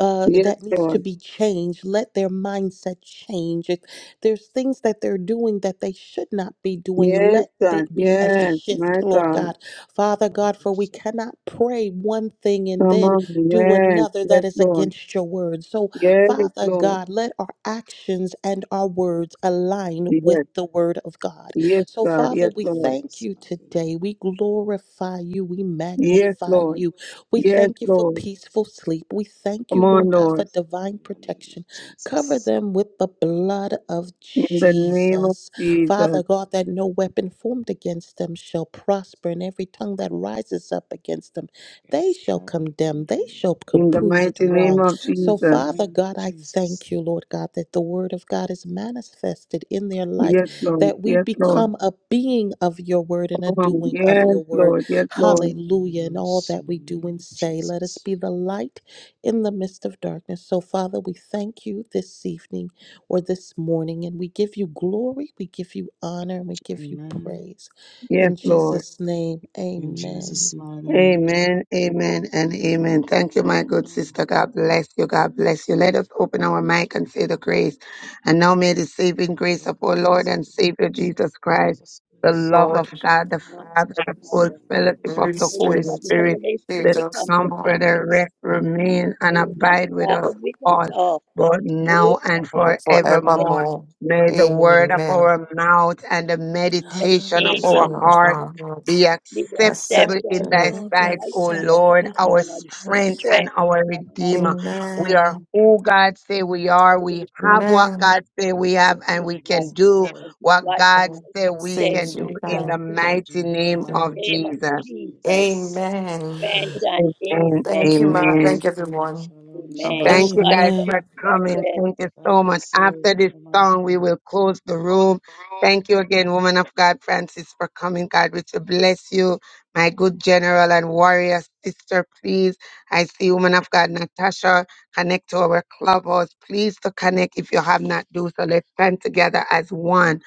uh, yes, that needs Lord. to be changed, let their mindset change. If there's things that they're doing that they should not be doing, Yes, let God. it be a Yes, shift, my Lord Yes, God. Lord. God. Every Father God, for we conviction, Lord. cannot pray one thing and Come then on. do Yes, another that yes, is Lord. against your word. So, Yes, Father Lord. God, let our actions and our words align with Yes, the word of God. yes, So, God. Father, Yes, we In Lord. thank Jesus' you mighty name. today. We glorify you. We Yes, magnify Lord. you. We Yes, thank you for Lord. peaceful sleep. We thank Come you, on, Lord God, for Lord. Yes, Lord, divine in the name of protection. Cover Jesus. them with the blood of In the name of Jesus. Father Jesus. God, that no weapon formed against them shall prosper, and every tongue that rises up against them, they Yes, shall shall be condemn, they condemned shall c- In the prove it mighty name wrong. of So, in the Jesus. Father name of God, I Jesus. thank you, Lord God, that the word of God is manifested in their life, Yes, Amen. Lord. that we Yes, Lord. become a being of your word and a Come on. doing of Yes, your word. Lord. Yes, Lord. Lord, Hallelujah. And all that we in the do name and of say, let us Jesus. be the light in the midst of darkness. So, Father, we thank you this evening or this morning. And we give you glory, we give you honor, and we give you Amen. praise. Yes, In Lord. Jesus' name, In amen. Jesus' mighty name. Amen, amen, and amen. Thank you, my good Amen. sister. God bless you. God bless you. Let us open our mic and say the grace. And now may the saving grace The of our Lord grace of and the Lord Savior Jesus Jesus, Christ, Jesus the Christ, love Lord. of and God the the Father, Father, the and the full Son, and the fellowship fellowship of Holy of the the Holy Holy That Spirit, the Spirit, Spirit, Holy be the with Spirit us comforter. now be with comforter, us rest, remain, and Amen. abide with us Father, because all, of all, both now move and and forevermore. forevermore. May the word of Amen. our mouth and the and the meditation of Hallelujah. meditation our Return meditation of heart upon our hearts. be is the Yes, sir. acceptable in accepted thy acceptable. Build that sight, by O sight, side Lord, O Lord. our Our strength s- prayer and our and redeemer. We forgiveness. are Hallelujah. Amen. who God say we are. We Every God, have what Amen. God say we have, and saving we us, can Yes, do Lord. and what what God you say we said can Says we do we in can the can. do. mighty In the name of mighty Name name of of Jesus. Jesus, Jesus. Amen. amen and Amen. amen. Thank you, Amen. Ma. Amen. Thank you, Shalom, everyone. shalom, God Amen. Thank bless. shalom. you God guys Amen. for coming. bless. Thank you God so much. bless you, After this woman of song, we God. will close the room. Thank you again, woman of God, Francis, for coming. God, which will bless you, my good general and warrior sister, please. I see woman of God, Natasha, connect to our clubhouse. Please to connect if you have not do so. Let's stand together as one,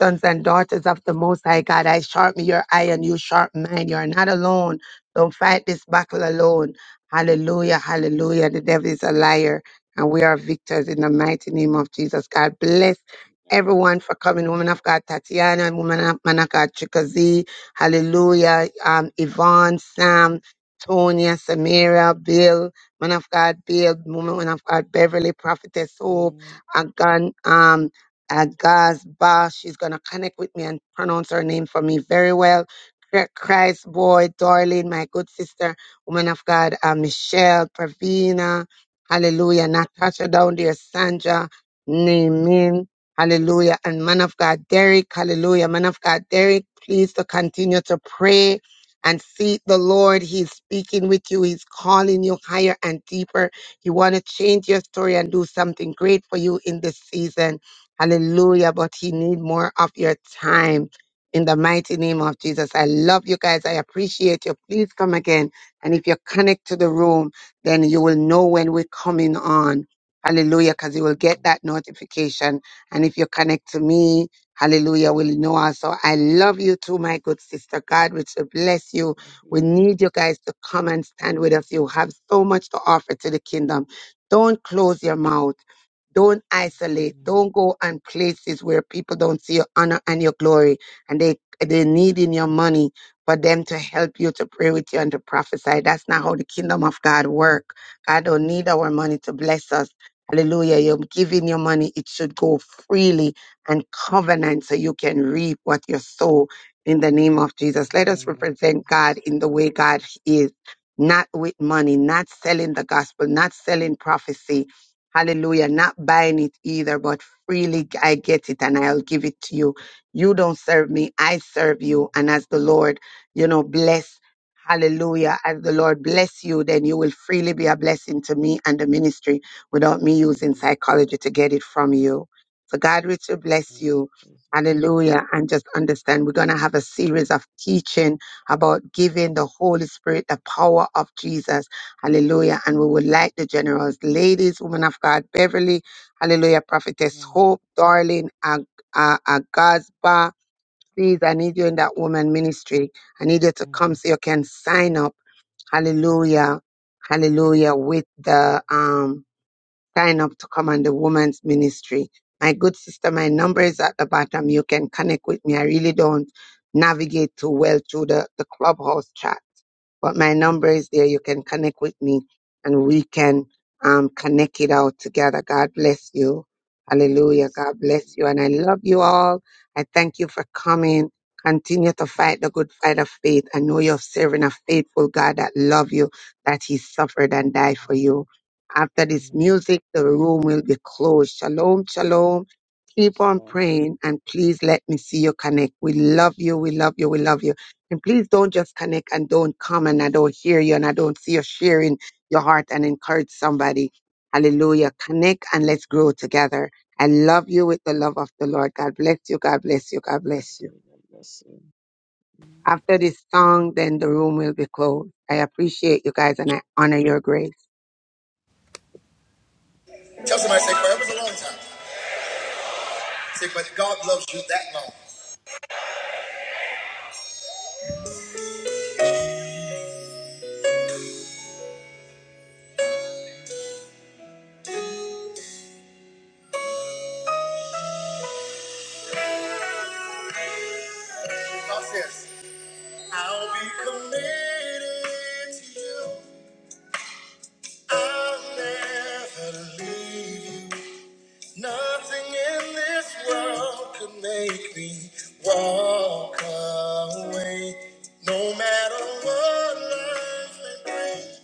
sons and daughters of the Most High God. I sharpen your eye and you sharpen mine. You are not alone. Don't fight this battle alone. Hallelujah, hallelujah. The devil is a liar, and we are victors in the mighty name of Jesus. God bless everyone for coming. Woman of God, Tatiana, woman of man of God, Chickasee. Hallelujah. Um, Yvonne, Sam, Tonya, Samira, Bill, man of God, Bill, woman of God, Beverly, Prophetess Hope, Amen. Agan, um, Agaz Boss. She's going to connect with me and pronounce her name for me very well. Christ boy, darling, my good sister woman of God, uh, Michelle, Pravina, hallelujah, Natasha down there, Sandra, Naaman, hallelujah, and man of God, Derek, hallelujah, man of God, Derek, please to continue to pray and seek the Lord. He's speaking with you. He's calling you higher and deeper. He want to change your story and do something great for you in this season. Hallelujah, but he need more of your time. In the mighty name of Jesus, I love you guys. I appreciate you. Please come again. And if you connect to the room, then you will know when we're coming on. Hallelujah, because you will get Amen. that notification. And if you connect to me, hallelujah, we will know also. I love you too, my good sister. God, which will bless you. Love We you. need you guys to come and stand with us. You have so much to offer to the kingdom. Don't close your mouth. Don't isolate. Amen. Don't go on places where people don't see your honor and your glory and they they're needing your money for them to help you to pray with you and to prophesy. That's not how the kingdom of God work. God Amen. don't need our money to bless us. Hallelujah. You're giving your money. It should go freely and covenant so you can reap what you sow in the name of Jesus. In Let the us name of represent God Jesus. in the way God is, not with money, not selling the gospel, not selling prophecy, Hallelujah. Not buying it either, but freely I get it and I'll give it to you. You don't serve me. I serve you. And as the Lord, you know, bless. Hallelujah. As the Lord bless you, then you will freely be a blessing to me and the ministry without me using Amen. psychology to get it from you. So God richly In the bless name of you. Jesus. Hallelujah. And just understand we're going to have a series of teaching about giving the Holy Spirit the power of Jesus Hallelujah. And we would like the generous ladies, women of God, Beverly. Hallelujah. Prophetess Amen. Hope, darling, Ag- uh, Agazba. Please, I need you in that woman ministry. I need you to Amen. come so you can sign up. Hallelujah. Amen. Hallelujah. With the um sign up to come on the woman's ministry. My good sister, my number is Amen. at the bottom. You can connect with me. I really don't navigate too well through the, the clubhouse chat but my number Amen. is there. You can connect with me and we can um, connect it out together. God bless you. God Hallelujah. bless you. God bless you. And I love you all. I thank you for coming. Continue to fight the good fight of faith. I know you're serving a faithful God that love you, that he suffered and died for you. After this Amen. Amen. music, the room will be closed. Shalom, shalom. Keep on Shalom. praying and please let me see you connect. We love you. We love you. We love you. And please don't just connect and don't comment. I don't hear you and I don't see you sharing your heart and encourage somebody. Hallelujah. Connect and let's grow together. I love you with the love of the Lord. God bless you. God bless you. God God bless bless you. you. God bless you. After this song, then the room will be closed. I appreciate you guys and I honor your grace. Tell somebody, say forever's a long time. Say, but God loves you that long. God says, I'll be committed to you. I'll never leave you. Nothing in this world could make me walk away. No matter what life may bring,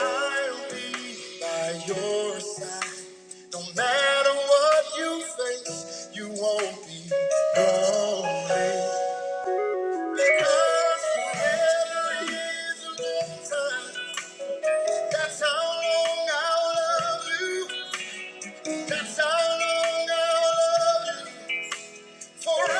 I'll be by your side. No matter what you face, you won't be lonely. Because forever is a long time. That's how long I'll love you. That's how long I'll love you. No matter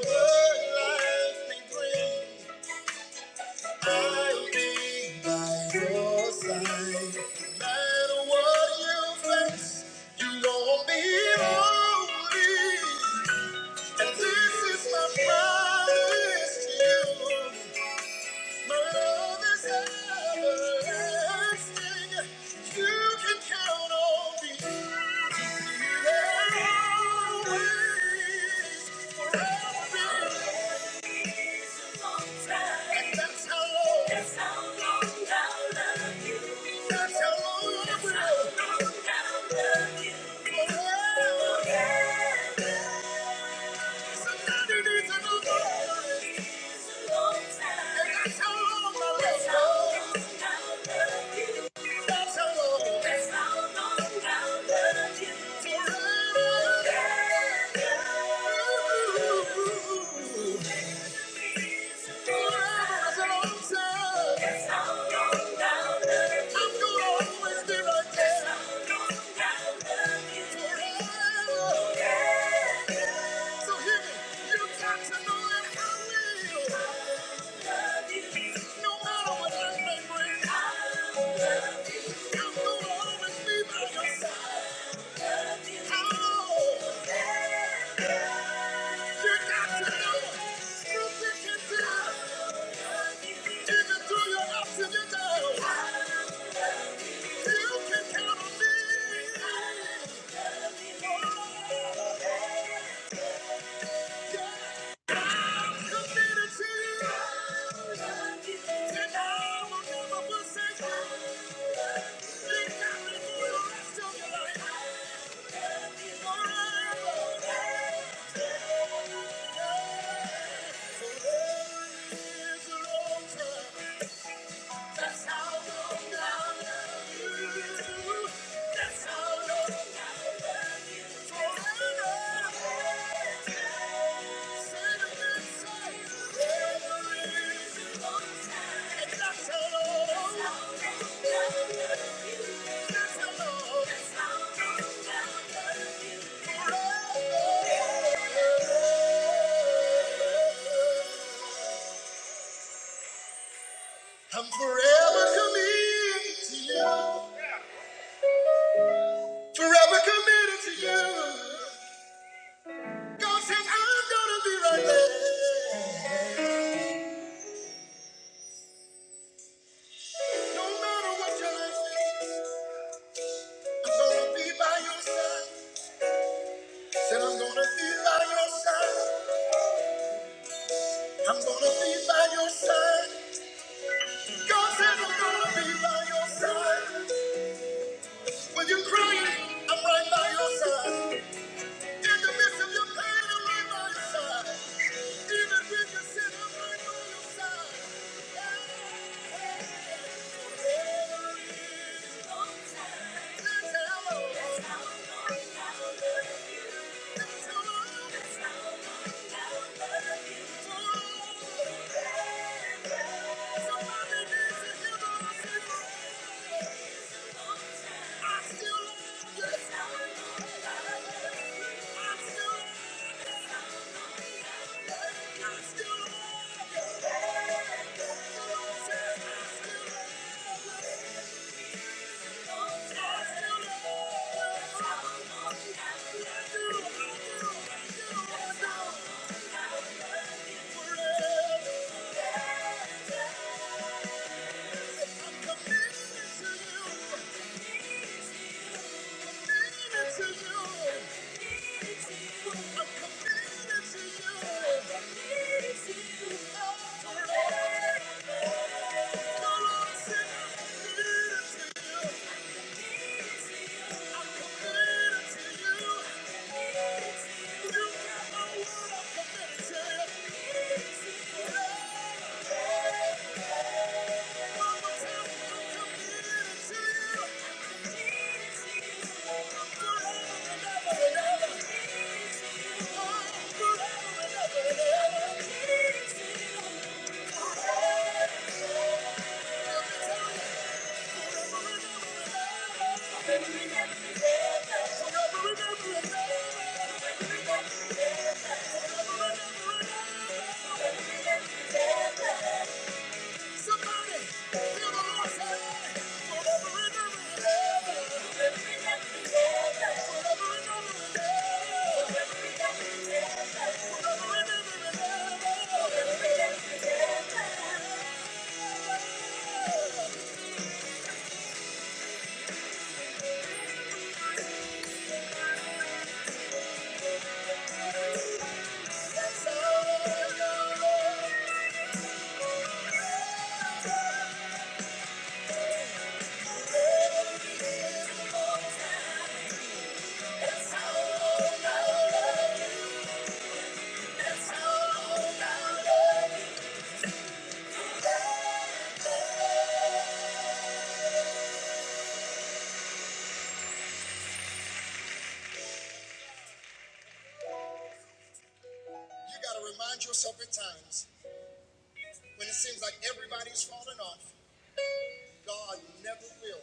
what life may bring, I'll be by your side. No matter what you face, you gon' be lonely. And this is my promise to you. My love is everlasting. You can count on me. You're always forever. And that's how long. That's how long I'll love you. That's how long I will. That's how long I'll love you. That's how long I'll love you. I'm gonna always be right there. Even through your ups and your downs. Yeah. That's how long I love you. That's how long I love you. Forever. Forever is a long time. that's how long. That's how long I love you. That's how long. That's how love you. Forever. I'm forever committed to you. Forever committed to you. God says I'm gonna be right there. No matter what your life is, I'm gonna be by your side. Said I'm gonna be by your side. I'm gonna be by your side. God said I'm gonna be by your side. When you're crying, I'm right by your side. In the midst of your pain, I'm right by your side. Even when you sin, I'm right by your side. I've still Thank you. I'm committed Thank you. Mama, tell me I'm committed to you. Thank you. Somebody, feel the Lord's hand. Forever and ever and ever. Forever and ever and ever. Forever and ever and ever. Forever and ever and ever. Forever and ever and ever. Forever and ever and ever. Yes, You got to remind yourself at times when it seems like everybody's falling off, God never will.